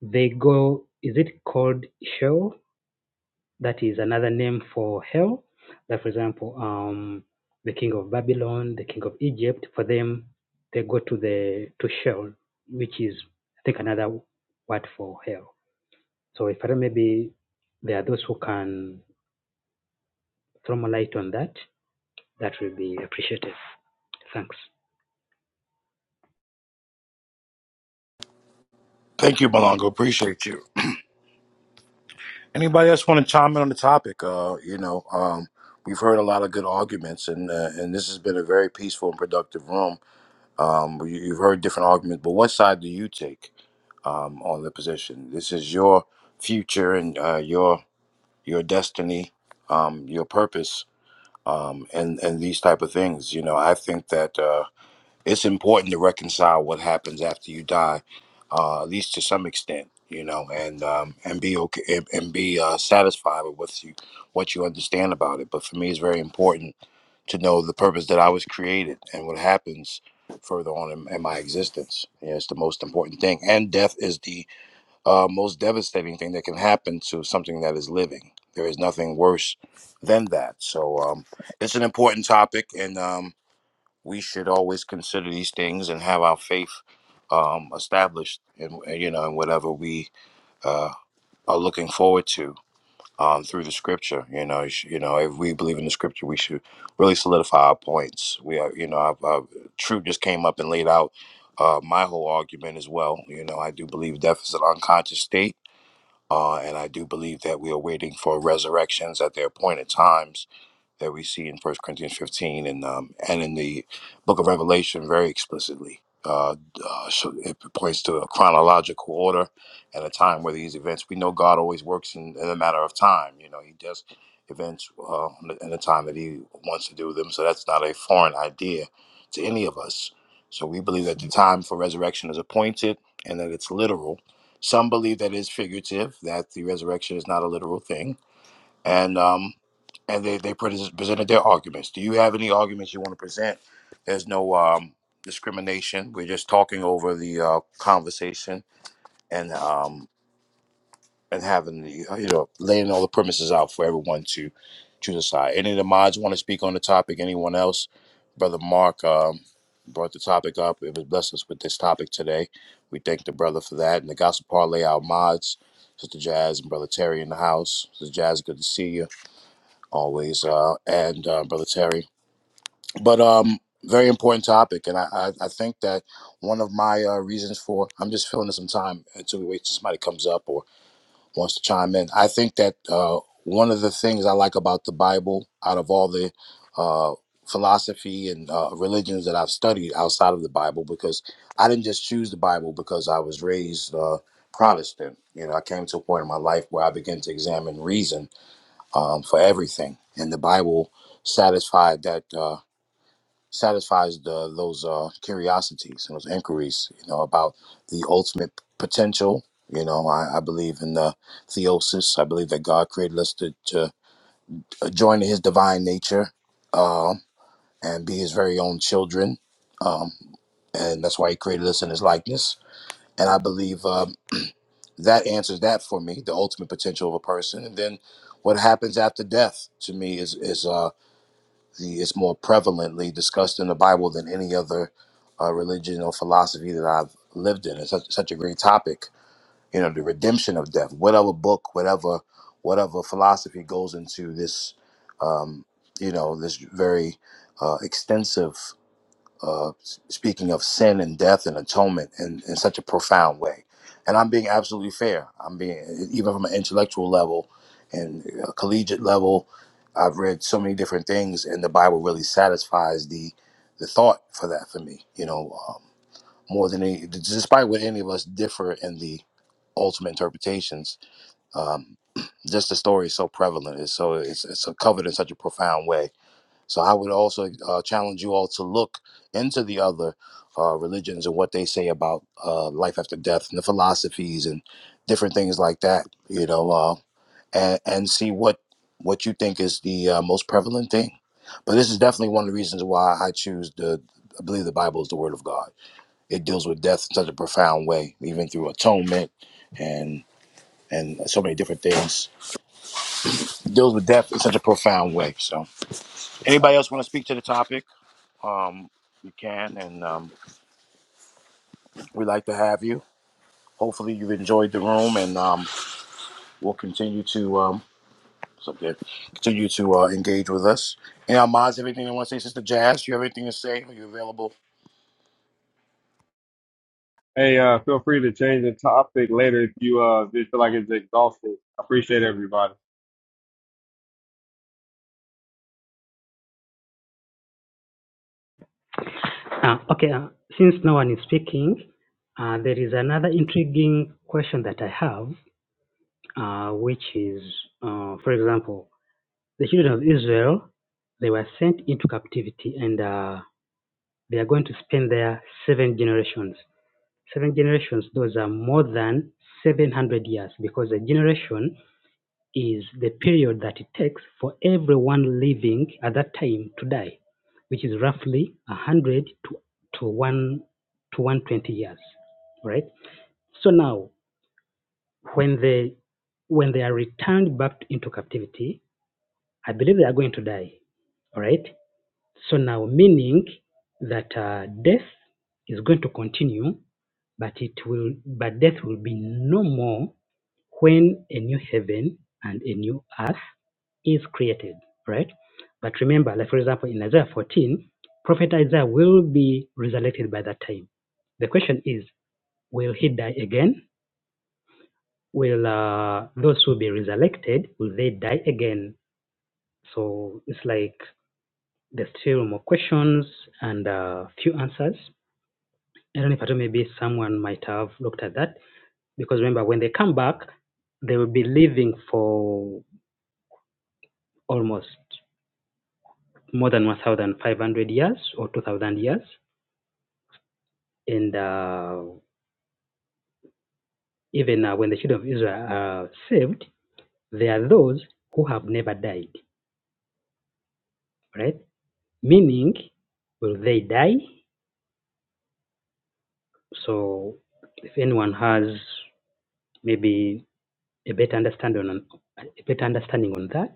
they go. Is it called Sheol? That is another name for hell. Like, for example, um, the king of Babylon, the king of Egypt, for them, they go to the to Sheol, which is, I think, another word for hell. So if I don't- maybe there are those who can throw more light on that, that will be appreciated. Thanks.
Thank you, Malongo. Appreciate you. Anybody else want to chime in on the topic? Uh, you know, um, we've heard a lot of good arguments, and uh, and this has been a very peaceful and productive room Well, you- You've heard different arguments, but what side do you take um, on the position? This is your future and uh, your your destiny, um, your purpose, um, and and these type of things. You know, I think that uh, it's important to reconcile what happens after you die, uh, at least to some extent. You know, and um, and be okay and, and be uh, satisfied with what you what you understand about it. But for me, it's very important to know the purpose that I was created and what happens further on in, in my existence. Yeah, it's the most important thing. And death is the uh, most devastating thing that can happen to something that is living. There is nothing worse than that. So um, it's an important topic, and um, we should always consider these things and have our faith um, established in you know in whatever we uh, are looking forward to um, through the scripture. You know, you, sh- you know, if we believe in the scripture, we should really solidify our points. We are, you know, I've, i True just came up and laid out uh, my whole argument as well. You know, I do believe death is an unconscious state, uh, and I do believe that we are waiting for resurrections at their appointed times that we see in First Corinthians 15 and um, and in the book of Revelation very explicitly. Uh, uh, so it points to a chronological order and a time where these events. We know God always works in, in a matter of time. You know, He does events uh, in the time that He wants to do them. So that's not a foreign idea to any of us. So we believe that the time for resurrection is appointed and that it's literal. Some believe that it's figurative, that the resurrection is not a literal thing and um, and they they pres- presented their arguments. Do you have any arguments you want to present? There's no um, discrimination. We're just talking over the uh, conversation and um, and having the uh, you know laying all the premises out for everyone to to decide. Any of the mods want to speak on the topic? Anyone else? Brother Mark um, brought the topic up. It was blessed us with this topic today. We thank the brother for that. And the gospel parlay our mods, Sister Jazz and Brother Terry in the house. Sister Jazz, good to see you always, uh, and uh, Brother Terry. But um, very important topic, and I, I, I think that one of my uh, reasons for I'm just filling in some time until we wait till somebody comes up or wants to chime in. I think that uh, one of the things I like about the Bible, out of all the uh, philosophy and uh, religions that I've studied outside of the Bible, because I didn't just choose the Bible because I was raised uh, Protestant. You know, I came to a point in my life where I began to examine reason um, for everything, and the Bible satisfied that uh, satisfies the, those uh, curiosities and those inquiries, you know, about the ultimate potential. You know, I, I believe in the theosis. I believe that God created us to, to join to His divine nature uh, and be His very own children, um, and that's why He created us in His likeness. And I believe um, that answers that for me, the ultimate potential of a person. And then what happens after death to me is is. Uh, It's more prevalently discussed in the Bible than any other uh, religion or philosophy that I've lived in. It's such, such a great topic. You know, the redemption of death. Whatever book, whatever whatever philosophy goes into this, um, you know, this very uh, extensive uh, speaking of sin and death and atonement in, in such a profound way. And I'm being absolutely fair. I'm being, even from an intellectual level and a collegiate level, I've read so many different things, and the Bible really satisfies the the thought for that for me, you know, um, more than any, despite what any of us differ in the ultimate interpretations, um, just the story is so prevalent. It's so, it's, it's so covered in such a profound way so I would also uh, challenge you all to look into the other uh, religions and what they say about uh, life after death and the philosophies and different things like that. You know, uh, and, and see what what you think is the uh, most prevalent thing. But this is definitely one of the reasons why I choose the. I believe the Bible is the Word of God. It deals with death in such a profound way, even through atonement and and so many different things. It deals with death in such a profound way. So, anybody else want to speak to the topic? um, you can, and um, we'd like to have you. Hopefully, you've enjoyed the room, and um, we'll continue to um, so good. continue to uh, engage with us. And Almaz, everything you want to say, Sister Jazz, you have anything to say? Are you available?
Hey, uh, feel free to change the topic later if you uh just feel like it's exhausted. I appreciate everybody.
Uh, okay, uh, since no one is speaking, uh, there is another intriguing question that I have, uh, which is, uh, for example, The children of Israel, they were sent into captivity and uh, they are going to spend their seven generations. Seven generations, those are more than 700 years because a generation is the period that it takes for everyone living at that time to die, which is roughly 100 to, to, one, to 120 years, right? So now, when they, when they are returned back into captivity, I believe they are going to die, all right? So now meaning that uh, death is going to continue, but it will, but death will be no more when a new heaven and a new earth is created, right? But remember, like for example, in Isaiah 14, Prophet Isaiah will be resurrected by that time. The question is, will he die again? Will uh, those who be resurrected will they die again? So it's like there's still more questions and uh, few answers. I don't know if I told maybe someone might have looked at that because remember when they come back, they will be living for almost more than 1,500 years or 2,000 years. And uh, even uh, when the children of Israel are saved, they are those who have never died, right? Meaning, will they die? So, if anyone has maybe a better understanding on a better understanding on that,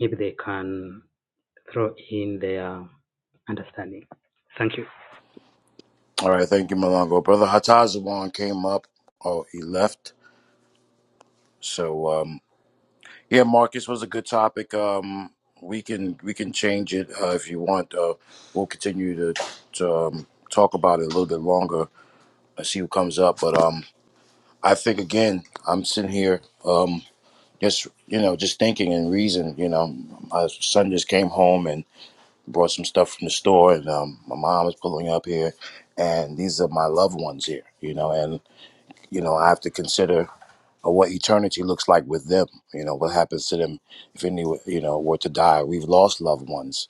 maybe they can throw in their understanding. Thank you.
All right, thank you, Malongo. Brother Hatazawan came up. Oh, he left. So um, yeah, Marcus was a good topic. Um, we can we can change it uh, if you want. Uh, we'll continue to, to um, talk about it a little bit longer and see who comes up. But um, I think again, I'm sitting here, um, just you know, just thinking and reason. You know, my son just came home and brought some stuff from the store, and um, my mom is pulling up here, and these are my loved ones here. You know, and you know, I have to consider uh, what eternity looks like with them. You know, what happens to them if any, you know, were to die. We've lost loved ones,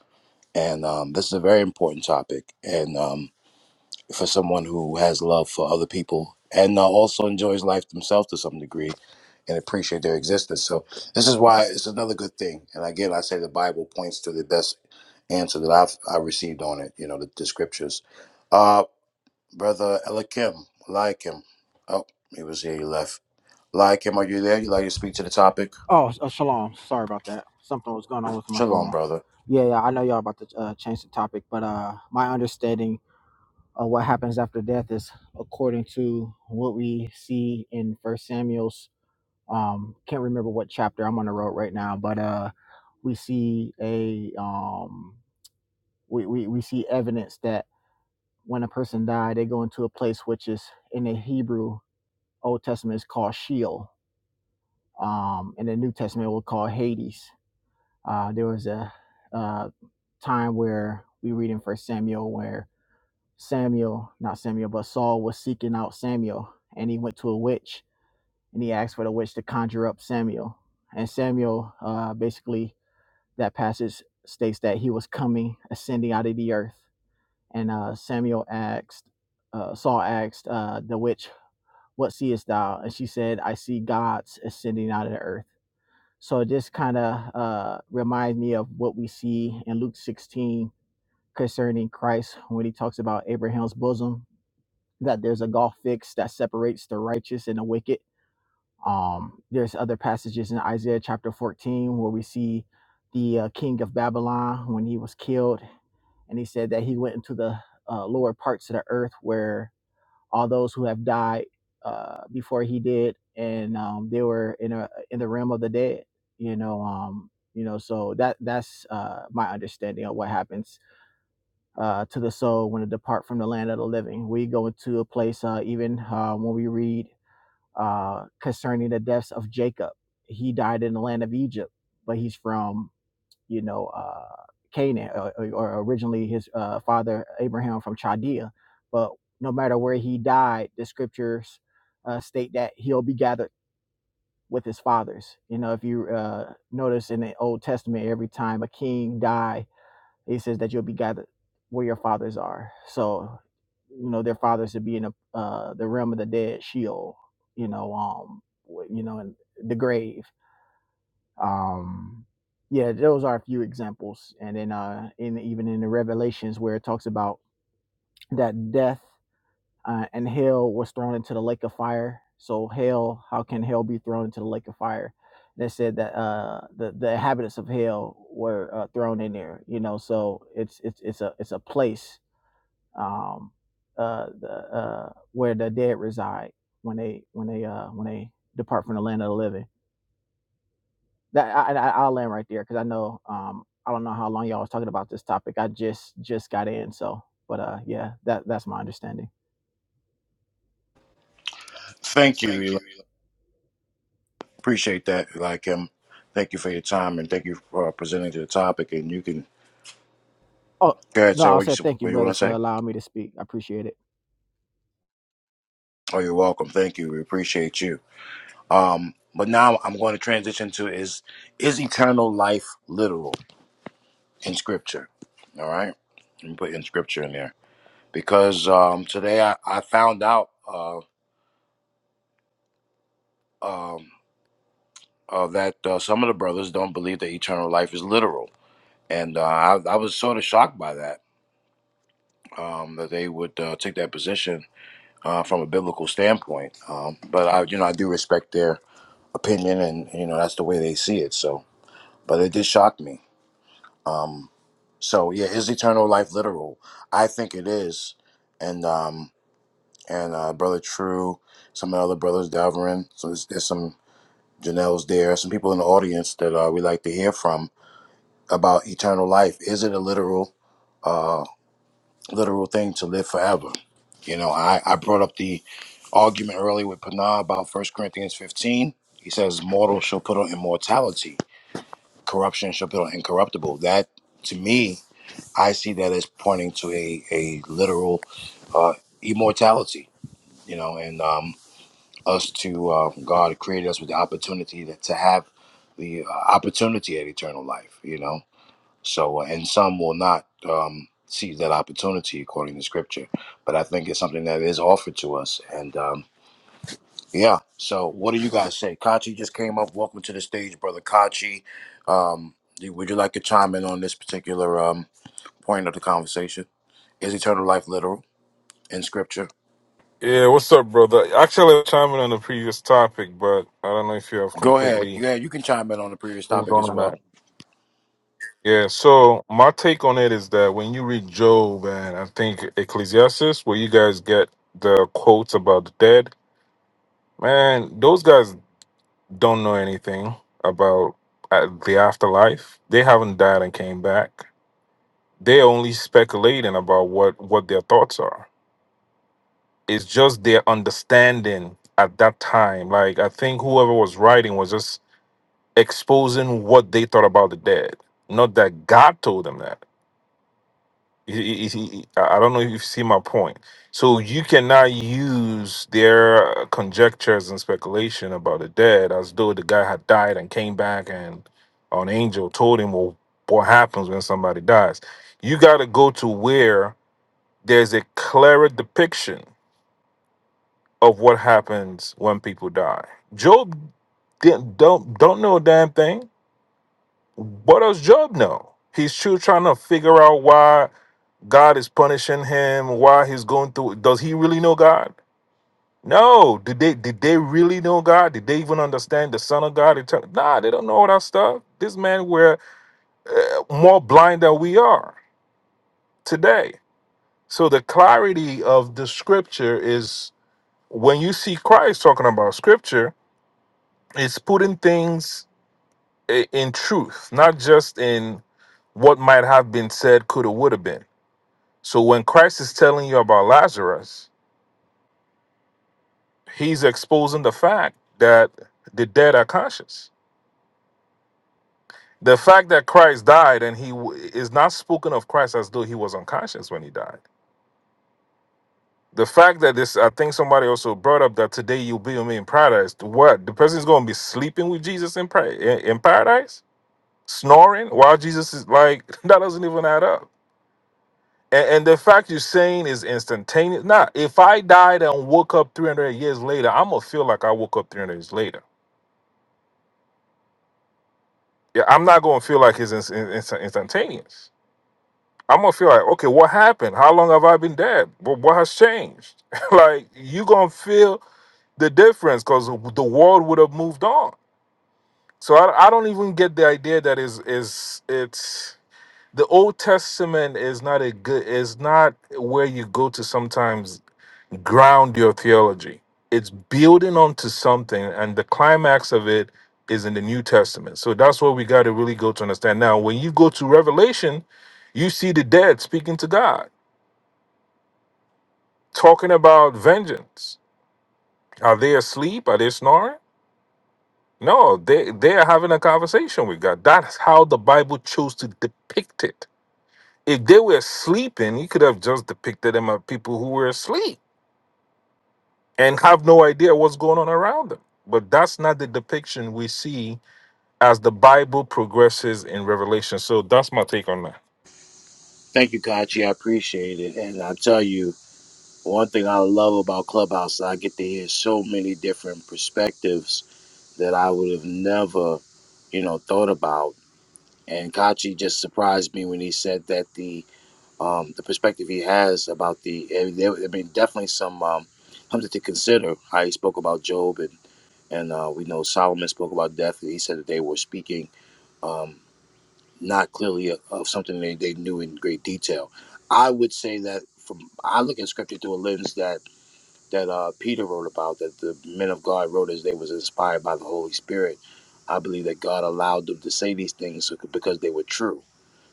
and um, this is a very important topic, and um, for someone who has love for other people and uh, also enjoys life themselves to some degree and appreciate their existence. So this is why it's another good thing. And again, like I say the Bible points to the best answer that I've I received on it. You know, the, the scriptures. Uh, brother Eliakim, Eliakim. Oh, he was here. He left. Eliakim, are you there? You like to speak to the topic?
Oh, uh, shalom. Sorry about that. Something was going on with my
Shalom,
phone.
brother.
Yeah, yeah. I know y'all about to uh, change the topic, but uh, my understanding of what happens after death is according to what we see in First Samuel's. Um, can't remember what chapter I'm on the road right now, but uh, we see a um, we, we we see evidence that when a person died, they go into a place which is in the Hebrew Old Testament is called Sheol. Um, in the New Testament, we'll call Hades Uh, there was a, uh time where we read in First Samuel where Samuel, not Samuel, but Saul was seeking out Samuel, and he went to a witch and he asked for the witch to conjure up Samuel. And Samuel, uh, basically, that passage states that he was coming, ascending out of the earth. And uh, Samuel asked, uh, Saul asked uh, the witch, "What seest thou?" And she said, "I see gods ascending out of the earth." So it just kind of uh, reminds me of what we see in Luke 16 concerning Christ when he talks about Abraham's bosom, that there's a gulf fixed that separates the righteous and the wicked. Um, there's other passages in Isaiah chapter 14 where we see the uh, king of Babylon when he was killed, and he said that he went into the uh, lower parts of the earth where all those who have died uh, before he did, and um, they were in a in the realm of the dead. You know, um, you know, so that that's uh, my understanding of what happens uh, to the soul when it depart from the land of the living. We go into a place uh, even uh, when we read uh, concerning the deaths of Jacob. He died in the land of Egypt, but he's from you know, uh, Canaan or, or originally his uh, father Abraham from Chaldea. But no matter where he died, the scriptures uh, state that he'll be gathered with his fathers. You know, if you uh, notice in the Old Testament, every time a king died, it says that you'll be gathered where your fathers are. So, you know, their fathers would be in the uh, the realm of the dead, Sheol. You know, um, you know, in the grave um yeah those are a few examples and then uh in even in the revelations where it talks about that death uh, and hell was thrown into the lake of fire so hell how can hell be thrown into the lake of fire They said that uh the the inhabitants of hell were uh, thrown in there you know so it's it's it's a it's a place um uh the uh where the dead reside when they when they uh when they depart from the land of the living that I, I, I'll land right there because I know um, I don't know how long y'all was talking about this topic. I just just got in, so but uh, yeah, that that's my understanding.
Thank you. Eli. Appreciate that, Eliakim. Thank you for your time and thank you for presenting to the topic. And you can
Oh
go ahead,
no,
sir.
I
What
said
you
thank you,
what you want
brother,
to
for
say?
allowing me to speak. I appreciate it.
Oh, you're welcome. Thank you. We appreciate you. Um, but now I'm going to transition to is is eternal life literal in scripture? All right, let me put in scripture in there because um, today I, I found out uh, um, uh, that uh, some of the brothers don't believe that eternal life is literal, and uh, I, I was sort of shocked by that um, that they would uh, take that position uh, from a biblical standpoint. Um, but I, you know, I do respect their opinion, and you know that's the way they see it. So, but it did shock me. Um, So yeah, is eternal life literal? I think it is, and um and uh, brother True, some of the other brothers Delverin, so there's, there's some Janelle's there, some people in the audience that uh, we like to hear from about eternal life. Is it a literal uh literal thing to live forever? You know, I I brought up the argument earlier with Panah about First Corinthians fifteen. He says, "Mortal shall put on immortality; corruption shall put on incorruptible." That to me I see that as pointing to a a literal uh, immortality, you know, and um, us to uh, God created us with the opportunity that, to have the uh, opportunity at eternal life, you know. So, uh, and some will not um, seize that opportunity according to Scripture, but I think it's something that is offered to us, and. Um, yeah. So, what do you guys say? Kachi just came up. Welcome to the stage, brother Kachi. Um, do- would you like to chime in on this particular um, point of the conversation? Is eternal life literal in scripture?
Yeah, what's up, brother? Actually, I'm chiming on the previous topic, but I don't know if you have
Go ahead.
completely.
Yeah, you can chime in on the previous topic as well.
Yeah, so my take on it is that when you read Job and I think Ecclesiastes, where you guys get the quotes about the dead, man, those guys don't know anything about uh, the afterlife. They haven't died and came back. They're only speculating about what what their thoughts are. It's just their understanding at that time. Like I think whoever was writing was just exposing what they thought about the dead. Not that God told them that. You- you- you- I I don't know if you see my point. So you cannot use their conjectures and speculation about the dead as though the guy had died and came back and an angel told him well, what happens when somebody dies. You got to go to where there's a clearer depiction of what happens when people die. Job didn't, don't don't know a damn thing What does Job know? He's still trying to figure out why God is punishing him, why he's going through. Does he really know God? No. Did they did they really know God? Did they even understand the Son of God? Eternal? Nah, they don't know all that stuff. This man were more blind than we are today. So the clarity of the scripture is when you see Christ talking about scripture, it's putting things i- in truth, not just in what might have been said, could have, would have been So when Christ is telling you about Lazarus, he's exposing the fact that the dead are conscious. The fact that Christ died and he w- is not spoken of Christ as though he was unconscious when he died. The fact that this, I think somebody also brought up that today you'll be with me in paradise. What? The person's going to be sleeping with Jesus in, pra- in in paradise? Snoring while Jesus is like, that doesn't even add up. And, and the fact you're saying is instantaneous. Now, if I died and woke up 300 years later, I'm gonna feel like I woke up 300 years later. Yeah, I'm not gonna feel like it's ins- ins- instantaneous. I'm gonna feel like, okay, what happened? How long have I been dead? What, what has changed? like you gonna feel the difference because the world would have moved on. So I, I don't even get the idea that is is it's the Old Testament is not a good is not where you go to sometimes ground your theology. It's building onto something, and the climax of it is in the New Testament. So that's what we got to really go to understand. Now, when you go to Revelation, you see the dead speaking to God, talking about vengeance. Are they asleep? Are they snoring? No, they, they are having a conversation with God. That's how the Bible chose to depict it. If they were sleeping, you could have just depicted them as people who were asleep and have no idea what's going on around them. But that's not the depiction we see as the Bible progresses in Revelation. So that's my take on that.
Thank you, Kachi. I appreciate it. And I tell you, one thing I love about Clubhouse, I get to hear so many different perspectives that I would have never, you know, thought about. And Kachi just surprised me when he said that the um, the perspective he has about the I mean, there I mean definitely some um, something to consider. How he spoke about Job and and uh, we know Solomon spoke about death. And he said that they were speaking. um, not clearly of something they, they knew in great detail. I would say that from I look at scripture through a lens that that uh, Peter wrote about, that the men of God wrote as they was inspired by the Holy Spirit. I believe that God allowed them to say these things so, because they were true,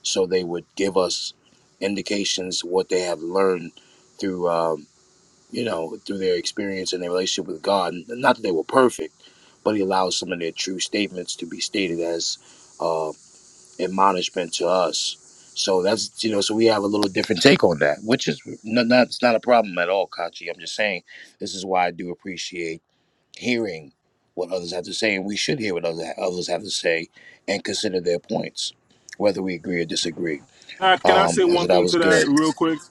so they would give us indications what they have learned through um, you know through their experience and their relationship with God. Not that they were perfect, but He allows some of their true statements to be stated as. uh, admonishment to us. So that's you know, so we have a little different take on that, which is not, not it's not a problem at all, Kachi. I'm just saying this is why I do appreciate hearing what others have to say, and we should hear what other, others have to say and consider their points, whether we agree or disagree.
Uh, can I
Um,
say
and
one
so that
thing
was
to that
good.
real quick?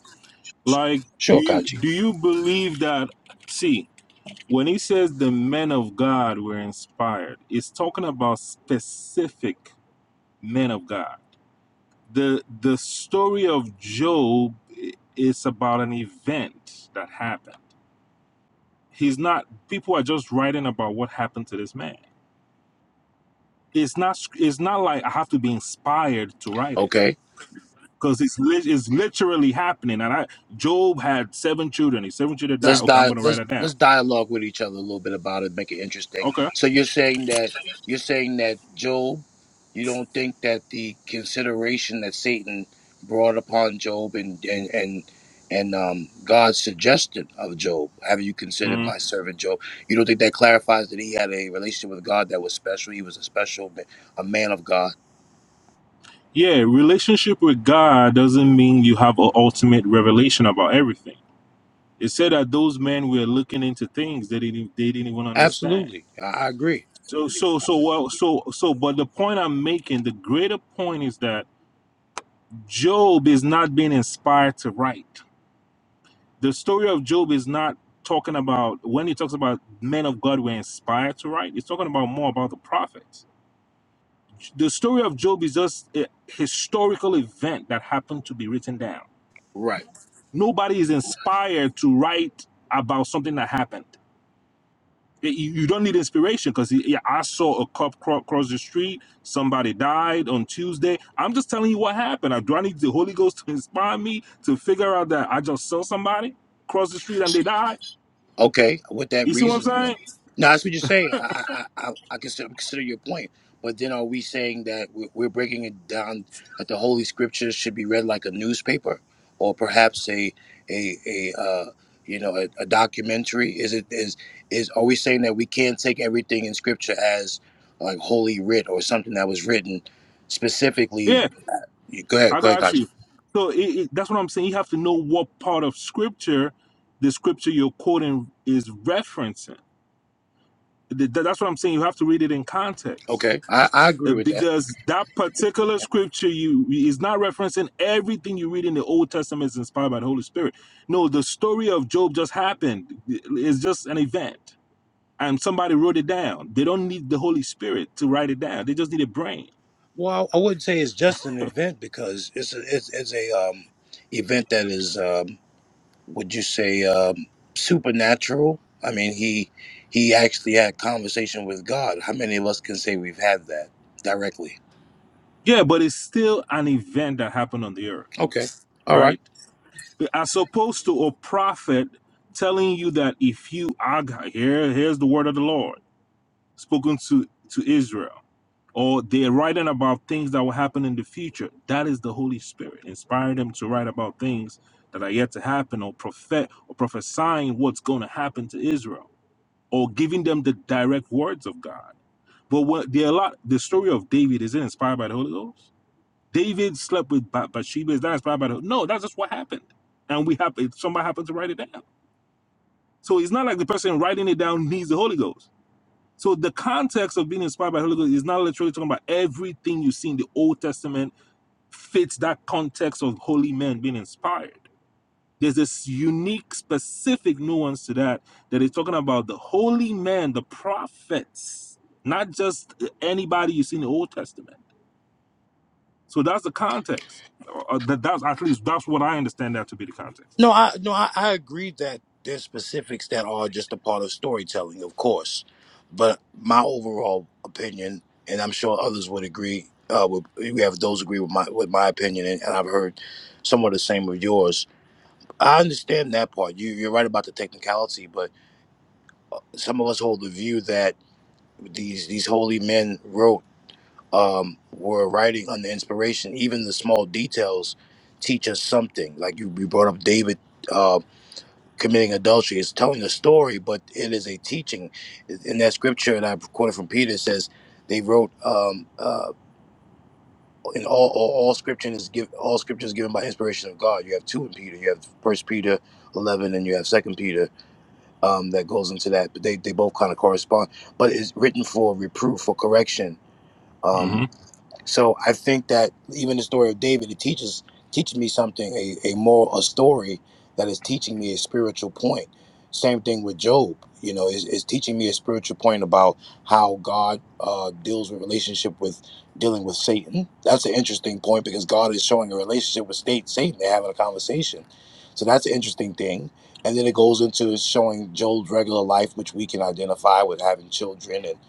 Like, do
Sure,
you
Kachi.
do you believe that? See, when he says the men of God were inspired, it's talking about specific men of God. the The story of Job i- is about an event that happened. He's not. People are just writing about what happened to this man. it's not it's not like I have to be inspired to write it
Okay.
because it's lit it's literally happening. And I Job had seven children. His seven children died.
let's
Okay, I'm
di-
gonna write
let's
it down.
let's dialogue with each other a little bit about it, make it interesting.
Okay.
So you're saying that you're saying that Job, you don't think that the consideration that Satan brought upon Job and and and and um, God's suggestion of Job, have you considered
Mhm.
my servant Job? You don't think that clarifies that he had a relationship with God that was special? He was a special, ma- a man of God.
Yeah, relationship with God doesn't mean you have an ultimate revelation about everything. It said that those men were looking into things they didn't they didn't even understand.
Absolutely, I, I agree.
So so so well so so but the point I'm making, the greater point is that Job is not being inspired to write. the story of Job is not talking about when he talks about men of God were inspired to write. It's talking about more about the prophets. The story of Job is just a historical event that happened to be written down.
Right.
Nobody is inspired to write about something that happened. It- You you don't need inspiration because I saw a cop cro- cross the street. Somebody died on Tuesday. I'm just telling you what happened. Uh, Do I need the Holy Ghost to inspire me to figure out that I just saw somebody cross the street and they died?
Okay, with that
You see what I'm
reasoning, though.
saying?
Now that's what you say, I I I, I I consider, consider your point, but then are we saying that we're, we're breaking it down that the Holy Scriptures should be read like a newspaper, or perhaps a a a uh, you know a, a documentary? Is it is is are we saying that we can't take everything in Scripture as like holy writ or something that was written specifically?
Yeah,
Go ahead,
I
go ahead,
got
Kachi.
you. So it, it, that's what I'm saying. You have to know what part of scripture the scripture you're quoting is referencing. Th- th- That's what I'm saying. You have to read it in context
Okay, I I agree
Uh,
with that.
because that particular scripture you is not referencing everything you read in the Old Testament is inspired by the Holy Spirit. No, the story of Job just happened. It's just an event, and somebody wrote it down. They don't need the Holy Spirit to write it down. They just need a brain.
Well, I wouldn't say it's just an event because it's a, it's, it's a um, event that is, um, would you say, um, supernatural? I mean, he he actually had conversation with God. How many of us can say we've had that directly?
Yeah, but it's still an event that happened on the earth,
Okay, all right.
right? as opposed to a prophet telling you that if you are God- here here's the word of the lord spoken to to israel or they're writing about things that will happen in the future that is the holy spirit inspiring them to write about things that are yet to happen or prophet or prophesying what's going to happen to israel or giving them the direct words of god but what there a lot the story of david is it inspired by the holy ghost David slept with Ba- Bathsheba. Is that inspired by the? No, that's just what happened, and we have somebody happened to write it down. So it's not like the person writing it down needs the Holy Ghost. So the context of being inspired by the Holy Ghost is not literally talking about everything you see in the Old Testament fits that context of holy men being inspired. There's this unique, specific nuance to that that is talking about the holy men, the prophets, not just anybody you see in the Old Testament. So that's the context. Uh, that, that's at least that's what I understand that to be the context.
No, I no, I, I agree that there's specifics that are just a part of storytelling, of course. But my overall opinion, and I'm sure others would agree, uh, with, we have those agree with my with my opinion, and, and I've heard somewhat the same with yours. I understand that part. You you're right about the technicality, but some of us hold the view that these these holy men wrote um, were writing under inspiration. Even the small details teach us something. Like you, you brought up David. uh, committing adultery. It's telling a story, but it is a teaching. In that scripture that I quoted from Peter it says, they wrote um, uh, in all, all all scripture is give all scripture is given by inspiration of God. You have two in Peter. You have First Peter eleven, and you have Second Peter um, that goes into that. But they, they both kind of correspond. But it's written for reproof, for correction. Um
hmm
so I think that even the story of David, it teaches teaches me something, a, a moral, a story that is teaching me a spiritual point. Same thing with Job, you know, is is teaching me a spiritual point about how God uh, deals with relationship with dealing with Satan. That's an interesting point because God is showing a relationship with state Satan. They're having a conversation, so that's an interesting thing. And then it goes into showing Job's regular life, which we can identify with having children and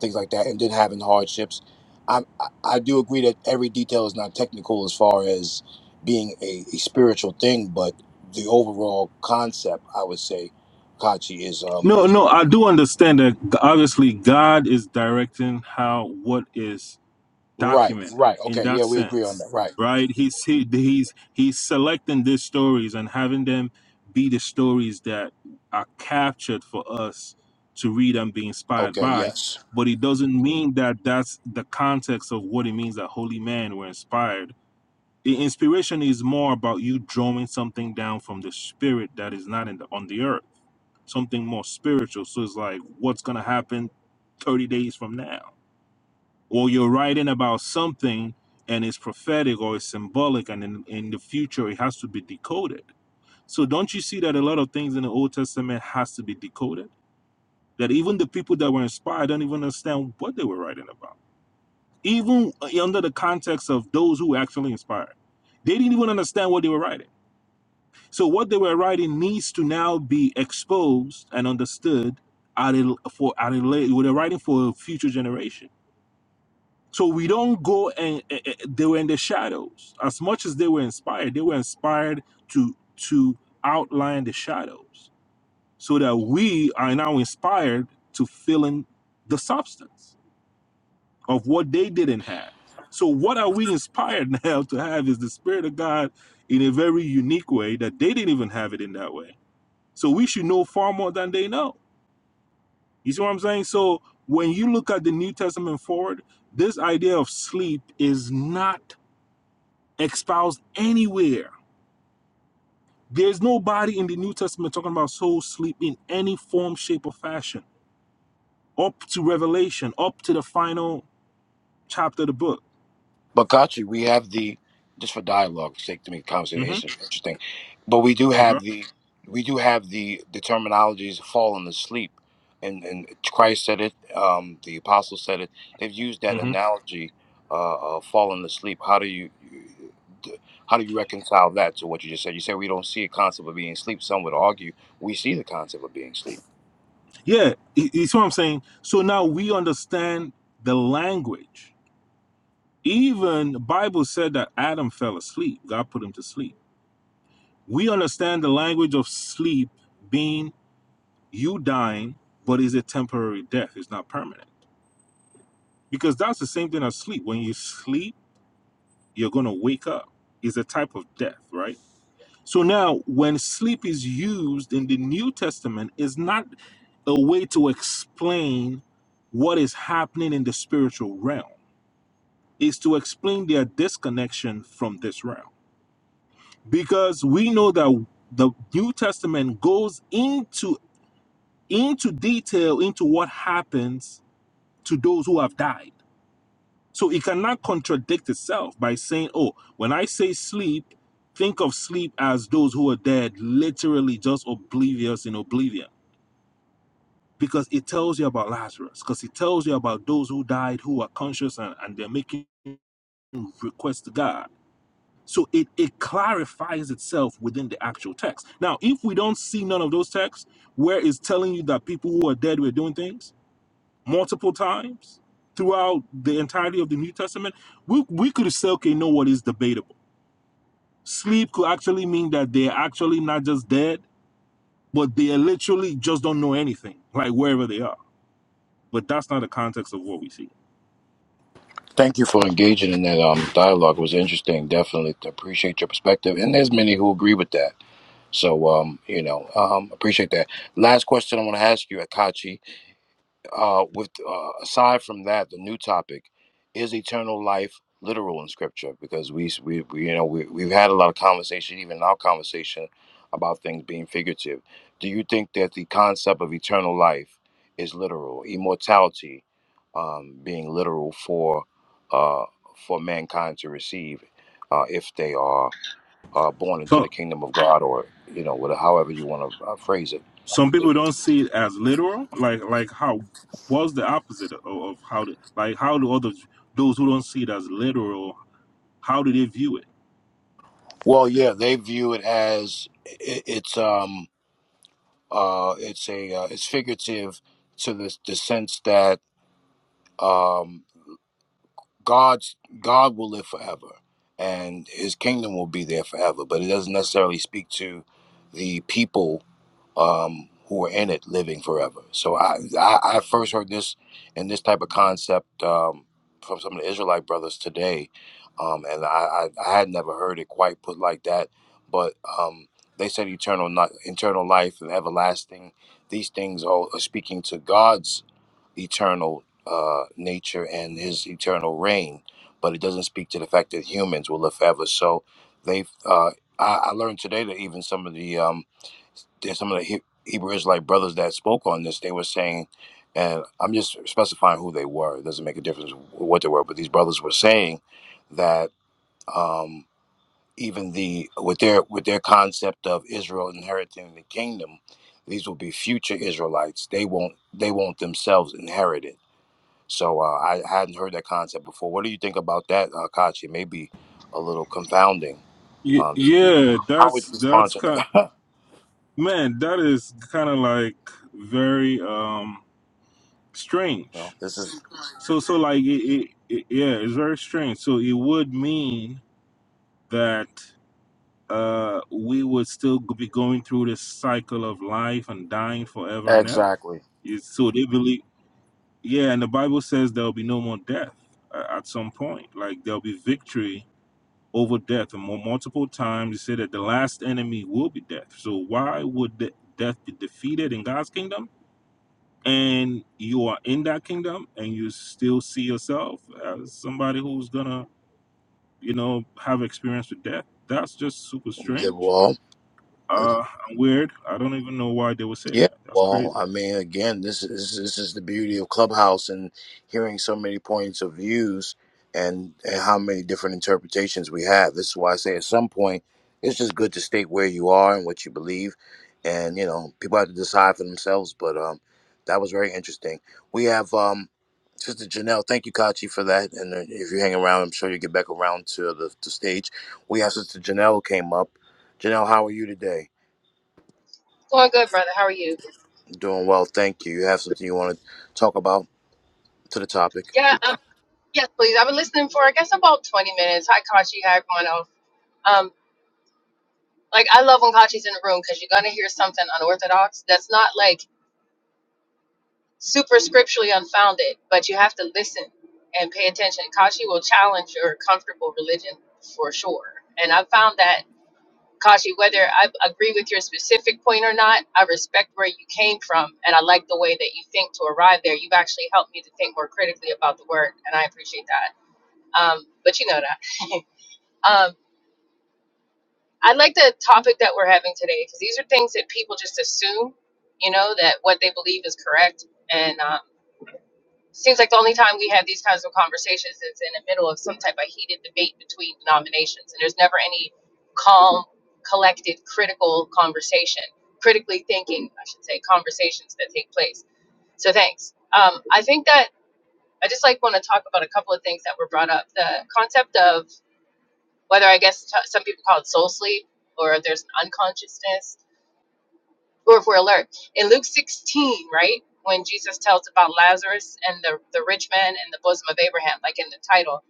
things like that, and then having hardships I, I I do agree that every detail is not technical as far as being a, a spiritual thing, but the overall concept, I would say, Kachi is um
No, no, I do understand that. Obviously, God is directing how what is
right,
documented
right.
in
Okay,
that
yeah, we agree on
sense,
that. Right.
right? He's he, he's he's selecting these stories and having them be the stories that are captured for us to read and be inspired
Okay,
by.
yes.
But it doesn't mean that that's the context of what it means that holy men were inspired The inspiration is more about you drawing something down from the spirit that is not in the on the earth, something more spiritual. So it's like, what's gonna happen 30 days from now? Or you're writing about something and it's prophetic or it's symbolic, and in, in the future it has to be decoded. So don't you see that a lot of things in the Old Testament has to be decoded? That even the people that were inspired don't even understand what they were writing about, even uh, under the context of those who actually inspired. They didn't even understand what they were writing So what they were writing needs to now be exposed and understood at a, for at a late, they're writing for a future generation. So we don't go and eh, eh, eh, they were in the shadows. As much as they were inspired, they were inspired to to outline the shadows so that we are now inspired to fill in the substance of what they didn't have. So what are we inspired now to have is the spirit of God in a very unique way that they didn't even have it in that way so we should know far more than they know. You see what I'm saying? So when you look at the New Testament forward, this idea of sleep is not espoused anywhere. There's nobody in the New Testament talking about soul sleep in any form, shape, or fashion, up to Revelation, up to the final chapter of the book.
But Kachi, we have the just for dialogue's sake to make the
hmm
conversation interesting, but we do
Okay.
have the we do have the the terminologies fallen asleep, and and Christ said it, um, the apostles said it. They've used that
hmm
analogy, uh, of fallen asleep. How do you, you- d- how do you reconcile that to what you just said? You said we don't see a concept of being asleep. Some would argue we see the concept of being asleep.
Yeah, you you see what I'm saying? So now we understand the language. Even the Bible said that Adam fell asleep. God put him to sleep We understand the language of sleep being you dying, but is a temporary death. It's not permanent. Because that's the same thing as sleep. When you sleep, you're going to wake up. It's a type of death, right? So now, when sleep is used in the New Testament, is not a way to explain what is happening in the spiritual realm. Is to explain their disconnection from this realm. Because we know that the New Testament goes into into detail into what happens to those who have died. So it cannot contradict itself by saying, oh, when I say sleep, think of sleep as those who are dead, literally just oblivious in oblivion. Because it tells you about Lazarus, because it tells you about those who died who are conscious and, and they're making requests to God. So it, it clarifies itself within the actual text. Now, if we don't see none of those texts where it's telling you that people who are dead were doing things, multiple times throughout the entirety of the New Testament, we, we could still can know what is debatable. Sleep could actually mean that they're actually not just dead, but they literally just don't know anything, like wherever they are. But that's not the context of what we see.
Thank you for engaging in that um, dialogue. It was interesting. Definitely appreciate your perspective, and there's many who agree with that. So, um, you know, um, appreciate that. Last question I want to ask you, Akachi. Uh, with uh, aside from that, the new topic is eternal life literal in Scripture because we, we, we you know, we, we've had a lot of conversation, even in our conversation, about things being figurative. Do you think that the concept of eternal life is literal, immortality um, being literal for uh, for mankind to receive? Uh, if they are are born into the
So
kingdom of God, or you know, whatever, however you want to uh, phrase it.
some people don't see it as literal, like like how was the opposite of, of how the, like how do others those who don't see it as literal, how do they view it?
Well, yeah, they view it as i it's um uh it's a uh, it's figurative to the the sense that um God's God will live forever and His kingdom will be there forever, but it doesn't necessarily speak to the people um, who are in it living forever. So I, I, I first heard this and this type of concept um, from some of the Israelite brothers today, um, and I, I, I had never heard it quite put like that. But um, they said eternal, not eternal life and everlasting. These things all are speaking to God's eternal uh, nature and His eternal reign, but it doesn't speak to the fact that humans will live forever. So they've. Uh, I, I learned today that even some of the um, there's some of the He- Hebrew Israelite brothers that spoke on this. They were saying, and I'm just specifying who they were. It doesn't make a difference what they were, but these brothers were saying that um, even the with their with their concept of Israel inheriting the kingdom, these will be future Israelites. They won't they won't themselves inherit it. So uh, I hadn't heard that concept before. What do you think about that, uh, Kachi? Maybe a little confounding
Ye-
um, to you.
Yeah,
How would you
that's
respond
that's
to
kind.
that?
Man, that is kind of like very um
no,
strange.
this is
So so like it, it, it yeah, it's very strange. So it would mean that uh we would still be going through this cycle of life and dying forever and ever.
exactly.
It's, so they believe yeah, and the Bible says there'll be no more death uh, at some point. Like there'll be victory over death and more multiple times they say that the last enemy will be death. So why would de- death be defeated in God's kingdom? and you are in that kingdom and you still see yourself as somebody who's gonna you know have experience with death that's just super
The
strange
wall,
uh and weird i don't even know why they would say
yeah,
that that's crazy
well, I mean, again, this is this is the beauty of Clubhouse and hearing so many points of views and and how many different interpretations we have. This is why I say at some point it's just good to state where you are and what you believe, and you know people have to decide for themselves. But um, that was very interesting. We have um, Sister Janelle. Thank you, Kachi, for that. And uh, if you hang around, I'm sure you get back around to the, the stage. We have Sister Janelle came up. Janelle, how are you today?
Doing good, brother. How are you?
Doing well, thank you. You have something you want to talk about to the topic?
Yeah, um, yes, please. I've been listening for, I guess, about 20 minutes. Hi, Kachi. Hi, everyone else. Um, like, I love when Kachi's in the room because you're going to hear something unorthodox that's not, like, super scripturally unfounded, but you have to listen and pay attention. Kachi will challenge your comfortable religion for sure. And I found that, Kachi, whether I agree with your specific point or not, I respect where you came from, and I like the way that you think to arrive there. You've actually helped me to think more critically about the word, and I appreciate that. Um, but you know that. um, I like the topic that we're having today because these are things that people just assume, you know, that what they believe is correct. And um, seems like the only time we have these kinds of conversations is in the middle of some type of heated debate between denominations. And there's never any calm, collected, critical conversation, critically thinking, I should say, conversations that take place. So thanks. Um, I think that I just like want to talk about a couple of things that were brought up. The concept of whether I guess t- some people call it soul sleep or there's an unconsciousness or if we're alert. In Luke 16, right, when Jesus tells about Lazarus and the, the rich man in the bosom of Abraham, like in the title,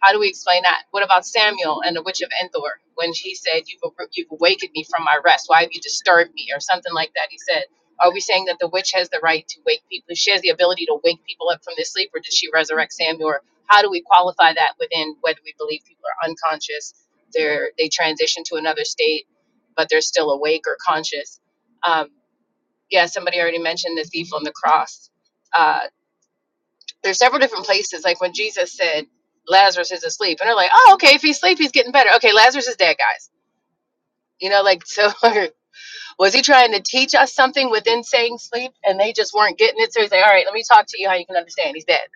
how do we explain that? What about Samuel and the witch of Endor when he said, you've, you've awakened me from my rest? Why have you disturbed me? Or something like that. He said, Are we saying that the witch has the right to wake people? She has the ability to wake people up from their sleep, or did she resurrect Samuel? Or how do we qualify that within whether we believe people are unconscious, they're, they transition to another state, but they're still awake or conscious? Um, yeah, somebody already mentioned the thief on the cross. Uh, there's several different places, like when Jesus said Lazarus is asleep, and they're like, "Oh, okay, if he's asleep, he's getting better." Okay, Lazarus is dead, guys. You know, like so, was he trying to teach us something within saying sleep, and they just weren't getting it? So he's like, "All right, let me talk to you how you can understand. He's dead."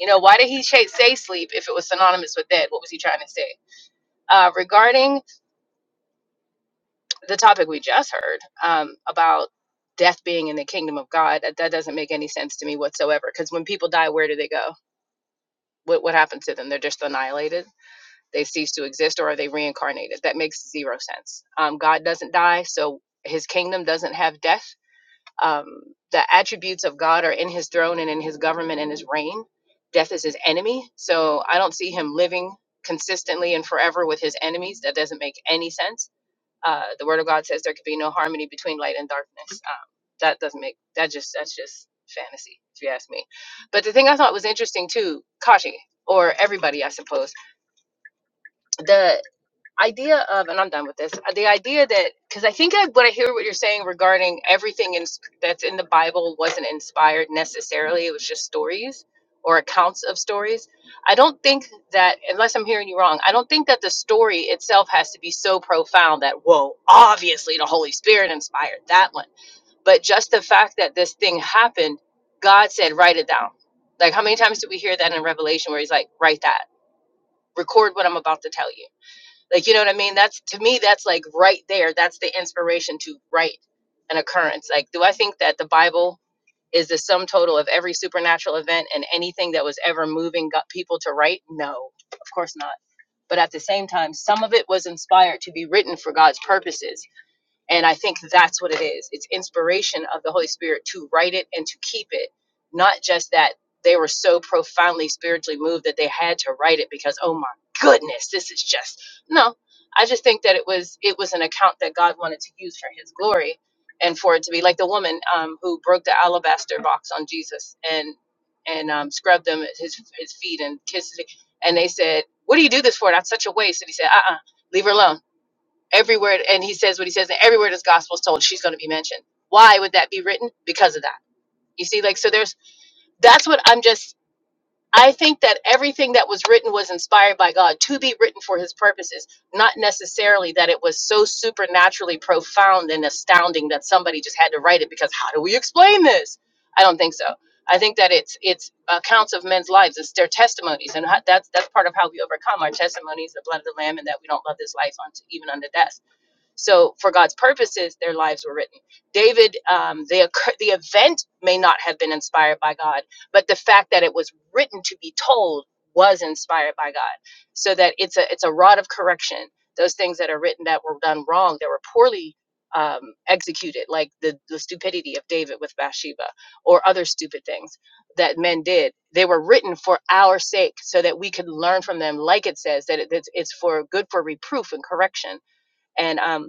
You know, why did he sh- say sleep if it was synonymous with dead? What was he trying to say? Uh, regarding the topic we just heard um, about death being in the kingdom of God, that, that doesn't make any sense to me whatsoever. Because when people die, where do they go? what what happens to them? They're just annihilated. They cease to exist, or are they reincarnated? That makes zero sense. Um, God doesn't die, so His kingdom doesn't have death. Um, the attributes of God are in His throne and in His government and His reign. Death is His enemy, so I don't see Him living consistently and forever with His enemies. That doesn't make any sense uh, the Word of God says there could be no harmony between light and darkness. Um, that doesn't make that just that's just fantasy, if you ask me. But the thing I thought was interesting too, Kashi or everybody, I suppose, The idea of, and I'm done with this. uh, The idea that, because I think I, what I hear what you're saying regarding everything in, that's in the Bible wasn't inspired necessarily. It was just stories or accounts of stories. I don't think that, unless I'm hearing you wrong, I don't think that the story itself has to be so profound that, whoa, obviously the Holy Spirit inspired that one. But just the fact that this thing happened, God said, write it down. Like, how many times do we hear that in Revelation where he's like, write that, record what I'm about to tell you? Like, you know what I mean? That's to me, that's like right there. That's the inspiration to write an occurrence. Like, do I think that the Bible is the sum total of every supernatural event and anything that was ever moving got people to write? No, of course not. But at the same time, some of it was inspired to be written for God's purposes and I think that's what it is. It's inspiration of the Holy Spirit to write it and to keep it, not just that they were so profoundly spiritually moved that they had to write it because oh my goodness, this is just no. I just think that it was it was an account that God wanted to use for His glory, and for it to be like the woman um, who broke the alabaster box on Jesus and and um, scrubbed them at his his feet and kissed it, and they said, "What do you do this for? That's such a waste." And he said, "Uh uh leave her alone." Everywhere, and he says what he says, and everywhere this gospel is told, she's going to be mentioned. Why would that be written? Because of that. You see, like, so there's that's what I'm just, I think that everything that was written was inspired by God to be written for his purposes, not necessarily that it was so supernaturally profound and astounding that somebody just had to write it because how do we explain this? I don't think so. I think that it's it's accounts of men's lives. It's their testimonies, and ho- that's that's part of how we overcome our testimonies, the blood of the Lamb, and that we don't love this life unto even unto death. So, for God's purposes, their lives were written. David, um, the occur- the event may not have been inspired by God, but the fact that it was written to be told was inspired by God. So that it's a it's a rod of correction. Those things that are written that were done wrong, that were poorly um, executed, like the the stupidity of David with Bathsheba, or other stupid things that men did. They were written for our sake, so that we could learn from them. Like it says that it, it's, it's for good for reproof and correction and um,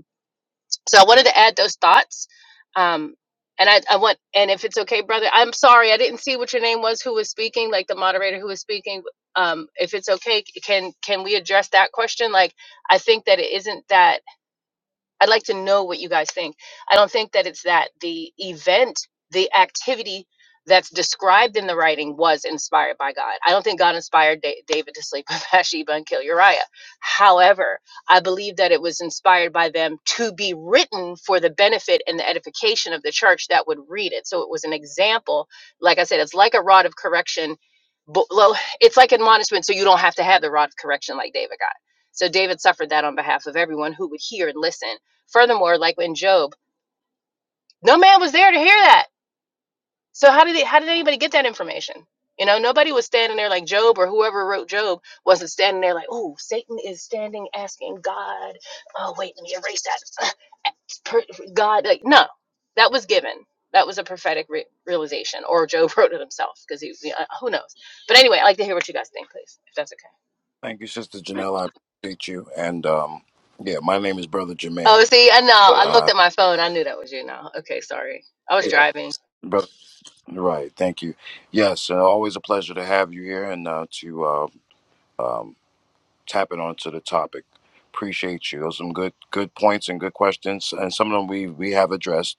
so I wanted to add those thoughts. Um, and I, I want, and if it's okay, brother, I'm sorry, I didn't see what your name was, who was speaking, like the moderator who was speaking. Um, if it's okay, can can we address that question? Like, I think that it isn't that. I'd like to know what you guys think. I don't think that it's that the event, the activity that's described in the writing was inspired by God. I don't think God inspired da- David to sleep with Bathsheba and kill Uriah. However, I believe that it was inspired by them to be written for the benefit and the edification of the church that would read it. So it was an example. Like I said, it's like a rod of correction. But, well, it's like admonishment, so you don't have to have the rod of correction like David got. So David suffered that on behalf of everyone who would hear and listen. Furthermore, like in Job, no man was there to hear that. So how did they, how did anybody get that information? You know, nobody was standing there like Job or whoever wrote Job wasn't standing there like, oh, Satan is standing asking God. Oh, wait, let me erase that. God, like, no, that was given. That was a prophetic re- realization, or Job wrote it himself because he, yeah, who knows. But anyway, I'd like to hear what you guys think, please, if that's okay.
Thank you, Sister Janelle. I appreciate you. And um, yeah, my name is Brother
Oh,
Jermaine.
see, I know. I Well, looked
Uh,
at my phone. I knew that was you now. Okay, sorry. I was
yeah,
driving.
brother. Right. Thank you. Yes, uh, always a pleasure to have you here and uh, to uh, um, tap it onto the topic. Appreciate you. Those are some good, good points and good questions, and some of them we we have addressed,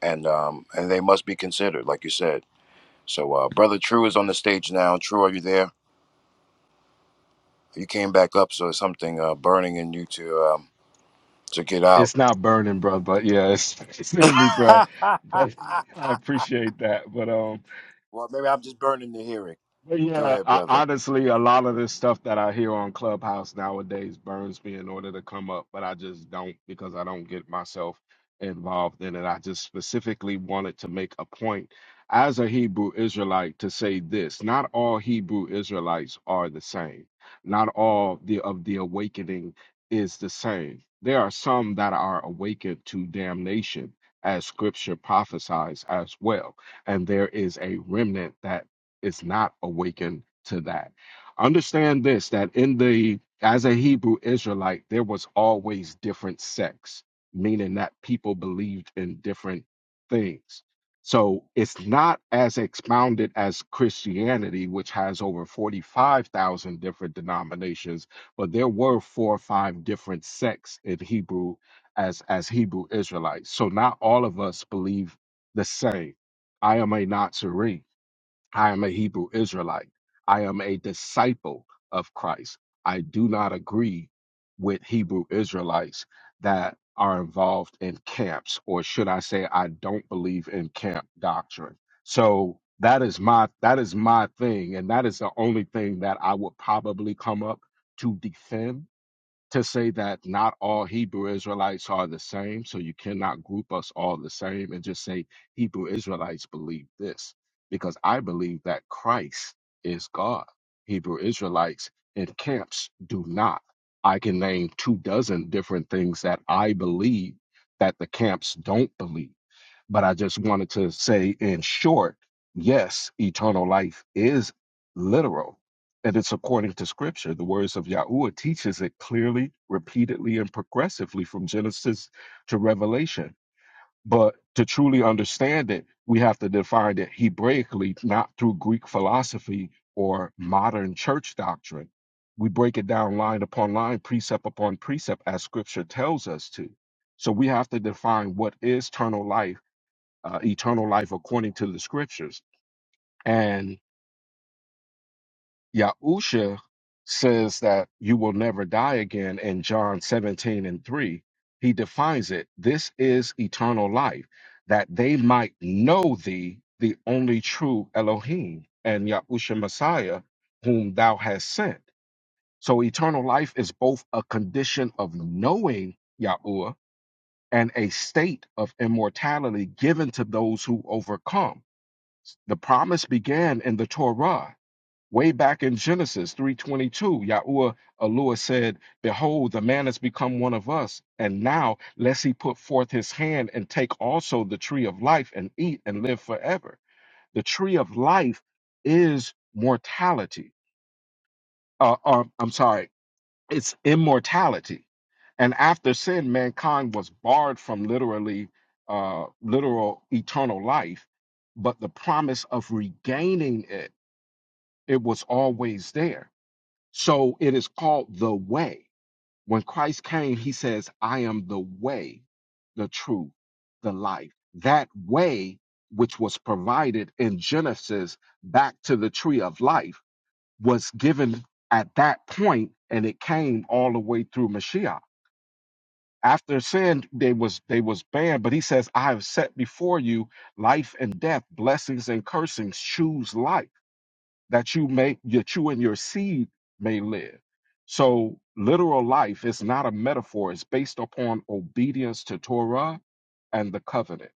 and um, and they must be considered, like you said. So, uh, Brother True is on the stage now. True, are you there? You came back up, so it's something uh, burning in you to um, to get out.
It's not burning, bro, but yeah, it's, it's in me, bro.
well,
But I appreciate that. But um,
maybe I'm just burning to hear it.
But
Go
yeah,
ahead,
I,
brother.
honestly, a lot of this stuff that I hear on Clubhouse nowadays burns me in order to come up, but I just don't because I don't get myself involved in it. I just specifically wanted to make a point as a Hebrew Israelite to say this not all Hebrew Israelites are the same, not all the, of the awakening is the same. There are some that are awakened to damnation. As scripture prophesies as well. And there is a remnant that is not awakened to that. Understand this that in the as a Hebrew Israelite, there was always different sects, meaning that people believed in different things. So it's not as expounded as Christianity, which has over 45,000 different denominations, but there were four or five different sects in Hebrew as, as Hebrew Israelites. So not all of us believe the same. I am a Nazarene. I am a Hebrew Israelite. I am a disciple of Christ. I do not agree with Hebrew Israelites that are involved in camps, or should I say, I don't believe in camp doctrine. So that is my that is my thing, and that is the only thing that I would probably come up to defend to say that not all Hebrew Israelites are the same, so you cannot group us all the same and just say Hebrew Israelites believe this, because I believe that Christ is God. Hebrew Israelites in camps do not. I can name two dozen different things that I believe that the camps don't believe but I just wanted to say in short, yes, eternal life is literal. And it's according to scripture. The words of Yahweh teaches it clearly, repeatedly, and progressively from Genesis to Revelation. But to truly understand it, we have to define it Hebraically, not through Greek philosophy or modern church doctrine. We break it down line upon line, precept upon precept, as scripture tells us to. So we have to define what is eternal life uh, eternal life according to the scriptures. And Yahusha says that you will never die again in John 17 and 3. He defines it this is eternal life, that they might know thee, the only true Elohim, and Yahusha Messiah, whom thou hast sent. So eternal life is both a condition of knowing Yahuwah and a state of immortality given to those who overcome. The promise began in the Torah. Way back in Genesis 3:22, Yahuwah Elohim said, "Behold, the man has become one of us, and now lest he put forth his hand and take also the tree of life and eat and live forever." The tree of life is mortality. Uh, uh, I'm sorry, it's immortality. And after sin, mankind was barred from literally uh, literal eternal life, but the promise of regaining it it was always there. So it is called the way. When Christ came, he says, I am the way, the truth, the life. That way, which was provided in Genesis back to the tree of life, was given at that point, and it came all the way through Mashiach. After sin, they was they was banned, but he says, I have set before you life and death, blessings and cursings, choose life that you may that you and your seed may live. So literal life is not a metaphor, it's based upon obedience to Torah and the covenant.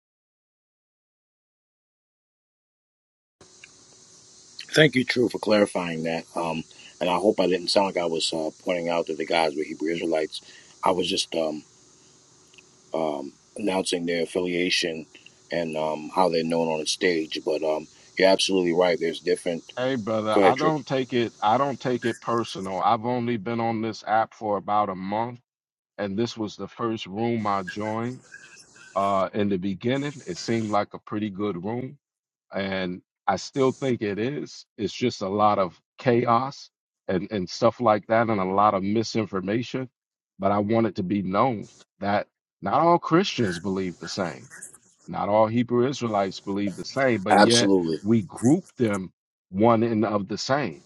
Thank you, True, for clarifying that. Um, and I hope I didn't sound like I was uh, pointing out that the guys were Hebrew Israelites. I was just um, um, announcing their affiliation and um, how they're known on the stage. But um, you're absolutely right. There's different.
Hey brother,
Go
I
ahead, True.
don't take it I don't take it personal. I've only been on this app for about a month and this was the first room I joined. Uh in the beginning, it seemed like a pretty good room. and I still think it is. It's just a lot of chaos and and stuff like that, and a lot of misinformation. But I want it to be known that not all Christians believe the same, not all Hebrew Israelites believe the same, but yet
Absolutely.
we group them one and of the same.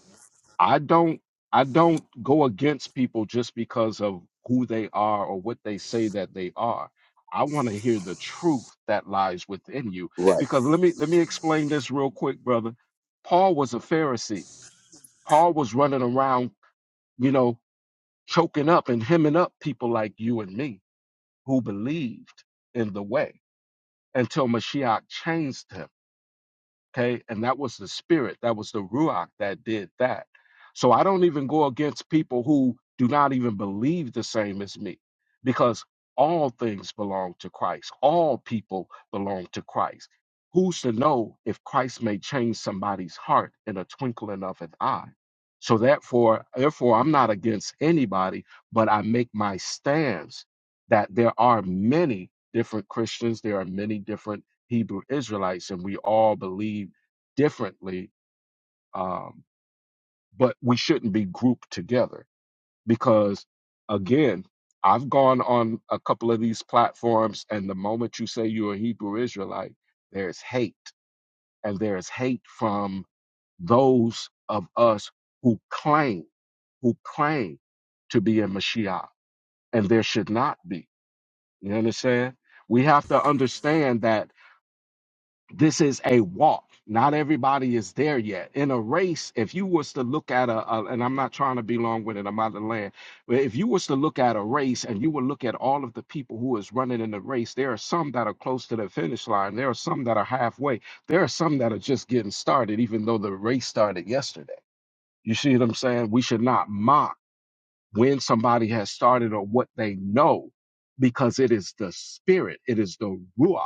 I don't I don't go against people just because of who they are or what they say that they are. I want to hear the truth that lies within you.
Right.
Because let me let me explain this real quick, brother. Paul was a Pharisee. Paul was running around, you know, choking up and hemming up people like you and me who believed in the way until Mashiach changed him. Okay. And that was the spirit, that was the Ruach that did that. So I don't even go against people who do not even believe the same as me because all things belong to Christ, all people belong to Christ. Who's to know if Christ may change somebody's heart in a twinkling of an eye? So therefore, therefore, I'm not against anybody, but I make my stance that there are many different Christians, there are many different Hebrew Israelites, and we all believe differently, um, but we shouldn't be grouped together because, again, I've gone on a couple of these platforms, and the moment you say you're a Hebrew Israelite, there's hate, and there's hate from those of us who claim, who claim to be a Mashiach, and there should not be. You understand? We have to understand that this is a walk. Not everybody is there yet. In a race, if you was to look at a, a- and I'm not trying to be long winded, I'm out of land. But if you was to look at a race and you would look at all of the people who is running in the race, there are some that are close to the finish line. There are some that are halfway. There are some that are just getting started, even though the race started yesterday. You see what I'm saying? We should not mock when somebody has started or what they know, because it is the spirit, it is the ruach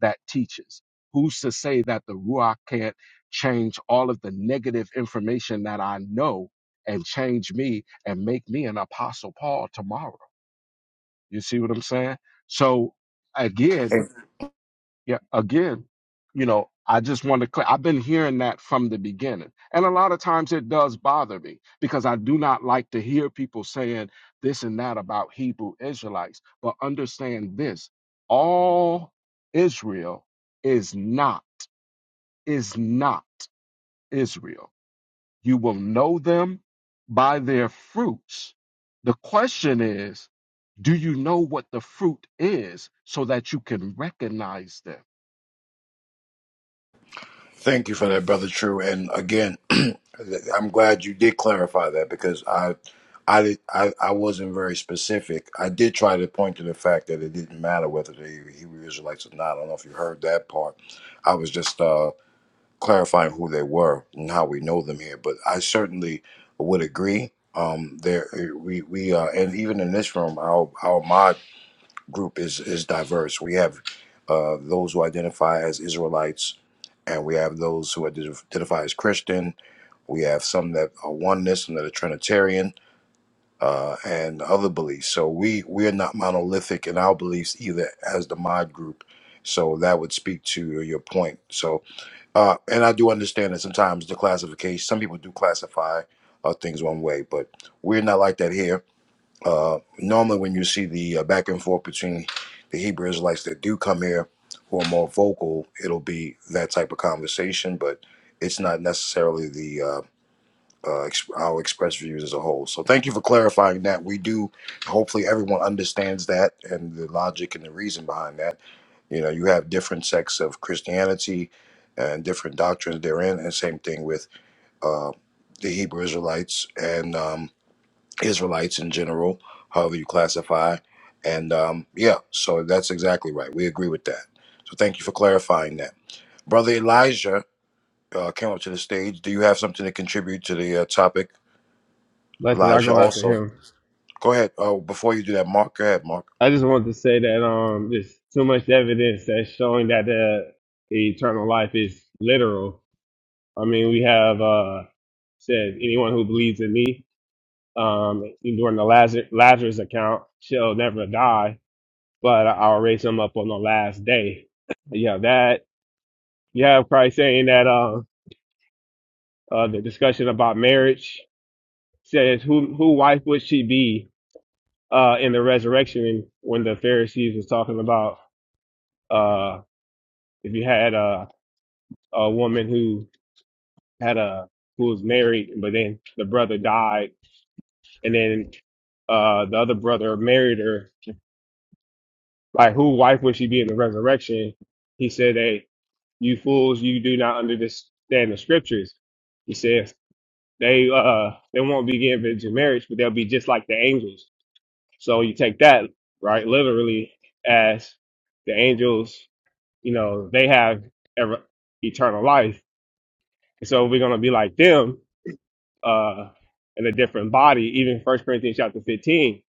that teaches? Who's to say that the Ruach can't change all of the negative information that I know and change me and make me an Apostle Paul tomorrow? You see what I'm saying? So, again, yeah, again, you know, I just want to. clear. I've been hearing that from the beginning, and a lot of times it does bother me because I do not like to hear people saying this and that about Hebrew Israelites. But understand this: all Israel is not is not Israel. You will know them by their fruits. The question is, do you know what the fruit is so that you can recognize them?
Thank you for that, brother. True, and again, I'm glad you did clarify that because I, I did, I, I wasn't very specific. I did try to point to the fact that it didn't matter whether the Hebrew Israelites or not. I don't know if you heard that part. I was just uh, clarifying who they were and how we know them here. But I certainly would agree. Um, there we we uh, and even in this room, our our mod group is is diverse. We have uh, those who identify as Israelites and we have those who identify as Christian. We have some that are oneness, some that are Trinitarian, uh, and other beliefs. So we we are not monolithic in our beliefs either, as the mod group. So that would speak to your point. So, uh, and I do understand that sometimes the classification, some people do classify uh, things one way, but we're not like that here uh, normally, when you see the uh, back and forth between the Hebrew Israelites that do come here who are more vocal, it'll be that type of conversation, but it's not necessarily the uh, uh, ex- our express views as a whole. So, thank you for clarifying that. We do, hopefully, everyone understands that and the logic and the reason behind that. You know, you have different sects of Christianity and different doctrines therein, and same thing with uh, the Hebrew Israelites. And um, Israelites in general, however you classify. And um, yeah, so that's exactly right. We agree with that. So thank you for clarifying that. Brother Elijah uh, came up to the stage. Do you have something to contribute to the uh, topic?
Blessed. I
Elijah,
go after
also.
him.
Go ahead. Oh, before you do that, Mark, go ahead, Mark.
I just want to say that um, there's too much evidence that's showing that the eternal life is literal. I mean, we have uh, said anyone who believes in me um, during the Lazarus, Lazarus account shall never die, but I'll raise him up on the last day. yeah, that you have Christ saying that uh, uh, the discussion about marriage says who who wife would she be uh, in the resurrection when the Pharisees was talking about uh, if you had a a woman who had a who was married, but then the brother died, and then uh, the other brother married her. Like, who wife would she be in the resurrection? He said, "Hey, you fools, you do not understand the scriptures." He says they uh they won't be given virgin marriage, but they'll be just like the angels. So you take that right literally as the angels. You know, they have ever, eternal life, so we're gonna be like them uh, in a different body. Even First Corinthians chapter fifteen,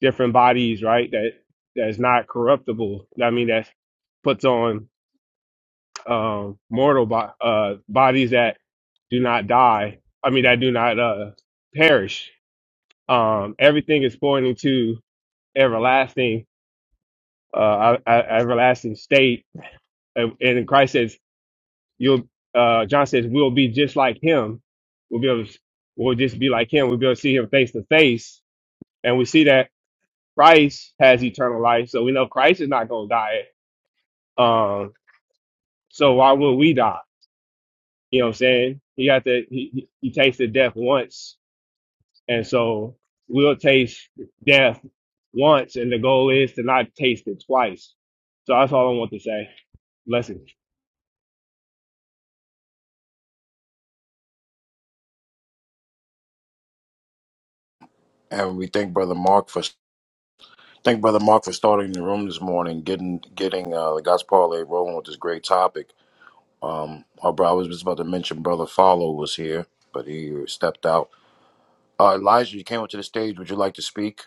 different bodies, right? That that's not corruptible. I mean, that puts on um, mortal bo- uh, bodies that do not die. I mean, that do not uh, perish. Um, everything is pointing to everlasting, uh, a- a- everlasting state. And, and Christ says, "You'll." Uh, John says, "We'll be just like Him. We'll be able. To, we'll just be like Him. We'll be able to see Him face to face." And we see that Christ has eternal life, so we know Christ is not going to die. Um, so why would we die? You know what I'm saying? He got to he, he he tasted death once, and so we'll taste death once, and the goal is to not taste it twice. So that's all I want to say. Blessings.
And we thank Brother Mark for thank Brother Mark for starting the room this morning, getting getting uh, the gospel parlay rolling with this great topic. Um, oh, bro, I was just about to mention Brother Follow was here, but he stepped out. Uh, Elijah, you came up to the stage. Would you like to speak?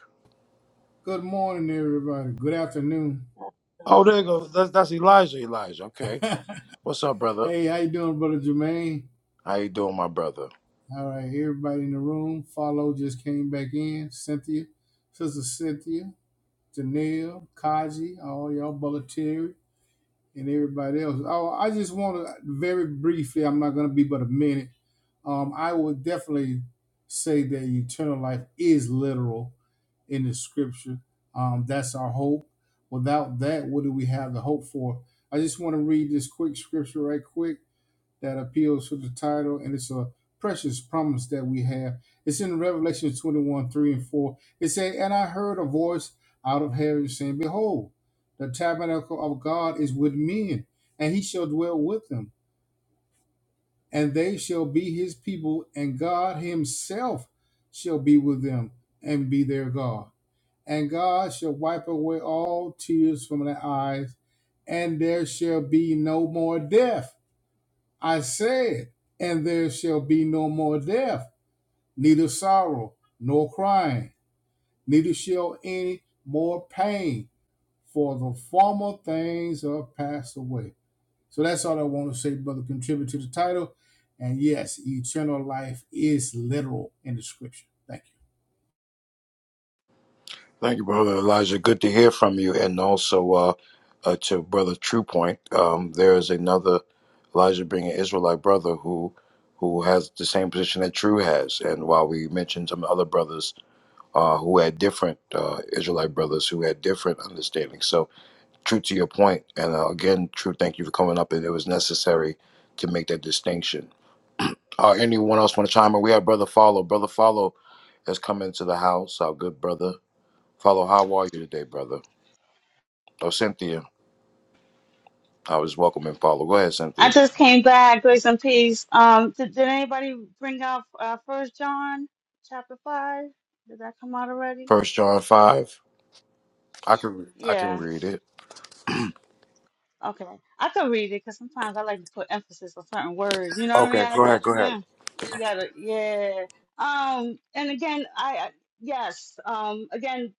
Good morning, everybody. Good afternoon.
Oh, there you go. That's, that's Elijah. Elijah. Okay.
hey,
What's up, brother?
how you doing, brother Jermaine?
How you doing, my brother?
All right, everybody in the room. Follow just came back in. Cynthia, sister Cynthia, Janelle, Kaji, all y'all, brother Terry. and everybody else. Oh, I just want to very briefly. I'm not going to be but a minute. Um, I would definitely say that eternal life is literal in the scripture. Um, that's our hope. Without that, what do we have the hope for? I just want to read this quick scripture right quick that appeals to the title, and it's a precious promise that we have. It's in Revelation 21 3 and 4. It says, And I heard a voice out of heaven saying, Behold, the tabernacle of God is with men, and he shall dwell with them, and they shall be his people, and God himself shall be with them and be their God. And God shall wipe away all tears from their eyes, and there shall be no more death I said, and there shall be no more death, neither sorrow, nor crying, neither shall any more pain, for the former things are passed away. So that's all I want to say, brother. Contribute to the title. And yes, eternal life is literal in the scripture. Thank you.
Thank you, brother Elijah. Good to hear from you, and also uh, uh, to brother True Point. Um, there is another Elijah, being an Israelite brother who who has the same position that True has. And while we mentioned some other brothers uh, who had different uh, Israelite brothers who had different understandings, so True to your point, and uh, again, true. Thank you for coming up, and it was necessary to make that distinction. Uh, anyone else want to chime in? We have brother follow. Brother follow has come into the house. Our good brother follow. How are you today, brother? Oh, Cynthia, I was welcoming follow. Go ahead,
I
Cynthia.
just came back. Grace and peace. Um, did, did anybody bring up uh, First John chapter five? Did that come out already?
First John five. I can I
Yeah.
can read it.
Okay, I can read it because sometimes I like to put emphasis on certain words. You know what I mean?
Okay,
I have
go
to.
ahead. Go ahead.
Mm, you gotta, yeah. Um, and again, I I- yes. Um, again,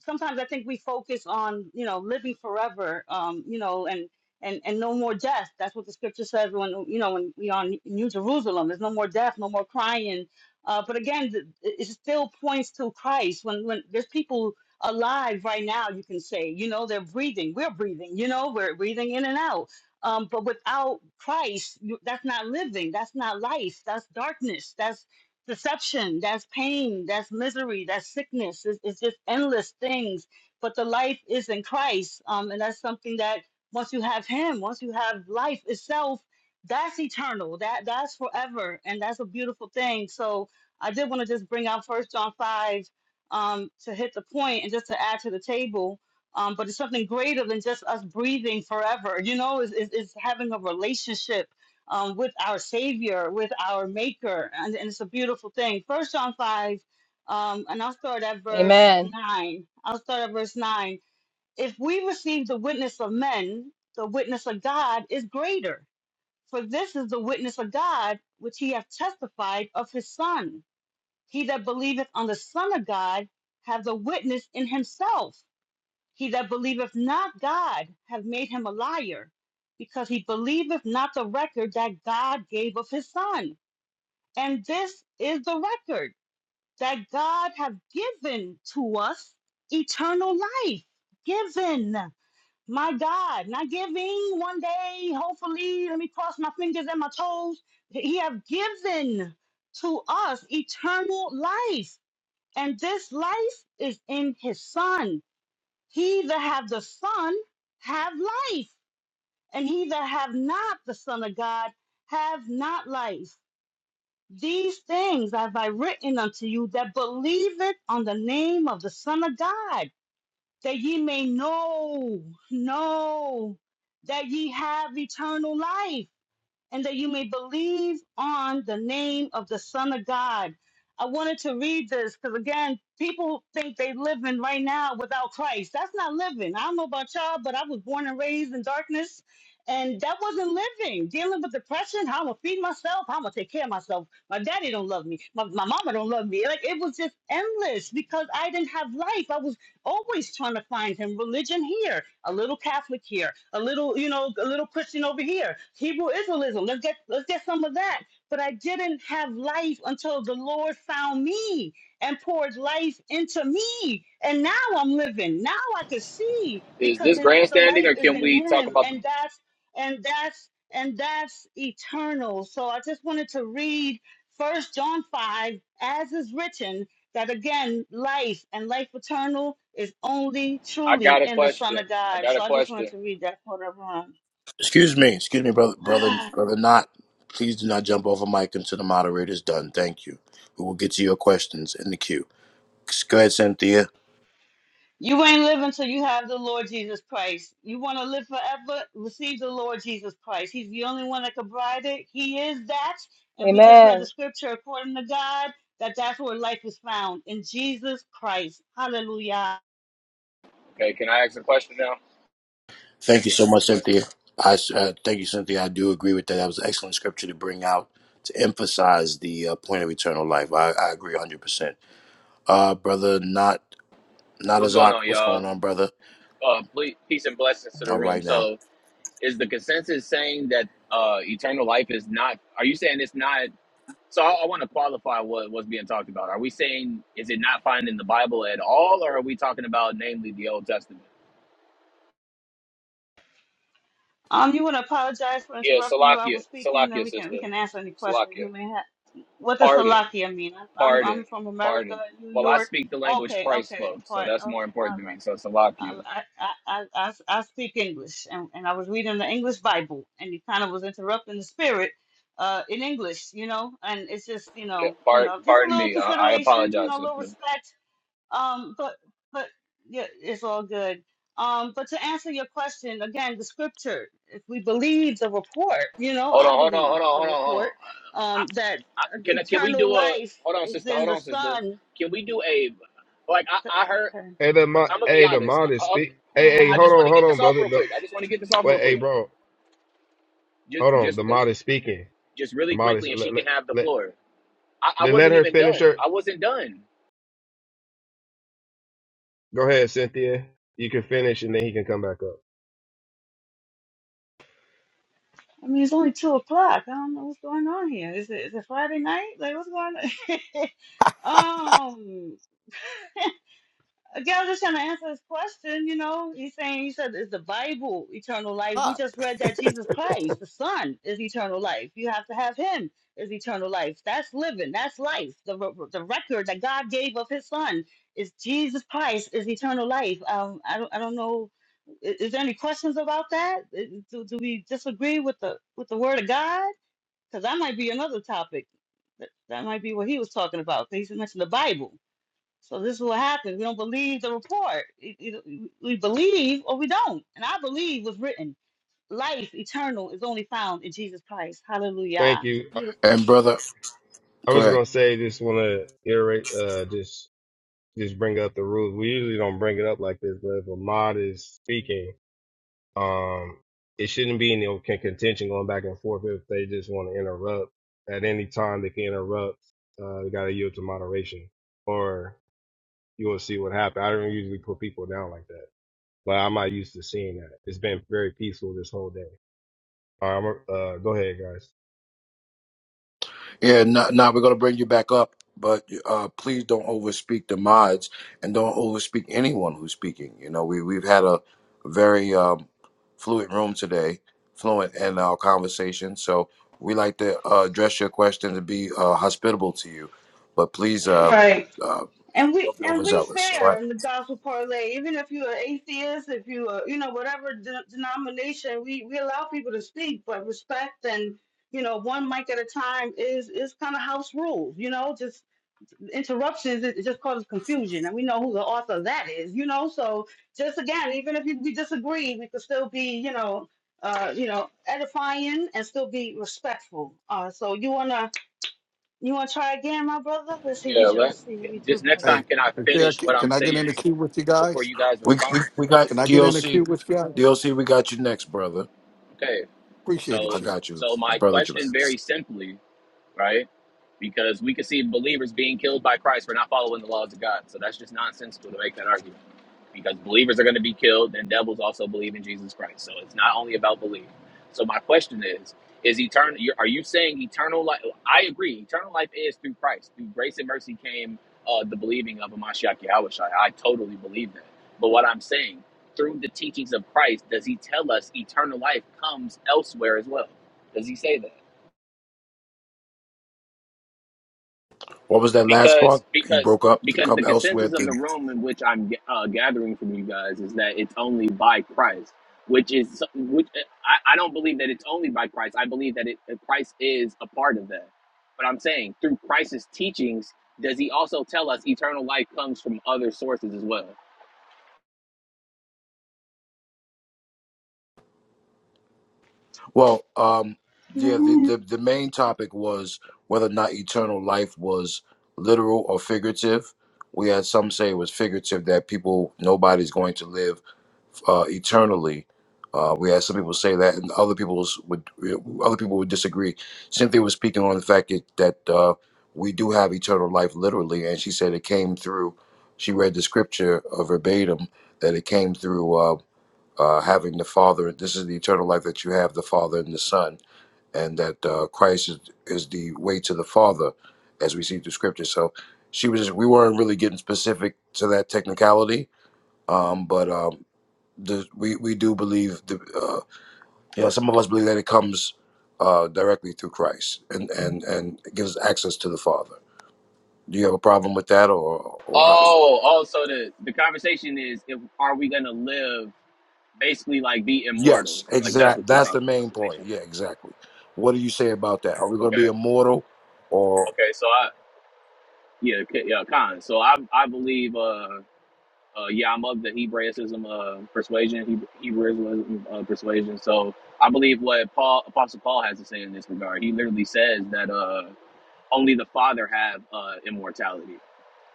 sometimes I think we focus on you know living forever. Um, you know, and and and no more death. That's what the scripture says when you know when we are in New Jerusalem. There's no more death, no more crying. Uh, but again, th- it it still points to Christ. When when there's people alive right now, you can say. You know, they're breathing. We're breathing. You know, we're breathing in and out. Um, but without Christ, you, that's not living. That's not life. That's darkness. That's deception. That's pain. That's misery. That's sickness. It's, it's just endless things. But the life is in Christ. Um, and that's something that once you have Him, once you have life itself, that's eternal. That that's forever, and that's a beautiful thing. So I did want to just bring out First John five um, to hit the point and just to add to the table. Um, but it's something greater than just us breathing forever. You know, it's, it's, it's having a relationship um, with our Savior, with our Maker. And, and it's a beautiful thing. First John 5, um, and I'll start at verse
Amen.
9. I'll start at verse 9. If we receive the witness of men, the witness of God is greater. For this is the witness of God, which he hath testified of his Son. He that believeth on the Son of God hath a witness in himself. He that believeth not God hath made him a liar, because he believeth not the record that God gave of his Son. And this is the record that God hath given to us eternal life. Given, my God, not giving one day, hopefully, let me cross my fingers and my toes. He hath given to us eternal life and this life is in his son. He that have the son have life, and he that have not the son of God have not life. These things have I written unto you that believeth on the name of the Son of God, that ye may know, know that ye have eternal life and that you may believe on the name of the Son of God. I wanted to read this because, again, people think they living right now without Christ. That's not living. I don't know about y'all, but I was born and raised in darkness, and that wasn't living. Dealing with depression, how I'm gonna feed myself, how I'm gonna take care of myself. My daddy don't love me, my, my mama don't love me. Like it was just endless because I didn't have life. I was always trying to find him religion here, a little Catholic here, a little, you know, a little Christian over here, Hebrew Israelism. Let's get let's get some of that. But I didn't have life until the Lord found me and poured life into me. And now I'm living. Now I can see
Is
because
this
it's, it's, the
grandstanding,
life
or
is
can
in
we talk
him.
about the?
And that's and that's and that's eternal. So I just wanted to read First John 5, as is written that again, life and life eternal is only
I
truly
got a
in the Son
question.
of
I
God.
got a
So I just wanted
question.
to read that part of Ron.
Excuse me, excuse me, brother, brother, brother. Not. Please do not jump off a mic until the moderator's done. Thank you. We will get to your questions in the queue. Go ahead, Cynthia.
You ain't living till you have the Lord Jesus Christ. You want to live forever? Receive the Lord Jesus Christ. He's the only one that can provide it. He is that. And we just read the
Amen.
scripture according to God that that's where life is found in Jesus Christ. Hallelujah.
Okay, can I ask a question now?
Thank you so much, Cynthia. I uh, thank you, Cynthia. I do agree with that. That was an excellent scripture to bring out to emphasize the uh, point of eternal life. I, I agree 100. percent Uh, brother, not not
What's going
Azak.
on,
What's going
y'all?
on, brother?
Uh, ple- peace and blessings to the
All
room.
right now,
So, is the consensus saying that uh, eternal life is not? Are you saying it's not? So, I, I want to qualify what was being talked about. Are we saying is it not found in the Bible at all, or are we talking about namely the Old Testament?
Um, you want to apologize for
Yeah,
interrupting you. while I
Salakia,
was speaking, then
Salakia,
we can we
sister,
can answer any questions you
Salakia.
may have. What does
Pardon.
Salakia mean? I'm I'm
Pardon,
I'm from America,
pardon.
New
Well, I
York.
speak the language
Okay,
Christ
okay,
spoke, so
part
that's
of
more
all
important to
right.
me. So it's a lock
Um,
you.
I, I I I I speak English, and, and I was reading the English Bible, and you kind of was interrupting the spirit, uh, in English, you know, and it's just you
Yeah,
know you
part,
know just a
pardon
little
me. I, I
consideration, you
apologize,
know, a little
sister.
respect um, but but yeah, it's all good. Um, but to answer your question again, the scripture. If we believe the report, you know,
Hold
I
on, hold on,
believe
hold on,
the
hold on, hold
report
on. I,
um, that
I,
uh,
I- can I- can we
eternal
do a?
life
Hold on,
is
sister.
in
Hold
the
on, sister.
Son.
Can we do a? Like
Th-
I, I heard.
Okay.
Hey, the mod,
I'm gonna be
hey, the
honest.
mod
I,
is
I
speak. Hey, hey,
I
hold
just
Ah,
want
on,
to
hold
get
on,
this off
brother.
real
The,
quick. I just want to get this off
wait,
real
hey,
quick.
bro,
Just
hold on.
just
The
re-
mod is speaking.
just
The
really
mod is
quickly, and she
let
can have the
let
floor. I, I
let, let
wasn't
her
even
finish
done.
her.
I wasn't done.
Go ahead, Cynthia. You can finish, and then he can come back up.
I mean, it's only two o'clock. I don't know what's going on here. Is it is it Friday night? Like, what's going on? Um. Again, I'm just trying to answer this question. You know, he's saying, he said, is the Bible eternal life? We
hot.
just read that Jesus Christ, the Son, is eternal life. You have to have him is eternal life. That's living. That's life. The, re- the record that God gave of his Son is Jesus Christ is eternal life. Um, I, don't, I don't know. Is, is there any questions about that? I- Do, do we disagree with the with the Word of God? Because that might be another topic. That, that might be what he was talking about. He mentioned the Bible. So this is what happens. We don't believe the report. It- it- we believe or we don't. And I believe was written. Life eternal is only found in Jesus Christ.
Thank
Hallelujah. It's a
you. I
beautiful.
and brother,
I
go
was
ahead.
gonna say, just want to iterate, uh, just just bring up the rules. We usually don't bring it up like this, but if a mod is speaking, um, it shouldn't be any con- contention going back and forth. If they just want to interrupt at any time, they can interrupt. Uh, they gotta yield to moderation, or you will see what happens. I don't usually put people down like that, but I'm not used to seeing that. It's been very peaceful this whole day. All right, I'm, uh, go ahead, guys.
Yeah, now we're gonna bring you back up, but uh, please don't overspeak the mods and don't overspeak anyone who's speaking. You know, we we've had a very um, fluid room today, fluent in our conversation. So we like to uh, address your questions and be uh, hospitable to you, but please uh,
Right.
uh,
And we
don't be
and we
overzealous. All right,
fair in the gospel parlay. Even if you're an atheist, if you are, you know, whatever de- denomination, we we allow people to speak, but respect and you know, one mic at a time is is kind of house rules. You know, just interruptions it, it just causes confusion and we know who the author of that is you know so just again even if you, we disagree we could still be you know uh you know edifying and still be respectful uh so you wanna you wanna try again my brother let's see if you
Yeah.
tr-
Let
let's see if you
this
do
next
better
time.
Hey,
Can I
yeah,
finish
c-
what I'm
can I get in the
saying?
queue with you
before
guys?
you guys
we we,
respond.
we got
Can I get in the
DOC,
queue with you guys?
DOC. We got you next, brother.
Okay.
Appreciate it,
I
So
Chief.
got you,
so
it's
my
brother
question
Jermaine.
very simply, right? Because we could see believers being killed by Christ for not following the laws of God. So that's just nonsensical to make that argument. because believers are going to be killed and devils also believe in Jesus Christ. So it's not only about belief. So my question is is eternal are you saying eternal life I agree eternal life is through Christ. Through grace and mercy came uh, the believing of Amashiach Yahushai. I totally believe that. But what I'm saying through the teachings of Christ does he tell us eternal life comes elsewhere as well? Does he say that?
What was that last part?
because
You
because
broke up to
because
come
the
elsewhere.
consensus
to.
of the room in which I'm uh, gathering from you guys is that it's only by Christ, which is which I, I don't believe that it's only by Christ. I believe that it that Christ is a part of that. But I'm saying through Christ's teachings, does he also tell us eternal life comes from other sources as well?
Well, um, yeah, the,
Mhm.
the the main topic was whether or not eternal life was literal or figurative. We had some say it was figurative that people nobody's going to live uh, eternally. Uh, we had some people say that, and other people's would other people would disagree. Cynthia was speaking on the fact that that uh, we do have eternal life literally, and she said it came through. She read the scripture uh, verbatim that it came through. uh, uh, having the Father. This is the eternal life that you have the Father and the Son, and that uh, Christ is, is the way to the Father, as we see through Scripture. So she was. Just, we weren't really getting specific to that technicality, um, but um, the, we we do believe. The, uh, you know, some of us believe that it comes uh, directly through Christ and and and gives access to the Father. Do you have a problem with that, or or how?
Oh, oh, so the the conversation is if are we gonna live basically like be immortal?
Yes,
Like that's
exact.
what the
That's
talk
the main point.
conversation
Yeah,
is.
exactly. What do you say about that? Are we going to be
Okay.
immortal, or
Okay. So I Yeah, K- yeah, Khan. So I I believe uh uh yeah I'm of the Hebraism uh persuasion he- Hebraism uh, persuasion. So I believe what Paul Apostle Paul has to say in this regard. He literally says that uh only the Father have uh immortality,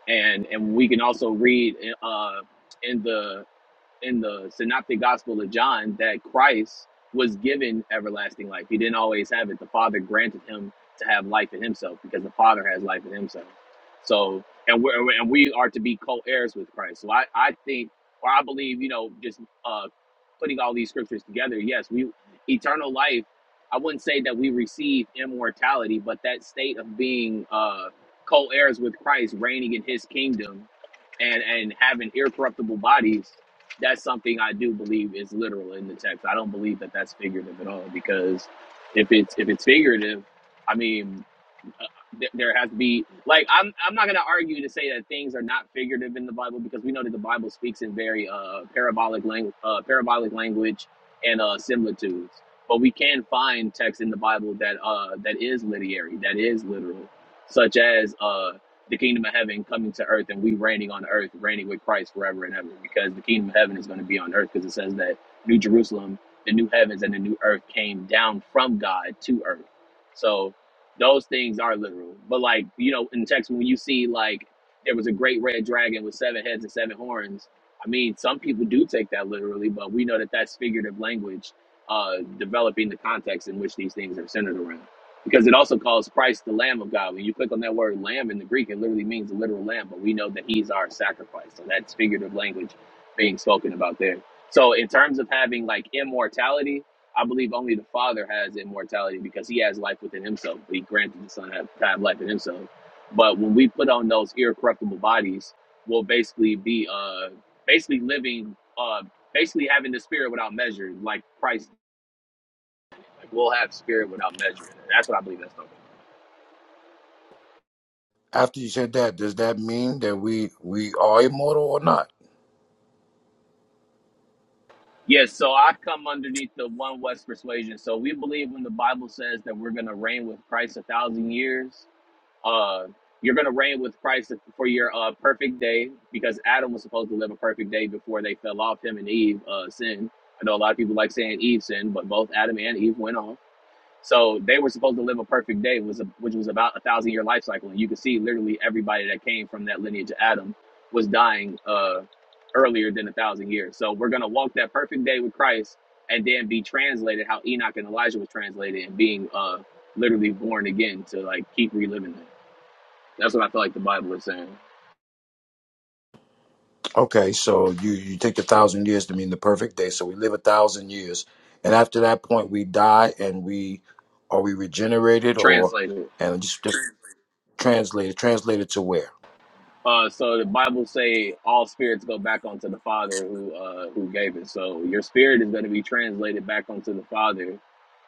and and we can also read uh in the in the synoptic gospel of John that Christ was given everlasting life. He didn't always have it. The Father granted him to have life in himself because the Father has life in himself. So, and we are and we are to be co-heirs with Christ. So I, I think, or I believe, you know, just uh, putting all these scriptures together, yes, we eternal life. I wouldn't say that we receive immortality, but that state of being uh, co-heirs with Christ, reigning in His kingdom, and and having incorruptible bodies that's something I do believe is literal in the text. I don't believe that that's figurative at all because if it's if it's figurative, I mean uh, th- there has to be like I'm I'm not gonna argue to say that things are not figurative in the Bible because we know that the Bible speaks in very uh parabolic language uh, parabolic language and uh similitudes. But we can find text in the Bible that uh that is literary, that is literal, such as uh the kingdom of heaven coming to earth and we reigning on earth, reigning with Christ forever and ever, because the kingdom of heaven is going to be on earth because it says that New Jerusalem, the new heavens and the new earth came down from God to earth. So those things are literal. But like you know, in text when you see like there was a great red dragon with seven heads and seven horns. I mean, some people do take that literally, but we know that that's figurative language, uh, developing the context in which these things are centered around. Because it also calls Christ the Lamb of God. When you click on that word "lamb" in the Greek, it literally means a literal lamb. But we know that He's our sacrifice, so that's figurative language being spoken about there. So, in terms of having like immortality, I believe only the Father has immortality because He has life within Himself. But He granted the Son to have, to have life in Himself. But when we put on those incorruptible bodies, we'll basically be uh basically living uh basically having the Spirit without measure, like Christ. Like we'll have Spirit without measure. That's what I believe. That's talking. about.
after you said that, does that mean that we we are immortal or not?
Yes, so I come underneath the one West persuasion. So we believe when the Bible says that we're going to reign with Christ a thousand years, Uh, you're going to reign with Christ for your uh, perfect day because Adam was supposed to live a perfect day before they fell off. Him and Eve uh, sinned. I know a lot of people like saying Eve sinned, but both Adam and Eve went off. So they were supposed to live a perfect day, was a, which was about a thousand year life cycle. And you can see literally everybody that came from that lineage of Adam was dying uh, earlier than a thousand years. So we're going to walk that perfect day with Christ and then be translated how Enoch and Elijah was translated and being uh, literally born again to like keep reliving that. That's what I feel like the Bible is saying.
Okay, so you you take a thousand years to mean the perfect day, so we live a thousand years, and after that point, we die, and we are we regenerated or
Translated.
and just, just translate it translate it to where?
Uh, so the Bible say all spirits go back onto the Father who uh, who gave it. So your spirit is going to be translated back onto the Father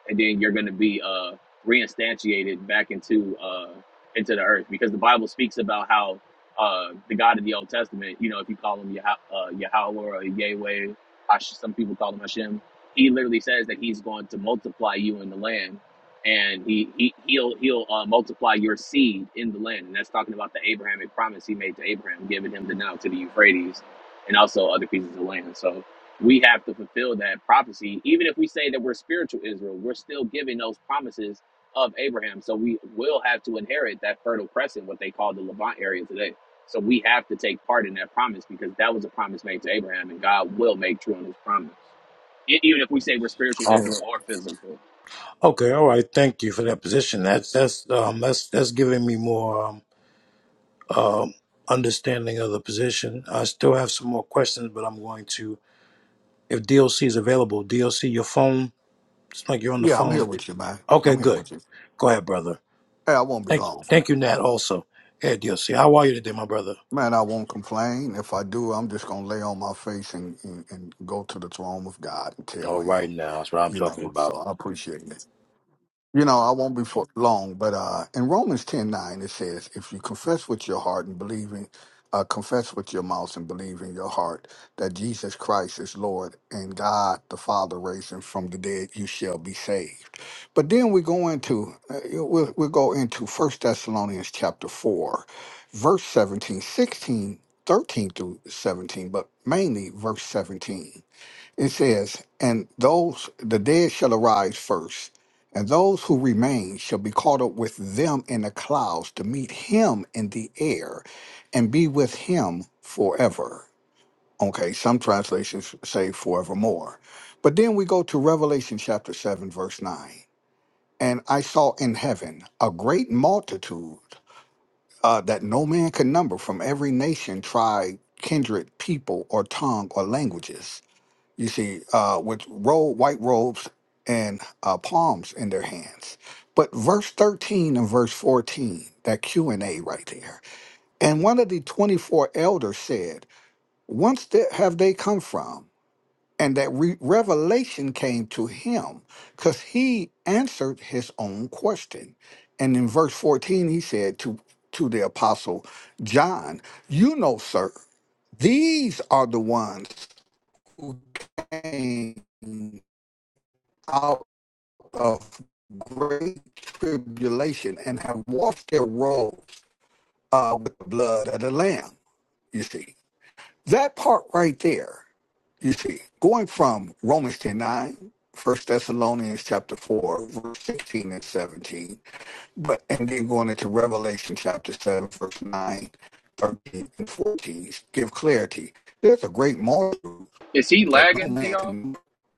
and then you're going to be uh, reinstantiated back into uh, into the earth because the Bible speaks about how uh, the God of the Old Testament, you know, if you call him Yah- uh, Yahweh or Yahweh, Hash, some people call him Hashem. He literally says that he's going to multiply you in the land, and he, he he'll he'll uh, multiply your seed in the land, and that's talking about the Abrahamic promise he made to Abraham, giving him the Nile to the Euphrates, and also other pieces of land. So we have to fulfill that prophecy. Even if we say that we're spiritual Israel, we're still giving those promises of Abraham. So we will have to inherit that fertile crescent, what they call the Levant area today. So we have to take part in that promise because that was a promise made to Abraham, and God will make true on His promise. E- Even if we say we're spiritual
Um,
Israel or physical,
Okay, all right. Thank you for that position. That's that's um that's that's giving me more. um, understanding of the position. I still have some more questions, but I'm going to, if DLC is available, DLC, your phone, it's like you're on the
Yeah, I'm
phone.
here with you, man.
Okay,
I'm here
good.
with you.
Go ahead, brother.
Hey, I won't be
Thank,
long.
thank you, Nat, also. Hey, DLC, how are you today, my brother?
Man, I won't complain. If I do, I'm just going to lay on my face and, and, and go to the throne of God and tell
All
him,
right, now that's what I'm
you
talking
know, so
about.
I appreciate it. You know, I won't be for long, but uh, in Romans ten nine it says, If you confess with your heart and believe in, uh, confess with your mouth and believe in your heart that Jesus Christ is Lord and God the Father raised him from the dead, you shall be saved. But then we go into, uh, we'll, we'll go into First Thessalonians chapter 4, verse 17 16 13 through 17, but mainly verse 17. It says, And those, the dead shall arise first, and those who remain shall be caught up with them in the clouds to meet him in the air and be with him forever. Okay, some translations say forevermore. But then we go to Revelation chapter 7, verse 9. And I saw in heaven a great multitude uh, that no man could number from every nation, tribe, kindred, people, or tongue, or languages you see, uh, with robe, white robes and uh, palms in their hands. But verse 13 and verse 14, that Q&A right there. And one of the 24 elders said, Whence the- have they come from? And that re- revelation came to him because he answered his own question. And in verse 14, he said to, to the apostle John, You know, sir, these are the ones who came out of great tribulation and have washed their robes uh, with the blood of the Lamb. You see, that part right there, you see, going from Romans 10 9, First Thessalonians chapter 4, verse 16 and 17, but and then going into Revelation chapter 7, verse 9, 13 and 14, give clarity. There's a great multitude
is He
that no
lagging to
man
y'all?
can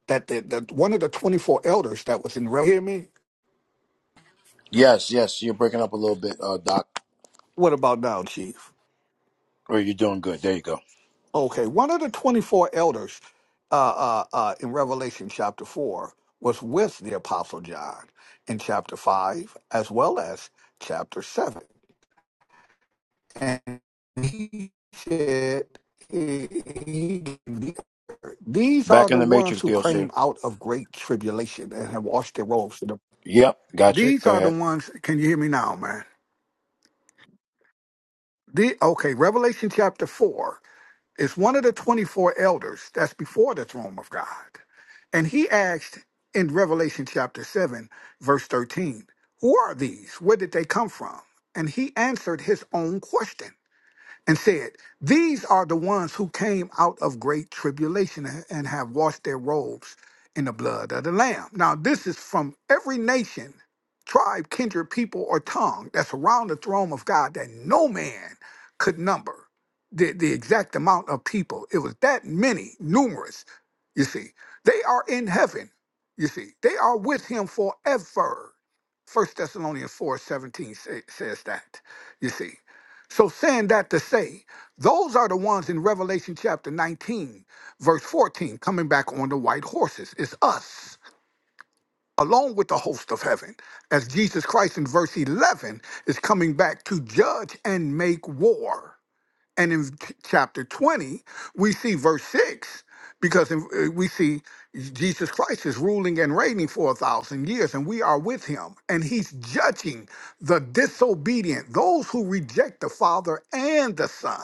that the, the one of the 24 elders that was in Re- hear me.
Yes, yes, you're breaking up a little bit, uh, Doc.
What about now, Chief?
Or you're doing good. There you go.
Okay, one of the 24 elders uh, uh, uh, in Revelation chapter 4 was with the Apostle John in chapter 5 as well as chapter 7. And he said, he, he- These are
Back
the
in the
ones
Matrix,
who came
DLC.
out of great tribulation and have washed their robes.
Yep, gotcha.
These
Go
are the
ahead.
ones, can you hear me now, man? The, okay, Revelation chapter 4 It's one of the 24 elders that's before the throne of God. And he asked in Revelation chapter 7, verse 13, Who are these? Where did they come from? And he answered his own question and said, These are the ones who came out of great tribulation and and have washed their robes in the blood of the Lamb. Now, this is from every nation, tribe, kindred, people, or tongue that's around the throne of God that no man could number the, the exact amount of people. It was that many, numerous, you see. They are in heaven, you see. They are with him forever. First Thessalonians four seventeen 17 says that, you see. So, saying that to say, those are the ones in Revelation chapter 19, verse 14, coming back on the white horses. It's us, along with the host of heaven, as Jesus Christ in verse 11 is coming back to judge and make war. And in t- chapter 20, we see verse 6, because in- uh, we see Jesus Christ is ruling and reigning for a thousand years, and we are with him. And he's judging the disobedient, those who reject the Father and the Son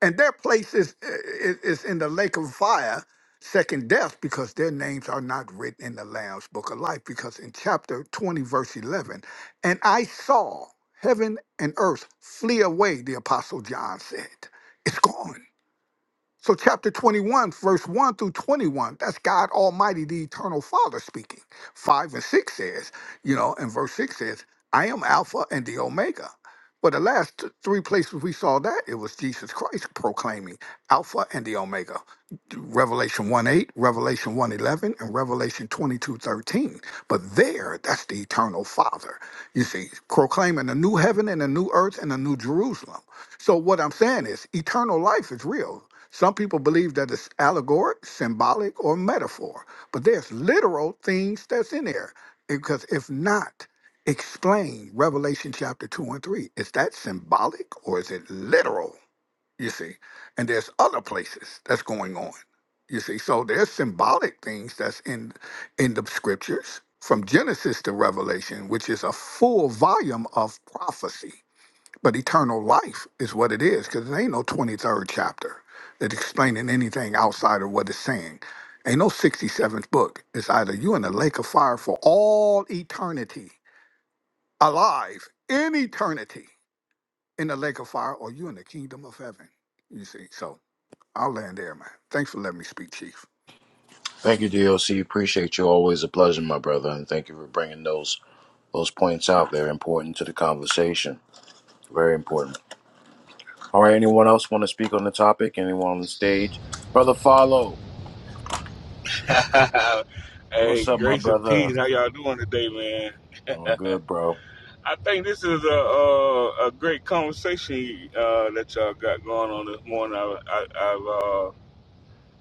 and their place is, is is in the lake of fire, second death, because their names are not written in the Lamb's book of life. Because in chapter twenty, verse eleven, and I saw heaven and earth flee away. The apostle John said, "It's gone." So, chapter 21, verse 1 through 21, that's God Almighty, the eternal Father speaking. 5 and 6 says, you know, and verse 6 says, I am Alpha and the Omega. But the last th- three places we saw that, it was Jesus Christ proclaiming Alpha and the Omega. Revelation 1 8, Revelation 1 eleven, and Revelation twenty two thirteen. But there, that's the eternal Father, you see, proclaiming a new heaven and a new earth and a new Jerusalem. So, what I'm saying is, eternal life is real. Some people believe that it's allegoric, symbolic, or metaphor, but there's literal things that's in there. Because if not, explain Revelation chapter 2 and 3. Is that symbolic or is it literal? you see. And there's other places that's going on, you see. So there's symbolic things that's in in the scriptures from Genesis to Revelation, which is a full volume of prophecy. But eternal life is what it is, because there ain't no 23rd chapter that's explaining anything outside of what it's saying. Ain't no 67th book. It's either you in the lake of fire for all eternity, alive in eternity in the lake of fire, or you in the kingdom of heaven. You see, so I'll land there, man. Thanks for letting me speak, Chief.
Thank you, DLC. Appreciate you. Always a pleasure, my brother, and thank you for bringing those. Those points out, they're important to the conversation. Very important. All right, anyone else want to speak on the topic? Anyone on the stage? Brother Follow,
hey,
what's up, my
grace and
brother?
peace. How y'all doing today, man?
All good, bro.
I think this is a a, a great conversation uh, that y'all got going on this morning. I, I, I've uh,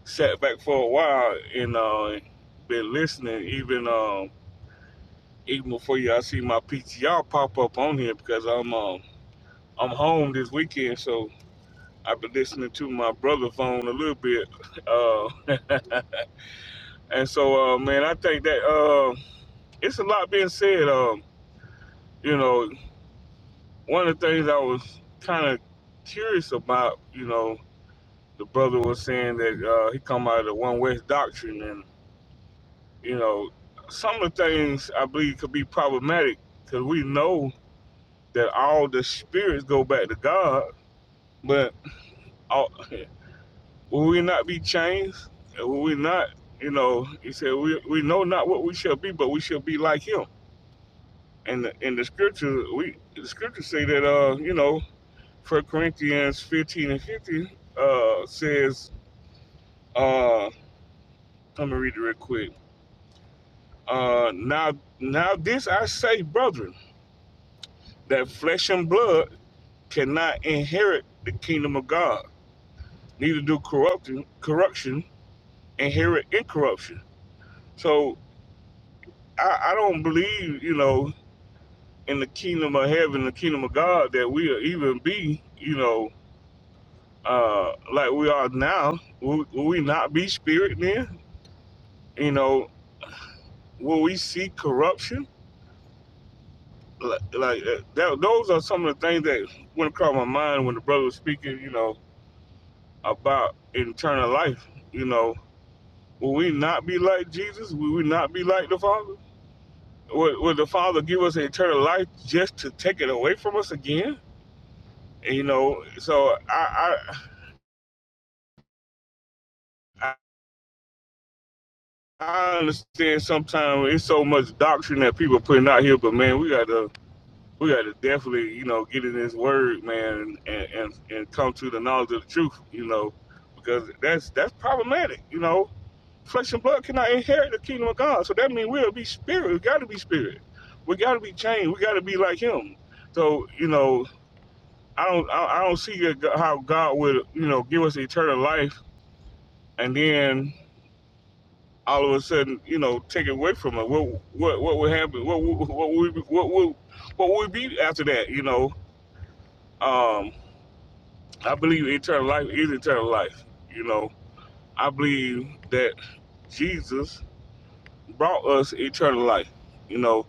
sat back for a while and uh, been listening, even um, even before y'all see my PTR pop up on here because I'm um, I'm home this weekend, so I've been listening to my brother phone a little bit. Uh, and so, uh, man, I think that uh, it's a lot being said. Um, you know, one of the things I was kind of curious about, you know, the brother was saying that uh, he come out of the One West doctrine, and you know, some of the things I believe could be problematic because we know that all the spirits go back to God, but all, will we not be changed? Will we not? You know, he said, we, we know not what we shall be, but we shall be like him. And in the, the scripture, we the scriptures say that uh, you know, First Corinthians 15 and fifty uh, says, uh, I'm going to read it real quick. Uh, now, now this I say, brethren, that flesh and blood cannot inherit the kingdom of God, neither do corrupting, corruption inherit incorruption. So I, I don't believe, you know, in the kingdom of heaven, the kingdom of God, that we'll even be, you know, uh, like we are now. Will, will we not be spirit then? You know, Will we see corruption? Like, like uh, that, those are some of the things that went across my mind when the brother was speaking, you know, about eternal life. You know, will we not be like Jesus? Will we not be like the Father? Will would the Father give us eternal life just to take it away from us again? And, you know, so I, I, I I understand sometimes it's so much doctrine that people are putting out here, but man, we gotta we got to definitely, you know, get in this word, man, and, and and come to the knowledge of the truth, you know, because that's that's problematic, you know. Flesh and blood cannot inherit the kingdom of God, so that means we'll be spirit. We got to be spirit. We got to be changed. We got to be like Him. So, you know, I don't I, I don't see how God would, you know, give us eternal life and then all of a sudden, you know, take it away from us. What what what would happen? What would- what would what would what would we be after that? You know. Um, I believe eternal life is eternal life. You know, I believe that Jesus brought us eternal life. You know,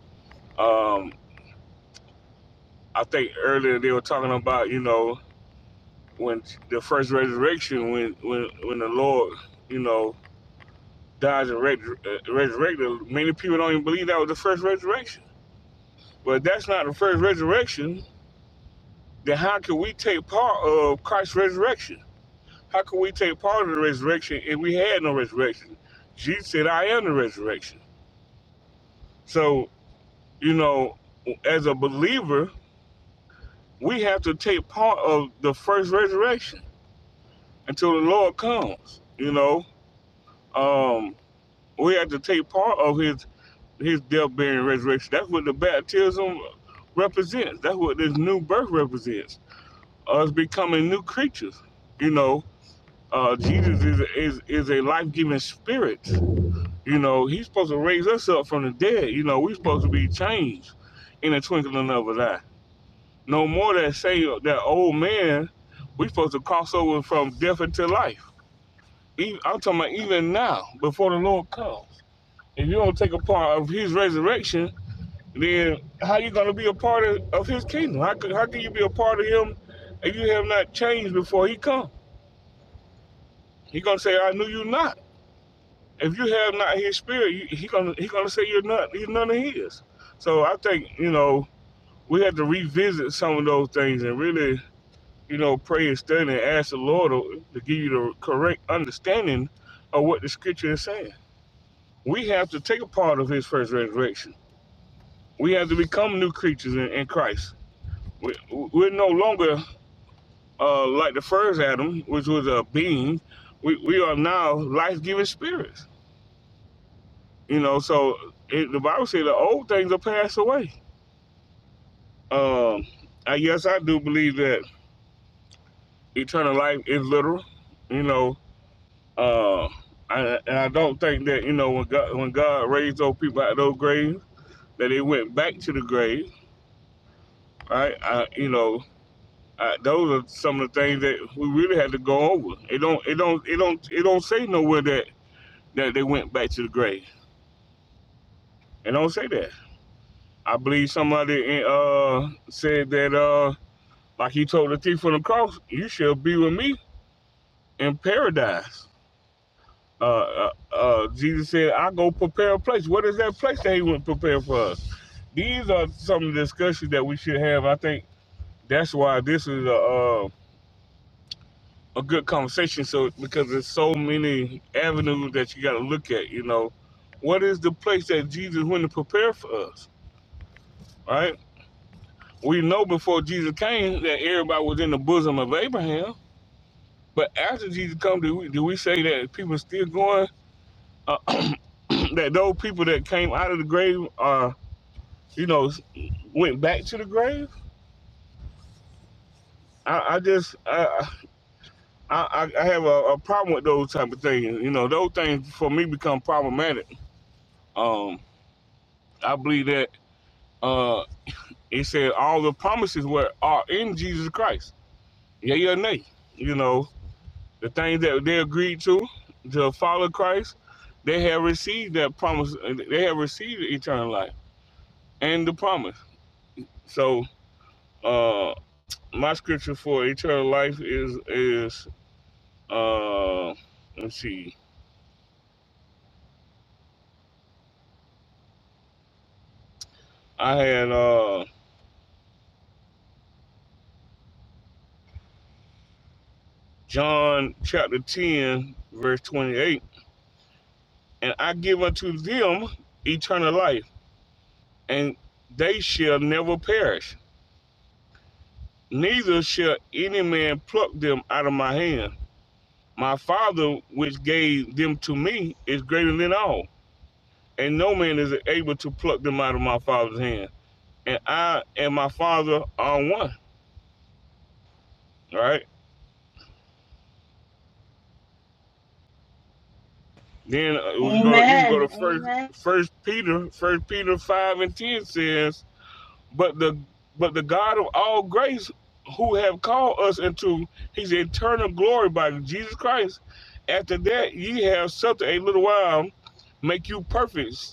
um, I think earlier they were talking about you know when the first resurrection, when when when the Lord, you know, dies and res- uh, resurrected. Many people don't even believe that was the first resurrection. But if that's not the first resurrection. Then how can we take part of Christ's resurrection? How can we take part in the resurrection if we had no resurrection? Jesus said, I am the resurrection. So, you know, as a believer, we have to take part of the first resurrection until the Lord comes. You know, um, we have to take part of his his death, burial, and resurrection. That's what the baptism represents. That's what this new birth represents. Us becoming new creatures. You know, uh, Jesus is is is a life giving spirit. You know, he's supposed to raise us up from the dead. You know, we're supposed to be changed in the twinkling of an eye. No more that say that old man, we're supposed to cross over from death into life. Even, I'm talking about even now, before the Lord comes. If you don't take a part of his resurrection, then how you gonna be a part of, of his kingdom? How how can you be a part of him if you have not changed before he comes? He gonna say, I knew you not. if you have not his spirit, you, he gonna he gonna say you're not you're none of his. So I think you know we have to revisit some of those things and really you know pray and study and ask the Lord to, to give you the correct understanding of what the Scripture is saying. We have to take a part of His first resurrection. We have to become new creatures in, in Christ. We, we're no longer uh, like the first Adam, which was a being. We, we are now life-giving spirits You know, so it, the Bible says the old things are passed away. Um, I guess I do believe that eternal life is literal. You know, uh, I, and I don't think that you know when God when God raised those people out of those graves that they went back to the grave. Right? I, you know, I, those are some of the things that we really had to go over. It don't it don't it don't it don't say nowhere that that they went back to the grave. It don't say that. I believe somebody uh, said that. Uh, Like he told the thief on the cross, you shall be with me in paradise. Uh, uh, uh, Jesus said, I go prepare a place. What is that place that he went prepare for us? These are some of the discussions that we should have. I think that's why this is a, uh, a good conversation. So, because there's so many avenues that you got to look at, you know, what is the place that Jesus went to prepare for us, right? We know before Jesus came that everybody was in the bosom of Abraham But after Jesus come, do we, do we say that people still going? Uh, that those people that came out of the grave are, you know, s- went back to the grave? I, I just, I, I, I I have a, a problem with those type of things. You know, those things for me become problematic. Um, I believe that uh, it said all the promises were are in Jesus Christ. Yeah, yeah, nay. You know, The things that they agreed to to follow Christ, they have received that promise. They have received eternal life and the promise. So, uh, my scripture for eternal life is is uh, let's see. I had uh, John chapter ten verse twenty eight, and I give unto them eternal life, and they shall never perish. Neither shall any man pluck them out of my hand. My Father, which gave them to me, is greater than all, and no man is able to pluck them out of my Father's hand. And I and my Father are one. All right. Then uh, we go to you can go to
amen
first
amen
First Peter First Peter five and ten says, but the but the God of all grace, who have called us into His eternal glory by Jesus Christ, after that ye have suffered a little while, make you perfect.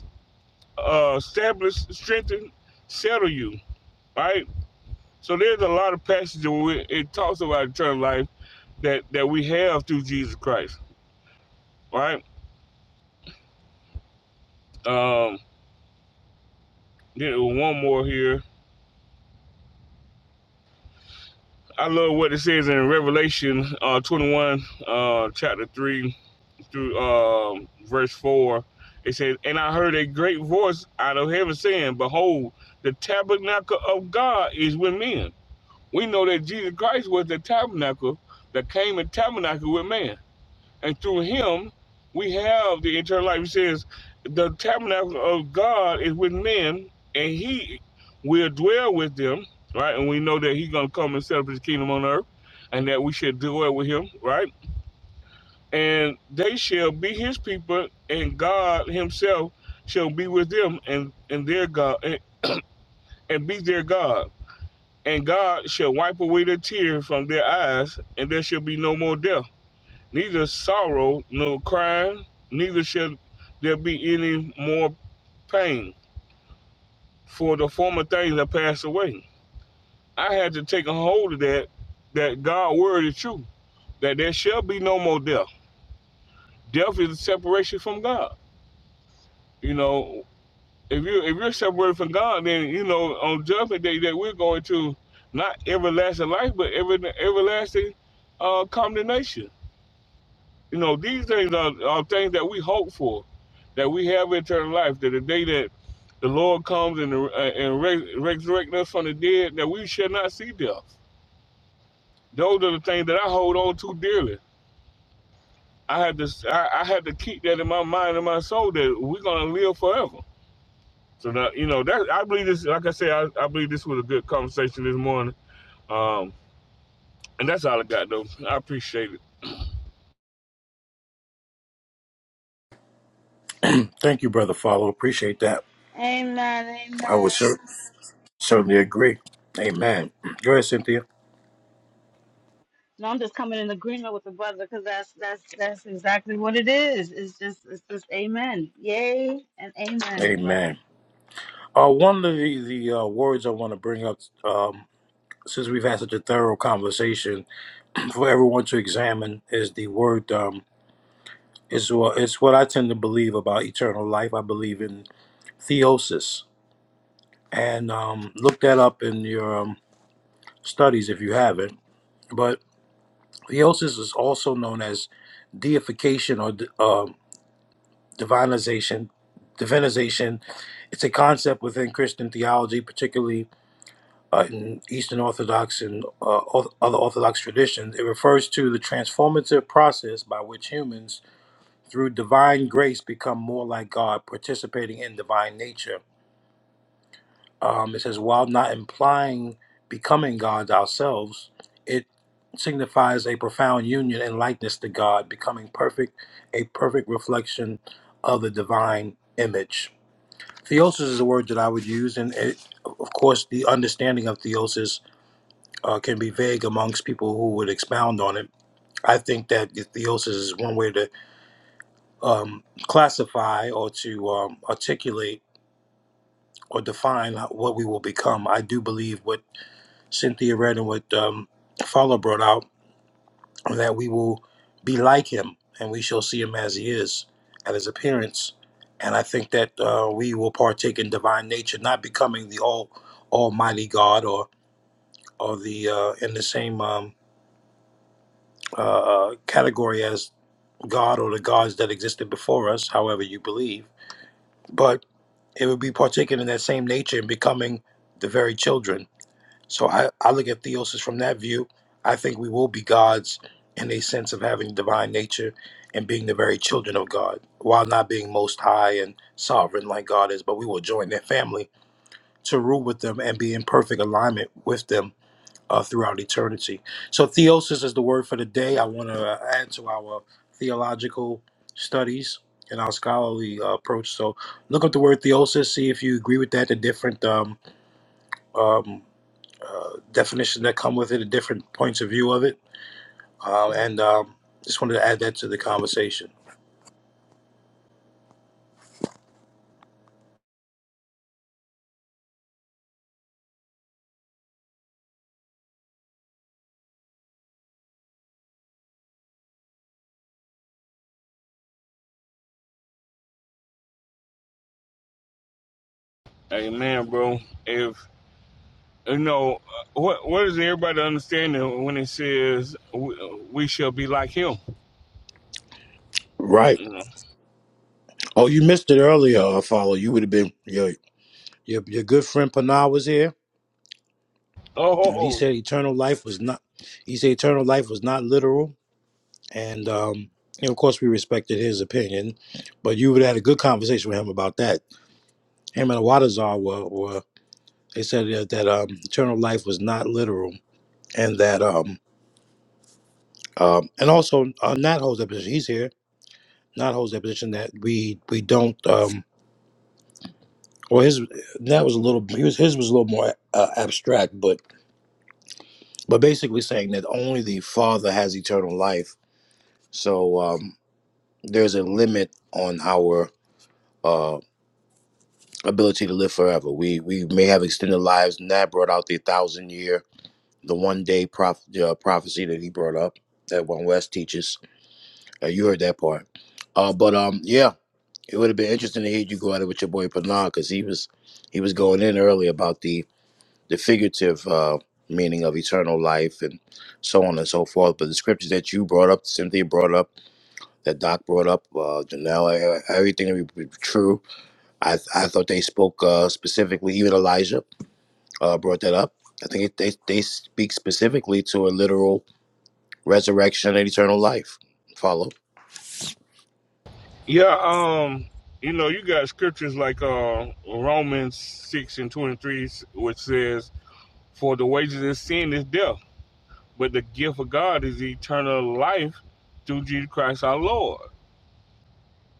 uh, establish, strengthen, settle you. Right. So there's a lot of passages where it, talks about eternal life that that we have through Jesus Christ. Right. Um. Then one more here. I love what it says in Revelation uh, 21, uh, chapter 3 through um verse 4. It says, And I heard a great voice out of heaven saying, Behold, the tabernacle of God is with men. We know that Jesus Christ was the tabernacle that came in tabernacle with man and through him we have the eternal life. He says, The tabernacle of God is with men, and he will dwell with them, right? And we know that he's gonna come and set up his kingdom on earth, and that we should dwell with him, right? And they shall be his people, and God himself shall be with them and, and their God and, and be their God. And God shall wipe away the tears from their eyes, and there shall be no more death neither sorrow nor crying, neither shall there be any more pain, for the former things are passed away. I had to take a hold of that, that God's word is true, that there shall be no more death. Death is a separation from God. You know, if you if you're separated from God, then you know on judgment day that we're going to not everlasting life, but ever, everlasting uh, condemnation. You know, these things are, are things that we hope for, that we have eternal life, that the day that the Lord comes and, uh, and re- resurrect us from the dead, that we shall not see death. Those are the things that I hold on to dearly. I had to, I, I had to keep that in my mind and my soul that we're gonna live forever. So that you know, that I believe this. Like I said, I, I believe this was a good conversation this morning. Um, and that's all I got though. I appreciate it.
Thank you, Brother Follow. Appreciate that.
amen
I would
amen
cer- certainly agree. Amen. Go ahead, Cynthia.
no, I'm just coming in agreement with the brother because that's that's that's exactly what it is. It's just it's just amen. Yay and amen, brother.
Amen. Uh, one of the, the uh, words I want to bring up, um, since we've had such a thorough conversation, for everyone to examine is the word. Um, is what it's what I tend to believe about eternal life. I believe in theosis and um, look that up in your um, studies if you have it. But theosis is also known as deification or uh, divinization. Divinization. It's a concept within Christian theology, particularly uh, in Eastern Orthodox and uh, oth- other Orthodox traditions. It refers to the transformative process by which humans, through divine grace, become more like God, participating in divine nature. Um, it says, while not implying becoming gods ourselves, it signifies a profound union and likeness to God, becoming perfect, a perfect reflection of the divine image. Theosis is a word that I would use, and it, of course, the understanding of theosis uh, can be vague amongst people who would expound on it. I think that theosis is one way to um, classify or to um, articulate or define what we will become. I do believe what Cynthia read and what um, Fowler brought out, that we will be like him and we shall see him as he is at his appearance. And I think that uh, we will partake in divine nature, not becoming the all Almighty God or or the uh, in the same um, uh, uh, category as God or the gods that existed before us, however you believe, but it would be partaking in that same nature and becoming the very children So I, I look at theosis from that view. I think we will be gods in a sense of having divine nature and being the very children of God, while not being most high and sovereign like God is, but we will join their family to rule with them and be in perfect alignment with them uh, throughout eternity. So theosis is the word for the day. I want to add to our theological studies and our scholarly uh, approach. So look up the word theosis, see if you agree with that, the different um, um, uh, definitions that come with it, the different points of view of it, uh, and um, just wanted to add that to the conversation.
Amen, bro. If you know uh, what what is everybody understanding when it says we, we shall be like him
Right.
you know?
Oh, you missed it earlier, uh, follow. You would have been your your your good friend Panah was here, and he
oh
said eternal life was not. He said eternal life was not literal, and um, you know, of course, we respected his opinion, but you would have had a good conversation with him about that. Him and Awadazar were were they said that, that um, eternal life was not literal, and that um. Um, and also uh, Nat holds up. He's here. not holds that position that we we don't um or his that was a little he was, his was a little more uh, abstract but but basically saying that only the father has eternal life so um there's a limit on our uh ability to live forever we we may have extended lives and that brought out the thousand year the one day prof, uh, prophecy that he brought up that one west teaches uh, you heard that part uh but um yeah It would have been interesting to hear you go at it with your boy Panah because he was he was going in early about the the figurative uh, meaning of eternal life and so on and so forth. But the scriptures that you brought up, Cynthia brought up, that Doc brought up, uh, Janelle, e- e, everything that we- we- true. I I thought they spoke uh, specifically. Even Elijah uh, brought that up. I think it, they they speak specifically to a literal resurrection and eternal life. Follow
yeah um you know you got scriptures like uh romans 6 and 23 which says for the wages of sin is death but the gift of god is eternal life through jesus christ our lord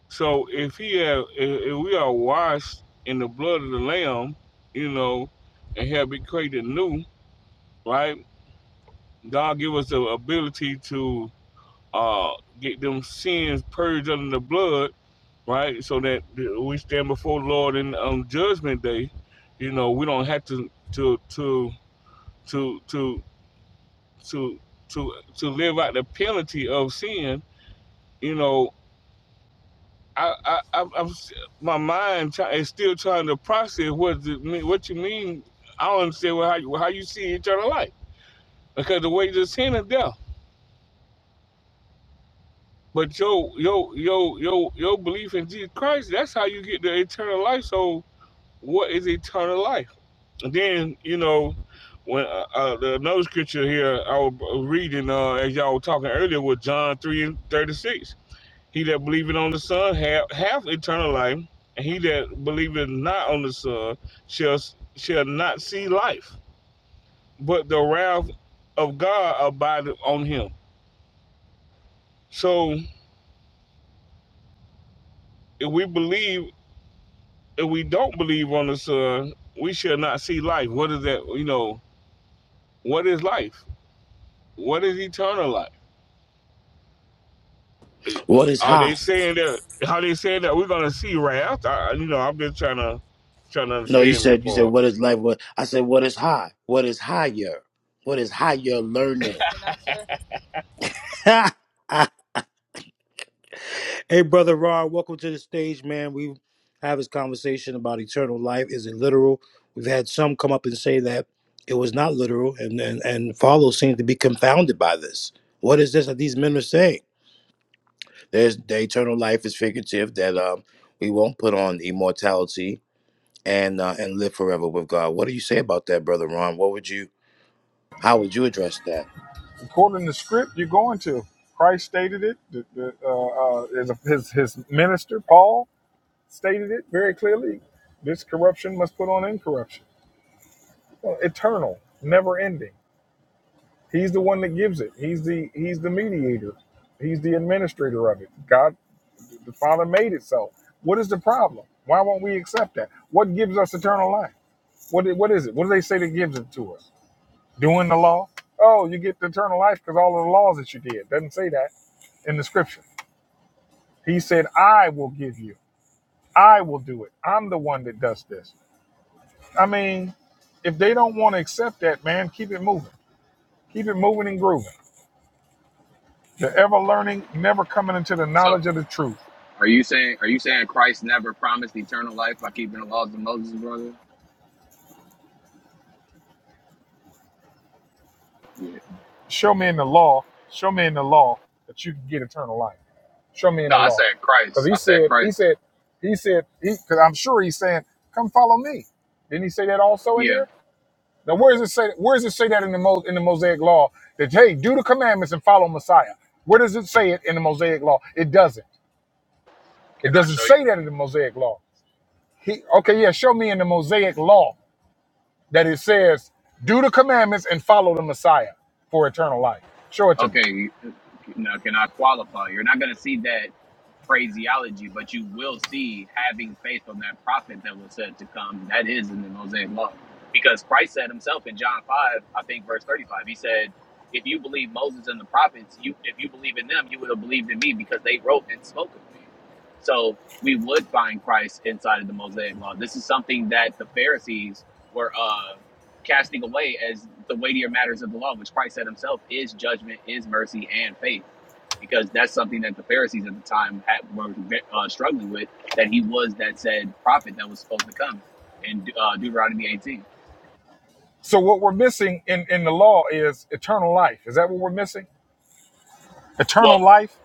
so if he have if we are washed in the blood of the lamb you know and have been created new right God give us the ability to uh, get them sins purged under the blood, right? So that we stand before the Lord in on Judgment Day. You know, we don't have to to to to to to to to live out the penalty of sin. You know, I I I'm, I'm my mind try, is still trying to process what the, what you mean. I don't understand how you, how you see eternal life because the wages of sin is death But yo, yo, yo, yo, your belief in Jesus Christ, that's how you get the eternal life. So, what is eternal life? And then, you know, when uh, uh, the another scripture here I was reading uh, as y'all were talking earlier was John 3 and 36. He that believeth on the Son have, have eternal life, and he that believeth not on the Son shall shall not see life, but the wrath of God abideth on him. So, if we believe if we don't believe on the Son, we shall not see life. What is that? You know, what is life? What is eternal life?
what is
Are
high.
they saying that? How they saying that we're gonna see wrath? I, you know, I'm just trying to trying to
No, you
understand that
said you said
part.
what is life? What I said, what is high? What is higher? What is higher learning? hey, brother Ron, welcome to the stage, man. We have this conversation about eternal life. Is it literal? We've had some come up and say that it was not literal, and and, and follow seems to be confounded by this. What is this that these men are saying? There's the eternal life is figurative that um we won't put on immortality and uh, and live forever with God. What do you say about that, brother Ron? What would you? How would you address that?
According to script, you're going to. Christ stated it. The, the, uh, uh, his, his his minister Paul stated it very clearly. This corruption must put on incorruption. Well, Eternal, never ending. He's the one that gives it. He's the he's the mediator. He's the administrator of it. God, the Father made it so. What is the problem? Why won't we accept that? What gives us eternal life? What i- what is it? What do they say that gives it to us? doing the law. Oh, you get the eternal life because all of the laws that you did. Doesn't say that in the scripture. He said, I will give you. I will do it. I'm the one that does this. I mean, if they don't want to accept that, man, keep it moving. Keep it moving and grooving. The ever learning, never coming into the
So
knowledge of the truth.
are you saying are you saying Christ never promised eternal life by keeping the laws of Moses, brother? Yeah.
Show me in the law, show me in the law that you can get eternal life. Show me in
No,
the
I
law.
said
Because
Christ.
he
I said
said, he
Christ.
said, he said, because I'm sure he's saying, come follow me. Didn't he say that also in
Yeah.
there? Now, where does it say? Where does it say that in the Mo, in the Mosaic Law that hey, do the commandments and follow Messiah? Where does it say it in the Mosaic Law? It doesn't. It
Can I
doesn't
show you?
say that in the Mosaic Law. He, okay, yeah, show me in the Mosaic Law that it says do the commandments and follow the Messiah for eternal life. Show it to me.
Okay, now can I qualify? You're not going to see that phraseology, but you will see having faith on that prophet that was said to come. That is in the Mosaic Law. Because Christ said himself in John 5, I think verse 35, he said, If you believe Moses and the prophets, you if you believe in them, you would have believed in me because they wrote and spoke of me. So we would find Christ inside of the Mosaic Law. This is something that the Pharisees were. uh, casting away as the weightier matters of the law, which Christ said himself is judgment, is mercy, and faith, because that's something that the Pharisees at the time had, were uh, struggling with. That he was that said prophet that was supposed to come in uh, Deuteronomy 18.
So what we're missing in in the law is eternal life. Is that what we're missing? Eternal
Well.
life,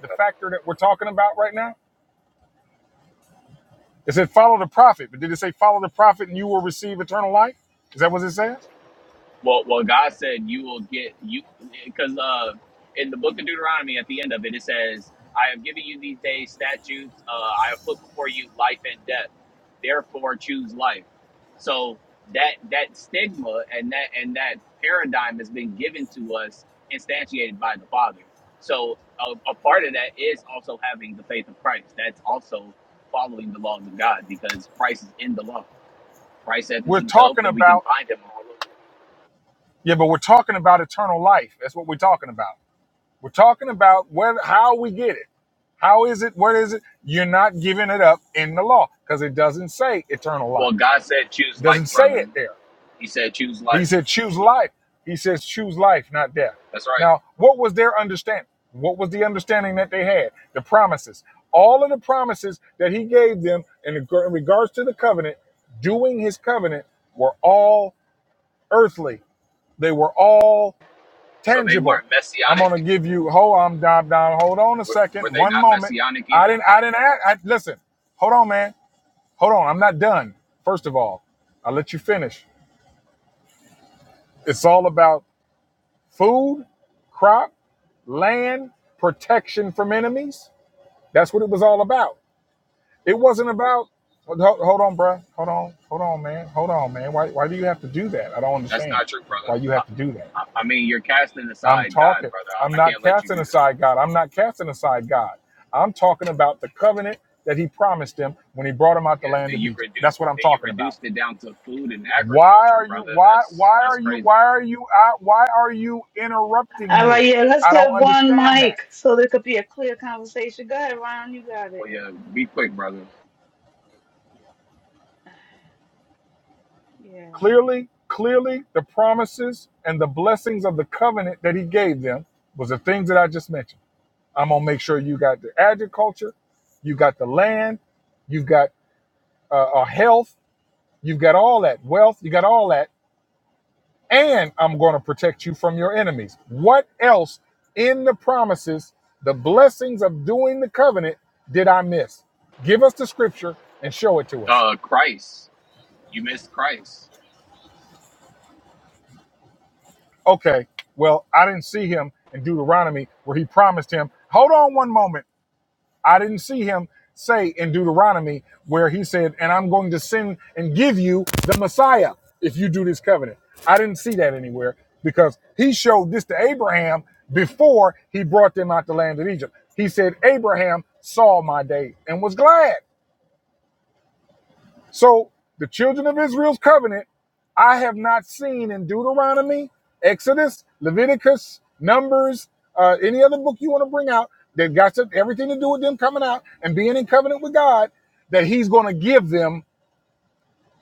the factor that we're talking about right now. It said follow the prophet, but did it say follow the prophet and you will receive eternal life? Is that what it says?
Well, well, God said you will get you because uh, in the book of Deuteronomy, at the end of it, it says, "I have given you these days statutes. Uh, I have put before you life and death. Therefore, choose life." So that that stigma and that and that paradigm has been given to us, instantiated by the Father. So a, a part of that is also having the faith of Christ. That's also following the laws of God because Christ is in the law. Christ said this
We're
himself,
talking
and we can
about
find him all over.
yeah, but we're talking about eternal life. That's what we're talking about. We're talking about where how we get it. How is it? What is it? You're not giving it up in the law because it doesn't say eternal life.
Well, God said choose
It
life,
doesn't say
brother.
it there.
He said choose
He
life.
said choose life. He says choose life, not death.
That's right.
Now, what was their understanding? What was the understanding that they had? The promises. All of the promises that he gave them in reg- in regards to the covenant, doing his covenant, were all earthly. They were all
So they
tangible.
weren't
I'm gonna
messianic.
give you. Hold on, down, down. Hold on a
Were,
second.
were they
One
not
moment.
messianic
I
either?
didn't. I didn't. Ask, I, listen. Hold on, man. Hold on. I'm not done. First of all, I'll let you finish. It's all about food, crop, land, protection from enemies. That's what it was all about. It wasn't about. Hold, hold on, bruh. Hold on. Hold on, man. Hold on, man. Why? Why do you have to do that? I don't
That's
understand
not true,
why
brother.
you
I,
have to do that.
I, I mean, you're casting
I'm
aside God,
talking.
brother.
I'm
I, I
not
can't let you
casting
do that.
aside God. I'm not casting aside God. I'm talking about the covenant that he promised them when he brought them out the land
Yeah, and
of
you
Egypt. That's
reduced
what I'm
and you
talking about.
reduced it down to food and
Why
agriculture,
are you
brother.
why why
That's that's
are you
crazy.
why are you I, why are you interrupting
All right,
me?
yeah, let's
I don't
get one
understand that.
mic so there could be a clear conversation. Go ahead, Ron, you got it.
Well, yeah, be quick, brother.
Yeah.
Clearly, clearly the promises and the blessings of the covenant that he gave them was the things that I just mentioned. I'm going to make sure you got the agriculture, you got the land, you've got uh, uh, health, You've got all that wealth, you got all that, and I'm going to protect you from your enemies. What else in the promises, the blessings of doing the covenant, did I miss? Give us the scripture and show it to us.
Uh, Christ, you missed Christ.
Okay, well, I didn't see him in Deuteronomy where he promised him, hold on one moment. I didn't see him say in Deuteronomy where he said, "And I'm going to send and give you the Messiah if you do this covenant." I didn't see that anywhere because he showed this to Abraham before he brought them out the land of Egypt. He said, "Abraham saw my day and was glad." So the children of Israel's covenant, I have not seen in Deuteronomy, Exodus, Leviticus, Numbers, uh, any other book you want to bring out that got to, everything to do with them coming out and being in covenant with God, that He's going to give them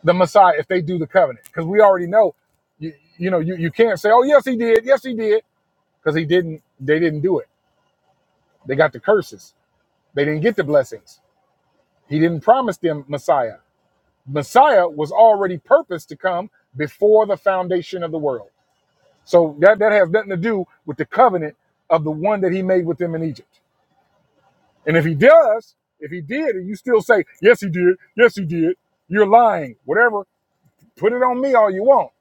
the Messiah if they do the covenant. Because we already know, you, you know, you, you can't say, "Oh yes, He did, yes He did," because He didn't. They didn't do it. They got the curses. They didn't get the blessings. He didn't promise them Messiah. Messiah was already purposed to come before the foundation of the world. So that, that has nothing to do with the covenant of the one that he made with them in Egypt. And if he does, if he did, and you still say, yes, he did, yes, he did, you're lying, whatever, put it on me all you want.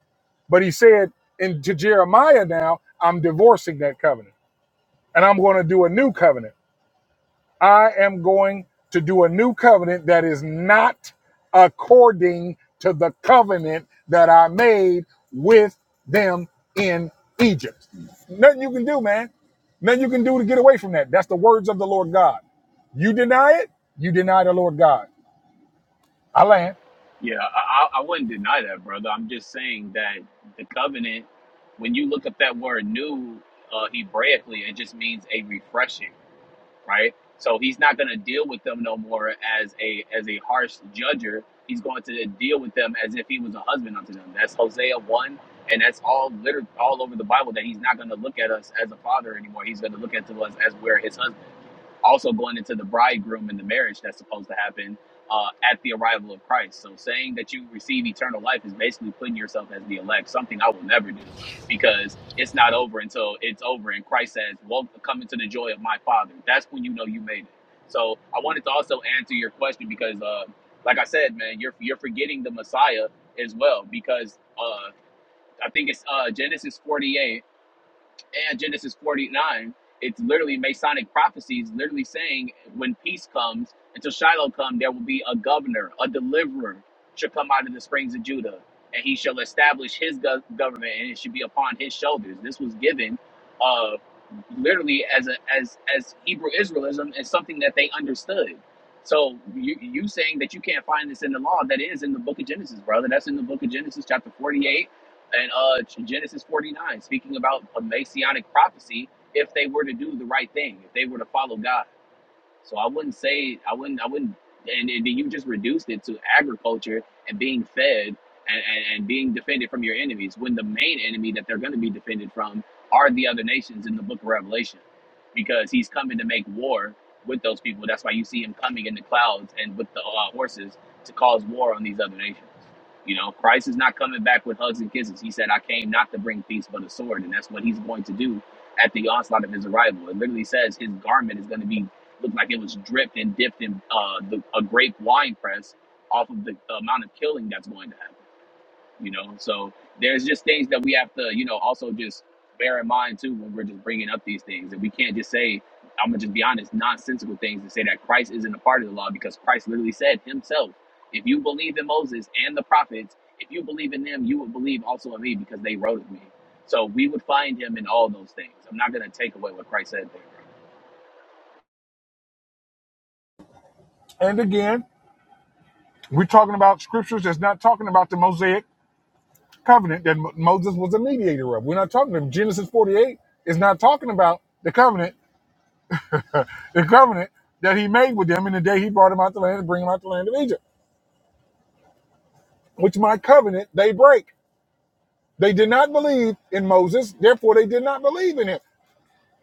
But he said in, to Jeremiah now, I'm divorcing that covenant and I'm going to do a new covenant. I am going to do a new covenant that is not according to the covenant that I made with them in Egypt. Nothing you can do, man. Nothing you can do to get away from that. That's the words of the Lord God. You deny it, you deny the Lord God. I land.
Yeah, I, I I wouldn't deny that, brother. I'm just saying that the covenant, when you look up that word new uh, Hebraically, it just means a refreshing, right? So he's not going to deal with them no more as a as a harsh judger. He's going to deal with them as if he was a husband unto them. That's Hosea one, and that's all liter- all over the Bible that he's not going to look at us as a father anymore. He's going to look at us as we're his husband also going into the bridegroom and the marriage that's supposed to happen uh, at the arrival of Christ. So saying that you receive eternal life is basically putting yourself as the elect, something I will never do because it's not over until it's over and Christ says, well, come into the joy of my Father. That's when you know you made it. So I wanted to also answer your question because, uh, like I said, man, you're, you're forgetting the Messiah as well because uh, I think it's uh, Genesis 48 and Genesis 49, it's literally Masonic prophecies, literally saying when peace comes, until Shiloh come, there will be a governor, a deliverer shall come out of the springs of Judah, and he shall establish his go- government, and it should be upon his shoulders. This was given uh, literally as a as as Hebrew Israelism as something that they understood. So you you saying that you can't find this in the law? That is in the book of Genesis, brother. That's in the book of Genesis, chapter 48 and uh, Genesis 49, speaking about a messianic prophecy if they were to do the right thing, if they were to follow God. So I wouldn't say, I wouldn't, I wouldn't, and, and you just reduced it to agriculture and being fed and, and, and being defended from your enemies when the main enemy that they're going to be defended from are the other nations in the book of Revelation because he's coming to make war with those people. That's why you see him coming in the clouds and with the uh, horses to cause war on these other nations. You know, Christ is not coming back with hugs and kisses. He said, I came not to bring peace, but a sword. And that's what he's going to do at the onslaught of his arrival. It literally says his garment is going to be, look like it was dripped and dipped in uh, the, a grape wine press off of the amount of killing that's going to happen you know so there's just things that we have to you know also just bear in mind too when we're just bringing up these things and we can't just say i'm gonna just be honest nonsensical things and say that christ isn't a part of the law because christ literally said himself if you believe in moses and the prophets if you believe in them you will believe also in me because they wrote of me so we would find him in all those things i'm not gonna take away what christ said there
And again, we're talking about scriptures that's not talking about the Mosaic covenant that Mo- Moses was a mediator of. We're not talking about Genesis 48 is not talking about the covenant the covenant that he made with them in the day he brought them out the land and bring them out the land of Egypt, which my covenant they break. They did not believe in Moses, therefore they did not believe in him.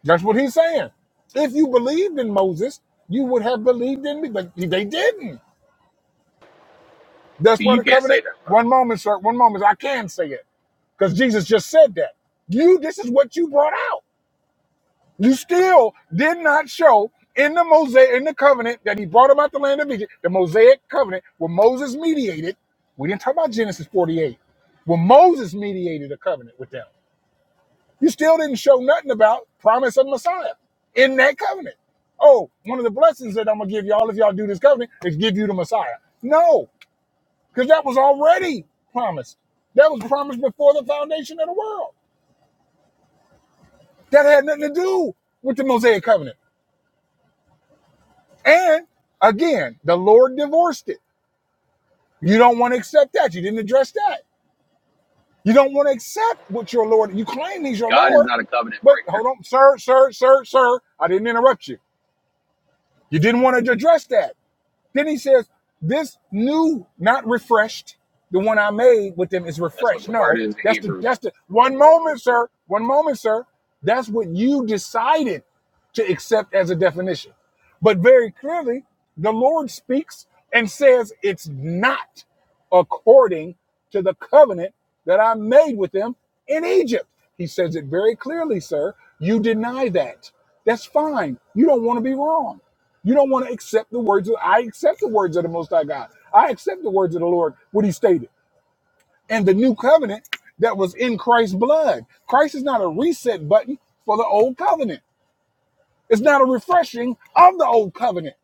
That's what he's saying. If you believed in Moses, you would have believed in me, but they didn't.
bro.
That's
see
why
you
the
can't say
covenant.
that bro.
One moment, sir. One moment. I can say it because Jesus just said that. You. This is what you brought out. You still did not show in the Mosaic, in the covenant that he brought about the land of Egypt, the Mosaic covenant where Moses mediated. We didn't talk about Genesis 48, where Moses mediated a covenant with them. You still didn't show nothing about promise of Messiah in that covenant. Oh, one of the blessings that I'm gonna give y'all if y'all do this covenant is give you the Messiah. No, because that was already promised. That was promised before the foundation of the world. That had nothing to do with the Mosaic covenant. And again, the Lord divorced it. You don't want to accept that. You didn't address that. You don't want to accept what your Lord, you claim he's your
god is
Lord,
not a covenant
but hold
breaker
on, sir, sir, sir, sir, I didn't interrupt you. You didn't want to address that. Then he says, "This new, not refreshed, the one I made with them is
that's what
refreshed."
the word
No,
is in
that's the
hebrew
that's the one moment, sir. One moment, sir. That's what you decided to accept as a definition. But very clearly, the Lord speaks and says it's not according to the covenant that I made with them in Egypt. He says it very clearly, sir. You deny that. That's fine. You don't want to be wrong. You don't want to accept the words of I accept the words of the Most High God. I accept the words of the Lord, what he stated. And the new covenant that was in Christ's blood. Christ is not a reset button for the old covenant. It's not a refreshing of the old covenant.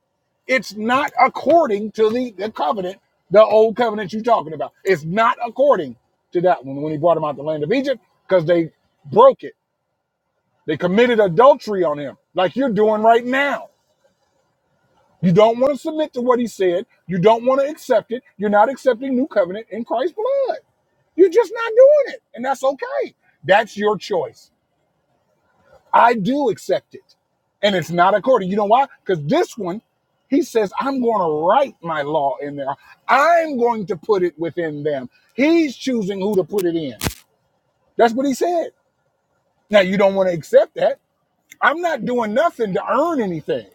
It's not according to the, the covenant, the old covenant you're talking about. It's not according to that one when he brought him out the land of Egypt, because they broke it. They committed adultery on him, like you're doing right now. You don't want to submit to what he said. You don't want to accept it. You're not accepting new covenant in Christ's blood. You're just not doing it. And that's okay. That's your choice. I do accept it. And it's not according. You know why? Because this one, he says, I'm going to write my law in there. I'm going to put it within them. He's choosing who to put it in. That's what he said. Now, you don't want to accept that. I'm not doing nothing to earn anything.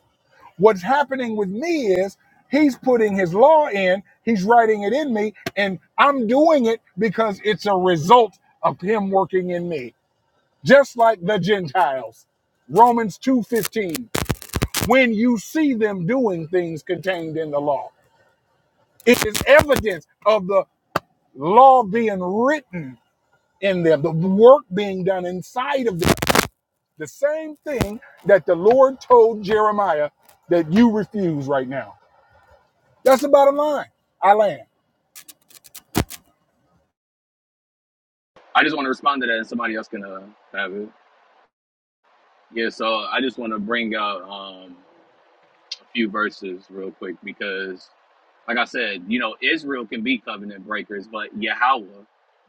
What's happening with me is he's putting his law in, he's writing it in me, and I'm doing it because it's a result of him working in me. Just like the Gentiles. Romans 2:15. When you see them doing things contained in the law, it is evidence of the law being written in them, the work being done inside of them. The same thing that the Lord told Jeremiah that you refuse right now. That's the bottom line. I land.
i just want to respond to that and somebody else can uh, have it Yeah, so I just want to bring out um, a few verses real quick because, like I said, you know, Israel can be covenant breakers, but Yahweh,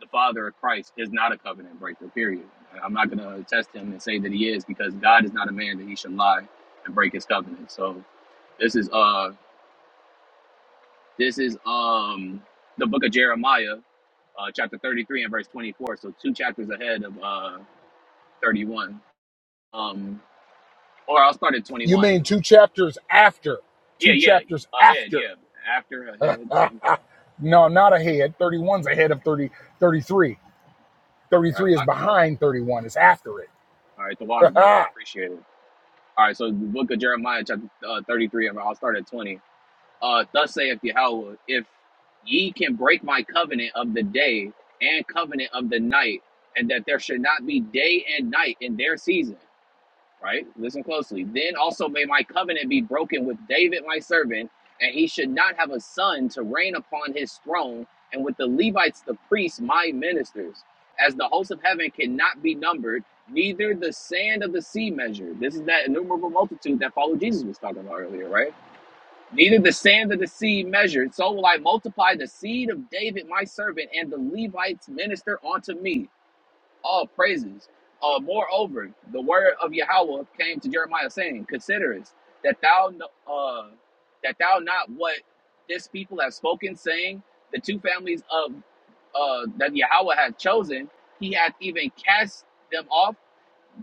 the Father of Christ, is not a covenant breaker, period. I'm not going to test him and say that he is because God is not a man that he should lie and break his covenant. So this is uh this is um the book of Jeremiah, uh, chapter 33 and verse 24. So two chapters ahead of uh 31. Um, or I'll start at
You
21.
mean two chapters after?
Yeah,
Two
yeah.
chapters
Ahead,
after?
yeah. After, ahead, same thing.
No, not ahead. Thirty-one's ahead of 30, 33.
All right,
33 is
well,
behind 31. It's after it.
I, all right, the water, brother. I appreciate it. All right, so the book of Jeremiah, chapter uh, 33, and I'll start at 20. Uh, Thus saith Yahweh, if ye can break my covenant of the day and covenant of the night, and that there should not be day and night in their season, right? Listen closely. Then also may my covenant be broken with David my servant, and he should not have a son to reign upon his throne, and with the Levites the priests my ministers. As the hosts of heaven cannot be numbered, neither the sand of the sea measured. This is that innumerable multitude that followed Jesus was talking about earlier, right? Neither the sand of the sea measured, so will I multiply the seed of David my servant and the Levites minister unto me all praises. Uh, moreover, the word of Yahweh came to Jeremiah saying, Considerest that thou uh, that thou not what this people have spoken, saying the two families of uh, that Yahweh hath chosen, he hath even cast them off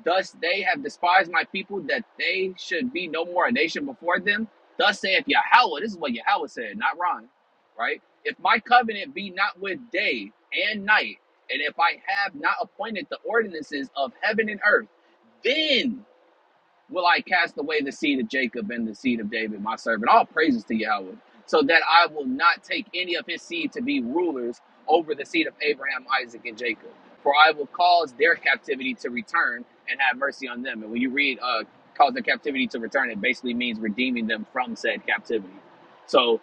Thus they have despised my people that they should be no more a nation before them. Thus saith Yahweh, this is what Yahweh said, not Ron, right? If my covenant be not with day and night, and if I have not appointed the ordinances of heaven and earth, then will I cast away the seed of Jacob and the seed of David, my servant. All praises to Yahweh, so that I will not take any of his seed to be rulers over the seed of Abraham, Isaac, and Jacob. For I will cause their captivity to return and have mercy on them. And when you read, uh, cause their captivity to return, it basically means redeeming them from said captivity. So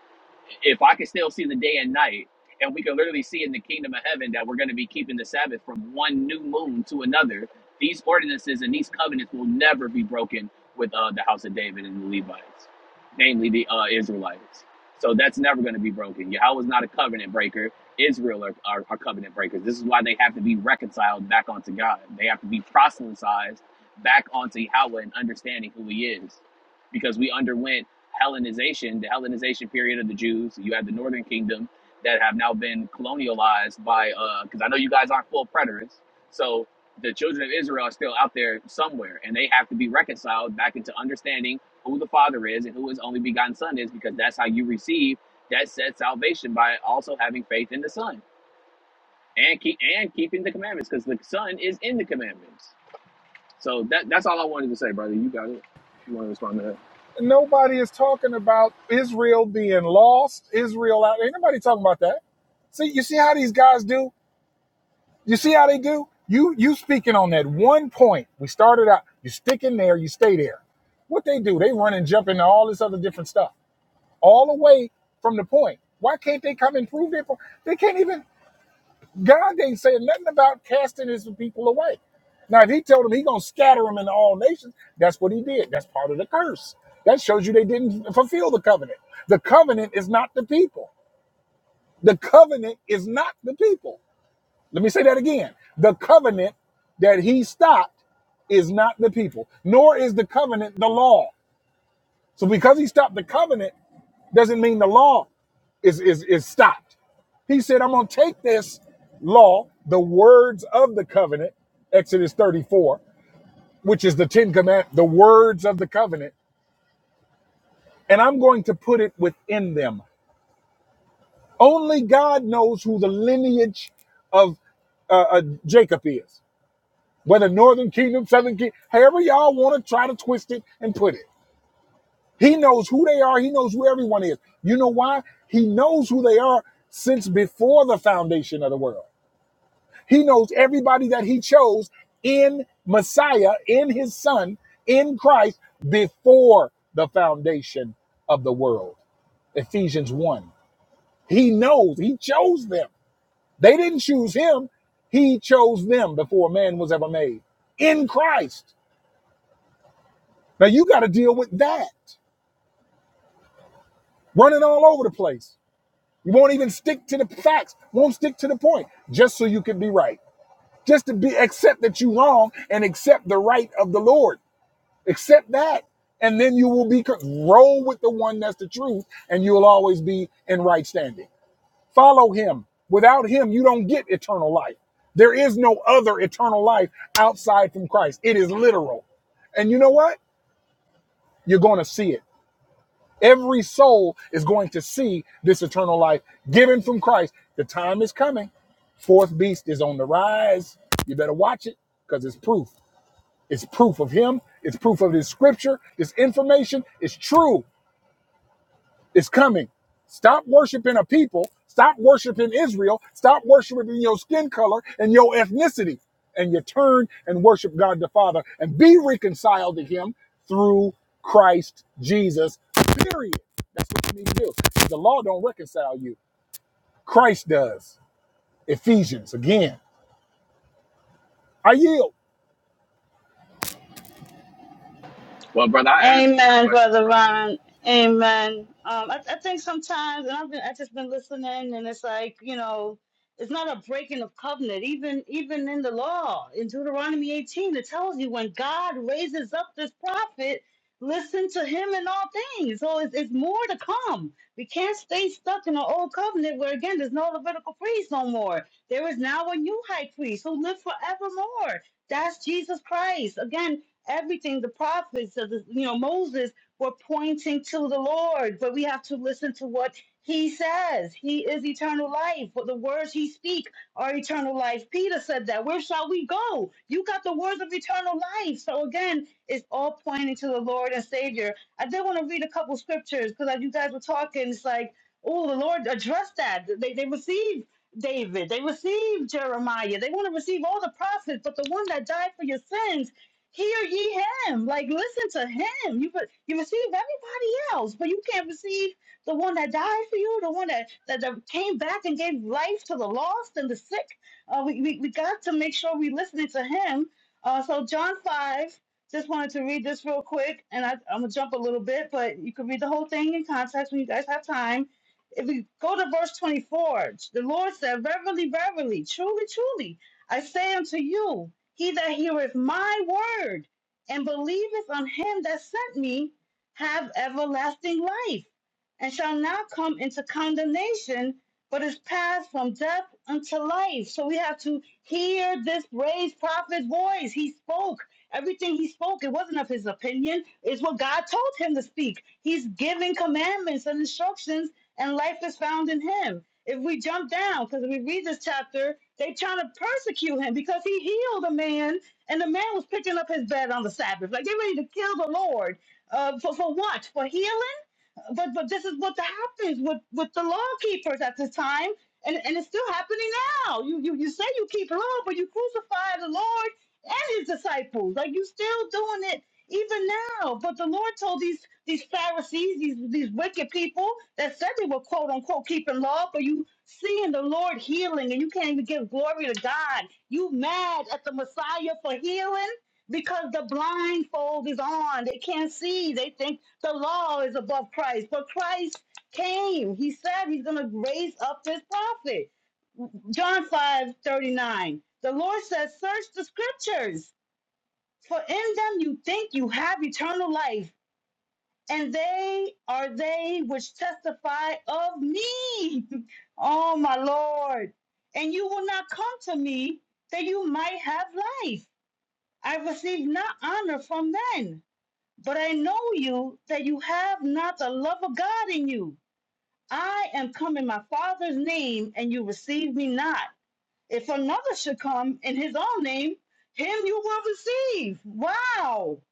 if I can still see the day and night, and we can literally see in the kingdom of heaven that we're going to be keeping the Sabbath from one new moon to another these ordinances and these covenants will never be broken with uh, the house of David and the Levites, namely the uh, Israelites. So that's never going to be broken. Yahweh's not a covenant breaker. Israel are, are, are covenant breakers. This is why they have to be reconciled back onto God. They have to be proselytized back onto Yahweh and understanding who He is. Because we underwent Hellenization, the Hellenization period of the Jews. You have the Northern Kingdom that have now been colonialized by, because uh, I know you guys aren't full preterists. So the children of Israel are still out there somewhere, and they have to be reconciled back into understanding who the Father is and who His only begotten Son is, because that's how you receive that said salvation by also having faith in the Son and keep and keeping the commandments, because the Son is in the commandments. So that that's all I wanted to say, brother. You got it. If you want to respond to that,
Nobody is talking about Israel being lost. Israel out. Ain't nobody talking about that. See, you see how these guys do? You see how they do? You you speaking on that one point. We started out, you stick in there, you stay there. What they do, they run and jump into all this other different stuff. all the way from the point. Why can't they come and prove their point? They can't even. God ain't saying nothing about casting his people away. Now, if he told them he gonna scatter them into all nations, that's what he did. That's part of the curse. That shows you they didn't fulfill the covenant. The covenant is not the people. The covenant is not the people. Let me say that again. The covenant that he stopped is not the people, nor is the covenant the law. So because he stopped the covenant, doesn't mean the law is is is stopped. He said, I'm going to take this law, the words of the covenant, Exodus 34, which is the 10 command, the words of the covenant, and I'm going to put it within them. Only God knows who the lineage of uh, uh, Jacob is, whether Northern Kingdom, Southern Kingdom, however y'all want to try to twist it and put it. He knows who they are. He knows who everyone is. You know why? He knows who they are since before the foundation of the world. He knows everybody that he chose in Messiah, in his son, in Christ before the foundation of the world. Ephesians 1. He knows, he chose them. They didn't choose him, he chose them before man was ever made in Christ. Now you got to deal with that. Running all over the place. You won't even stick to the facts, won't stick to the point, just so you can be right. Just to be accept that you're wrong and accept the right of the Lord. Accept that. And then you will be roll with the one that's the truth, and you'll always be in right standing. Follow him. Without him, you don't get eternal life. There is no other eternal life outside from Christ. It is literal. And you know what? You're going to see it. Every soul is going to see this eternal life given from Christ. The time is coming. Fourth beast is on the rise. You better watch it because it's proof. It's proof of him. It's proof of his scripture. It's information It's true. It's coming. Stop worshiping a people. Stop worshiping Israel. Stop worshiping your skin color and your ethnicity. And you turn and worship God the Father and be reconciled to him through Christ Jesus. Period. That's what you need to do. The law don't reconcile you. Christ does. Ephesians again. I yield.
Well, brother, I answered your
Amen,
question,
brother
brother.
Ron. Amen. Um, I, I think sometimes, and I've been, I just been listening, and it's like you know, it's not a breaking of covenant. Even even in the law, in Deuteronomy 18, it tells you when God raises up this prophet, listen to him in all things. So it's, it's more to come. We can't stay stuck in the old covenant where again there's no Levitical priest no more. There is now a new high priest who lives forevermore. That's Jesus Christ. Again, everything the prophets of the, you know moses were pointing to the lord but we have to listen to what he says he is eternal life but the words he speak are eternal life peter said that where shall we go you got the words of eternal life so again it's all pointing to the lord and savior i did want to read a couple scriptures because as you guys were talking it's like oh the lord addressed that they, they received David, they received Jeremiah, they want to receive all the prophets, but the one that died for your sins Hear ye him. Like listen to him. You could you receive everybody else, but you can't receive the one that died for you, the one that that, that came back and gave life to the lost and the sick. Uh, we, we we got to make sure we listening to him. Uh, so John five. Just wanted to read this real quick, and I, I'm gonna jump a little bit, but you can read the whole thing in context when you guys have time. If we go to verse 24, the Lord said, "Verily, verily, truly, truly." I say unto you, he that heareth my word and believeth on him that sent me have everlasting life, and shall not come into condemnation, but is passed from death unto life. So we have to hear this raised prophet's voice. He spoke. Everything he spoke, it wasn't of his opinion. It's what God told him to speak. He's giving commandments and instructions, and life is found in him. If we jump down, because if we read this chapter, they trying to persecute him because he healed a man, and the man was picking up his bed on the Sabbath. Like they ready to kill the Lord. Uh, for for what? For healing? but but this is what happens with with the law keepers at this time, and and it's still happening now. You you you say you keep law, but you crucify the Lord and His disciples. Like you still doing it even now. But the Lord told these these Pharisees, these these wicked people that said they were quote unquote keeping law, but you seeing the Lord healing and you can't even give glory to God. You mad at the Messiah for healing because the blindfold is on. They can't see. They think the law is above Christ, but Christ came. He said he's going to raise up his prophet. John 5 39. The Lord says, Search the scriptures, for in them you think you have eternal life, and they are they which testify of me. oh, my Lord. And you will not come to me that you might have life. I receive not honor from men, but I know you that you have not the love of God in you. I am come in my Father's name, and you receive me not. If another should come in his own name, him you will receive. Wow.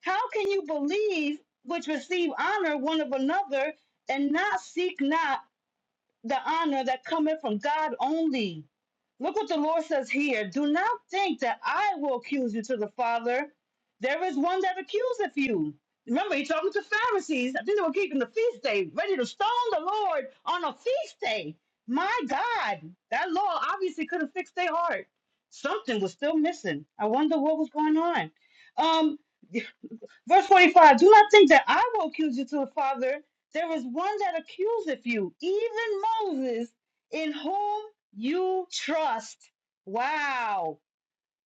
How can you believe which receive honor one of another and not seek not? the honor that cometh from God only. Look what the Lord says here. Do not think that I will accuse you to the Father. There is one that accuseth you. Remember, he's talking to Pharisees. I think they were keeping the feast day, ready to stone the Lord on a feast day. My God, that law obviously could have fixed their heart. Something was still missing. I wonder what was going on. Um, Verse 45 Do not think that I will accuse you to the Father. There is one that accuseth you, even Moses, in whom you trust. Wow.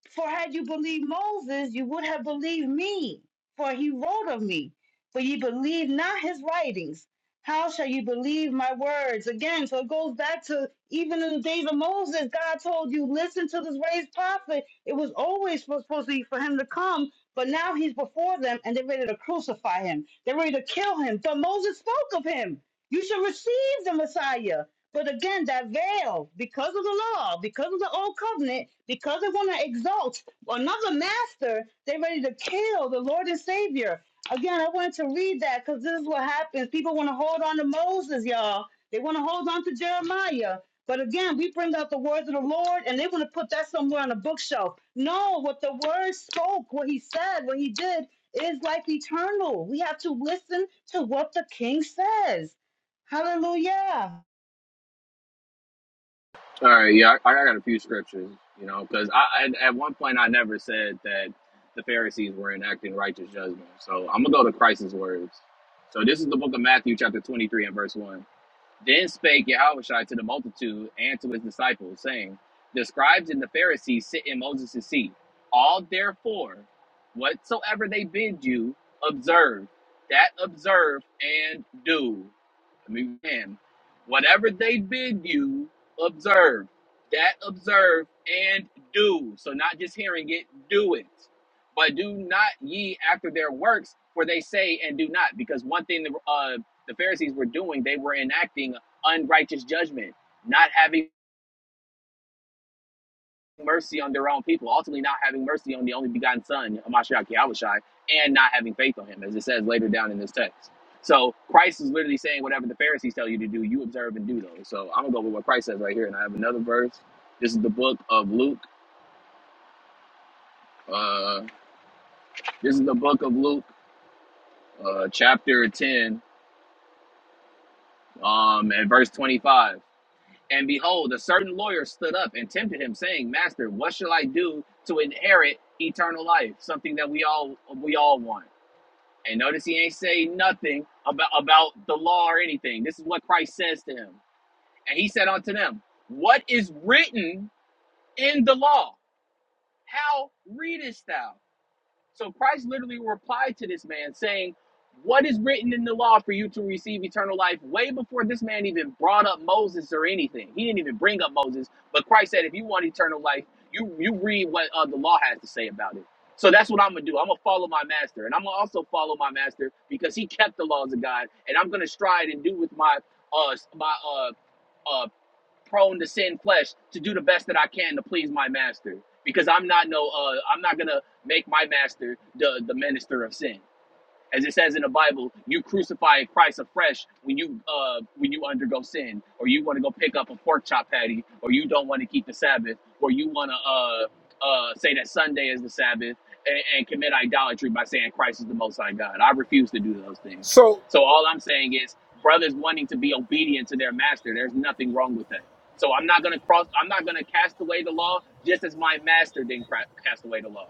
For had you believed Moses, you would have believed me, for he wrote of me. For ye believe not his writings. How shall you believe my words? Again, so it goes back to even in the days of Moses, God told you, listen to this raised prophet. It was always supposed supposed to be for him to come, but now he's before them and they're ready to crucify him. They're ready to kill him. But Moses spoke of him. You should receive the Messiah. But again, that veil, because of the law, because of the old covenant, because they want to exalt another master, they're ready to kill the Lord and Savior. Again, I wanted to read that because this is what happens. People want to hold on to Moses, y'all. They want to hold on to Jeremiah. But again, we bring out the words of the Lord and they want to put that somewhere on a bookshelf. No, what the word spoke, what he said, what he did is like eternal. We have to listen to what the king says. Hallelujah.
All right, yeah, I, I got a few scriptures, you know, because I, I at one point I never said that the Pharisees were enacting righteous judgment. So I'm gonna go to Christ's words. So this is the book of Matthew, chapter 23 and verse one. Then spake Yahushua to the multitude and to his disciples, saying, "The scribes and the Pharisees sit in Moses' seat. All therefore, whatsoever they bid you, observe. That observe and do. I mean, man, whatever they bid you, observe. That observe and do. So not just hearing it, do it. But do not ye after their works, for they say and do not. Because one thing the, uh, the Pharisees were doing, they were enacting unrighteous judgment, not having mercy on their own people, ultimately not having mercy on the only begotten son, Amashiach Yahushai, and not having faith on him, as it says later down in this text. So Christ is literally saying whatever the Pharisees tell you to do, you observe and do those. So I'm gonna go with what Christ says right here, and I have another verse. This is the book of Luke. Uh, this is the book of Luke, uh, chapter 10, um, and verse 25. And behold, a certain lawyer stood up and tempted him, saying, "Master, what shall I do to inherit eternal life?" Something that we all we all want. And notice he ain't say nothing about, about the law or anything. This is what Christ says to him. And he said unto them, What is written in the law? How readest thou? So Christ literally replied to this man saying, What is written in the law for you to receive eternal life? Way before this man even brought up Moses or anything. He didn't even bring up Moses. But Christ said, If you want eternal life, you, you read what uh, the law has to say about it. So that's what I'm going to do. I'm going to follow my master. And I'm going to also follow my master because he kept the laws of God. And I'm going to stride and do with my, uh, my, uh, uh, prone to sin flesh to do the best that I can to please my master because I'm not no uh I'm not gonna make my master the the minister of sin as it says in the Bible, you crucify Christ afresh when you uh, when you undergo sin, or you want to go pick up a pork chop patty, or you don't want to keep the Sabbath, or you want to uh, uh, say that Sunday is the Sabbath and, and commit idolatry by saying Christ is the Most High God. I refuse to do those things.
So
So all I'm saying is, brothers wanting to be obedient to their master, there's nothing wrong with that. So I'm not gonna cross. I'm not gonna cast away the law, just as my master didn't cra- cast away the law.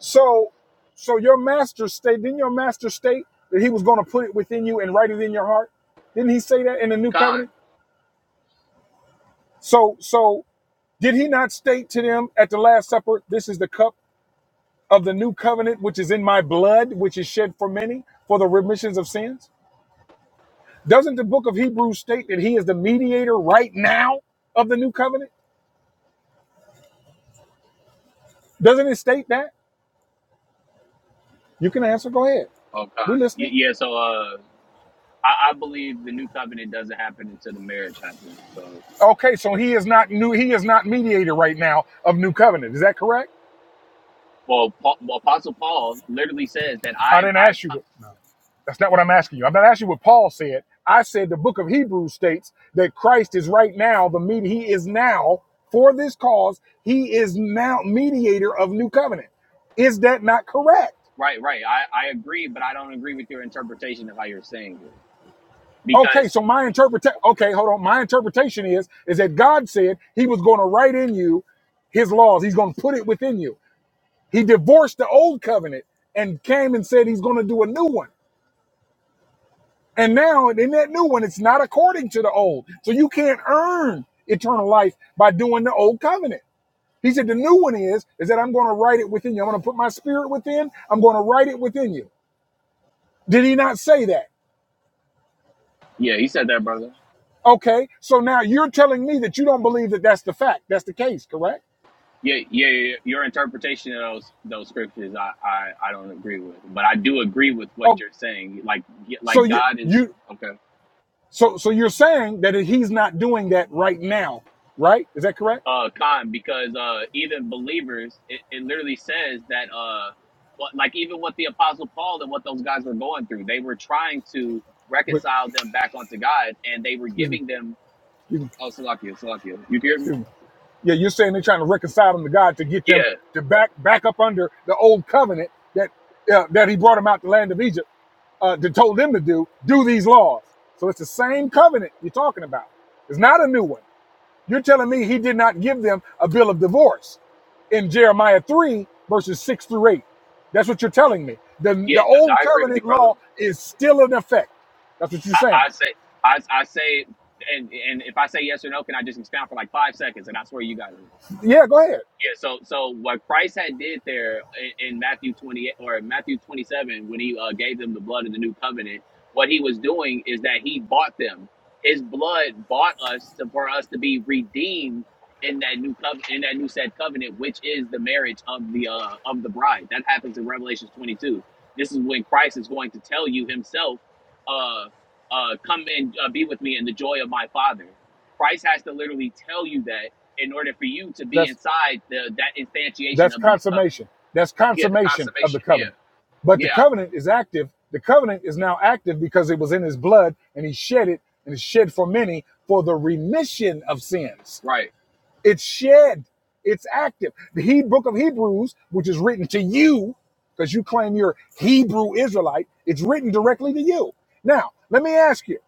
So, so your master state, didn't your master state that he was going to put it within you and write it in your heart? Didn't he say that in the new covenant?
Khan.
So, so did he not state to them at the last supper, this is the cup of the new covenant, which is in my blood, which is shed for many for the remissions of sins? Doesn't the book of Hebrews state that he is the mediator right now of the new covenant? Doesn't it state that? You can answer. Go ahead.
Oh, Khan.
We
Y-
listening.
yeah. So uh. I, I believe the new covenant doesn't happen until the marriage happens. So,
Okay, so he is not new. He is not mediator right now of new covenant. Is that correct?
well, Paul, well Apostle Paul literally says that
I
I've,
didn't
I've
ask you.
come,
What, that's not what I'm asking you. I'm not asking you what Paul said. I said the book of Hebrews states that Christ is right now the medi. he is now for this cause he is now mediator of new covenant. Is that not correct?
right, right. I, I agree, but I don't agree with your interpretation of how you're saying it.
Okay,
Because,
so my interpretation. Okay, hold on. My interpretation is is that God said He was going to write in you His laws. He's going to put it within you. He divorced the old covenant and came and said He's going to do a new one. And now in that new one, it's not according to the old. So you can't earn eternal life by doing the old covenant. He said the new one is, is that I'm going to write it within you. I'm going to put my spirit within. I'm going to write it within you. Did he not say that?
yeah, he said that, brother.
Okay. So now you're telling me that you don't believe that that's the fact. That's the case, correct?
Yeah, yeah, yeah, your interpretation of those those scriptures, I, I, I don't agree with, but I do agree with what
Oh,
you're saying. Like,
so
like
you,
God is
you,
okay.
so, so you're saying that he's not doing that right now, right? Is that correct?
uh Khan because uh even believers it, it literally says that uh what, like even what the apostle Paul and what those guys were going through they were trying to
Wait,
reconcile them back onto God and they were
excuse me.
giving them
Excuse me.
oh Salakia Salakia you hear me
Excuse me. Yeah, you're saying they're trying to reconcile them to God to get them
yeah
to back back up under the old covenant that uh, that He brought them out the land of Egypt uh, to told them to do do these laws. So it's the same covenant you're talking about. It's not a new one. You're telling me He did not give them a bill of divorce in Jeremiah three verses six through eight. That's what you're telling me. The
yeah
the
no,
old
I agree with you
covenant
brother
law is still in effect. That's what you're
I,
saying.
I say I, I say and and if I say yes or no can I just expound for like five seconds and I swear you got it
Yeah, go ahead.
Yeah, so so what Christ had did there in, in Matthew 28 or Matthew 27 when he uh, gave them the blood of the new covenant, what he was doing is that he bought them. His blood bought us to, for us to be redeemed in that new covenant in that new said covenant which is the marriage of the uh, of the bride. That happens in Revelation 22. This is when Christ is going to tell you himself uh uh come and uh, be with me in the joy of my father. Christ has to literally tell you that in order for you to be
That's.
inside the that instantiation
That's
of the new covenant.
consummation. That's
Yeah, the
consummation of the
consummation. Yeah,
covenant. But the
Yeah,
covenant is active. The covenant is now active because it was in his blood and he shed it and it's shed for many for the remission of sins.
right.
It's shed. It's active. The Hebrew book of Hebrews, which is written to you, because you claim you're Hebrew Israelite, it's written directly to you. Now, let me ask you,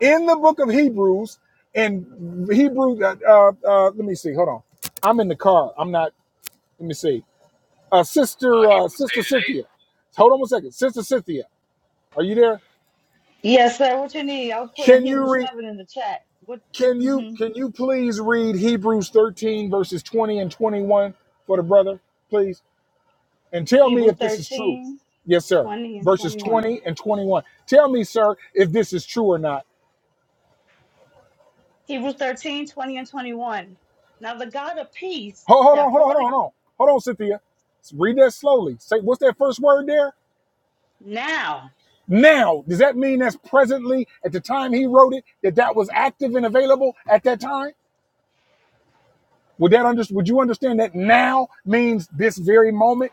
in the book of Hebrews, in Hebrew, uh, uh, uh, let me see, hold on. I'm in the car. I'm not, let me see uh,
uh,
sister uh,
Hebrews
sister
eight and
Cynthia.
eight.
Hold on one second, sister Cynthia, are you there?
Yes, sir. What you need? I was putting
Can you
Hebrews
read?
7 in the chat. What?
Can you
hmm
can you please read Hebrews thirteen verses twenty and twenty one for the brother, please, and tell me
Hebrews
if this is true.
13,
Yes, sir.
twenty, and
Verses
21.
twenty and twenty one. Tell me, sir, if this is true or not.
Hebrews 13, 20, and 21. Now the God of peace
Hold, hold on,
that
hold on, hold
brought
on,
it
hold on, hold on, Cynthia. Read that slowly. Say what's that first word there?
now,
Now. Does that mean that's presently at the time he wrote it that that was active and available at that time? Would that under, would you understand that now means this very moment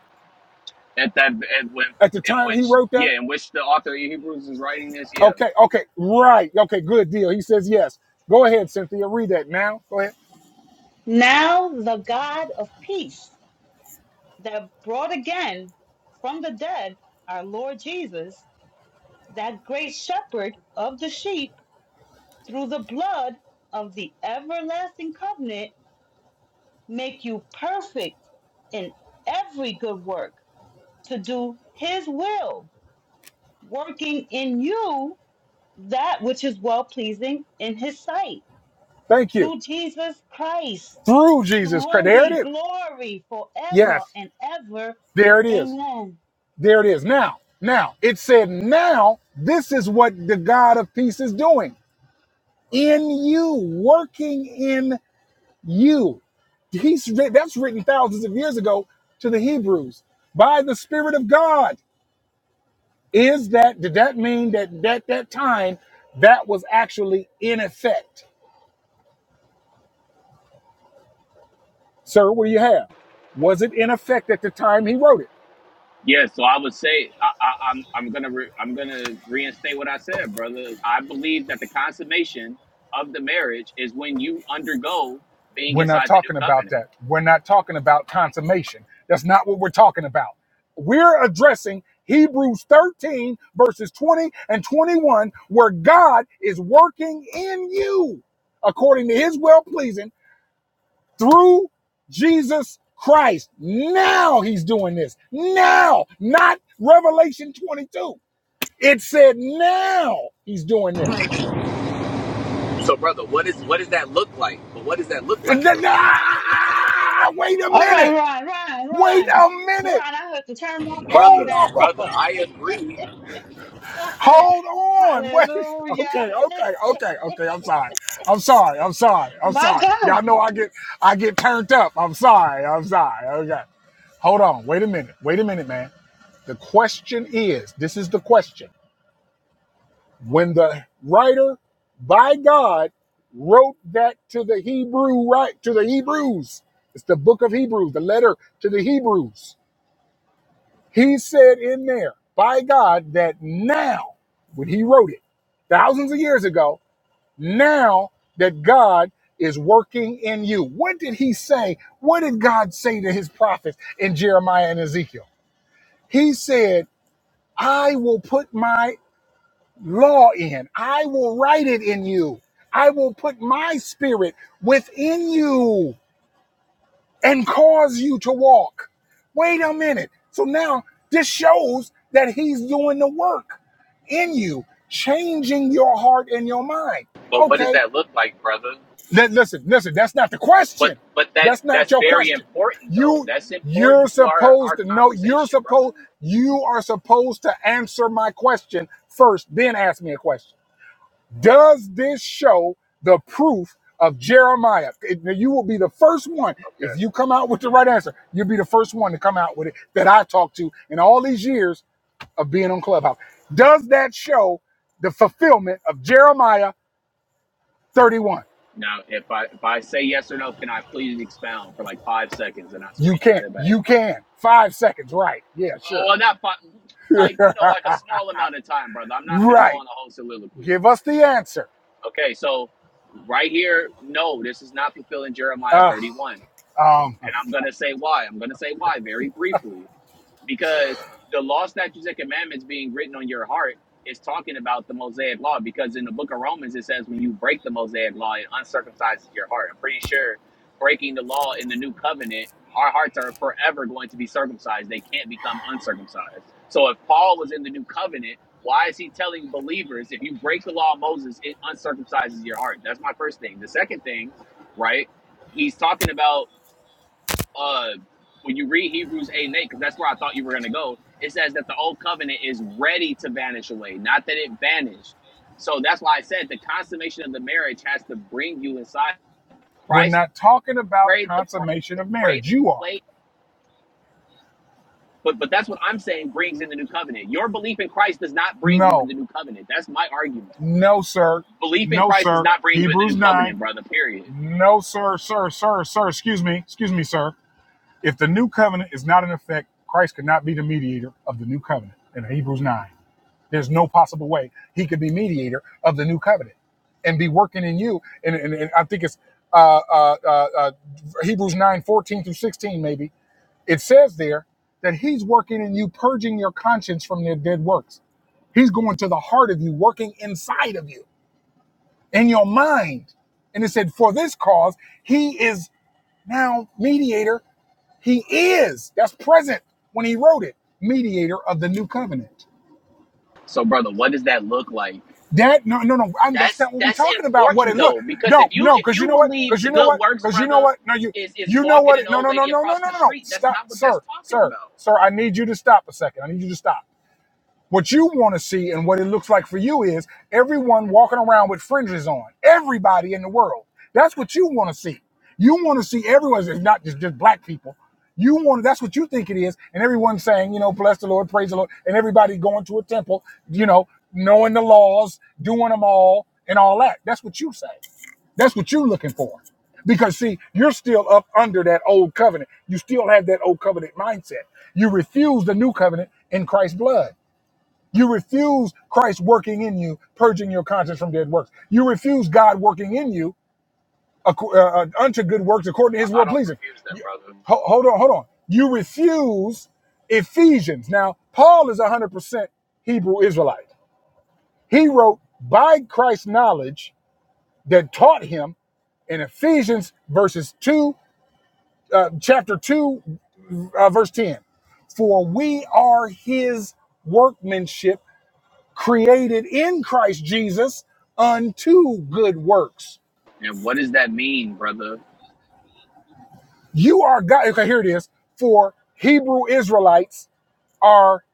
At that, at when,
at the
in
time he
which,
wrote
yeah,
that?
in which the author of Hebrews is writing this. Yeah,
Okay, okay, right. Okay, good deal. He says yes. Go ahead, Cynthia. Read that now. Go ahead.
now the God of peace that brought again from the dead our Lord Jesus, that great shepherd of the sheep, through the blood of the everlasting covenant, make you perfect in every good work to do his will, working in you that which is well pleasing in his sight
Thank you.
through Jesus Christ,
Through
to
Jesus Christ.
whom
There it
be
is.
glory forever
Yes.
and ever.
There it is.
Amen.
There it is. Now, now, it said, now this is what the God of peace is doing in you, working in you. He's writ- that's written thousands of years ago to the Hebrews by the Spirit of God. Is that did that mean that at that that time that was actually in effect? Sir, what do you have? Was it in effect at the time he wrote it?
yeah. So I would say I, I, I'm I'm gonna re, I'm gonna reinstate what I said, brother. I believe that the consummation of the marriage is when you undergo being
We're not
inside the new
talking about
covenant.
that. We're not talking about consummation. That's not what we're talking about. We're addressing Hebrews 13, verses 20 and 21, where God is working in you according to his well pleasing through Jesus Christ. Now he's doing this. Now, not Revelation 22. It said now he's doing this.
What does that look,
And then- ah, wait a
All right,
minute.
Ron, Ron,
Wait
Ron,
a
Ron,
minute.
I have to turn my
like?
phone
Hold
brother?
down.
Brother,
on.
I agree.
Hold on. Wait.
Hallelujah.
Okay, okay, okay, okay. I'm sorry. I'm sorry. I'm sorry. I'm
My
sorry.
God.
Y'all know I get I get turned up. I'm sorry. I'm sorry. Okay. Hold on. Wait a minute. Wait a minute, man. The question is, this is the question. When the writer by God wrote that to the Hebrew right to the Hebrews, it's the book of Hebrews, the letter to the Hebrews. He said in there by God that now, when he wrote it thousands of years ago, now that God is working in you. What did he say? What did God say to his prophets in Jeremiah and Ezekiel? He said, I will put my law in. I will write it in you. I will put my spirit within you and cause you to walk. Wait a minute. So now this shows that he's doing the work in you, changing your heart and your mind.
But what does
Okay.
that look like, brother?
li- listen, listen, that's not the
But
question.
but that
That's not
that's
your
very
question.
important though.
You
That's
you're
important to our our
supposed to know you're
conversation, brother.
supposed you are supposed to answer my question first, then ask me a question. Does this show the proof of Jeremiah? It- you will be the first one. If
Okay.
you come out with the right answer, you'll be the first one to come out with it that I talked to in all these years of being on Clubhouse. Does that show the fulfillment of Jeremiah 31?
Now, if I if I say yes or no, can I please expound for like five seconds, and I swear
You
you got
can't.
it back.
You can. Five seconds. Right. Yeah,
Oh,
sure.
well, not five, like you know, like a small amount of time, brother. I'm not finna go
Right.
on the whole soliloquy.
Give us the answer.
Okay, so right here, no, this is not fulfilling Jeremiah
Ugh,
31, and
um,
I'm gonna say why. I'm gonna say why very briefly. because the law, statutes, and commandments being written on your heart is talking about the Mosaic law. Because in the book of Romans, it says when you break the Mosaic law, it uncircumcises your heart. I'm pretty sure breaking the law in the new covenant, our hearts are forever going to be circumcised. They can't become uncircumcised. So if Paul was in the new covenant, why is he telling believers if you break the law of Moses, it uncircumcises your heart? That's my first thing. The second thing, right? He's talking about uh when you read Hebrews 8 and 8, because that's where I thought you were gonna go, it says that the old covenant is ready to vanish away, not that it vanished. So that's why I said the consummation of the marriage has to bring you inside.
we're
Christ
not talking about
prayed the
consummation of
prayed
marriage. You are.
plate, but but that's what I'm saying brings in the new covenant. Your belief in Christ does not bring you in
No.
the new covenant. That's my argument.
No, sir.
Belief in
No,
Christ does
sir.
not bring you in the
Hebrews
new
9.
covenant, brother. Period.
No, sir, sir, sir, sir. Excuse me. Excuse me, sir. If the new covenant is not in effect, Christ could not be the mediator of the new covenant in Hebrews 9. There's no possible way he could be mediator of the new covenant and be working in you. And, and, and I think it's uh, uh, uh, uh, Hebrews 9 14 through 16, maybe. It says there that he's working in you, purging your conscience from their dead works. He's going to the heart of you, working inside of you in your mind. And it said, for this cause, he is now mediator. He is, that's present when he wrote it, mediator of the new covenant.
So, brother, what does that look like?
That, no, no, no, I'm, that's
That's
not what we're
that's
talking about. What
important
it looked.
though, because if
no,
you
no,
if
because you
you
know what?
believe
Because
the
you know
good
what?
works,
Because you know
brother,
what? No, you,
is is
you know
walking
what?
an
No,
old
no, no,
lady
no, no,
across
no,
the
no, no.
street, that's
Stop,
not what that's
sir,
talking
sir,
about.
sir, I need you to stop a second. I need you to stop. What you want to see and what it looks like for you is everyone walking around with fringes on. Everybody in the world. That's what you want to see. You want to see everyone, it's not just, just black people. You want that's what you think it is, and everyone's saying, you know, bless the Lord, praise the Lord, and everybody going to a temple, you know, knowing the laws, doing them all, and all that. That's what you say. That's what you're looking for. Because see, you're still up under that old covenant. You still have that old covenant mindset. You refuse the new covenant in Christ's blood. You refuse Christ working in you, purging your conscience from dead works. You refuse God working in you acco- uh, uh, unto good works according to his
I, I
will
don't
pleasing.
refuse that,
You-
brother.
ho- hold on, hold on. You refuse Ephesians. Now, Paul is 100% Hebrew Israelite. He wrote by Christ's knowledge that taught him in Ephesians verses 2, uh, chapter 2, uh, verse 10. For we are his workmanship created in Christ Jesus unto good works.
And what does that mean, brother?
You are God. Okay, here it is. For Hebrew Israelites are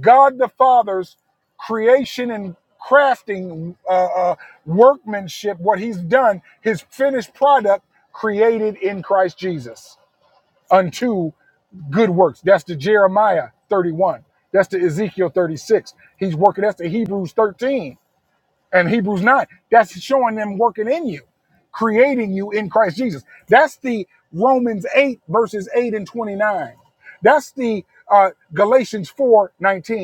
God the Father's creation and crafting uh, uh, workmanship, what He's done, His finished product created in Christ Jesus unto good works. That's the Jeremiah 31. That's the Ezekiel 36. He's working. That's the Hebrews 13 and Hebrews 9. That's showing them working in you, creating you in Christ Jesus. That's the Romans 8, verses 8 and 29. That's the uh, Galatians 4 19.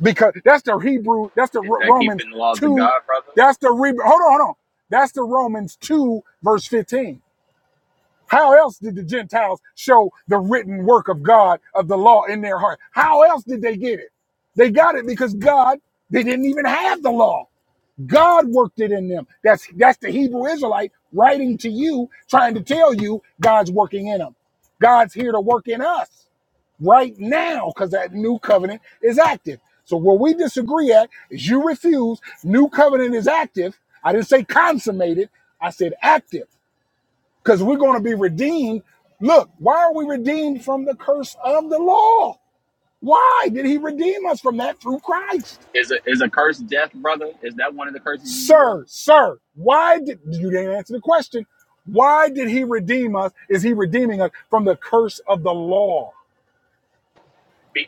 Because that's the Hebrew, that's the
Is
Ro-
that
Romans
keeping the laws of
2,
God, brother?
that's the, Re- hold on, hold on. That's the Romans 2, verse 15. How else did the Gentiles show the written work of God, of the law in their heart? How else did they get it? They got it because God, they didn't even have the law. God worked it in them. That's that's the Hebrew Israelite writing to you, trying to tell you God's working in them. God's here to work in us right now because that new covenant is active. So where we disagree at is you refuse. New covenant is active. I didn't say consummated. I said active because we're going to be redeemed. Look, why are we redeemed from the curse of the law? Why did He redeem us from that through Christ?
Is a is a curse death, brother? Is that one of the curses as well?
Sir, sir, why did you didn't answer the question? Why did he redeem us? Is he redeeming us from the curse of the law?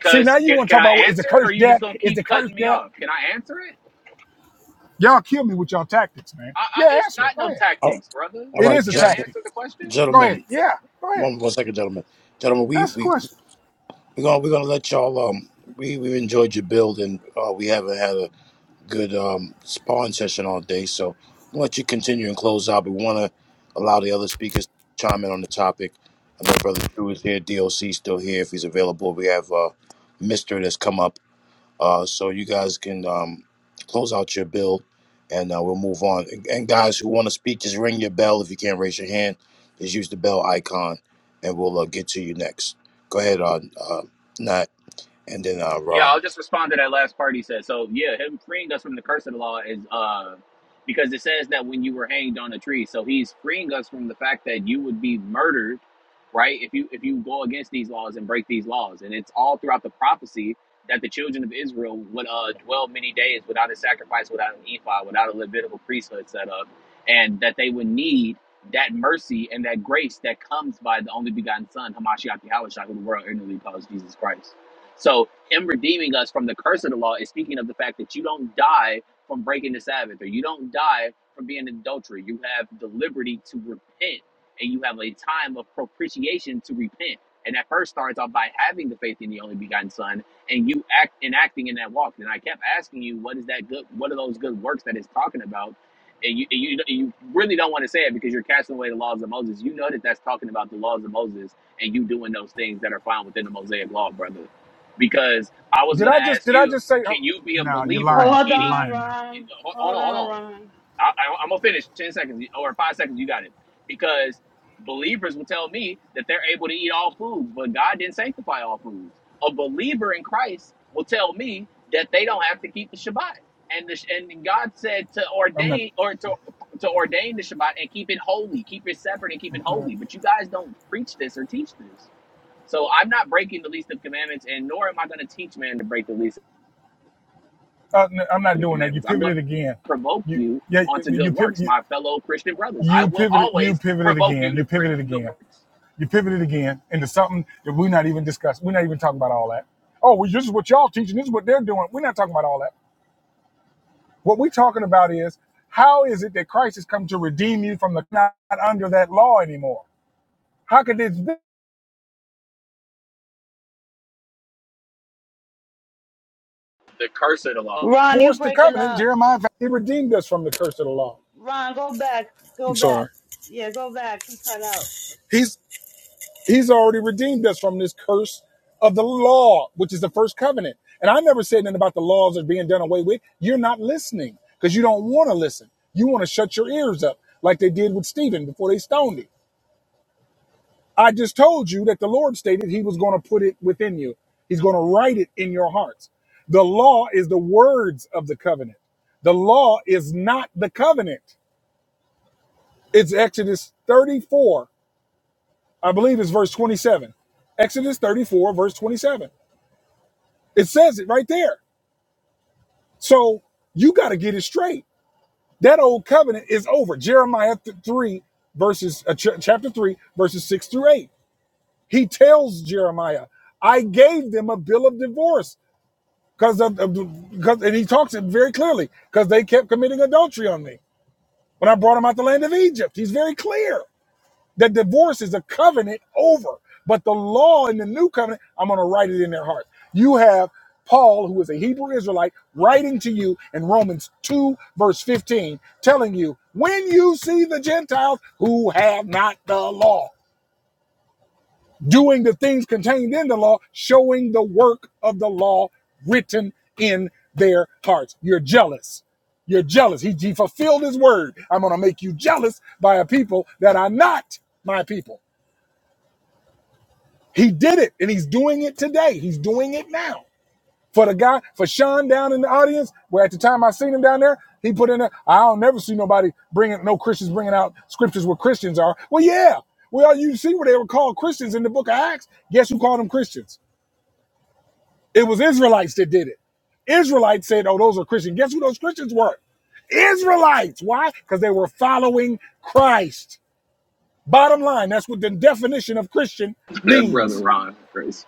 See, now you
can
want to
can
talk about
I
what is the
answer it, or
curse
are you just
death?
gonna
Is the
keep
curse
cutting me
death?
off? Can I answer it?
Y'all kill me with y'all tactics, man.
I, I,
Yeah,
it's
answer it.
not
Go
no
ahead.
Oh,
tactics, brother.
all
It
right,
is a
Can I
gentlemen,
tactic.
answer the question?
Go ahead.
gentlemen
Yeah, go ahead.
one, one second, gentlemen, gentlemen. We
Ask the
we
question.
we gonna we gonna let y'all. Um, we we enjoyed your build, and uh, we haven't had a good um sparring session all day, so I'm gonna let you continue and close out. But we want to allow the other speakers to chime in on the topic. I know brother Drew is here, DOC still here if he's available. We have uh, Mister that's come up. Uh, so you guys can um, close out your bill, and uh, we'll move on. And, and guys who want to speak, just ring your bell. If you can't raise your hand, just use the bell icon, and we'll uh, get to you next. Go ahead on uh, Nat, and then uh,
Yeah, I'll
Ron.
just respond to that last part he said. So yeah, him freeing us from the curse of the law is uh because it says that when you were hanged on a tree, so he's freeing us from the fact that you would be murdered, right? If you if you go against these laws and break these laws, and it's all throughout the prophecy that the children of Israel would uh dwell many days without a sacrifice, without an ephod, without a Levitical priesthood set up, and that they would need that mercy and that grace that comes by the only begotten Son, Hamashiach Yahushua, who the world ignorantly calls Jesus Christ. So him redeeming us from the curse of the law is speaking of the fact that you don't die from breaking the Sabbath or you don't die from being an adulterer. You have the liberty to repent and you have a time of propitiation to repent. And that first starts off by having the faith in the only begotten Son and you act and acting in that walk. And I kept asking you, what is that good? What are those good works that it's talking about? And you, and you, you really don't want to say it because you're casting away the laws of Moses. You know that that's talking about the laws of Moses and you doing those things that are found within the Mosaic law, brother because I was
Did
going
I
to
just
ask
did I
you,
just say? oh,
can you be a
no, you're
believer
lying.
Hold
You're
eating?
on,
lying now.
Ron.
Hold
Hold
on, hold
on,
on.
Ron.
I, I, I'm gonna finish ten seconds or five seconds. You got it. Because believers will tell me that they're able to eat all foods, but God didn't sanctify all foods. A believer in Christ will tell me that they don't have to keep the Shabbat, and the, and God said to
I'm not.
ordain or to to ordain the Shabbat and keep it holy, keep it separate and keep it holy. But you guys don't preach this or teach this. So I'm not breaking the least of commandments, and nor am I going to teach man to break the least
Uh, no, I'm
of
not
the
doing that. You
commandments. I'm going
pivoted
to
again.
provoke
You
you
yeah.
onto
You
good
pivot.
works,
You,
my fellow Christian brothers. I
you
will
pivoted. You
always
pivoted
provoke
again.
you
You
to cre-
pivoted
good
again.
works.
You pivoted again into something that we're not even discussing. We're not even talking about all that. Oh, well, this is what y'all teaching. This is what they're doing. We're not talking about all that. What we're talking about is how is it that Christ has come to redeem you from the not under that law anymore? How could this
The curse of the law.
Ron, you
force the
breaking
covenant?
up.
Jeremiah, he redeemed us from the curse of the law.
Ron, go back. Go
I'm
back.
sorry.
Yeah, go back. He cut out.
He's He's already redeemed us from this curse of the law, which is the first covenant. And I never said anything about the laws that are being done away with. You're not listening because you don't want to listen. You want to shut your ears up like they did with Stephen before they stoned him. I just told you that the Lord stated he was going to put it within you. He's going to write it in your hearts. The law is the words of the covenant. The law is not the covenant. It's Exodus 34. I believe it's verse 27. Exodus 34, verse 27. It says it right there. So you got to get it straight. That old covenant is over. Jeremiah 3 verses uh, ch- chapter 3 verses 6 through 8. He tells Jeremiah, "I gave them a bill of divorce because of, of because and he talks it very clearly because they kept committing adultery on me when I brought them out the land of Egypt." He's very clear. The divorce is a covenant over, but the law in the new covenant, I'm going to write it in their hearts. You have Paul, who is a Hebrew Israelite, writing to you in Romans 2, verse 15, telling you, when you see the Gentiles who have not the law, doing the things contained in the law, showing the work of the law written in their hearts. You're jealous. You're jealous. He, he fulfilled his word. I'm going to make you jealous by a people that are not my people. He did it, and he's doing it today. He's doing it now. For the guy, for Sean down in the audience, where at the time I seen him down there, he put in there, I'll never see nobody bringing, no Christians bringing out scriptures where Christians are. Well, yeah. Well, you see where they were called Christians in the book of Acts. Guess who called them Christians? It was Israelites that did it. Israelites said, oh, those are Christians. Guess who those Christians were? Israelites. Why? Because they were following Christ. Bottom line, that's what the definition of Christian
that
means
brother Ron, Chris.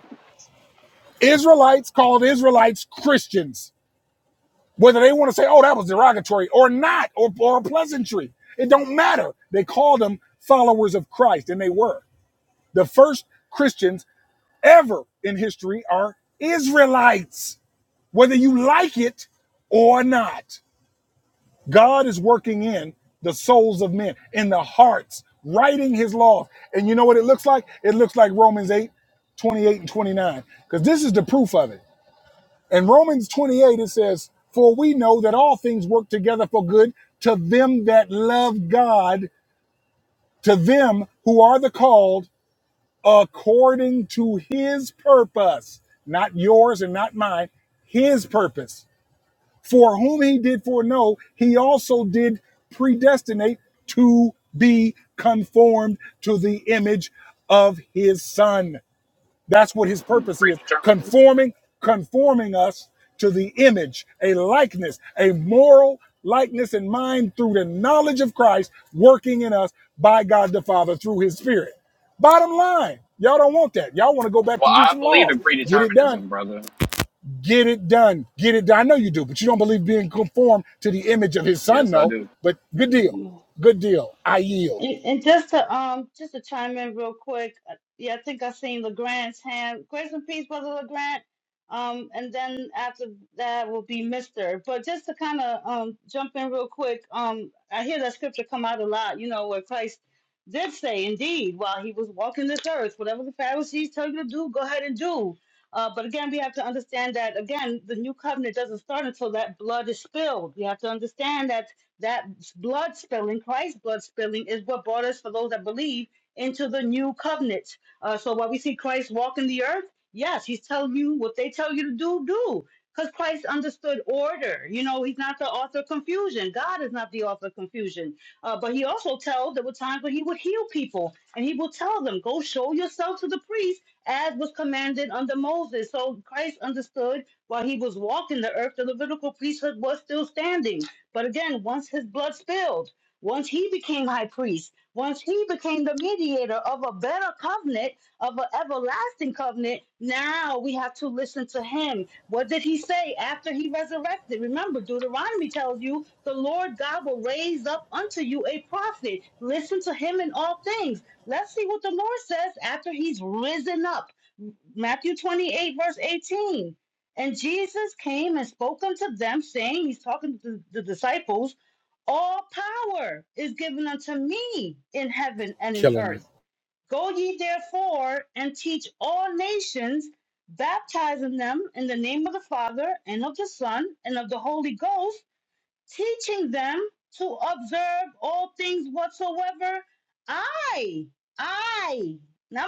Israelites called Israelites Christians, whether they want to say, "Oh, that was derogatory" or not, or, or a pleasantry. It don't matter. They called them followers of Christ, and they were the first Christians ever in history are Israelites, whether you like it or not. God is working in the souls of men, in the hearts, writing His law. And you know what it looks like? It looks like Romans eight, twenty-eight and 29, because this is the proof of it. In Romans 28, it says, For we know that all things work together for good to them that love God, to them who are the called according to his purpose, not yours and not mine, his purpose. For whom he did foreknow, he also did predestinate to be conformed to the image of his son that's what his purpose is
Predeterminism.
conforming, conforming us to the image, a likeness, a moral likeness in mind through the knowledge of Christ working in us by God the Father through his Spirit. Bottom line, y'all don't want that. Y'all want to go back
Well,
to do
I
some
believe
laws.
in
Get it done.
predeterminism, brother.
Get it done. Get it done. I know you do, but you don't believe being conformed to the image of his son,
Yes, I
no.
do.
But good deal. Good deal. I yield.
And, and just to um just to chime in real quick, uh, yeah, I think I seen Legrand's hand. Grace and peace, brother Legrand. Um, and then after that will be Mister. But just to kind of um jump in real quick, um, I hear that scripture come out a lot. You know where Christ did say, indeed, while he was walking this earth, whatever the Pharisees tell you to do, go ahead and do. Uh, but again, we have to understand that again, the new covenant doesn't start until that blood is spilled. We have to understand that that blood spilling, Christ's blood spilling, is what brought us, for those that believe, into the new covenant. Uh, so while we see Christ walking the earth, yes, he's telling you what they tell you to do, do. Because Christ understood order. You know, he's not the author of confusion. God is not the author of confusion. Uh, but he also tells there were times when he would heal people and he will tell them, go show yourself to the priest as was commanded under Moses. So Christ understood while he was walking the earth, the Levitical priesthood was still standing but again, once his blood spilled, once he became high priest, once he became the mediator of a better covenant, of an everlasting covenant, now we have to listen to him. What did he say after he resurrected? Remember, Deuteronomy tells you the Lord God will raise up unto you a prophet. Listen to him in all things. Let's see what the Lord says after he's risen up. Matthew 28, verse 18. And Jesus came and spoke unto them, saying, He's talking to the disciples, All power is given unto me in heaven and in
Killing it.
earth. Go ye therefore and teach all nations, baptizing them in the name of the Father and of the Son and of the Holy Ghost teaching them to observe all things whatsoever I, I, not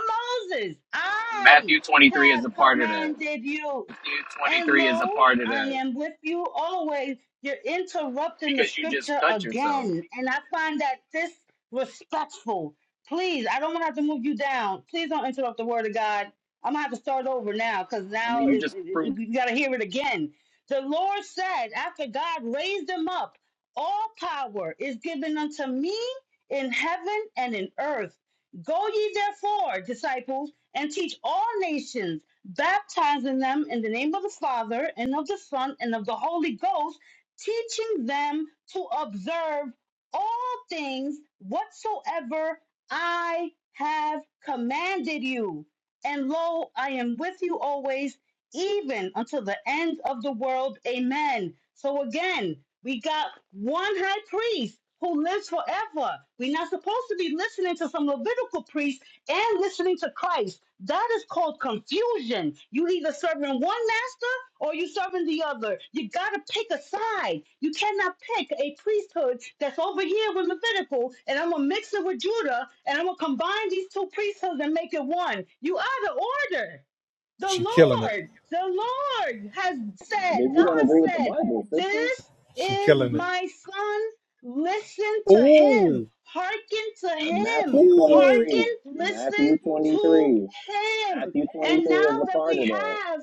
Moses, I
Matthew 23 is
have
a part of that.
commanded you.
Matthew
And
23 is a
lo,
part of
I
that
am with you always. You're interrupting the
because you just
scripture
cut yourself.
again. And I find that disrespectful. Please, I don't want to have to move you down. Please don't interrupt the word of God. I'm going to have to start over now because
I
now
mean, you
it's,
just
it, it-
proved.
you got to hear it again the Lord said, after God raised him up, all power is given unto me in heaven and in earth. Go ye therefore, disciples, and teach all nations, baptizing them in the name of the Father and of the Son and of the Holy Ghost, teaching them to observe all things whatsoever I have commanded you. And lo, I am with you always even until the end of the world. Amen. So again, we got one high priest who lives forever. We're not supposed to be listening to some Levitical priest and listening to Christ. That is called confusion. You either serving one master or you serving the other. You gotta pick a side. You cannot pick a priesthood that's over here with Levitical, and I'm gonna mix it with Judah, and I'm gonna combine these two priesthoods and make it one. You out of order. The
She killing it.
Lord, the Lord has said, God said, This
She
is
killing it.
my son. Listen to him.
Ooh.
Hearken to
Yeah,
him.
Matthew
Ooh.
23.
Hearken, listen
Matthew
to
23.
him.
Matthew
And
23
now
is a
that
part
we
of that.
have,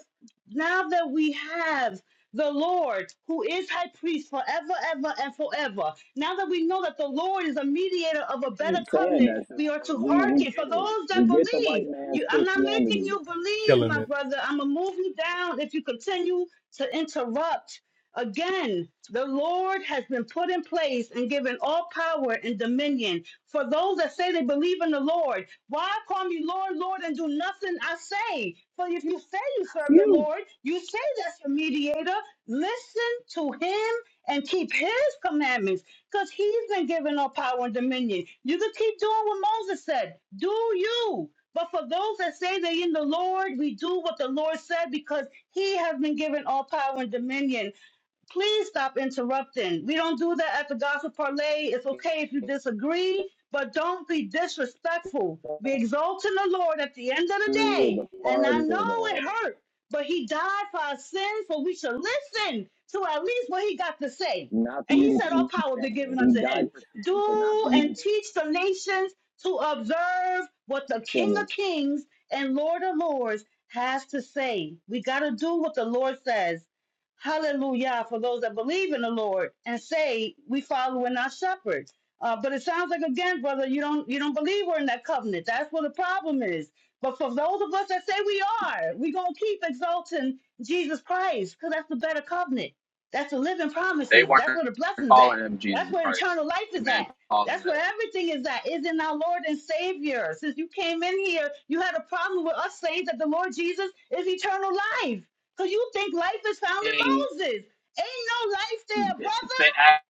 now that we have the Lord who is high priest forever, ever, and forever, now that we know that the Lord is a mediator of a
You
better
keep saying
covenant,
that, sister.
we are to
We we
hearken for
get it.
those that
We get the
believe.
white man's
You, I'm not making
Christianity.
you believe,
killing
my
it.
brother. I'm gonna move you down if you continue to interrupt. Again, the Lord has been put in place and given all power and dominion for those that say they believe in the Lord. Why call me Lord, Lord, and do nothing I say? For if you say you
That's
serve the
you.
Lord, you say that's your mediator. Listen to him and keep his commandments because he's been given all power and dominion. You can keep doing what Moses said. Do you? But for those that say they're in the Lord, we do what the Lord said because he has been given all power and dominion please stop interrupting. We don't do that at the Gospel Parlay. It's okay if you disagree, but don't be disrespectful. Be exalting the Lord at the end of the
Three is
day.
a
And
part
I
of
know it
that.
hurt, but He died for our sins, so we should listen to at least what He got to say.
Not for
And
you
He
to
said, All
keep
power be
sinning.
given
He
unto
died
Him.
for sin, for not for
Do
you
and
to
teach the nations to observe what the
keep
King of
sinning.
Kings and Lord of Lords has to say. We got to do what the Lord says Hallelujah for those that believe in the Lord and say we follow in our shepherd. Uh, but it sounds like again, brother, you don't you don't believe we're in that covenant. That's what the problem is. But for those of us that say we are, we gonna keep exalting Jesus Christ because that's the better covenant. That's the living
They
promises. That's
weren't
where the blessings at.
calling him
That's
Jesus
where
Christ.
eternal life is
Amen.
at.
Call him
That's where
that.
everything is at. Is in our Lord and Savior. Since you came in here, you had a problem with us saying that the Lord Jesus is eternal life. So you think life is found in
Being-
Moses. Ain't no life there, brother.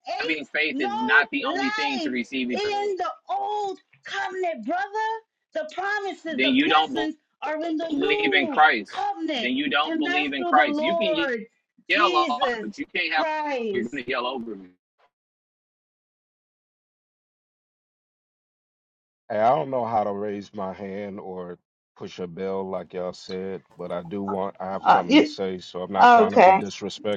Ain't
Having faith is not the
no
only thing to
life
receive eternal.
in the old covenant, brother. The promises,
Then
the
you don't
blessings are in the
believe in
new
Christ.
covenant.
Then you don't
And that's
believe in
through the
Christ. You can.
Lord
yell on,
Jesus
but you can't have you're
Christ.
gonna yell over me.
Hey, I don't know how to raise my hand or push a bell like y'all said, but I do want, I have something to say, so I'm not trying to be
Okay.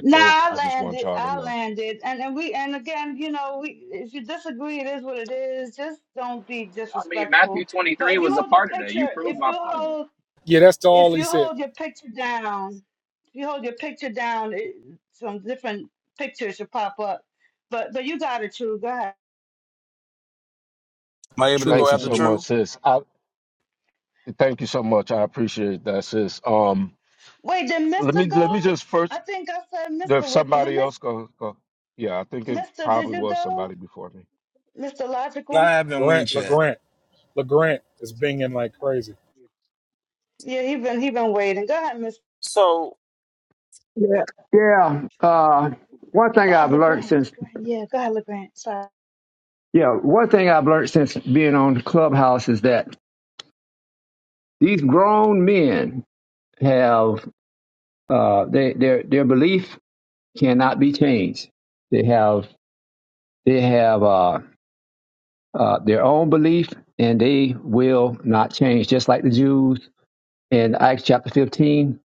Now I
I just want
landed.
y'all to
I
know.
landed, and and we and again, you know, we if you disagree, it is what it is. Just don't be
I mean, Matthew
disrespectful. But
23
if you
was a
hold your
part of that. You
picture,
proved
if
my
you
point.
hold,
Yeah, that's
if
all he
you
said.
hold your picture down, if you hold your picture down, it, some different pictures should pop up. But but you got it, true. Go ahead.
Am I able to go
Thank
Truest
you
after
on
so
you.
much,
True?
sis. I thank you so much. I appreciate that, sis. Um,
Wait, did
let
Mister
me let
go?
me just
I
first,
think I said
if
Mister was was it
somebody
Mister?
else go, go. Yeah, I think it
Mister Did
probably
you
was
go,
somebody before me.
Mister
No,
Logical?
I haven't
Grant,
went yet.
LeGrant. LeGrant is binging like crazy.
Yeah, he been he been waiting. Go ahead, Mister.
So,
Yeah, yeah. Uh, one thing
Oh,
I've learned
LeGrand,
since,
LeGrand. Yeah, go ahead, LeGrand. Sorry.
yeah, one thing I've learned since being on Clubhouse is that these grown men have uh, they, their their belief cannot be changed. They have they have uh, uh, their own belief, and they will not change. Just like the Jews in Acts chapter fifteen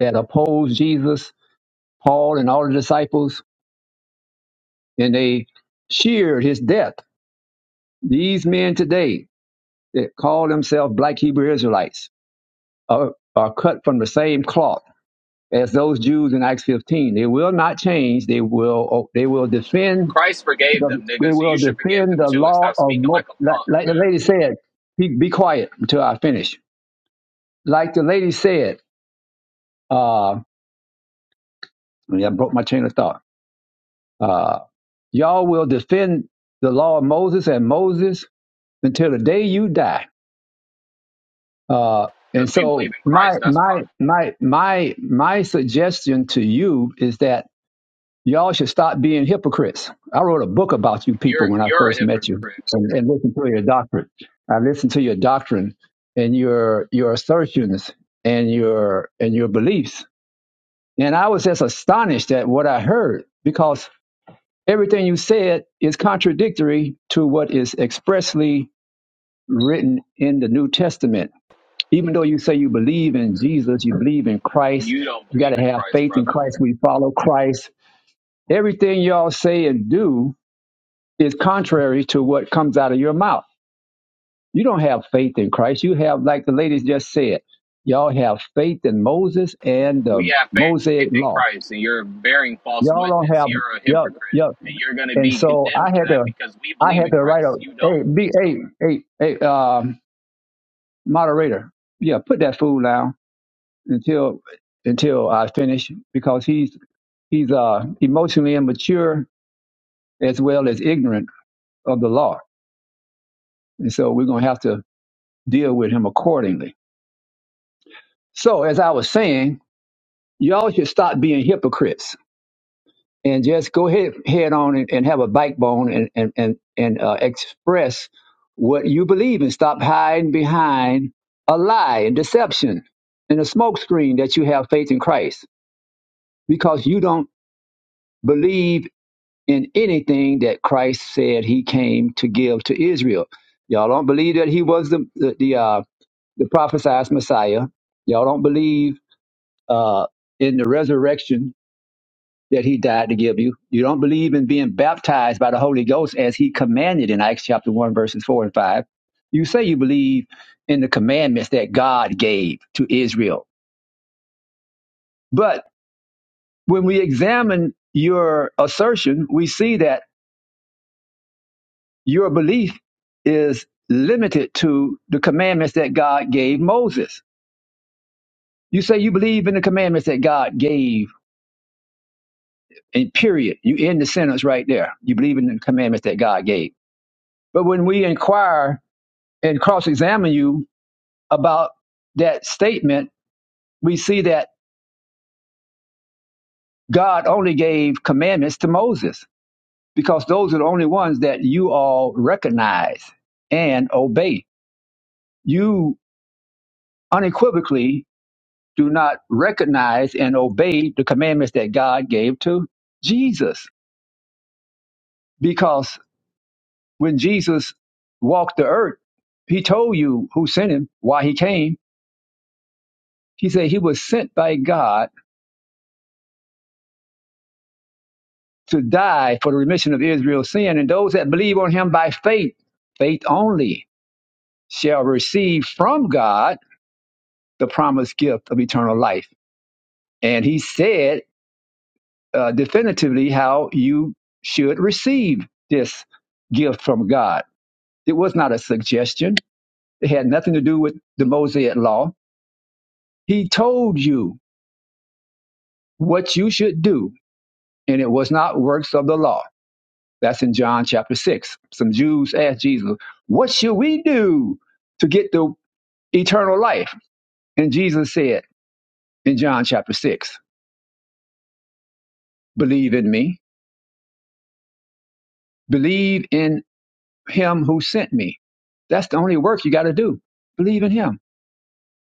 that opposed Jesus, Paul, and all the disciples, and they cheered his death. These men today that call themselves black Hebrew Israelites are, are cut from the same cloth as those Jews in Acts 15. They will not change. They will oh, they will defend
Christ forgave
the
them, nigga,
they
so
will
you should forgive
defend
them
the
too and
law
stop
of
speaking
Mo-
like a
like,
punk,
like the
man.
lady said. Be, be quiet until I finish. Like the lady said, uh, yeah, I broke my chain of thought. Uh, y'all will defend the law of Moses and Moses until the day you die Uh, and
Because we believe
so
in
my
Christ, that's why.
my my my my suggestion to you is that y'all should stop being hypocrites. I wrote a book about you people
You're
when I
you're a
first met you,
hypocrite.
and, and listened to your doctrine. I listened to your doctrine and your your assertions and your and your beliefs, and I was just astonished at what I heard because everything you said is contradictory to what is expressly written in the New Testament even though you say you believe in Jesus, you believe in Christ,
You don't
you got
believe
to
in
have
Christ,
faith in
brother.
Christ. We follow Christ. Everything y'all say and do is contrary to what comes out of your mouth. You don't have faith in Christ. You have, like the ladies just said, y'all have faith in Moses and the
We have
Mosaic
faith in
law.
Christ, and you're bearing false
Y'all don't
witness.
have,
You're a
yup,
hypocrite,
yup.
and you're gonna
And
be
so I
condemned for
had to
that because we
I
believe
had
in
to write a
Christ. You don't.
hey, be hey, hey, hey, um, moderator. Yeah, put that fool down. until until I finish because he's he's uh, emotionally immature as well as ignorant of the law, and so we're gonna have to deal with him accordingly. So as I was saying, y'all should stop being hypocrites and just go ahead head on and, and have a backbone and and and, and uh, express what you believe and stop hiding behind a lie and deception and a smokescreen that you have faith in Christ because you don't believe in anything that Christ said he came to give to Israel. Y'all don't believe that he was the the, the, uh, the prophesied Messiah. Y'all don't believe uh, in the resurrection that he died to give you. You don't believe in being baptized by the Holy Ghost as he commanded in Acts chapter 1, verses 4 and 5. You say you believe in the commandments that God gave to Israel. But when we examine your assertion, we see that Your belief is limited to the commandments that God gave Moses. You say you believe in the commandments that God gave, and period. You end the sentence right there. You believe in the commandments that God gave. But when we inquire and cross examine you about that statement, we see that God only gave commandments to Moses because those are the only ones that you all recognize and obey. You unequivocally do not recognize and obey the commandments that God gave to Jesus. Because when Jesus walked the earth, he told you who sent him, why he came. He said he was sent by God to die for the remission of Israel's sin. And those that believe on him by faith, faith only, shall receive from God the promised gift of eternal life. And he said uh, definitively how you should receive this gift from God It was not a suggestion. It had nothing to do with the Mosaic law. He told you what you should do, and it was not works of the law. That's in John chapter 6. Some Jews asked Jesus, What should we do to get the eternal life? And Jesus said in John chapter 6, Believe in me, believe in him who sent me. That's the only work you got to do. Believe in him.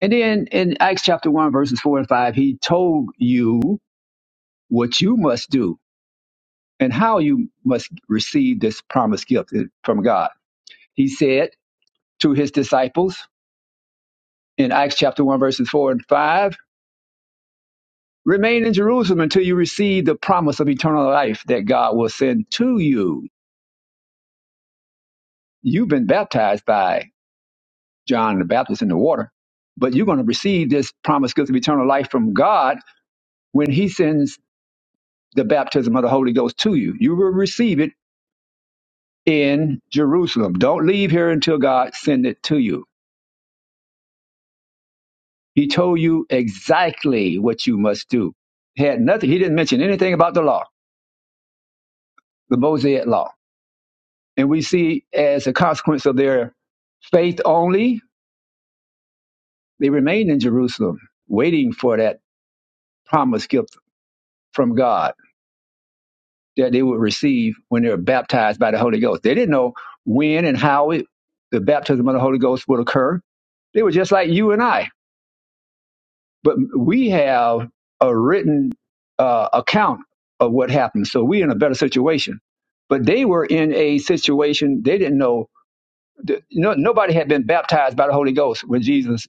And then in Acts chapter 1, verses 4 and 5, he told you what you must do and how you must receive this promised gift uh, from God. He said to his disciples in Acts chapter 1, verses 4 and 5, remain in Jerusalem until you receive the promise of eternal life that God will send to you. You've been baptized by John the Baptist in the water, but you're going to receive this promised gift of eternal life from God when he sends the baptism of the Holy Ghost to you. You will receive it in Jerusalem. Don't leave here until God sends it to you He told you exactly what you must do. He Had nothing. He didn't mention anything about the law, the Mosaic law. And we see as a consequence of their faith only, they remained in Jerusalem, waiting for that promised gift from God that they would receive when they were baptized by the Holy Ghost. They didn't know when and how it, the baptism of the Holy Ghost would occur. They were just like you and I but we have a written uh, account of what happened. So we're in a better situation. But they were in a situation they didn't know. that- No, nobody had been baptized by the Holy Ghost when Jesus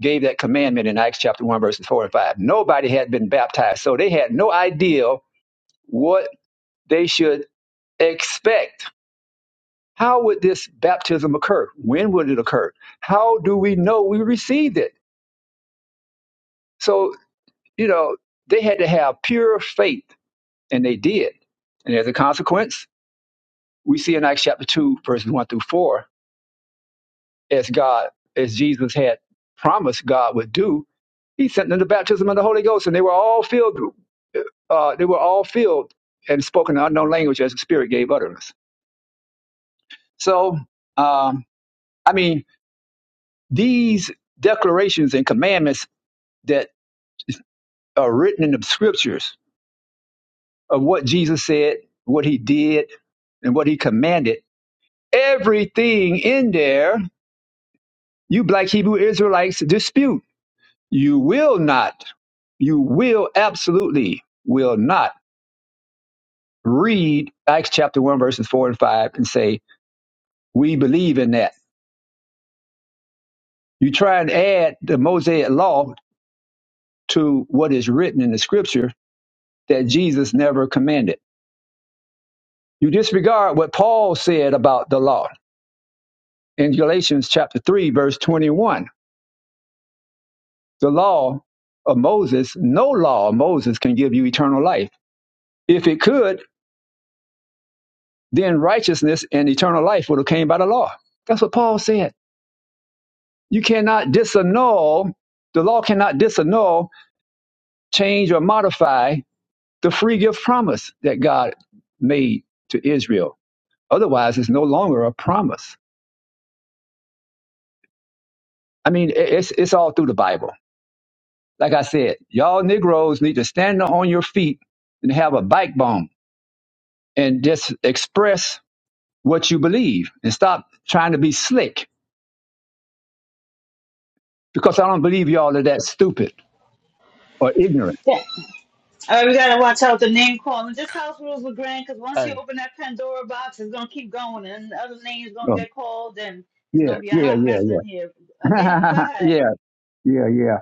gave that commandment in Acts chapter 1, verses 4 and 5. Nobody had been baptized. So they had no idea what they should expect. How would this baptism occur? When would it occur? How do we know we received it? So, you know, they had to have pure faith and they did. And as a consequence, we see in Acts chapter 2, verses 1 through 4, as God, as Jesus had promised God would do, he sent them the baptism of the Holy Ghost, and they were all filled, uh, they were all filled and spoke in an unknown language as the Spirit gave utterance. So, um, I mean, these declarations and commandments that are written in the scriptures of what Jesus said, what he did, and what he commanded, everything in there You black Hebrew Israelites dispute. You will not, you will absolutely will not read Acts chapter 1, verses 4 and 5 and say, We believe in that. You try and add the Mosaic law to what is written in the scripture that Jesus never commanded. You disregard what Paul said about the law in Galatians chapter 3, verse 21. The law of Moses, no law of Moses can give you eternal life. If it could, then righteousness and eternal life would have came by the law. That's what Paul said. You cannot disannul, the law cannot disannul, change, or modify the free gift promise that God made to Israel. Otherwise, it's no longer a promise. I mean, it's, it's all through the Bible. Like I said, y'all Negroes need to stand on your feet and have a backbone and just express what you believe and stop trying to be slick because I don't believe y'all are that stupid or ignorant.
Yeah. All right, we got to watch out the name calling. Just house rules, LeGrand, because once you
Hey,
open that Pandora box, it's going to keep going, and other names going to
Oh.
get called, and it's
yeah,
going to be a
yeah,
hot
yeah,
mess
yeah,
in here. Uh, Abe, go ahead.
yeah, yeah, yeah.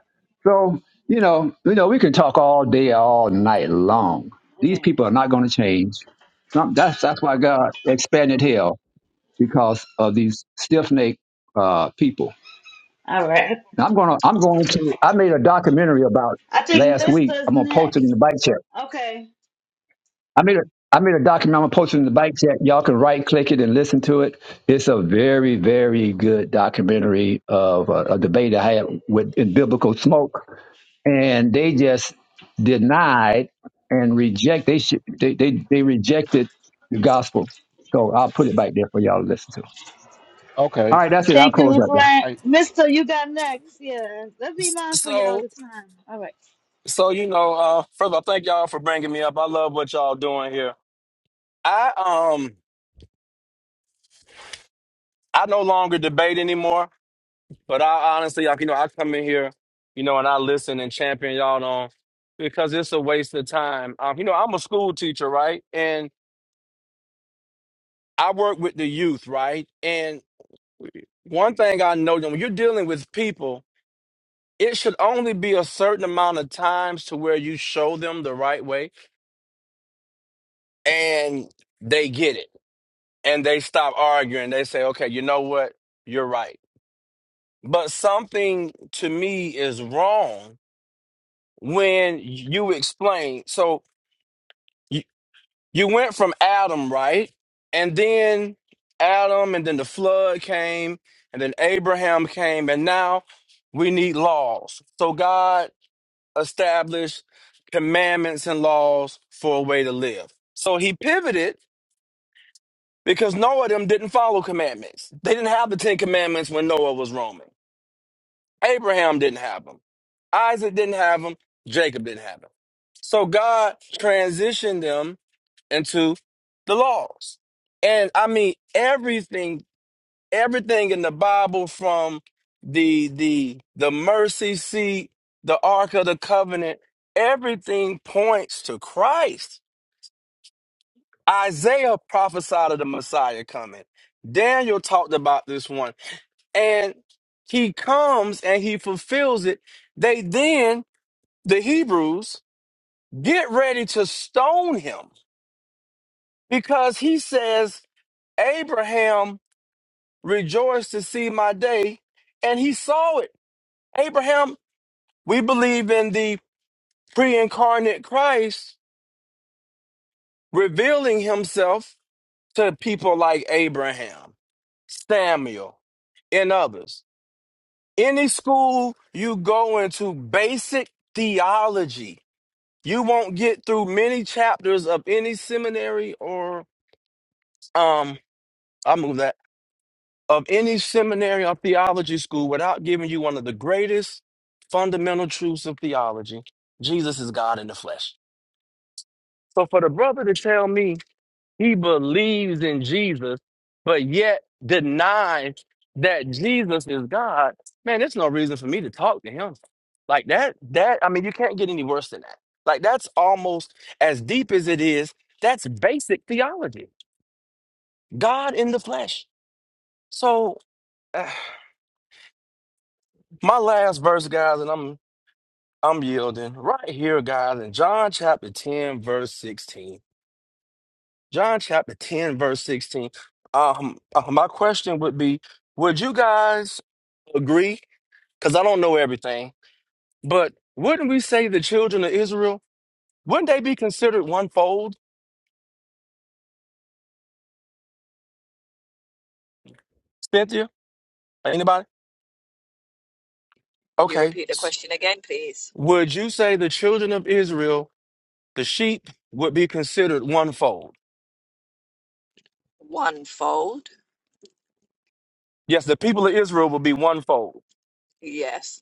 So you know, you know, we can talk all day, all night long. These
Yeah.
people are not going to change. Some- That's that's why God expanded hell because of these stiff necked uh, people.
All right.
Now I'm gonna I'm going to I made a documentary about
I think
last week.
Mister's
I'm gonna post it in
next.
the bike chat.
Okay.
I made a I made a document. I'm gonna post it in the bike chat. Y'all can right click it and listen to it. It's a very very good documentary of a, a debate I had with in biblical smoke, and they just denied and reject. They sh- they, they they rejected the gospel. So I'll put it back there for y'all to listen to. All
okay.
right, that's it. I'll
Thank you,
close out there.
LeGrand.
I
Mister, you got next. Yeah. Let's be mindful, y'all,
so,
the time. All right.
so you know, uh, first of all, thank y'all for bringing me up. I love what y'all doing here. I um, I no longer debate anymore, but I honestly, like you know, I come in here, you know, and I listen and champion y'all on because it's a waste of time. Um, you know, I'm a school teacher, right, and I work with the youth, right, and one thing I know when you're dealing with people. It should only be a certain amount of times to where you show them the right way and they get it and they stop arguing they say okay you know what you're right but something to me is wrong when you explain so you, you went from adam right and then adam and then the flood came and then abraham came and now we need laws so god established commandments and laws for a way to live so he pivoted because Noah them didn't follow commandments. They didn't have the Ten Commandments when Noah was roaming. Abraham didn't have them. Isaac didn't have them. Jacob didn't have them. So God transitioned them into the laws. And I mean everything, everything in the Bible from the the the mercy seat, the Ark of the Covenant, everything points to Christ Isaiah prophesied of the Messiah coming. Daniel talked about this one. And he comes and he fulfills it. They then, the Hebrews, get ready to stone him because he says, Abraham rejoiced to see my day, and he saw it. Abraham, we believe in the pre incarnate Christ revealing himself to people like Abraham, Samuel, and others. Any school you go into, basic theology, you won't get through many chapters of any seminary or um, I move that of any seminary or theology school without giving you one of the greatest fundamental truths of theology: Jesus is God in the flesh. So for the brother to tell me He believes in Jesus, but yet denies that Jesus is God. Man, there's no reason for me to talk to him. Like that, that, I mean, you can't get any worse than that. Like that's almost as deep as it is. That's basic theology. God in the flesh. So uh, my last verse, guys, and I'm I'm yielding right here, guys, in John chapter 10, verse 16. John chapter 10, verse 16. Um, uh, my question would be Would you guys agree? Because I don't know everything, but wouldn't we say the children of Israel, wouldn't they be considered one fold, Cynthia? Anybody?
Can you
Okay.
repeat the
S-
question again, please?
Would you say the children of Israel, the sheep, would be considered one fold?
One fold.
Yes, the people of Israel would be one fold.
Yes,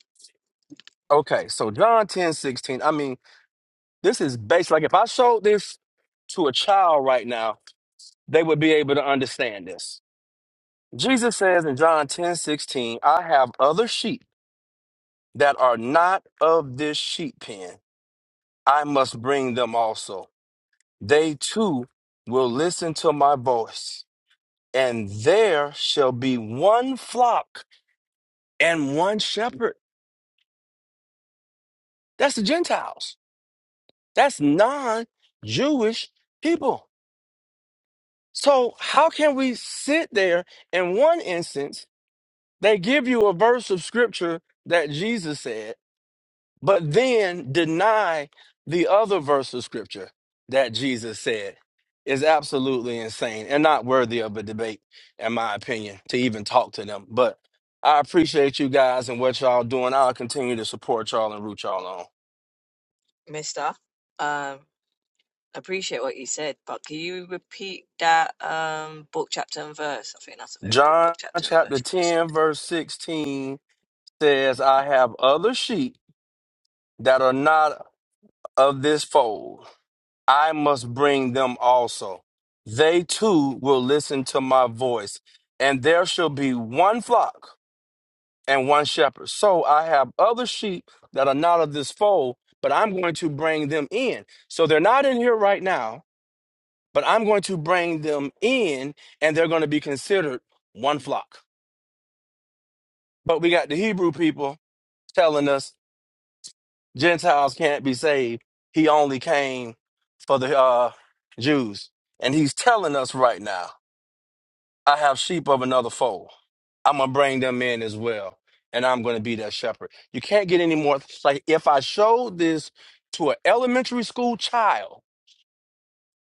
Okay, so John 10 16. I mean, this is based like if I showed this to a child right now, they would be able to understand this. Jesus says in John 10 16, I have other sheep that are not of this sheep pen. I must bring them also. They too will listen to my voice, and there shall be one flock and one shepherd. That's the Gentiles, that's non Jewish people. So, how can we sit there in one instance? They give you a verse of scripture that Jesus said. but then deny the other verse of scripture that Jesus said is absolutely insane and not worthy of a debate, in my opinion, to even talk to them. But I appreciate you guys and what y'all doing. I'll continue to support y'all and root y'all on.
mister. Um, appreciate what you said, but can you repeat that um book chapter and verse? I think that's a very good
John
book chapter and
chapter
verse you said.
10, verse 16 says, I have other sheep that are not of this fold. I must bring them also. They too will listen to my voice, and there shall be one flock and one shepherd. So I have other sheep that are not of this fold, but I'm going to bring them in. So they're not in here right now, but I'm going to bring them in, and they're going to be considered one flock. But we got the Hebrew people telling us Gentiles can't be saved. He only came for the uh, Jews. And he's telling us right now I have sheep of another fold. I'm gonna bring them in as well, and I'm gonna be that shepherd. You can't get any more. Like if I showed this to an elementary school child,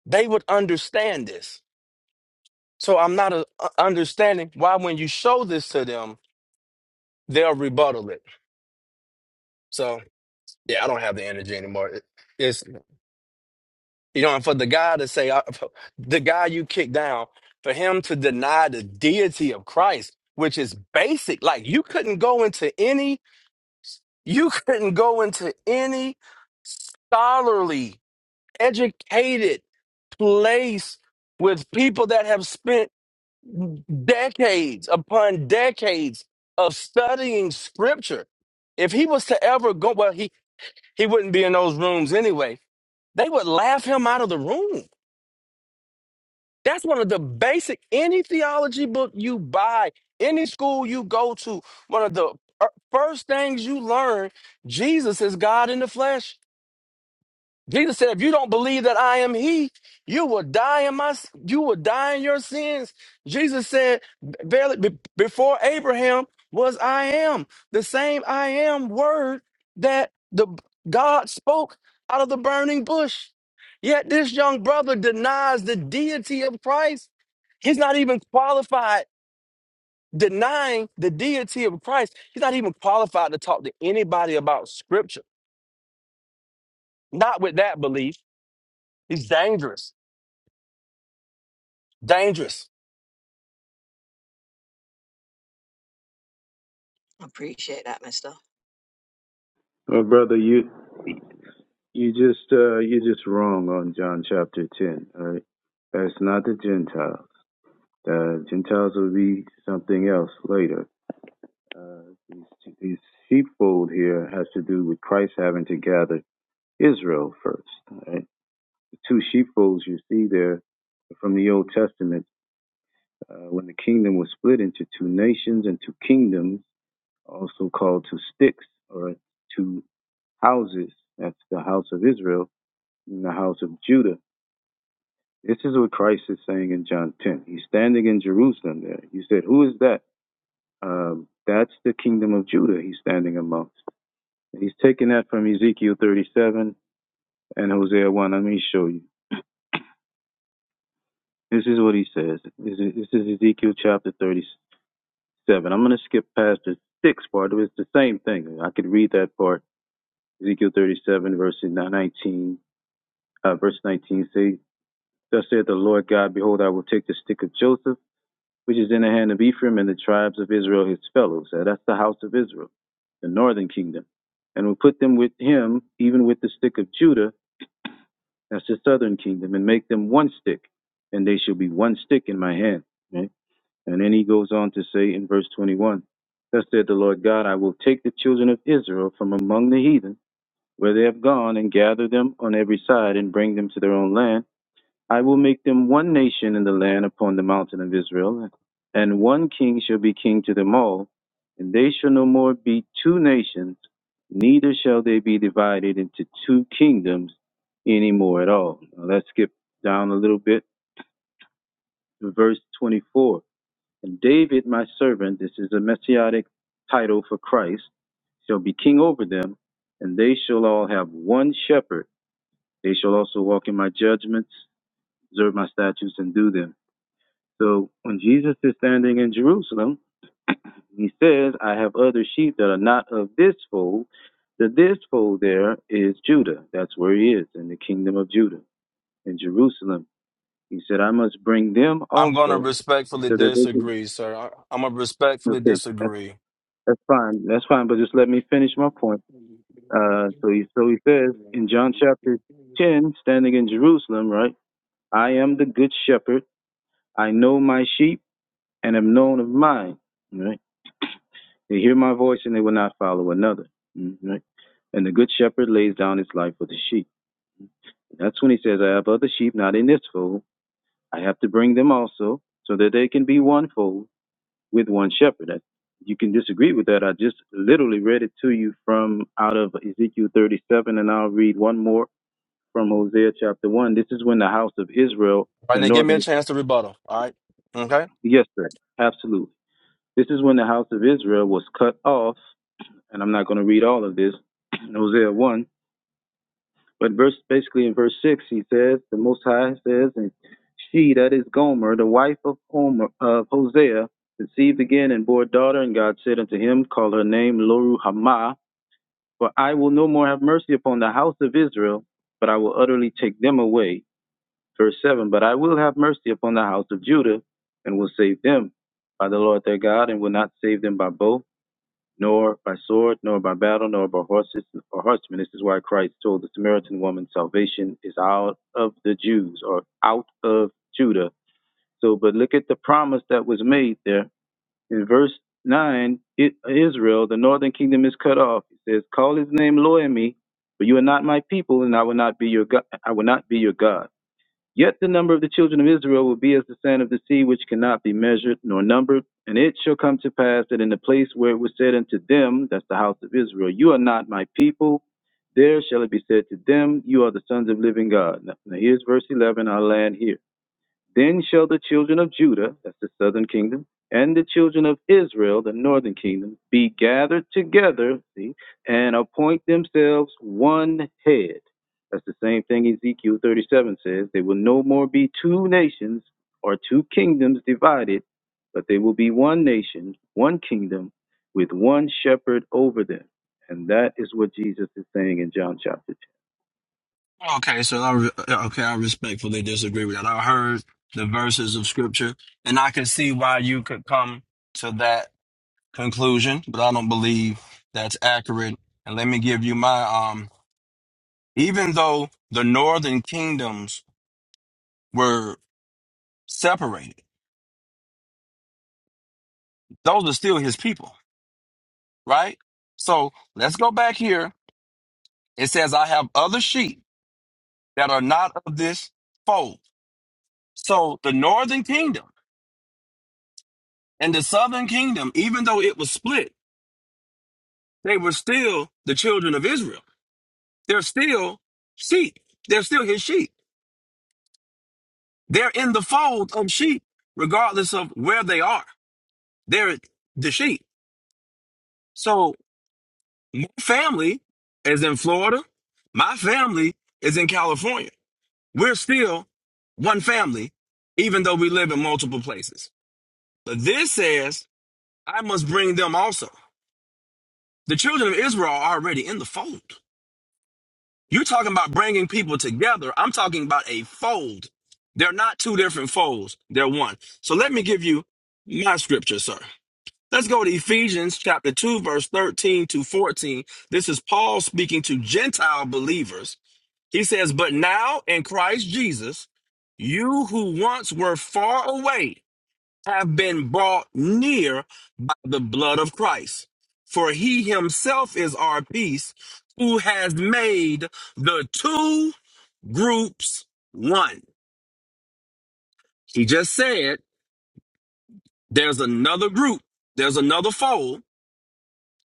they would understand this. So I'm not uh uh, understanding why when you show this to them, they'll rebuttal it. So yeah, I don't have the energy anymore. It- It's you know, and for the guy to say I, the guy you kicked down, for him to deny the deity of Christ, which is basic. Like you couldn't go into any You couldn't go into any scholarly, educated place with people that have spent decades upon decades of studying scripture. If he was to ever go, well, he, he wouldn't be in those rooms anyway. They would laugh him out of the room. That's one of the basic, any theology book you buy, any school you go to, one of the fir- first things you learn Jesus is God in the flesh. Jesus said, if you don't believe that I am he, you will die in my you will die in your sins. Jesus said, barely be- before Abraham was I am. The same I am word that the God spoke out of the burning bush. Yet this young brother denies the deity of Christ. He's not even qualified denying the deity of Christ. He's not even qualified to talk to anybody about scripture. Not with that belief. He's dangerous. Dangerous.
Mister.
Well, brother, you you just uh, you just wrong on John chapter ten. All right, that's not the Gentiles. The Gentiles will be something else later. Uh, these, these sheepfold here has to do with Christ having to gather Israel first. All right, the two sheepfolds you see there from the Old Testament, uh, when the kingdom was split into two nations and two kingdoms, also called two sticks or two houses. That's the house of Israel in the house of Judah. This is what Christ is saying in John 10. He's standing in Jerusalem there. He said, Who is that? Um, that's the kingdom of Judah he's standing amongst. He's taking that from Ezekiel 37 and Hosea 1. Let me show you. This is what he says. This is, this is Ezekiel chapter 37. I'm going to skip past the sixth part. It's the same thing. I could read that part. Ezekiel 37, verse 19. Uh, verse 19 say, Thus saith the Lord God, Behold, I will take the stick of Joseph which is in the hand of Ephraim and the tribes of Israel, his fellows. Uh, that's the house of Israel, the northern kingdom. And will put them with him, even with the stick of Judah, that's the southern kingdom, and make them one stick, and they shall be one stick in my hand. Right? And then he goes on to say in verse 21, Thus said the Lord God, I will take the children of Israel from among the heathen, where they have gone, and gather them on every side, and bring them to their own land I will make them one nation in the land upon the mountain of Israel, and one king shall be king to them all, and they shall no more be two nations, neither shall they be divided into two kingdoms any more at all. Now let's skip down a little bit to verse 24. And David, my servant, this is a messianic title for Christ, shall be king over them, and they shall all have one shepherd. They shall also walk in my judgments, observe my statutes, and do them So when Jesus is standing in Jerusalem, he says, I have other sheep that are not of this fold. The this fold there is Judah. That's where he is, in the kingdom of Judah, in Jerusalem. He said, I must bring them
I'm going to
also
respectfully
so that they can.
disagree, sir. I, I'm going to respectfully
Okay, that's,
disagree.
that's fine. That's fine, but just let me finish my point. Uh, so, he, so he says
All
in John chapter 10, standing in Jerusalem, right? I am the good shepherd. I know my sheep and am known of mine. You know, They hear my voice and they will not follow another. Mhm. And the good shepherd lays down his life for the sheep. That's when he says, I have other sheep not in this fold. I have to bring them also so that they can be one fold with one shepherd. That- You can disagree with that. I just literally read it to you from out of Ezekiel 37, and I'll read one more from Hosea chapter 1. This is when the house of Israel,
right,
the
now give me a
northern,
chance to rebuttal. All right. Okay.
yes, sir, absolutely. This is when the house of Israel was cut off, and I'm not going to read all of this. Hosea 1, But verse basically in verse six, he says, the Most High says, and she that is Gomer, the wife of Homer of Hosea, conceived again and bore a daughter. And God said unto him, Call her name Loruhamah, for I will no more have mercy upon the house of Israel, but I will utterly take them away. Verse seven. But I will have mercy upon the house of Judah, and will save them by the Lord their God, and will not save them by bow nor by sword, nor by battle, nor by horses or horsemen. This is why Christ told the Samaritan woman, Salvation is out of the Jews or out of Judah. So, but look at the promise that was made there. In verse 9, it, Israel, the northern kingdom is cut off. It says, Call his name Loemi, for you are not my people, and I will not be your God. I will not be your God. Yet the number of the children of Israel will be as the sand of the sea, which cannot be measured nor numbered. And it shall come to pass that in the place where it was said unto them, that's the house of Israel, you are not my people, there shall it be said to them, you are the sons of living God. Now here's verse 11, i land here. Then shall the children of Judah, that's the southern kingdom, and the children of Israel, the northern kingdom, be gathered together, see, and appoint themselves one head. That's the same thing Ezekiel 37 says. They will no more be two nations or two kingdoms divided, but they will be one nation, one kingdom, with one shepherd over them. And that is what Jesus is saying in John chapter
Okay, so I re- okay, I respectfully disagree with that. I heard the verses of scripture, and I can see why you could come to that conclusion, but I don't believe that's accurate. And let me give you my um. Even though the northern kingdoms were separated. Those are still his people, right? So let's go back here. It says, I have other sheep that are not of this fold. So the northern kingdom and the southern kingdom, even though it was split, they were still the children of Israel. They're still sheep. They're still his sheep. They're in the fold of sheep, regardless of where they are. They're the sheep. So my family is in Florida. My family is in California. We're still one family, even though we live in multiple places. But this says, I must bring them also. The children of Israel are already in the fold. You're talking about bringing people together. I'm talking about a fold. They're not two different folds, they're one. So let me give you my scripture, sir. Let's go to Ephesians chapter 2, verse 13 to 14. This is Paul speaking to Gentile believers He says, But now in Christ Jesus, you who once were far away have been brought near by the blood of Christ. For he himself is our peace, who has made the two groups one. He just said, There's another group, there's another fold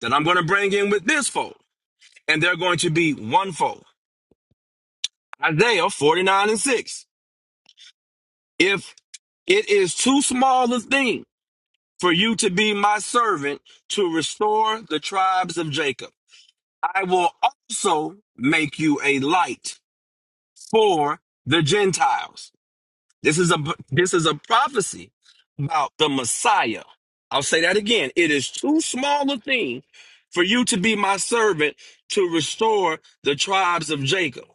that I'm going to bring in with this fold, and they're going to be one fold. Isaiah 49 and 6. If it is too small a thing for you to be my servant to restore the tribes of Jacob. I will also make you a light for the Gentiles. This is a this is a prophecy about the Messiah. I'll say that again. It is too small a thing for you to be my servant to restore the tribes of Jacob.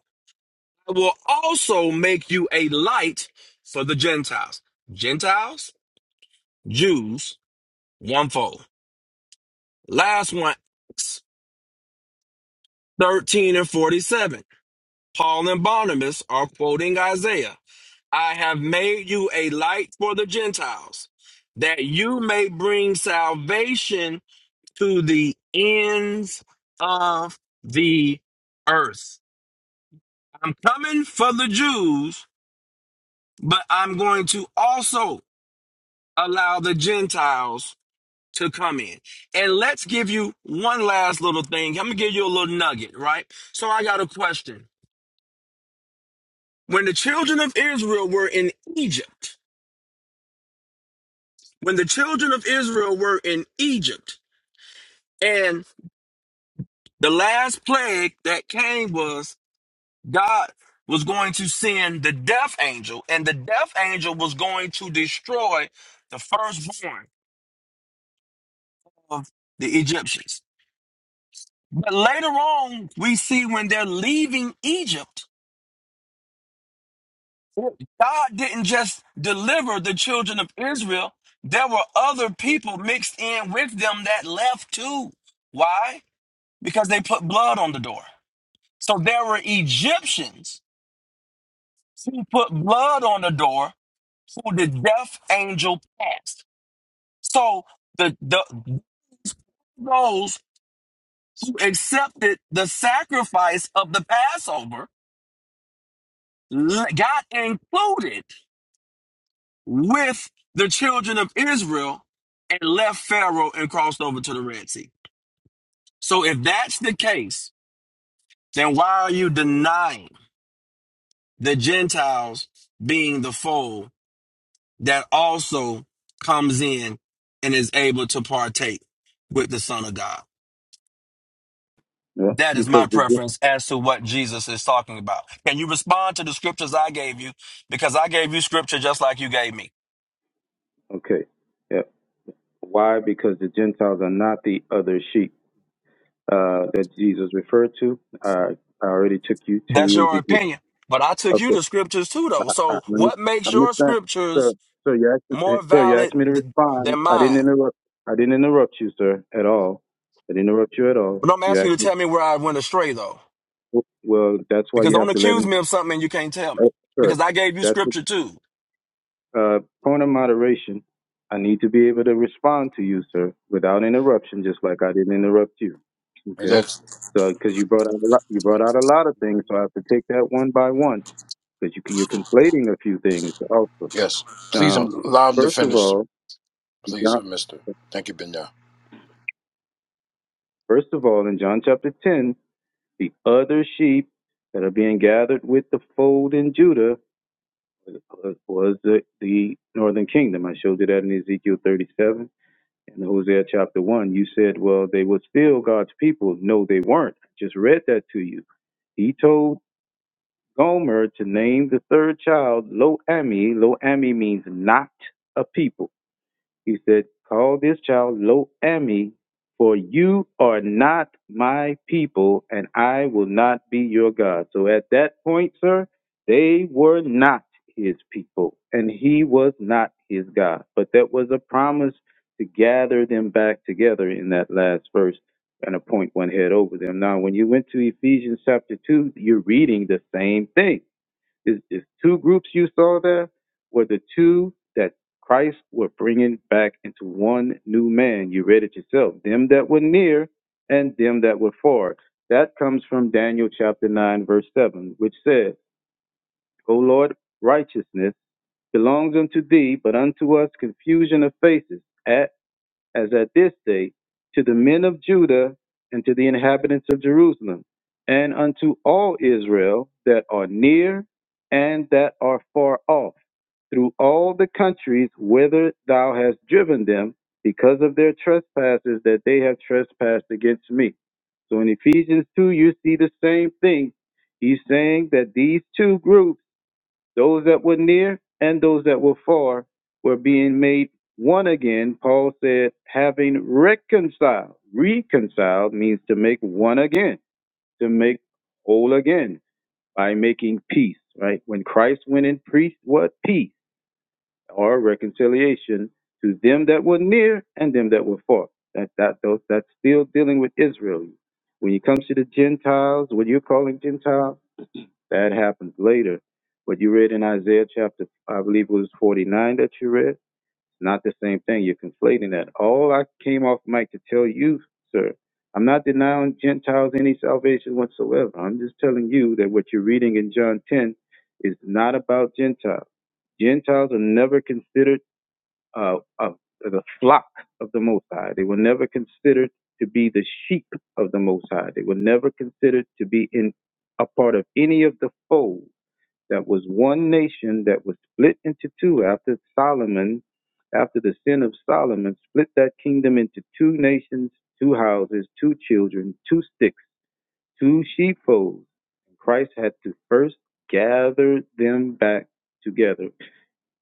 I will also make you a light for the Gentiles. Gentiles, Jews, one fold. Last one, 13 and 47. Paul and Barnabas are quoting Isaiah I have made you a light for the Gentiles, that you may bring salvation to the ends of the earth. I'm coming for the Jews, but I'm going to also allow the Gentiles to come in. And let's give you one last little thing. I'm going to give you a little nugget, right? So I got a question. When the children of Israel were in Egypt, when the children of Israel were in Egypt, and the last plague that came was God was going to send the death angel, and the death angel was going to destroy the firstborn of the Egyptians. But later on, we see when they're leaving Egypt, God didn't just deliver the children of Israel. There were other people mixed in with them that left too. Why? Because they put blood on the door. So there were Egyptians who put blood on the door who the death angel passed. So the, the those who accepted the sacrifice of the Passover l- got included with the children of Israel and left Pharaoh and crossed over to the Red Sea. So if that's the case, then why are you denying the Gentiles being the fold that also comes in and is able to partake with the Son of God?
10. Yeah,
That is my
because the, di-
preference as to what Jesus is talking about. Can you respond to the scriptures I gave you? Because I gave you scripture just like you gave me.
okay. yeah, Why? Because the Gentiles are not the other sheep uh, that Jesus referred to. Uh, I already took you
That's
to
your
Ezekiel.
opinion. But I took you
Okay,
to scriptures too, though.
I I
So
missed
what
I
makes
missed
your
that. So,
scriptures
so you asked,
more
so you
valid
asked me to
th- than
respond. I didn't
mine?
interrupt. I didn't interrupt you, sir, at all. I didn't interrupt you at all.
But I'm
You
asking you
asked
to
me.
tell me where I went astray, though.
Well, that's why
Because
you
don't
have to let
accuse
me.
me of something and you can't tell me.
Oh, sir,
Because I gave you
that's what.
scripture too.
Uh, point of moderation. I need to be able to respond to you, sir, without interruption, just like I didn't interrupt you.
And
Okay.
That's
So, because you brought out a lot, you brought out a lot of things, so I have to take that one by one because you you're conflating a few things also.
yes. Please
Now,
um, allow him to
first of
finish,
all,
please,
John,
uh, Mister. Thank you, Benya.
first of all, in John chapter ten, the other sheep that are being gathered with the fold in Judah was, was the, the northern kingdom. I showed you that in Ezekiel thirty-seven in Hosea chapter 1, you said, well, they were still God's people. No, they weren't. I just read that to you. He told Gomer to name the third child Lo Ami. Lo Ami means not a people. He said, Call this child Lo Ami, for you are not my people, and I will not be your God. So at that point, sir, they were not his people, and he was not his God. But that was a promise to gather them back together in that last verse and appoint one head over them. Now, when you went to Ephesians chapter 2, you're reading the same thing is, is two groups you saw there were the two that Christ were bringing back into one new man. You read it yourself. Them that were near and them that were far. That comes from Daniel chapter 9, verse 7, which says, O Lord, righteousness belongs unto thee, but unto us confusion of faces At as at this day, to the men of Judah and to the inhabitants of Jerusalem, and unto all Israel that are near and that are far off, through all the countries whither thou hast driven them, because of their trespasses that they have trespassed against me. So in Ephesians 2, you see the same thing. He's saying that these two groups those that were near and those that were far were being made one again. Paul said, having reconciled. Reconciled means to make one again, to make whole again by making peace, right? When Christ went and preached what? Peace or reconciliation to them that were near and them that were far. That, that, those, that's still dealing with Israel. When you come to the Gentiles, what you're calling Gentiles, that happens later. What you read in Isaiah chapter, I believe it was 49 that you read, it's not the same thing. You're conflating that. All I came off mic to tell you, sir, I'm not denying Gentiles any salvation whatsoever. I'm just telling you that what you're reading in John 10 is not about Gentiles. Gentiles are never considered uh, of the flock of the Most High. They were never considered to be the sheep of the Most High. They were never considered to be in a part of any of the fold that was one nation that was split into two after Solomon, after the sin of Solomon, split that kingdom into two nations, two houses, two children, two sticks, two sheepfolds. Christ had to first gather them back together.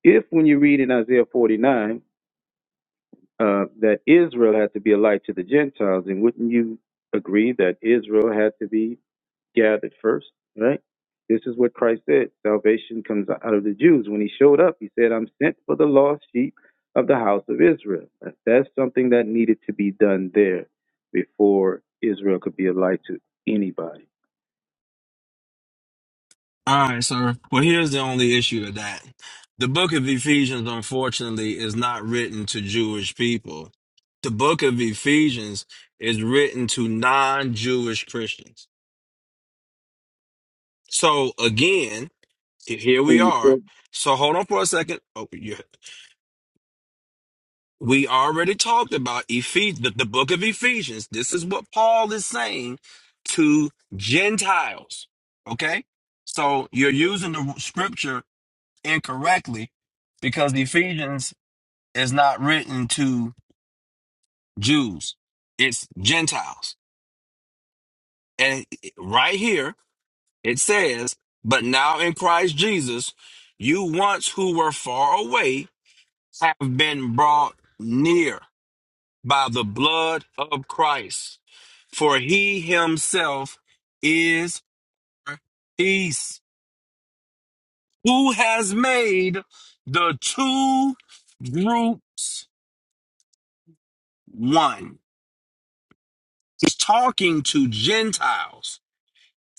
If, when you read in Isaiah 49, uh, that Israel had to be a light to the Gentiles, then wouldn't you agree that Israel had to be gathered first, right? This is what Christ said. Salvation comes out of the Jews. When he showed up, he said, I'm sent for the lost sheep of the house of Israel. That's something that needed to be done there before Israel could be a light to anybody.
All right, sir. Well, here's the only issue with that. The book of Ephesians, unfortunately, is not written to Jewish people. The book of Ephesians is written to non Jewish Christians. So, again, Here we
And
are.
so,
So hold on for a second. Oh, yeah. We already talked about Ephes- the, the book of Ephesians. This is what Paul is saying to Gentiles. Okay? So you're using the scripture incorrectly because Ephesians is not written to Jews, it's Gentiles. And right here, it says, But now in Christ Jesus, you once who were far away have been brought near by the blood of Christ, for he himself is our peace, who has made the two groups one. He's talking to Gentiles.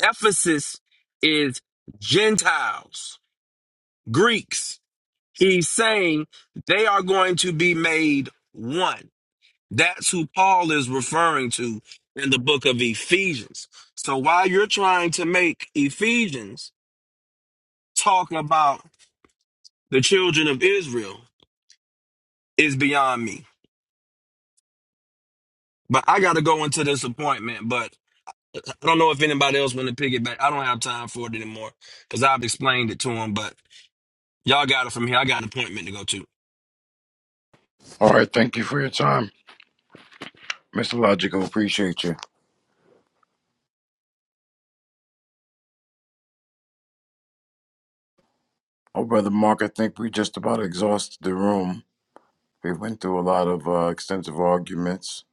Ephesus is Gentiles, Greeks. He's saying they are going to be made one. That's who Paul is referring to in the book of Ephesians. So while you're trying to make Ephesians talk about the children of Israel is beyond me. But I got to go into this appointment. But I don't know if anybody else want to pick it back. I don't have time for it anymore because I've explained it to them. But y'all got it from here. I got an appointment to go to.
All right, thank you for your time, Mister Logical. Appreciate you. Oh, brother Mark, I think we just about exhausted the room. We went through a lot of uh, extensive arguments.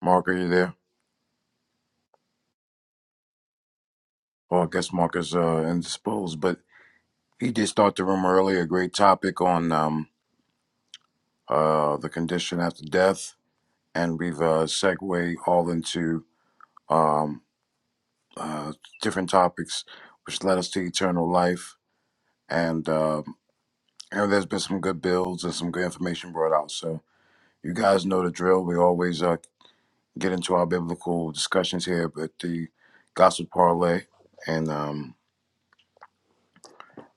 Mark, are you there? Well, I guess Marcus uh, indisposed, but he did start the room earlier. Great topic on um, uh, the condition after death, and we've uh, segued all into um, uh, different topics, which led us to eternal life. And um and there's been some good builds and some good information brought out. So you guys know the drill. We always uh, get into our biblical discussions here, but the gospel parlay, and um,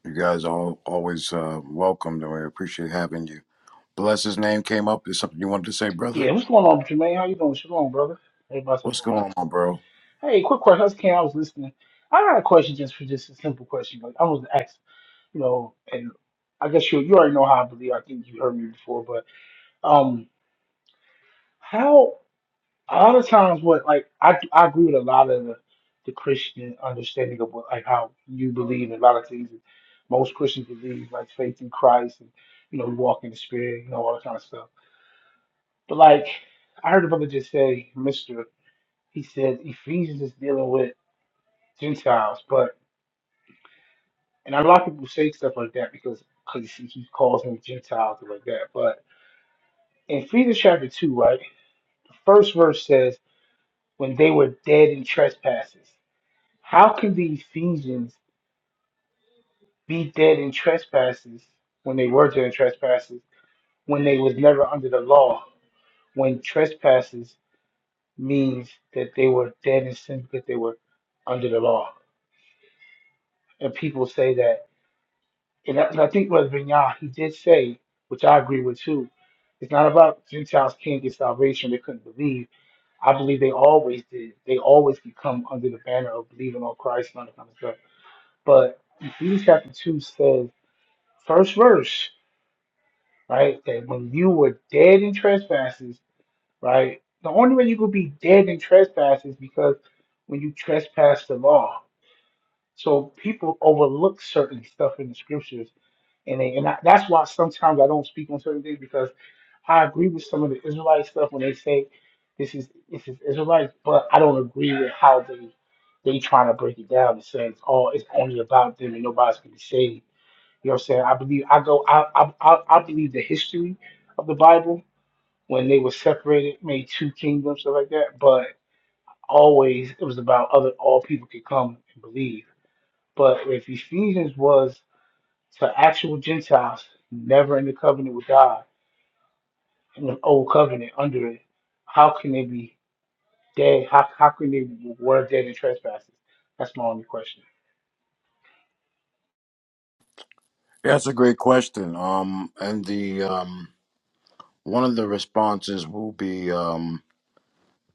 you guys are all always uh, welcomed, and we appreciate having you. Bless his name came up. Is something you wanted to say, brother?
Yeah, what's going on, Jermaine? How you doing? Shalom, brother. Everybody
What's
shalom.
going on, bro?
Hey, quick question. I just came. I was listening. I got a question, just for just a simple question. Like I was asked, you know, and I guess you you already know how I believe. I think you heard me before, but um, how a lot of times what like I I agree with a lot of the, the Christian understanding of what like how you believe in a lot of things. that Most Christians believe like faith in Christ and you know we walk in the Spirit, you know all that kind of stuff. But like I heard a brother just say, Mister. he says Ephesians is dealing with Gentiles, but and a lot of people say stuff like that because because he he calls them Gentiles and like that. But in Ephesians chapter two, right, the first verse says, "When they were dead in trespasses." How can the Ephesians be dead in trespasses when they were dead in trespasses when they was never under the law? When trespasses means that they were dead in sin because they were under the law, and people say that. and, that, and I think Brother Vinyah, he did say, which I agree with too, it's not about Gentiles can't get salvation, they couldn't believe. I believe they always did. They always could come under the banner of believing on Christ and all that kind of stuff. But Ephesians chapter 2 says, first verse, right, that when you were dead in trespasses, right, the only way you could be dead in trespasses because when you trespass the law. So people overlook certain stuff in the scriptures And, they, and I, that's why sometimes I don't speak on certain things because I agree with some of the Israelite stuff when they say this is this is Israelite, but I don't agree with how they they trying to break it down and say it's all it's only about them and nobody's gonna be saved. You know what I'm saying? I believe I go I I I, I believe the history of the Bible when they were separated, made two kingdoms, stuff like that. But always it was about other all people could come and believe. But if Ephesians was to actual Gentiles never in the covenant with God in the old covenant under it, how can they be dead? How how can they be were dead in trespasses? That's my only question.
Yeah, that's a great question. Um, and the um, one of the responses will be um,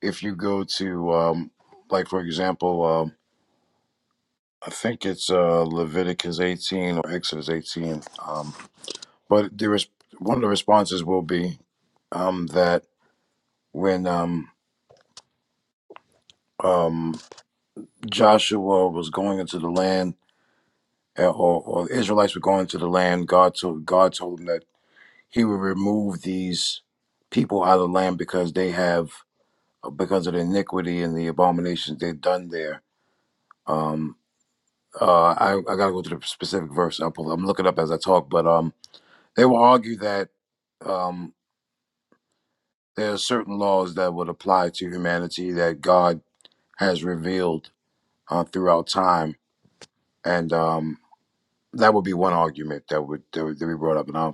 if you go to um, like for example, um, I think it's uh, Leviticus 18 or Exodus 18. Um, but there is one of the responses will be um, that when um, um, Joshua was going into the land, uh, or, or the Israelites were going into the land, God told God told him that he will remove these people out of the land because they have because of the iniquity and the abominations they've done there um uh i, I gotta go to the specific verse i'll pull i'm looking up as i talk but um they will argue that um there are certain laws that would apply to humanity that god has revealed uh, throughout time and um that would be one argument that would that would, that we brought up and I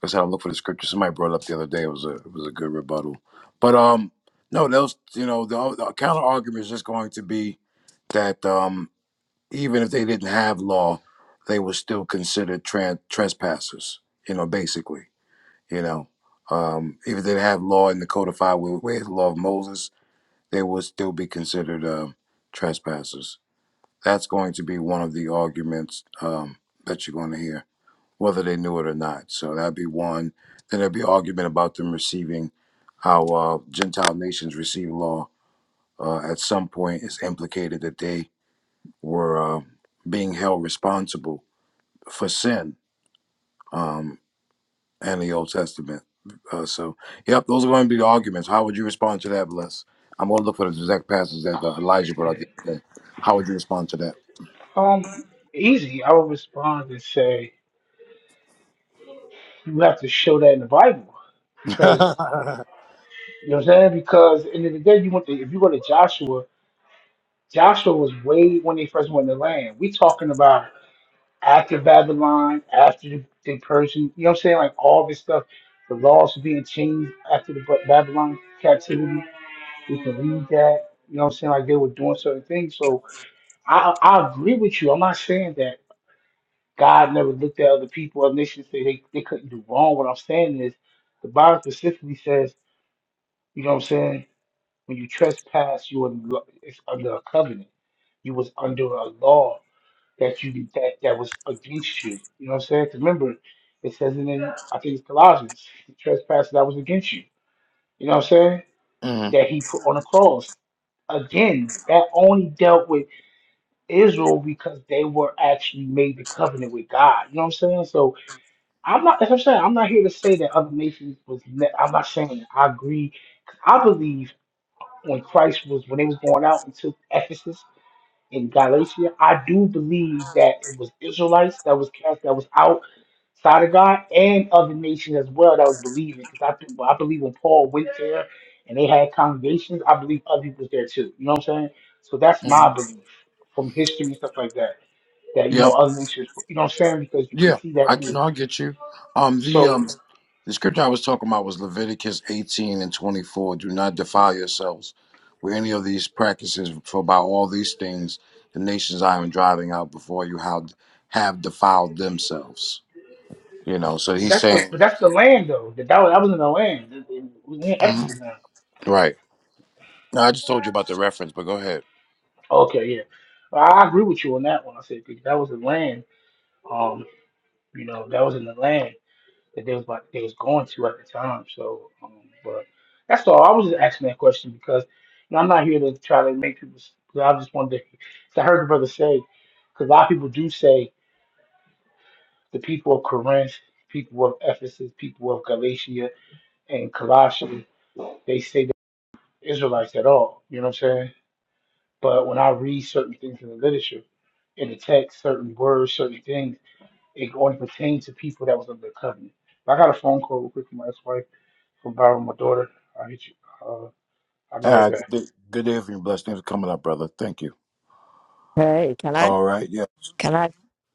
That's how I look for the scripture. Somebody brought it up the other day. It was a it was a good rebuttal. But um, no, those you know the, the counter argument is just going to be that um, even if they didn't have law, they were still considered tran trespassers. You know, basically, you know, um, even if they didn't have law in the codified way, way of the law of Moses, they would still be considered uh, trespassers. That's going to be one of the arguments um, that you're going to hear whether they knew it or not. So that'd be one. Then there'd be argument about them receiving how uh, Gentile nations receive law. Uh, at some point, it's implicated that they were uh, being held responsible for sin um, and the Old Testament. Uh, so, yep, those are going to be the arguments. How would you respond to that, Bless? I'm going to look for the exact passage that uh, Elijah brought
Yeah.
out. the other day. How would you respond to that?
Um, easy. I would respond and say you have to show that in the Bible because you know what I'm saying. Because at the end of the day, you want to, if you go to Joshua, Joshua was way when they first went in the land. We talking about after Babylon, after the, the Persian, you know what I'm saying? Like all this stuff, the laws were being changed after the Ba- Babylon captivity. We can read that, you know what I'm saying? Like they were doing certain things. So I, I agree with you. I'm not saying that God never looked at other people, other nations, say they, they couldn't do wrong. What I'm saying is the Bible specifically says, you know what I'm saying? When you trespass, you are, it's under a covenant. You was under a law that you that that was against you. You know what I'm saying? 'Cause remember, it says in I think it's Colossians, the trespass that was against you. You know what I'm saying? That he put on the cross. Again, that only dealt with Israel because they were actually made the covenant with God. You know what I'm saying? So I'm not. As I'm saying, I'm not here to say that other nations was. Ne- I'm not saying that. I agree. 'Cause I believe when Christ was when they was going out into Ephesus in Galatia. I do believe that it was Israelites that was cast that was outside of God and other nations as well that was believing. Because I think well, I believe when Paul went there and they had congregations, I believe other people was there too. You know what I'm saying? So that's my
Mhm.
belief from history and stuff like that. That you know
Yep.
other nations, you know what I'm saying? Because you can
Yeah,
see
I
that
can.
through.
I get you. Um, the
So
um, the scripture I was talking about was Leviticus eighteen and twenty four. Do not defile yourselves with any of these practices, for by all these things the nations I am driving out before you have have defiled themselves. You know, so
but
he's
that's the
saying,
but that's the land though. That that was, that was in the land. We in
Mhm.
Exodus now.
right? No, I just told you about the reference, but go ahead.
Okay, yeah. I I agree with you on that one. I said 'cause that was the land. Um, You know, that was in the land that they was about, they was going to at the time. So, um, but that's all. I was just asking that question because you know I'm not here to try to make people. s- 'Cause I just wanted to. 'Cause I heard the brother say, because a lot of people do say the people of Corinth, people of Ephesus, people of Galatia and Colossae, they say they're Israelites at all. You know what I'm saying? But when I read certain things in the literature, in the text, certain words, certain things. It only pertained to people that was under the covenant. But I got a phone call real quick from my ex-wife from borrowing my daughter. I'll hit you. Uh, I'll be right
Uh,
back.
good day, good day for you. Blessed. Thanks for coming up, brother. Thank you.
Hey, can I?
All right. Yeah.
Can I?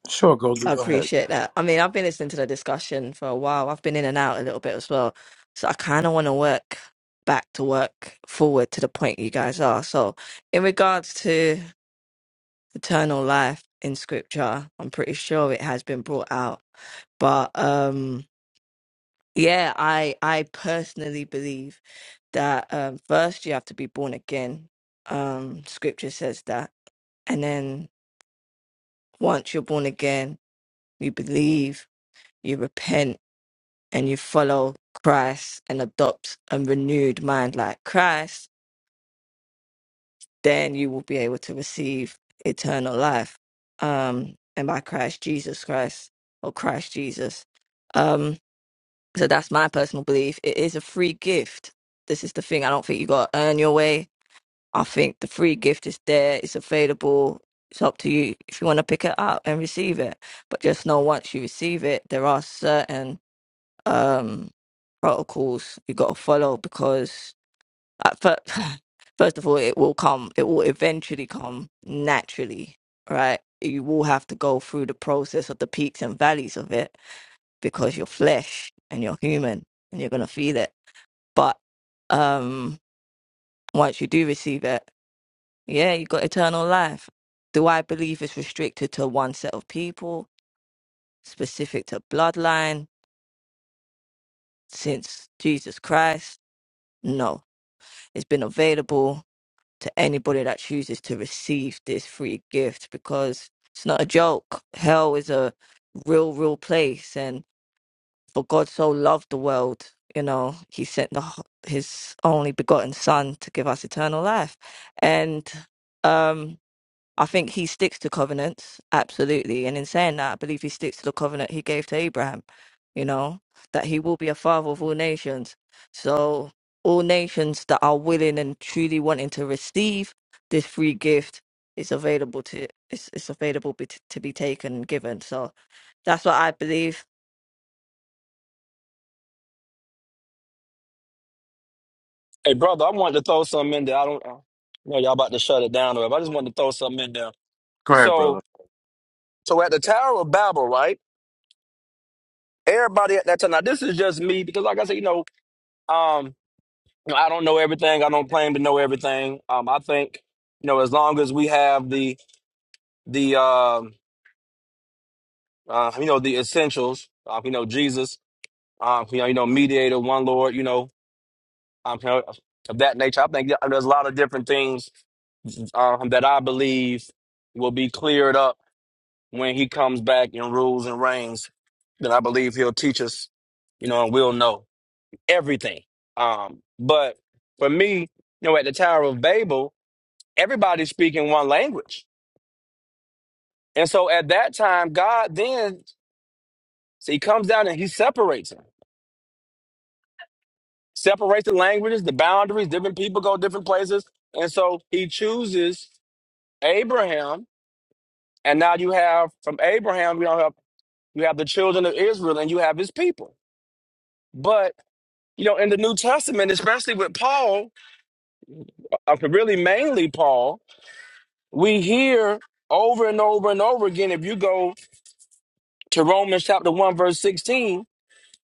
Sure. Go.
I
Go ahead.
appreciate that. I mean, I've been listening to the discussion for a while. I've been in and out a little bit as well. So I kind of want to work back to work forward to the point you guys are. So, in regards to eternal life in scripture, I'm pretty sure it has been brought out. But um yeah, I I personally believe that um first you have to be born again. Um scripture says that. And then once you're born again, you believe, you repent and you follow Christ and adopt a renewed mind like Christ, then you will be able to receive eternal life. Um, and by Christ Jesus Christ or Christ Jesus. Um, so that's my personal belief. It is a free gift. This is the thing. I don't think you gotta earn your way. I think the free gift is there, it's available. It's up to you if you want to pick it up and receive it. But just know once you receive it, there are certain um, protocols you got to follow because at first, first of all, it will come. It will eventually come naturally, right? You will have to go through the process of the peaks and valleys of it because you're flesh and you're human and you're gonna feel it. But um, once you do receive it, yeah, you got eternal life. Do I believe it's restricted to one set of people, specific to bloodline, since Jesus Christ? No It's been available to anybody that chooses to receive this free gift because it's not a joke. Hell is a real, real place. And for God so loved the world, you know, he sent the, h- his only begotten son to give us eternal life. And, um, I think he sticks to covenants, absolutely. And in saying that, I believe he sticks to the covenant he gave to Abraham, you know, that he will be a father of all nations. So, all nations that are willing and truly wanting to receive this free gift is available to it's, it's available be, to be taken and given. So, that's what I believe.
Hey, brother, I wanted to throw something in there. I don't uh, know. Y'all about to shut it down or whatever. I just wanted to throw something in there.
Go ahead,
So,
brother.
so at the Tower of Babel, right? everybody at that time. Now this is just me because, like I said, you know, um, I don't know everything. I don't claim to know everything. Um, I think you know, as long as we have the the um, uh, you know, the essentials. Um, you know, Jesus. Um, you know, you know, mediator, one Lord. You know, um, you know, of that nature. I think there's a lot of different things um, that I believe will be cleared up when He comes back and rules and reigns. That I believe He'll teach us. You know, and we'll know. everything. Um, but for me, you know, at the Tower of Babel, everybody's speaking one language. And so at that time, God then so he comes down and he separates them, separates the languages, the boundaries, different people go different places. And so he chooses Abraham. And now you have from Abraham, you don't have you have the children of Israel and you have his people. But you know, in the New Testament, especially with Paul, uh, really mainly Paul, we hear over and over and over again. If you go to Romans chapter 1, verse 16,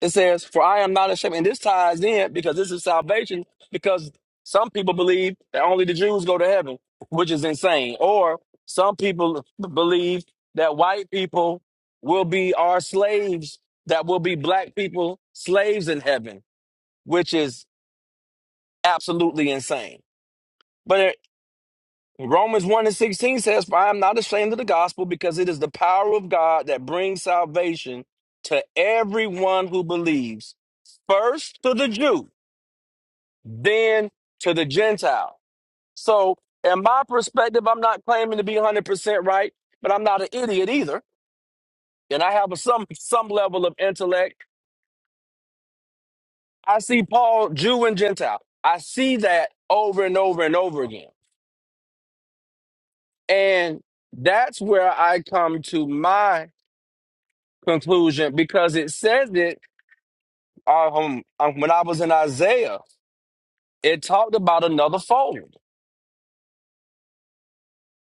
it says, For I am not ashamed. And this ties in because this is salvation, because some people believe that only the Jews go to heaven, which is insane. Or some people believe that white people will be our slaves, that will be black people slaves in heaven, which is absolutely insane. Romans 1 and 16 says, For I am not ashamed of the gospel, because it is the power of God that brings salvation to everyone who believes, first to the Jew, then to the Gentile. So, in my perspective, I'm not claiming to be 100% right, but I'm not an idiot either. And I have a, some, some level of intellect. I see Paul, Jew and Gentile. I see that over and over and over again. And that's where I come to my conclusion because it says it um, um, um, when I was in Isaiah, it talked about another fold.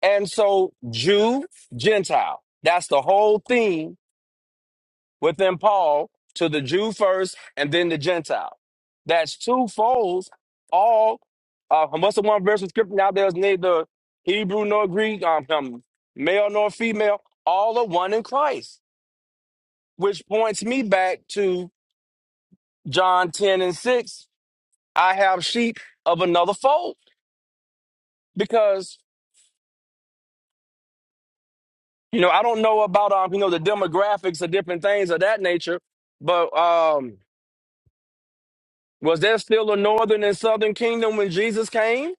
And so, Jew, Gentile, that's the whole theme within Paul to the Jew first and then the Gentile. That's two folds, all. Uh, what's the one verse of scripture now? There's neither Hebrew nor Greek, um, um, male nor female, all are one in Christ, which points me back to John 10 and 6 I have sheep of another fold because you know I don't know about um you know the demographics of different things of that nature, but um was there still a northern and southern kingdom when Jesus came,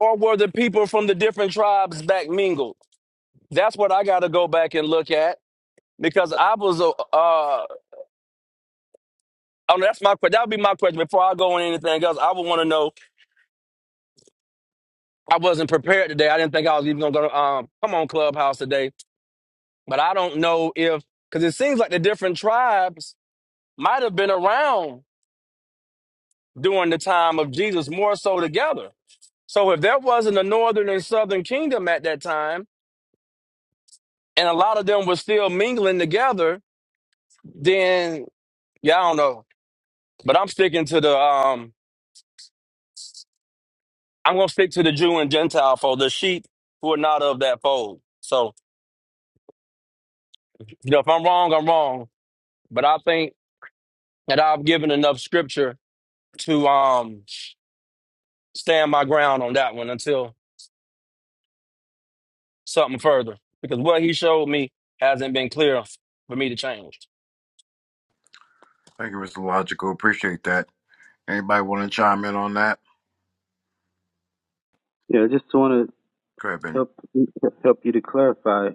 or were the people from the different tribes back mingled? That's what I got to go back and look at because I was uh uh oh, that's my que- that would be my question before I go on anything else. I would want to know. I wasn't prepared today. I didn't think I was even gonna go to, um come on Clubhouse today, but I don't know if because it seems like the different tribes might have been around during the time of Jesus, more so together. So if there wasn't a northern and southern kingdom at that time, and a lot of them were still mingling together, then yeah, I don't know. But I'm sticking to the um I'm gonna stick to the Jew and Gentile fold, the sheep who are not of that fold. So, you know, if I'm wrong, I'm wrong. But I think that I've given enough scripture to um stand my ground on that one until something further because what he showed me hasn't been clear f- for me to change.
Thank you, Mr. Logical. Appreciate that. Anybody want to chime in on that?
yeah, I just want to
Go ahead, Benny.
help help you to clarify.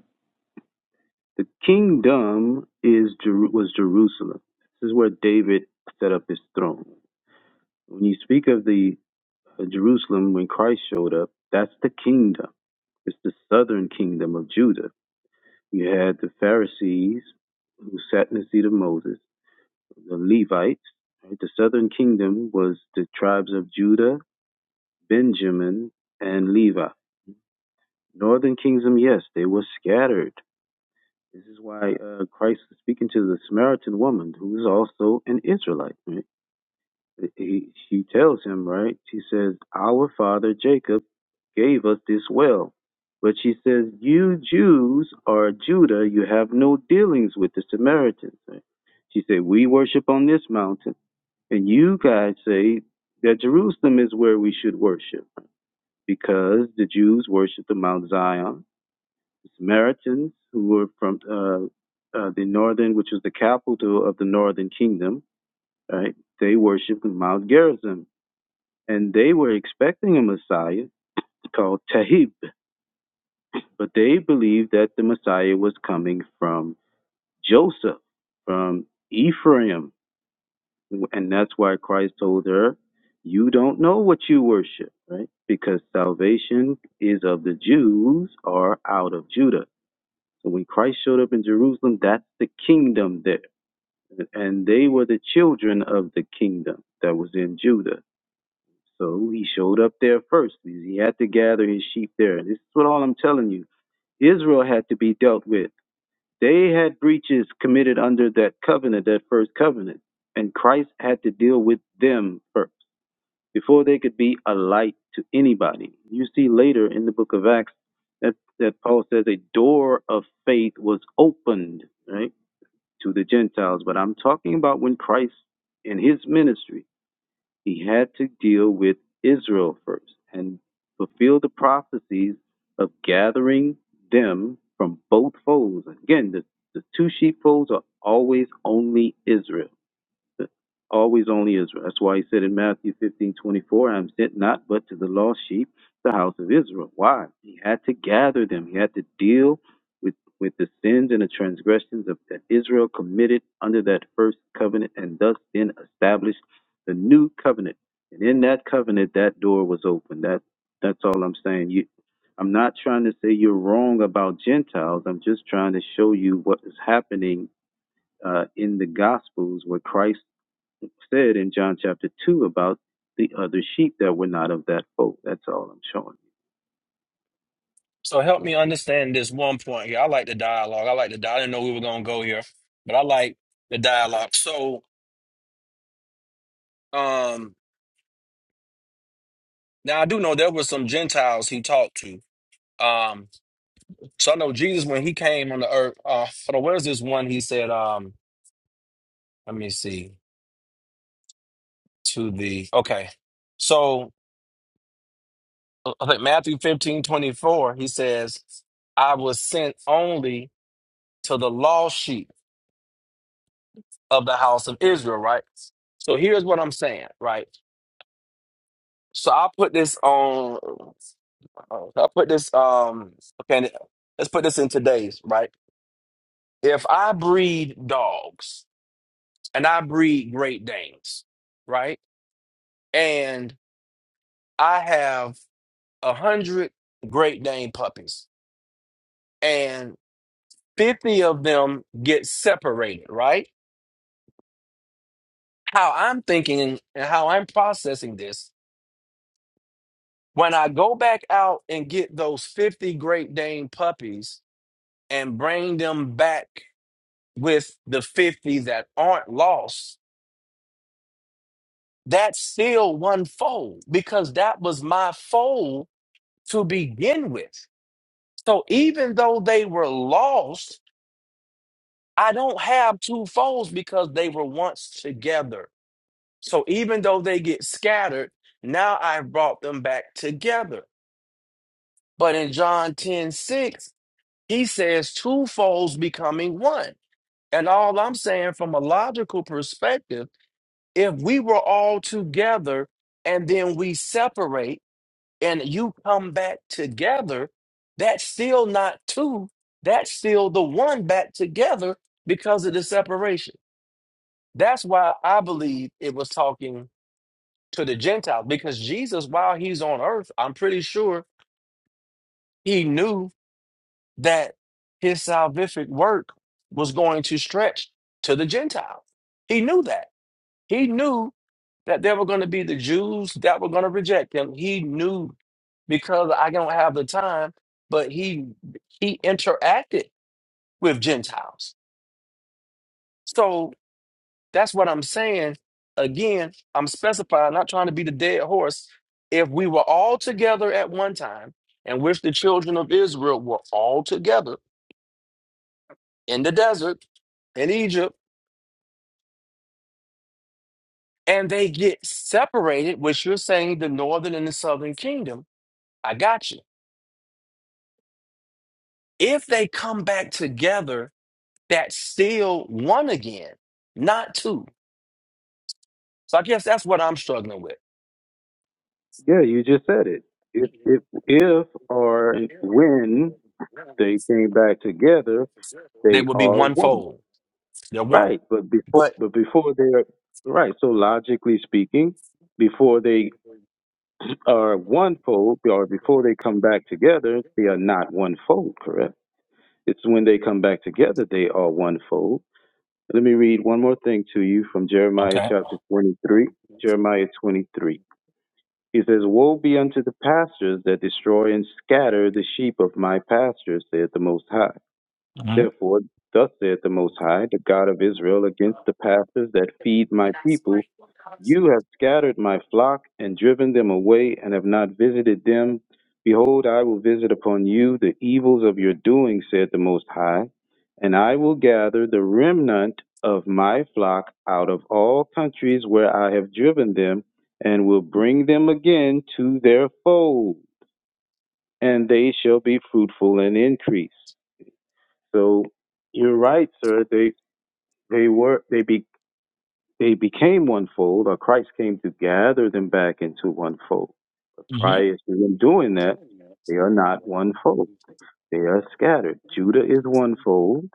The kingdom is Jeru- was Jerusalem. This is where David set up his throne. When you speak of the of Jerusalem when Christ showed up. That's the kingdom. It's the southern kingdom of Judah. You had the Pharisees who sat in the seat of Moses, the Levites. right? The southern kingdom was the tribes of Judah, Benjamin, and Levi. Northern kingdom, yes, they were scattered. This is why uh, Christ is speaking to the Samaritan woman, who is also an Israelite. Right? He, she tells him, right? She says, "Our father Jacob." gave us this well. But she says, You Jews are Judah, you have no dealings with the Samaritans. Right? She said, We worship on this mountain, and you guys say that Jerusalem is where we should worship, because the Jews worship the Mount Zion. The Samaritans, who were from uh, uh, the northern, which was the capital of the northern kingdom, right? They worship Mount Gerizim, and they were expecting a Messiah called Tahib But they believed that the Messiah was coming from Joseph, from Ephraim. And that's why Christ told her, You don't know what you worship, right? Because salvation is of the Jews or out of Judah. So when Christ showed up in Jerusalem, that's the kingdom there. And they were the children of the kingdom that was in Judah. So he showed up there first. He had to gather his sheep there. This is what all I'm telling you. Israel had to be dealt with. They had breaches committed under that covenant, that first covenant, and Christ had to deal with them first before they could be a light to anybody. You see later in the book of Acts that, that Paul says a door of faith was opened, right, to the Gentiles. But I'm talking about when Christ in his ministry he had to deal with Israel first and fulfill the prophecies of gathering them from both folds. Again, the, the two sheepfolds are always only Israel always only Israel. That's why he said in Matthew 15 24, I am sent not but to the lost sheep, the house of Israel. Why? He had to gather them. He had to deal with, with the sins and the transgressions of, that Israel committed under that first covenant and thus then established the new covenant. And in that covenant, that door was open. That, that's all I'm saying. You, I'm not trying to say you're wrong about Gentiles. I'm just trying to show you what is happening uh, in the Gospels where Christ said in John chapter 2 about the other sheep that were not of that fold. That's all I'm showing
So help me understand this one point here. I like the dialogue. I like the. di- I didn't know we were gonna go here, but I like the dialogue. So um, now I do know there were some Gentiles he talked to. Um, so I know Jesus when he came on the earth. Uh, hold on, where's this one? He said, um, let me see to the okay. So uh, I think Matthew fifteen twenty four. He says, "I was sent only to the lost sheep." of the house of Israel, right? So here's what I'm saying, right? So I put this on. I put this. Um. Okay. Let's put this in today's right. If I breed dogs and I breed Great Danes, right, and I have a hundred Great Dane puppies, and fifty of them get separated, right? How I'm thinking and how I'm processing this When I go back out and get those 50 Great Dane puppies and bring them back with the 50 that aren't lost, that's still one fold because that was my fold to begin with. So even though they were lost, I don't have two folds because they were once together. So even though they get scattered, now I've brought them back together. But in John 10:6. He says two folds becoming one. And all I'm saying from a logical perspective, if we were all together and then we separate and you come back together, that's still not two. That's still the one back together because of the separation. That's why I believe it was talking to the Gentiles because Jesus, while he's on earth, I'm pretty sure he knew that his salvific work was going to stretch to the Gentiles. He knew that. He knew that there were going to be the Jews that were going to reject him. He knew because I don't have the time, but he he interacted with Gentiles. So that's what I'm saying. Again, I'm specifying, not trying to be the dead horse. If we were all together at one time, and which the children of Israel were all together in the desert in Egypt and they get separated, which you're saying the northern and the southern kingdom. I got you. If they come back together, that's still one again, not two. So I guess that's what I'm struggling with.
you. Yeah, you just said it. If, if, if or when they came back together,
They
they
will be
are
one
one.
fold. They're one.
Right, but before,
But
but before they are right. So logically speaking, before they are one fold, or before they come back together, they are not one fold. Correct. It's when they come back together they are one fold. Let me read one more thing to you from Jeremiah
Okay.
chapter 23. Jeremiah 23. He says, Woe be unto the pastors that destroy and scatter the sheep of my pastures, saith the Most High. Therefore, thus saith the Most High, the God of Israel, against the pastors that feed my people, you have scattered my flock and driven them away, and have not visited them. Behold, I will visit upon you the evils of your doing, saith the Most High, and I will gather the remnant of my flock out of all countries where I have driven them, and will bring them again to their fold, and they shall be fruitful and increase. So you're right, sir. They they were they be they became one fold, or Christ came to gather them back into one fold. But prior to them doing that, they are not one fold. They are scattered. Judah is one fold,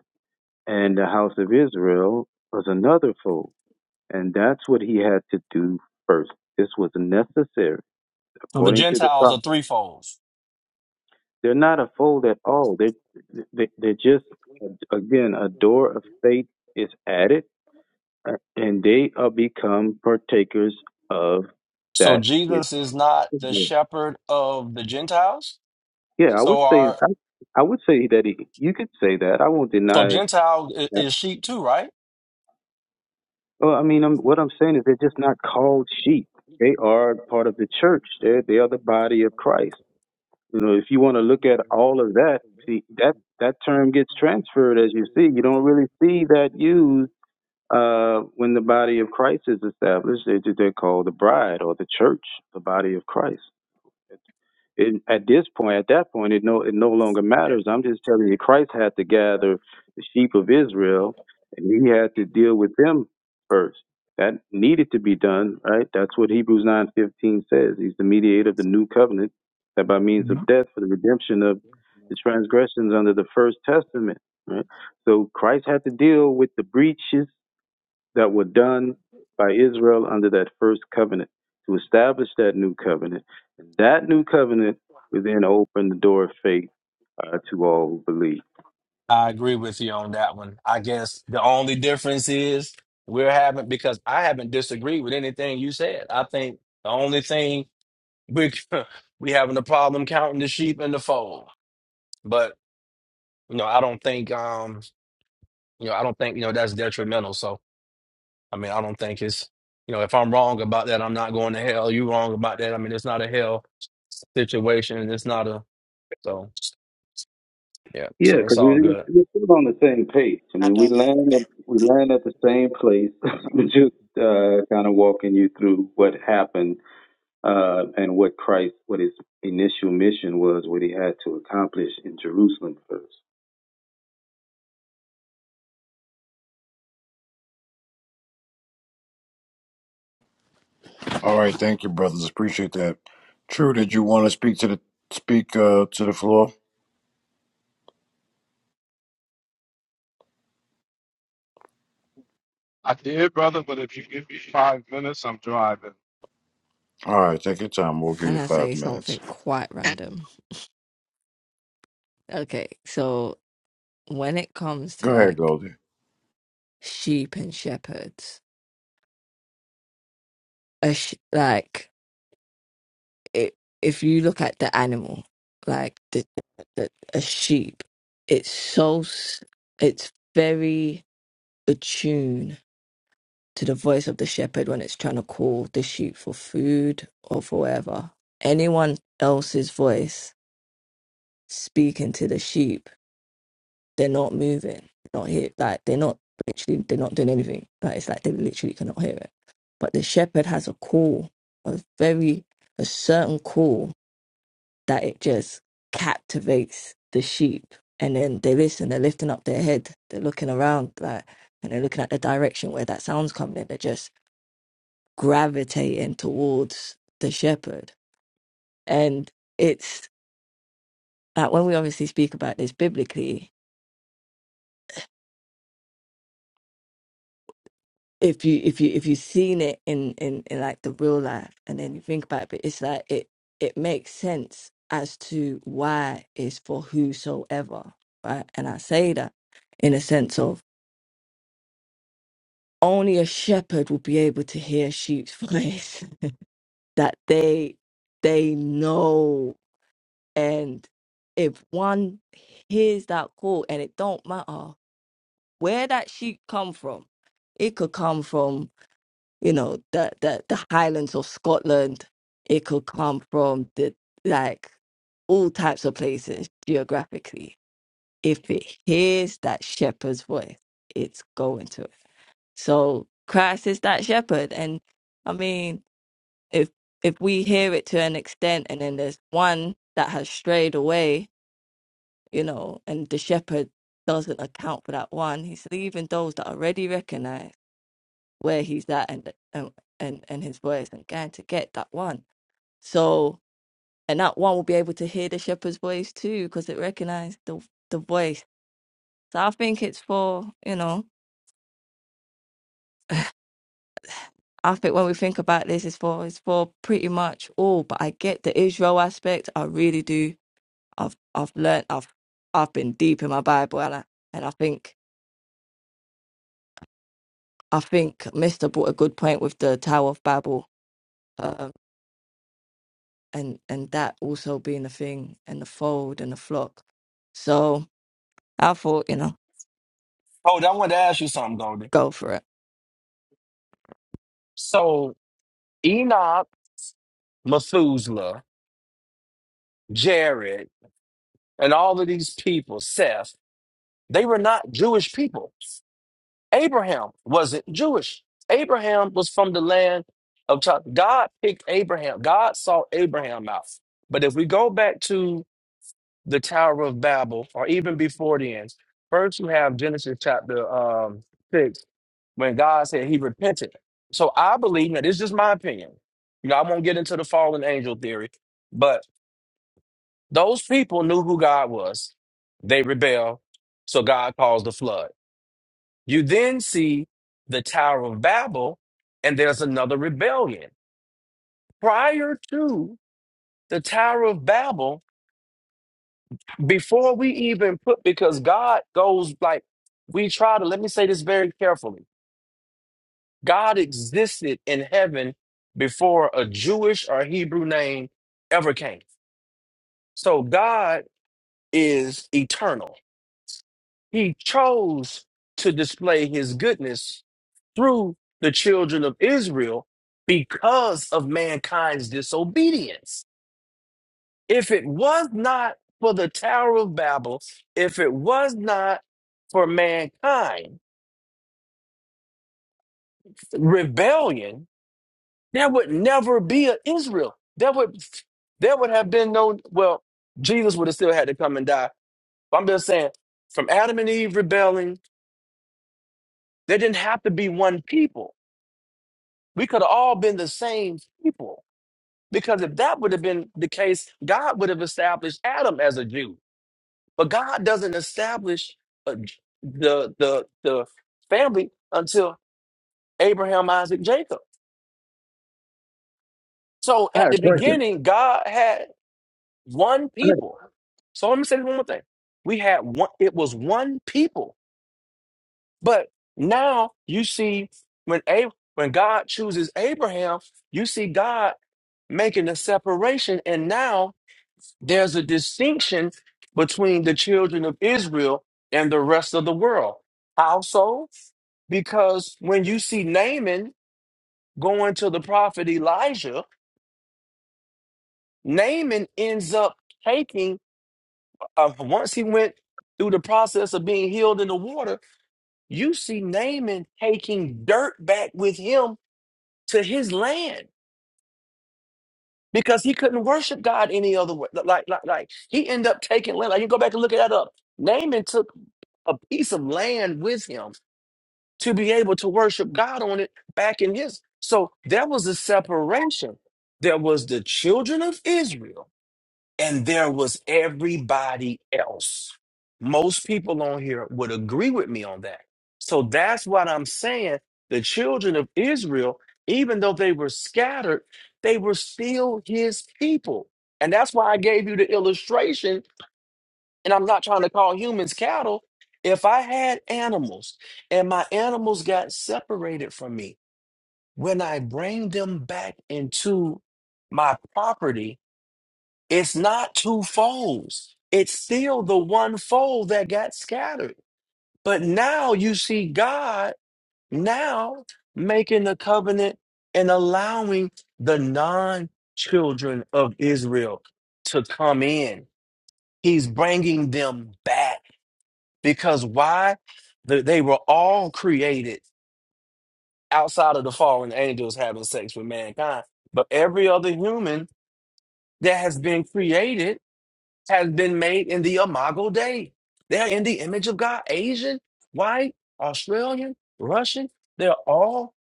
and the house of Israel was another fold. And that's what he had to do first. This was necessary,
So the
according to the
Gentiles
prophet.
are threefold.
They're not a fold at all. They're, they, they're just, again, a door of faith is added uh, and they are become partakers of
So
that which
Jesus is not
is
the
good.
shepherd of the Gentiles.
yeah i would
So
say
are
i, I would say that it, you could say that i won't
so
deny
Gentile i-
that
is sheep too, right?
well i mean i what i'm saying is they're just not called sheep they are part of the church they're, they are the body of christ you know if you want to look at all of that see that that term gets transferred as you see you don't really see that used uh, when the body of Christ is established, they, they're called the bride or the church, the body of Christ it, at this point, at that point, it no it no longer matters. I'm just telling you, Christ had to gather the sheep of Israel, and he had to deal with them first. That needed to be done, right? That's what Hebrews nine fifteen says. He's the mediator of the new covenant, that by means of death for the redemption of the transgressions under the first testament. Right? So Christ had to deal with the breaches that were done by Israel under that first covenant to establish that new covenant. And that new covenant would then open the door of faith uh, to all who believe.
I agree with you on that one. I guess the only difference is we're having because I haven't disagreed with anything you said. I think the only thing we we having a problem counting the sheep in the fold. But you know, I don't think um you know I don't think you know that's detrimental. So I mean, I don't think it's you know if I'm wrong about that, I'm not going to hell. You wrong about that. I mean, it's not a hell situation. and It's not a so yeah.
Yeah,
So it's
because
all
we,
good.
we're still on the same page. I mean, we land we land at the same place. We're just uh, kind of walking you through what happened uh, and what Christ, what his initial mission was, what he had to accomplish in Jerusalem first.
All right, thank you, brothers. Appreciate that. True, did you want to speak to the speak uh, to the floor?
I did, brother, but if you give me five minutes, I'm driving.
All right, take your time. We'll give
Can
you
I
five
say something
minutes.
quite random. Okay, so when it comes to
Go ahead,
like
Goldie.
sheep and shepherds, a sh- like it, if you look at the animal, like the, the a sheep, it's so s- it's very attuned to the voice of the shepherd when it's trying to call the sheep for food or for whatever. Anyone else's voice speaking to the sheep, they're not moving, not here, like they're not literally, they're not doing anything. Like it's like they literally cannot hear it. But the shepherd has a call, a very a certain call that it just captivates the sheep. And then they listen, they're lifting up their head, they're looking around, like, and they're looking at the direction where that sound's coming in. They're just gravitating towards the shepherd. And it's like when we obviously speak about this biblically, if you if you if you've seen it in, in, in like the real life and then you think about it, it's like it it makes sense as to why it's for whosoever. Right. And I say that in a sense of only a shepherd will be able to hear sheep's voice that they they know and if one hears that call and it don't matter where that sheep come from it could come from you know the the, the highlands of scotland it could come from the like all types of places geographically if it hears that shepherd's voice it's going to it so Christ is that shepherd. And I mean, if if we hear it to an extent and then there's one that has strayed away, you know, and the shepherd doesn't account for that one, he's leaving those that already recognize where he's at and and and, and his voice and going to get that one. So and that one will be able to hear the shepherd's voice too, because it recognized the the voice. So I think it's for, you know, I think when we think about this, it's for it's for pretty much all. But I get the Israel aspect. I really do. I've I've learnt. I've I've been deep in my Bible, and I and I think I think Mister brought a good point with the Tower of Babel, um, and and that also being the thing and the fold and the flock. So I thought, you know,
Oh, I wanted to ask you something, Goldie.
go for it.
So Enoch. Methuselah, Jared, and all of these people, Seth, they were not Jewish people. Abraham wasn't Jewish. Abraham was from the land of Ch- God picked Abraham. God saw Abraham out. But if we go back to the Tower of Babel, or even before then, first you have Genesis chapter um, 6, when God said he repented. So I believe, now this is just my opinion. You know, I won't get into the fallen angel theory, but. Those people knew who God was. They rebel, so God caused the flood. You then see the Tower of Babel, and there's another rebellion. Prior to the Tower of Babel, before we even put, because God goes like, we try to, let me say this very carefully. God existed in heaven before a Jewish or Hebrew name ever came. So God is eternal. He chose to display his goodness through the children of Israel because of mankind's disobedience. If it was not for the Tower of Babel, if it was not for mankind, rebellion, there would never be an Israel. There would there would have been no well, Jesus would have still had to come and die. But I'm just saying, from Adam and Eve rebelling, there didn't have to be one people We could have all been the same people. Because if that would have been the case, God would have established Adam as a Jew. But God doesn't establish uh, the, the, the family until Abraham, Isaac, Jacob. So
I
at
had a
the
question.
beginning, God had one people. So let me say this one more thing. We had one, it was one people. But now you see when A when God chooses Abraham, you see God making a separation. And now There's a distinction between the children of Israel and the rest of the world. How so? Because when you see Naaman going to the prophet Elijah, Naaman ends up taking, uh, once he went through the process of being healed in the water, you see Naaman taking dirt back with him to his land because he couldn't worship God any other way. Like, like, like he ended up taking land. Like, you go back and look at that up. Naaman took a piece of land with him to be able to worship God on it back in his. So there was a separation. There was the children of Israel and there was everybody else. Most people on here would agree with me on that. So that's what I'm saying. The children of Israel, even though they were scattered, they were still his people. And that's why I gave you the illustration and I'm not trying to call humans cattle. If I had animals and my animals got separated from me, when I bring them back into my property, it's not two folds. It's still the one fold that got scattered. But now you see God now making the covenant and allowing the non children of Israel to come in. He's bringing them back Because why? Th- They were all created outside of the fallen angels having sex with mankind. But every other human that has been created has been made in the imago Dei. They're in the image of God. Asian, white, Australian, Russian, they're all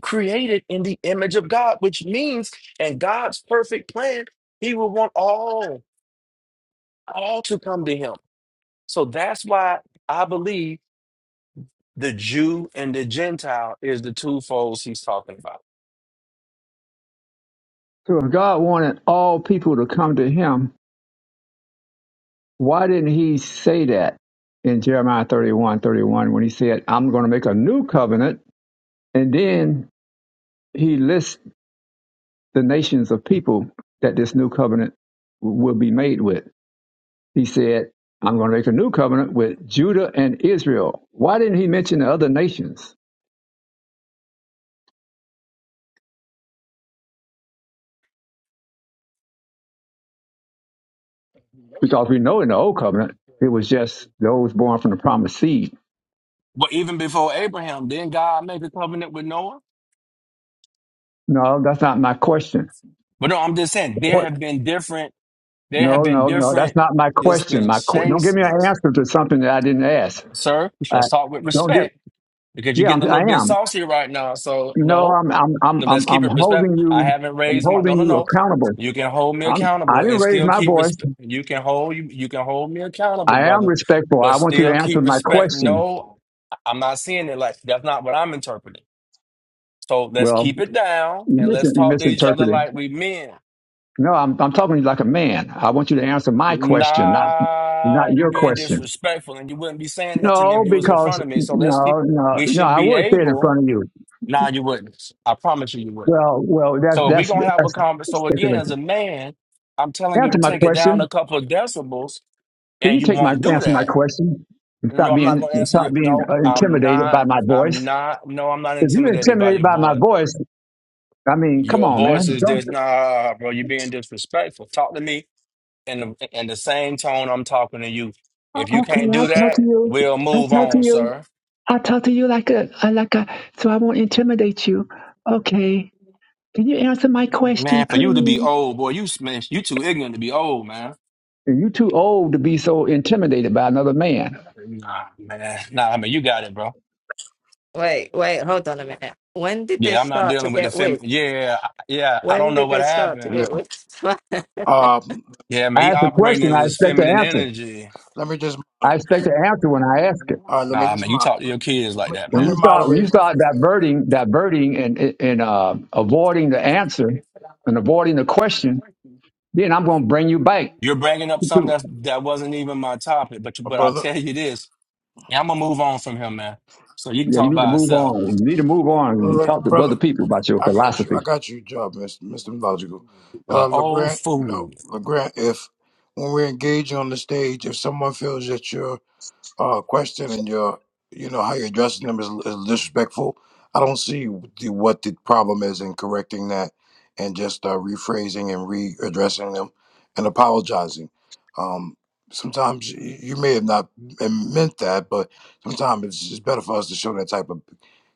created in the image of God, which means in God's perfect plan, he will want all, all to come to him. So that's why I believe The Jew and the Gentile is the two folds he's talking about.
So if God wanted all people to come to Him, Why didn't he say that in Jeremiah 31 31 when he said, I'm going to make a new covenant? And then he lists the nations of people that this new covenant will be made with. He said, I'm going to make a new covenant with Judah and Israel. Why didn't he mention the other nations? Because we know in the old covenant, it was just those born from the promised seed.
But even before Abraham, didn't God make a covenant with Noah?
No, that's not my question.
But no, I'm just saying there have been different, there have
No,
been
no, no. That's
different
not my question. My qu- don't give me an
dispensations.
answer to something that I didn't ask.
Sir,
Uh,
let's talk with
don't get.
respect because you're
Yeah,
getting a
I'm, I
little bit
am.
saucy right now. So
You know,
no,
I'm, I'm, I'm,
No, let's
I'm,
keep
I'm
it
holding
respectful. I
you.
haven't
I'm
raised my no,
holding
no,
you
no.
accountable.
You can hold me
I'm. I
accountable
didn't
and
raise
still
my
keep
voice.
respect. You can hold you. You can hold me accountable,
I am
brother,
respectful.
but
I want you
still
to answer
keep
my
respect.
question.
No, I- I'm not seeing it like that's not what I'm interpreting. So let's
Well,
keep it down
you
and
mis-
let's
you
talk to each other
misinterpreted.
like we men.
No, I'm, I'm talking to you like a man. I want you to answer my question, not, not
Nah, you
your
being
question.
disrespectful, and you wouldn't be saying that to me
No,
if you was in
because
front of me. So let's keep.
no, no,
We
no.
should
I
be
would say it in
able.
front of you.
Nah, you wouldn't. I promise you, you wouldn't.
Well, well,
So if we
that's that's
gonna have a
that's
conversation. So again, as
speculation.
a man, I'm telling you to
Answer my
take it down
question.
a couple of decibels,
Can
and
you
you
take my
won't do
answer my
that.
question and
No,
stop
I'm not
being
gonna answer
stop
you.
being
No,
uh,
I'm
intimidated by
not.
my
I'm
voice?
not. No, I'm not
If you're
intimidated by
intimidated
your
by my
voice.
voice, I mean, come
Your
on,
voice
man.
is
Don't.
this. Nah, bro, you're being disrespectful. Talk to me in the in the same tone I'm talking to you.
"Oh,
If you
Okay,
can't do
I'll talk to
that,
you.
we'll
I'll
move
talk to
on,
you.
sir.
I'll talk to you like a I- like a so I won't intimidate you. Okay. Can you answer my question,
Man, for you to be
please?
old, boy, you man, you too ignorant to be old, man.
You're too old to be so intimidated by another man.
Nah, man. Nah, I mean, you got it, bro.
Wait, wait, hold on a minute. When did
Yeah,
this
I'm not
start to
dealing with the
get weird?
feminine. Yeah, I- yeah, I don't
When
know
did
what
this start to
happened.
Yeah.
get weird?
Um.
Yeah,
I
man, he
asked a
operating
question.
in
I
his
expect an
feminine
answer.
energy.
Let me just. All
I expect an answer when I ask it.
right. Let me
Nah,
just.
man, you
Mod,
talk to
let,
your kids like
me,
that,
let
When
man.
me
you start when you
moderate for a
start
second,
diverting diverting and and uh, avoiding the answer and avoiding the question, then I'm going to bring you back.
You're bringing up something
to-
that's, that wasn't even my topic, but you-
my
but I'll
brother.
tell you this. Yeah, I'm gonna move on from him, man. So you can
Yeah, you
talk
need to
by
move
yourself.
on. You need to move on and
Look,
talk to
brother.
other people about your
I got you.
philosophy.
I
I
got you, job, Mister Mister Logical.
Uh,
Uh,
old
Legrand. You
fool,
know, Legrand. If when we engage on the stage, if someone feels that you're uh, question and your, you know, how you're addressing them is, is disrespectful. I don't see the, what the problem is in correcting that and just uh, rephrasing and readdressing them and apologizing. Um, sometimes y- you may have not meant that, but sometimes it's just better for us to show that type of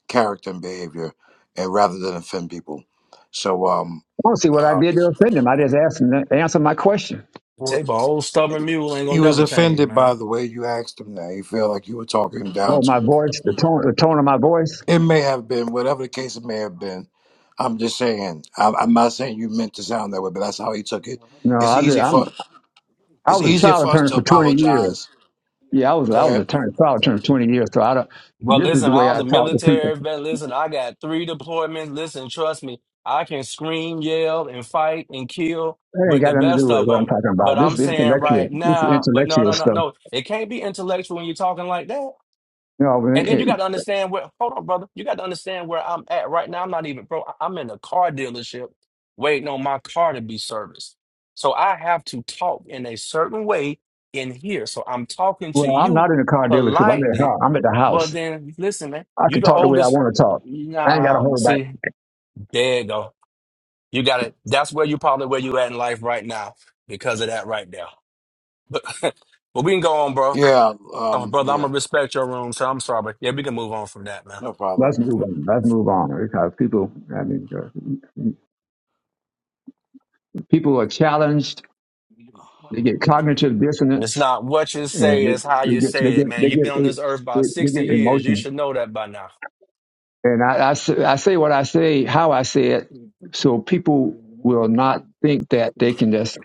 character and behavior, and rather than offend people. So, um,
don't see what I
uh,
did to offend them. I just asked them to answer my question.
well,
take an old stubborn mule ain't
he
gonna
was
never change,
offended
man.
by the way you asked him. That he felt like you were talking down
Oh,
to him.
my voice, the tone, the tone of my voice.
It may have been, whatever the case it may have been. I'm just saying. I'm, I'm not saying you meant to sound that way, but that's how he took it.
No,
It's
I, did-
easy
I'm
for
I
it's
was a
easier
trial
for us
attorney
to
for 20 years.
apologize.
Yeah, I was
Go
I was a
ahead.
attorney, trial attorney for 20 years. So I don't.
Well,
This is the
listen,
way
I was
I
a
talk to people.
military vet. Listen, I got three deployments. Listen, trust me, I can scream, yell, and fight and kill
That ain't
with
got
the
nothing to
best
do with
of
what I'm
them.
talking
But
about. This
I'm
is
saying
intellectual.
right
This is
now, but no,
intellectual
no, no,
stuff.
no. It can't be intellectual when you're talking like that.
You know, when
And then you
it,
got to understand where, hold on, brother. You got to understand where I'm at right now. I'm not even, bro, I- I'm in a car dealership waiting on my car to be serviced. So I have to talk in a certain way in here. So I'm talking to
well, I'm
you
not in a car dealership. I'm at the
politely.
house. I'm at the
Well,
house.
then listen, man,
I
you
can
the
talk the way I
oldest.
want to talk. I ain't got to
Nah,
hold back.
see, there you go. You got it. That's where you probably where you at in life right now because of that right there. But, but we can go on, bro.
Yeah.
Oh,
Um.
brother, I'm
Yeah.
gonna respect your room, so I'm sorry, but yeah, we can move on from that, man.
No problem.
Let's move on. Let's move on because people, I mean, uh, people are challenged. They get cognitive
It's
dissonance
not what you
and
say, it's how
they, they
you
get, they
say it,
get,
man.
they
You've been
get,
on
they,
this earth about
they they
60
get
years. You
emotional.
should know that by now.
And I, I s- I say what I say, how I say it. So people will not think that they can just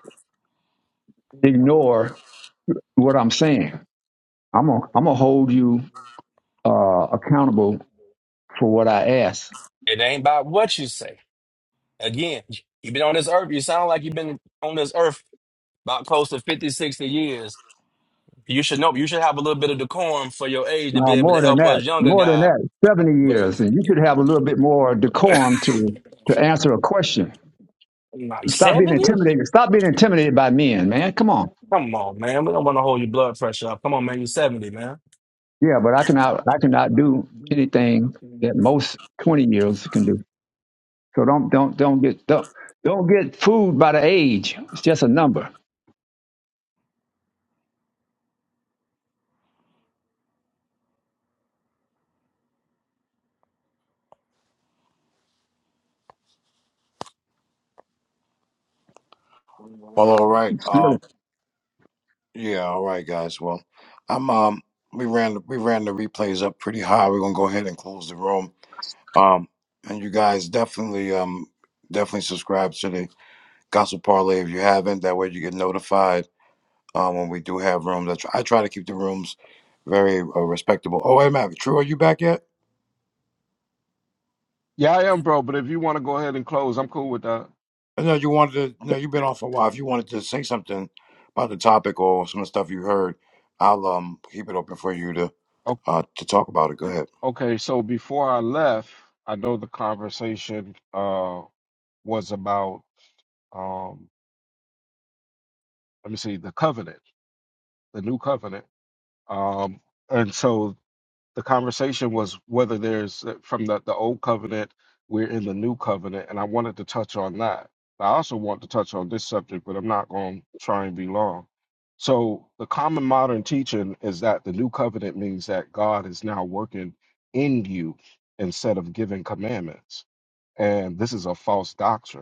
ignore what I'm saying I'm gonna I'm gonna hold you uh, accountable for what I ask.
It ain't about what you say. Again, you've been on this earth. You sound like you've been on this earth about close to 50, 60 years. You should know. You should have a little bit of decorum for your age to be
No,
able to
more than
help
that,
us younger
more than
guys.
that, seventy
But
years, and you could have a little bit more decorum to to answer a question.
like
Stop being
70?
intimidated. Stop being intimidated by men, man. Come on.
Come on, man. We don't want to hold your blood pressure up. Come on, man. You're 70, man.
Yeah, but I cannot I cannot do anything that most twenty years can do. So don't don't don't get don't don't get fooled by the age. It's just a number.
Well, all right. Um. Yeah. All right, guys. Well, I'm. Um. We ran. We ran the replays up pretty high. We're gonna go ahead and close the room. Um. And you guys definitely. Um. Definitely subscribe to the Gospel Parlay if you haven't. That way you get notified um, when we do have rooms. I try, I try to keep the rooms very uh, respectable. Oh, hey, a True, are you back yet?
Yeah, I am, bro. But if you want to go ahead and close, I'm cool with that.
I know you wanted to. No, you've been on for a while. If you wanted to say something about the topic or some of the stuff you heard, I'll um keep it open for you to uh to talk about it. Go ahead.
Okay, so before I left, I know the conversation uh was about um let me see, the covenant, the new covenant. Um and so the conversation was whether there's uh, from the, the old covenant we're in the new covenant and i wanted to touch on that i also want to touch on this subject but i'm not going to try and be long so the common modern teaching is that the new covenant means that god is now working in you instead of giving commandments and this is a false doctrine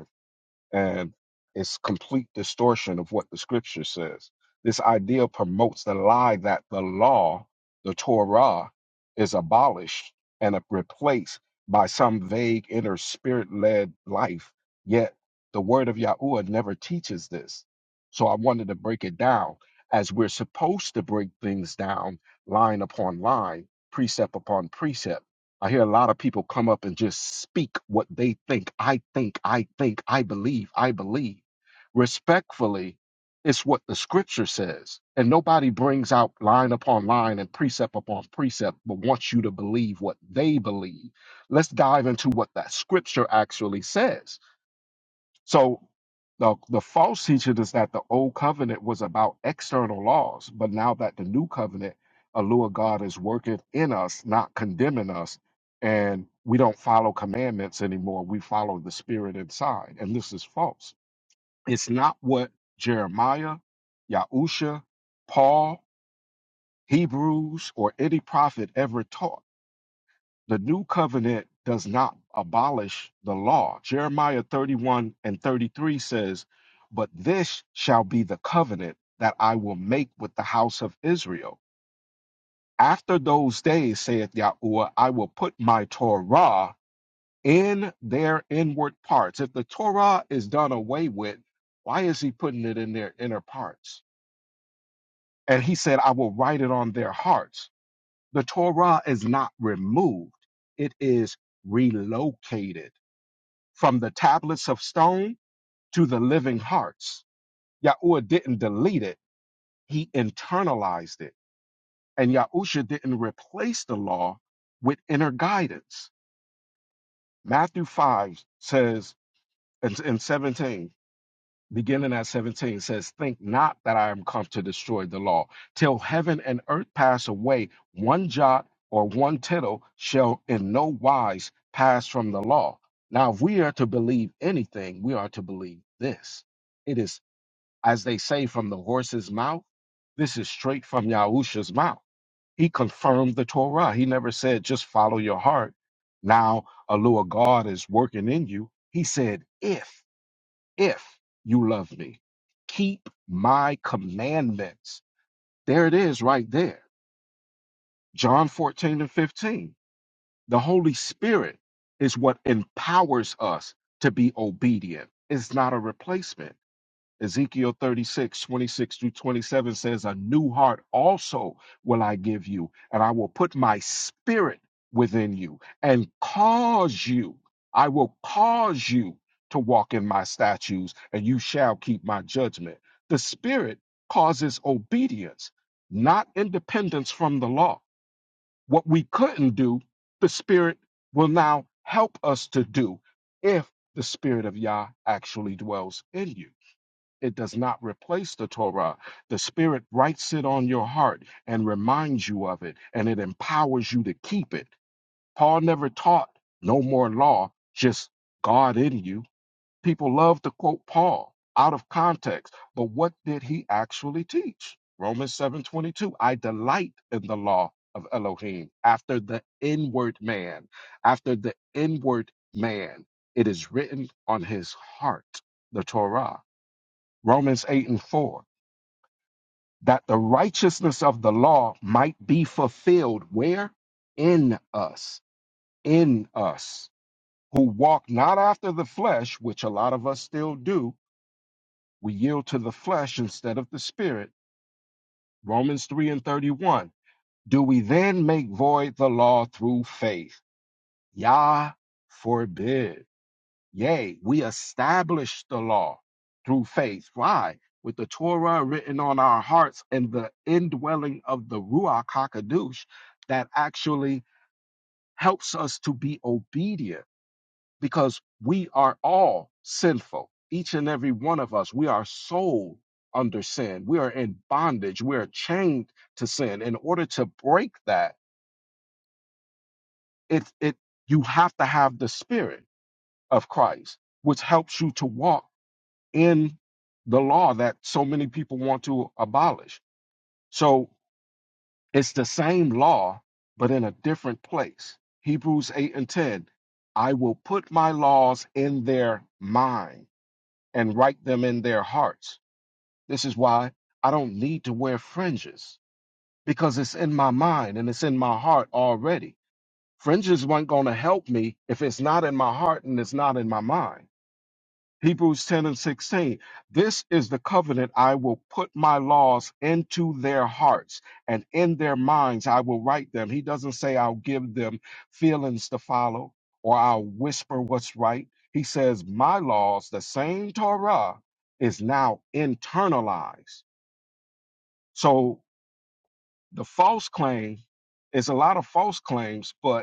and it's complete distortion of what the scripture says. This idea promotes the lie that the law, the Torah, is abolished and replaced by some vague inner spirit led life. Yet the word of Yahuwah never teaches this. So I wanted to break it down as we're supposed to break things down line upon line, precept upon precept I hear a lot of people come up and just speak what they think. I think, I think, I believe, I believe. Respectfully, it's what the scripture says. And nobody brings out line upon line and precept upon precept, but wants you to believe what they believe. Let's dive into what that scripture actually says. So the, the false teaching is that the old covenant was about external laws, but now that the new covenant, allure God is working in us, not condemning us, and we don't follow commandments anymore. We follow the spirit inside. And this is false. It's not what Jeremiah, Yahusha, Paul, Hebrews, or any prophet ever taught the new covenant does not abolish the law. Jeremiah 31 and 33 says, But this shall be the covenant that I will make with the house of Israel. After those days, saith Yahuwah, I will put my Torah in their inward parts. If the Torah is done away with, why is he putting it in their inner parts? And he said, I will write it on their hearts. The Torah is not removed, it is relocated from the tablets of stone to the living hearts. Yahuwah didn't delete it, he internalized it. And Yahusha didn't replace the law with inner guidance. Matthew 5 says, in, in 17. beginning at 17 says, Think not that I am come to destroy the law. Till heaven and earth pass away, one jot or one tittle shall in no wise pass from the law. Now, if we are to believe anything, we are to believe this. It is, as they say, from the horse's mouth. This is straight from Yahusha's mouth. He confirmed the Torah. He never said, just follow your heart. Now, a law of God is working in you. He said, if if you love me, keep my commandments. There it is right there. John 14 and 15. The Holy Spirit is what empowers us to be obedient. It's not a replacement. Ezekiel 36, 26 through 27 says, A new heart also will I give you, and I will put my spirit within you and cause you, I will cause you to walk in my statutes, and you shall keep my judgment. The spirit causes obedience, not independence from the law. What we couldn't do, the spirit will now help us to do if the spirit of Yah actually dwells in you. It does not replace the Torah. The Spirit writes it on your heart and reminds you of it, and it empowers you to keep it. Paul never taught no more law, just God in you. People love to quote Paul out of context, but what did he actually teach? Romans 7:22, I delight in the law of Elohim after the inward man, after the inward man. It is written on his heart, the Torah. Romans 8 and 4, that the righteousness of the law might be fulfilled where? In us, in us, who walk not after the flesh, which a lot of us still do. We yield to the flesh instead of the spirit. Romans 3 and 31. Do we then make void the law through faith? Yah forbid. Yea, we establish the law through faith. Why? With the Torah written on our hearts and the indwelling of the Ruach HaKadosh that actually helps us to be obedient because we are all sinful. Each and every one of us, we are sold under sin. We are in bondage. We are chained to sin. In order to break that, it, it, you have to have the spirit of Christ, which helps you to walk in the law that so many people want to abolish. So it's the same law, but in a different place. Hebrews 8 and 10 I will put my laws in their mind and write them in their hearts. This is why I don't need to wear fringes because it's in my mind and it's in my heart already. Fringes weren't going to help me if it's not in my heart and it's not in my mind. Hebrews 10 and 16. This is the covenant I will put my laws into their hearts and in their minds I will write them. He doesn't say I'll give them feelings to follow or I'll whisper what's right. He says, My laws, the same Torah, is now internalized. So the false claim is a lot of false claims, but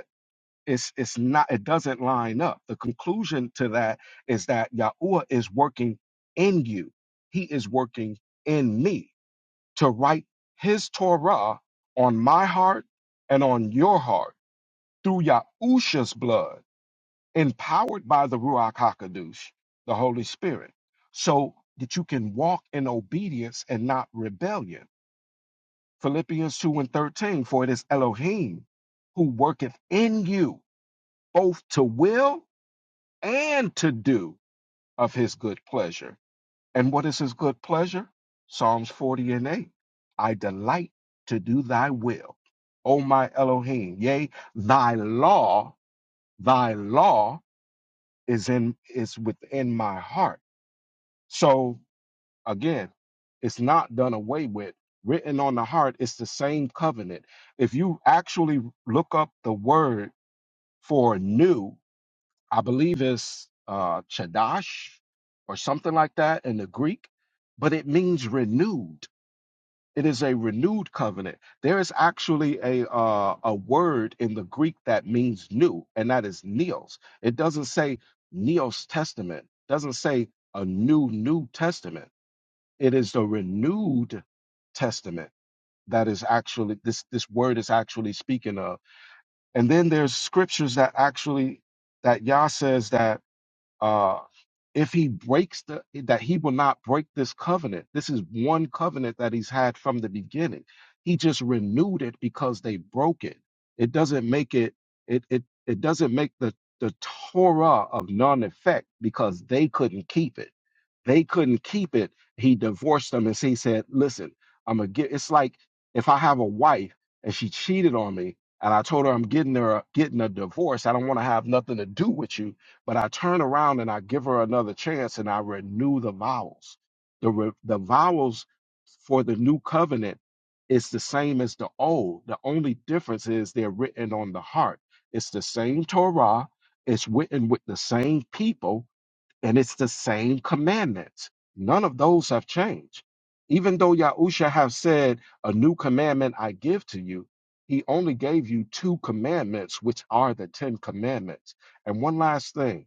it's it's not it doesn't line up the conclusion to that is that yahuwah is working in you he is working in me to write his torah on my heart and on your heart through yahusha's blood empowered by the ruach hakodesh the holy spirit so that you can walk in obedience and not rebellion philippians 2 and 13 for it is elohim who worketh in you both to will and to do of his good pleasure. And what is his good pleasure? Psalms 40 and 8. I delight to do thy will, O my Elohim. Yea, thy law, thy law is in is within my heart. So again, it's not done away with. Written on the heart, it's the same covenant. If you actually look up the word for new I believe it's uh, chadash or something like that in the Greek, but it means renewed. It is a renewed covenant. There is actually a uh, a word in the Greek that means new, and that is neos. It doesn't say neos testament. Doesn't say a new new testament. It is the renewed testament that is actually this this word is actually speaking of. And then there's scriptures that actually that Yah says that uh, if he breaks the that he will not break this covenant this is one covenant that he's had from the beginning he just renewed it because they broke it it doesn't make it it it, it doesn't make the the torah of none effect because they couldn't keep it they couldn't keep it he divorced them and he said listen i'm gonna get it's like if i have a wife and she cheated on me and i told her i'm getting her getting a divorce i don't want to have nothing to do with you but I turn around and I give her another chance and I renew the vows. The, re- the vows for the new covenant is the same as the old. The only difference is they're written on the heart. It's the same Torah, it's written with the same people, and it's the same commandments. None of those have changed. Even though Yahusha have said, A new commandment I give to you, he only gave you two commandments, which are the Ten Commandments. And one last thing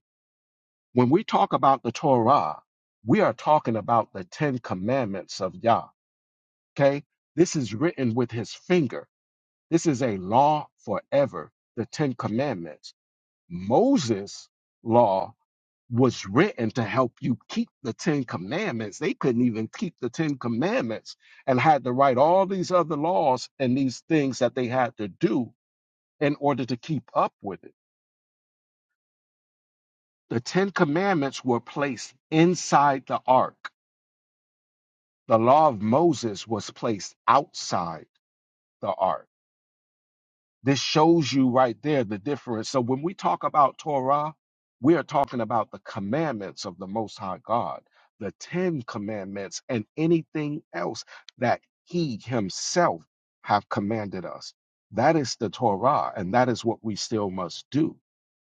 when we talk about the Torah, we are talking about the Ten Commandments of Yah. Okay? This is written with his finger. This is a law forever, the Ten Commandments. Moses' law was written to help you keep the Ten Commandments. They couldn't even keep the Ten Commandments and had to write all these other laws and these things that they had to do in order to keep up with it. The Ten Commandments were placed inside the ark The law of Moses was placed outside the ark. This shows you right there the difference. So when we talk about Torah, we are talking about the commandments of the Most High God, the Ten Commandments, and anything else that He Himself have commanded us. That is the Torah, and that is what we still must do.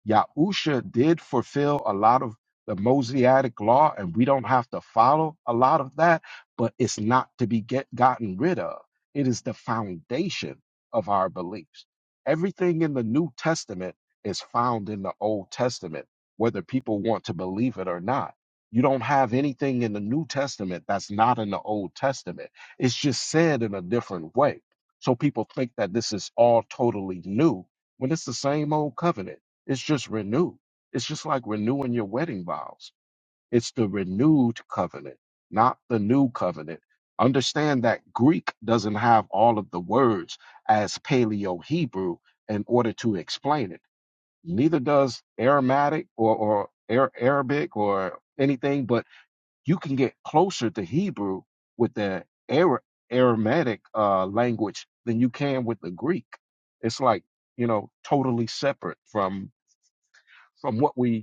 Yahusha did fulfill a lot of the Mosaic law, and we don't have to follow a lot of that, but it's not to be get, gotten rid of. It is the foundation of our beliefs. Everything in the New Testament is found in the Old Testament, whether people want to believe it or not. You don't have anything in the New Testament that's not in the Old Testament. It's just said in a different way. So people think that this is all totally new when it's the same old covenant. It's just renewed. It's just like renewing your wedding vows. It's the renewed covenant, not the new covenant. Understand that Greek doesn't have all of the words as Paleo Hebrew in order to explain it. Neither does Aramaic or, or Ar- Arabic or anything, but you can get closer to Hebrew with the Ara- Aramaic uh, language than you can with the Greek. It's like, you know, totally separate from from what we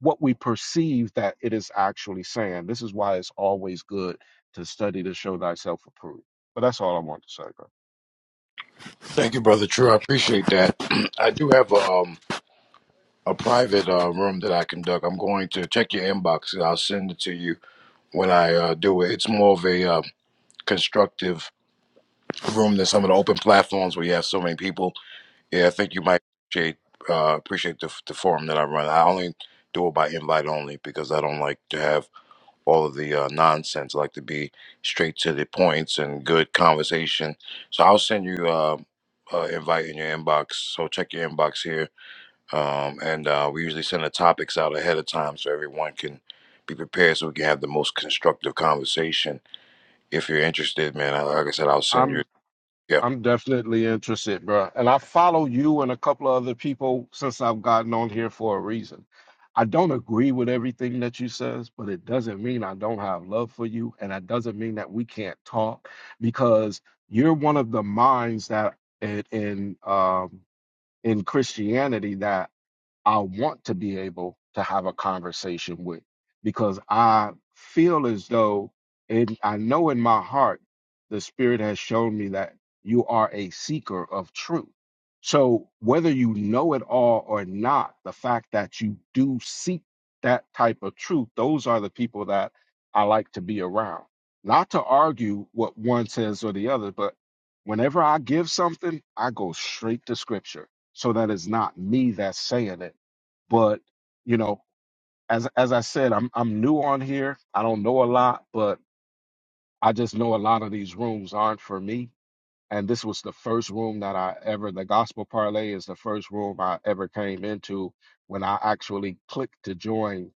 what we perceive that it is actually saying. This is why it's always good to study to show thyself approved. But that's all I want to say, bro.
Thank you, brother. True, I appreciate that. I do have a, um a private uh, room that I conduct. I'm going to check your inbox. I'll send it to you when I uh, do it. It's more of a uh, constructive room than some of the open platforms where you have so many people Yeah, I think you might appreciate uh, appreciate the the forum that I run. I only do it by invite only because I don't like to have all of the uh, nonsense. I like to be straight to the points and good conversation. So I'll send you uh, uh, invite in your inbox. So check your inbox here, um, and uh, we usually send the topics out ahead of time so everyone can be prepared so we can have the most constructive conversation. If you're interested, man, I- like I said, I'll send you.
I'm
Yeah.
I'm definitely interested, bro. And I follow you and a couple of other people since I've gotten on here for a reason. I don't agree with everything that you says, but it doesn't mean I don't have love for you, and that doesn't mean that we can't talk because you're one of the minds that in in, um, in Christianity that I want to be able to have a conversation with because I feel as though and I know in my heart the spirit has shown me that you are a seeker of truth. So whether you know it all or not, the fact that you do seek that type of truth, those are the people that I like to be around. Not to argue what one says or the other, but whenever I give something, I go straight to scripture so that it's not me that's saying it but you know as as i said i'm i'm new on here i don't know a lot but i just know a lot of these rooms aren't for me and this was the first room that i ever the gospel parlay is the first room i ever came into when i actually clicked to join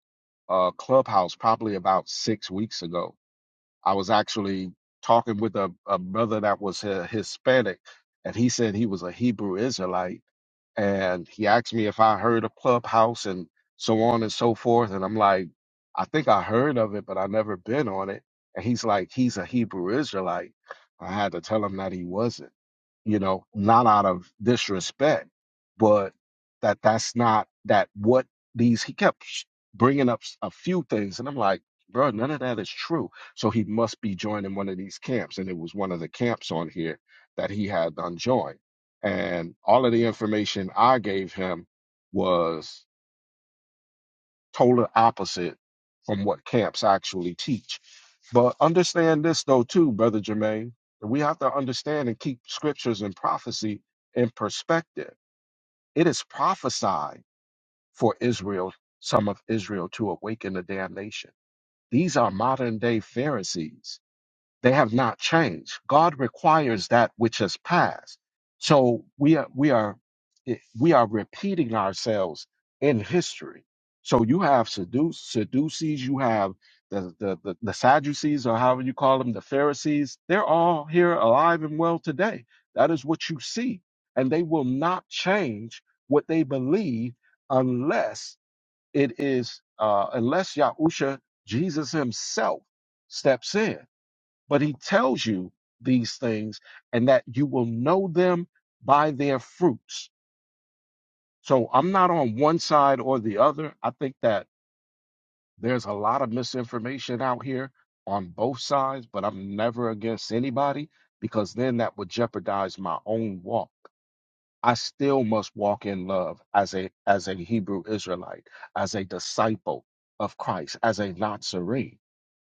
uh clubhouse probably about 6 weeks ago I was actually talking with a, a brother that was uh, Hispanic, and he said he was a Hebrew Israelite. And he asked me if I heard of Clubhouse and so on and so forth. And I'm like, I think I heard of it, but I never been on it. And he's like, he's a Hebrew Israelite. I had to tell him that he wasn't you know, not out of disrespect, but that that's not that what these he kept sh- bringing up s- a few things, and I'm like, bro, none of that is true. So he must be joining one of these camps, and it was one of the camps on here that he had unjoined, and all of the information I gave him was total opposite from what camps actually teach. But understand this though too, brother Jermaine, that we have to understand and keep scriptures and prophecy in perspective. It is prophesied for Israel, some of Israel, to awaken the damnation. These are modern day Pharisees they have not changed. God requires that which is past. So we are we are eh, we are repeating ourselves in history. So you have seduce Sadducees, you have the, the the the Sadducees or however you call them, the Pharisees. They're all here alive and well today. That is what you see, and they will not change what they believe unless it is uh, unless Yahusha Jesus Himself steps in. But he tells you these things and that you will know them by their fruits. So I'm not on one side or the other. I think that there's a lot of misinformation out here on both sides, but I'm never against anybody because then that would jeopardize my own walk. I still must walk in love as a as a Hebrew Israelite, as a disciple of Christ, as a Nazarene.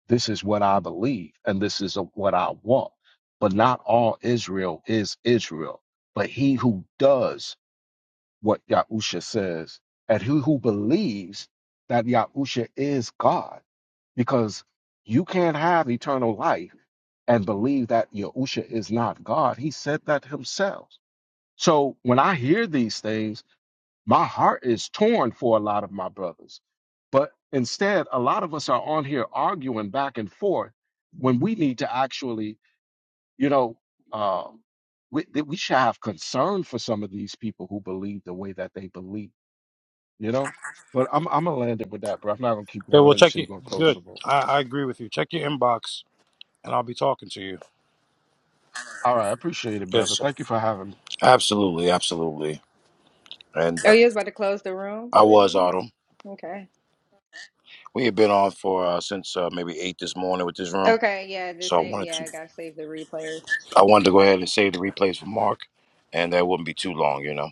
This is what I believe, and this is what I want. But not all Israel is Israel. But he who does what Yahusha says, and he who believes that Yahusha is God, because you can't have eternal life and believe that Yahusha is not God. He said that himself. So when I hear these things, my heart is torn for a lot of my brothers. But instead, a lot of us are on here arguing back and forth when we need to actually, you know, um, we, that we should have concern for some of these people who believe the way that they believe, you know? But I'm I'm gonna land it with that, bro. I'm not gonna keep
Okay,
going. I
well,
know you
check
say you're
it.
gonna close the
Good.
roll.
Thanks. And I'll be talking to you.
All right, I appreciate it, brother.
Yes.
Thank you for having me.
Absolutely, absolutely. And
Oh,
uh,
you was about to close the room,
I
Brother
was
Jimmy?
Autumn.
Okay.
We had been on for uh, since uh, maybe eight this morning with this room,
Okay, yeah, the
so I
same.
wanted
Yeah,
to
I gotta save the replays.
I wanted to go ahead and save the replays for Mark, and that wouldn't be too long, you know.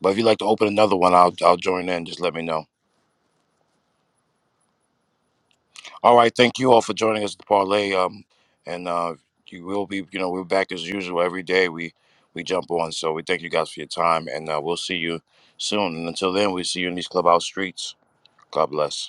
But if you'd like to open another one, I'll I'll join in. Just let me know. All right, thank you all for joining us at the parlay. Um, and uh, you will be, you know, we're back as usual every day. We we jump on, so we thank you guys for your time, and uh, we'll see you soon. And until then, we see you in these clubhouse streets. God bless.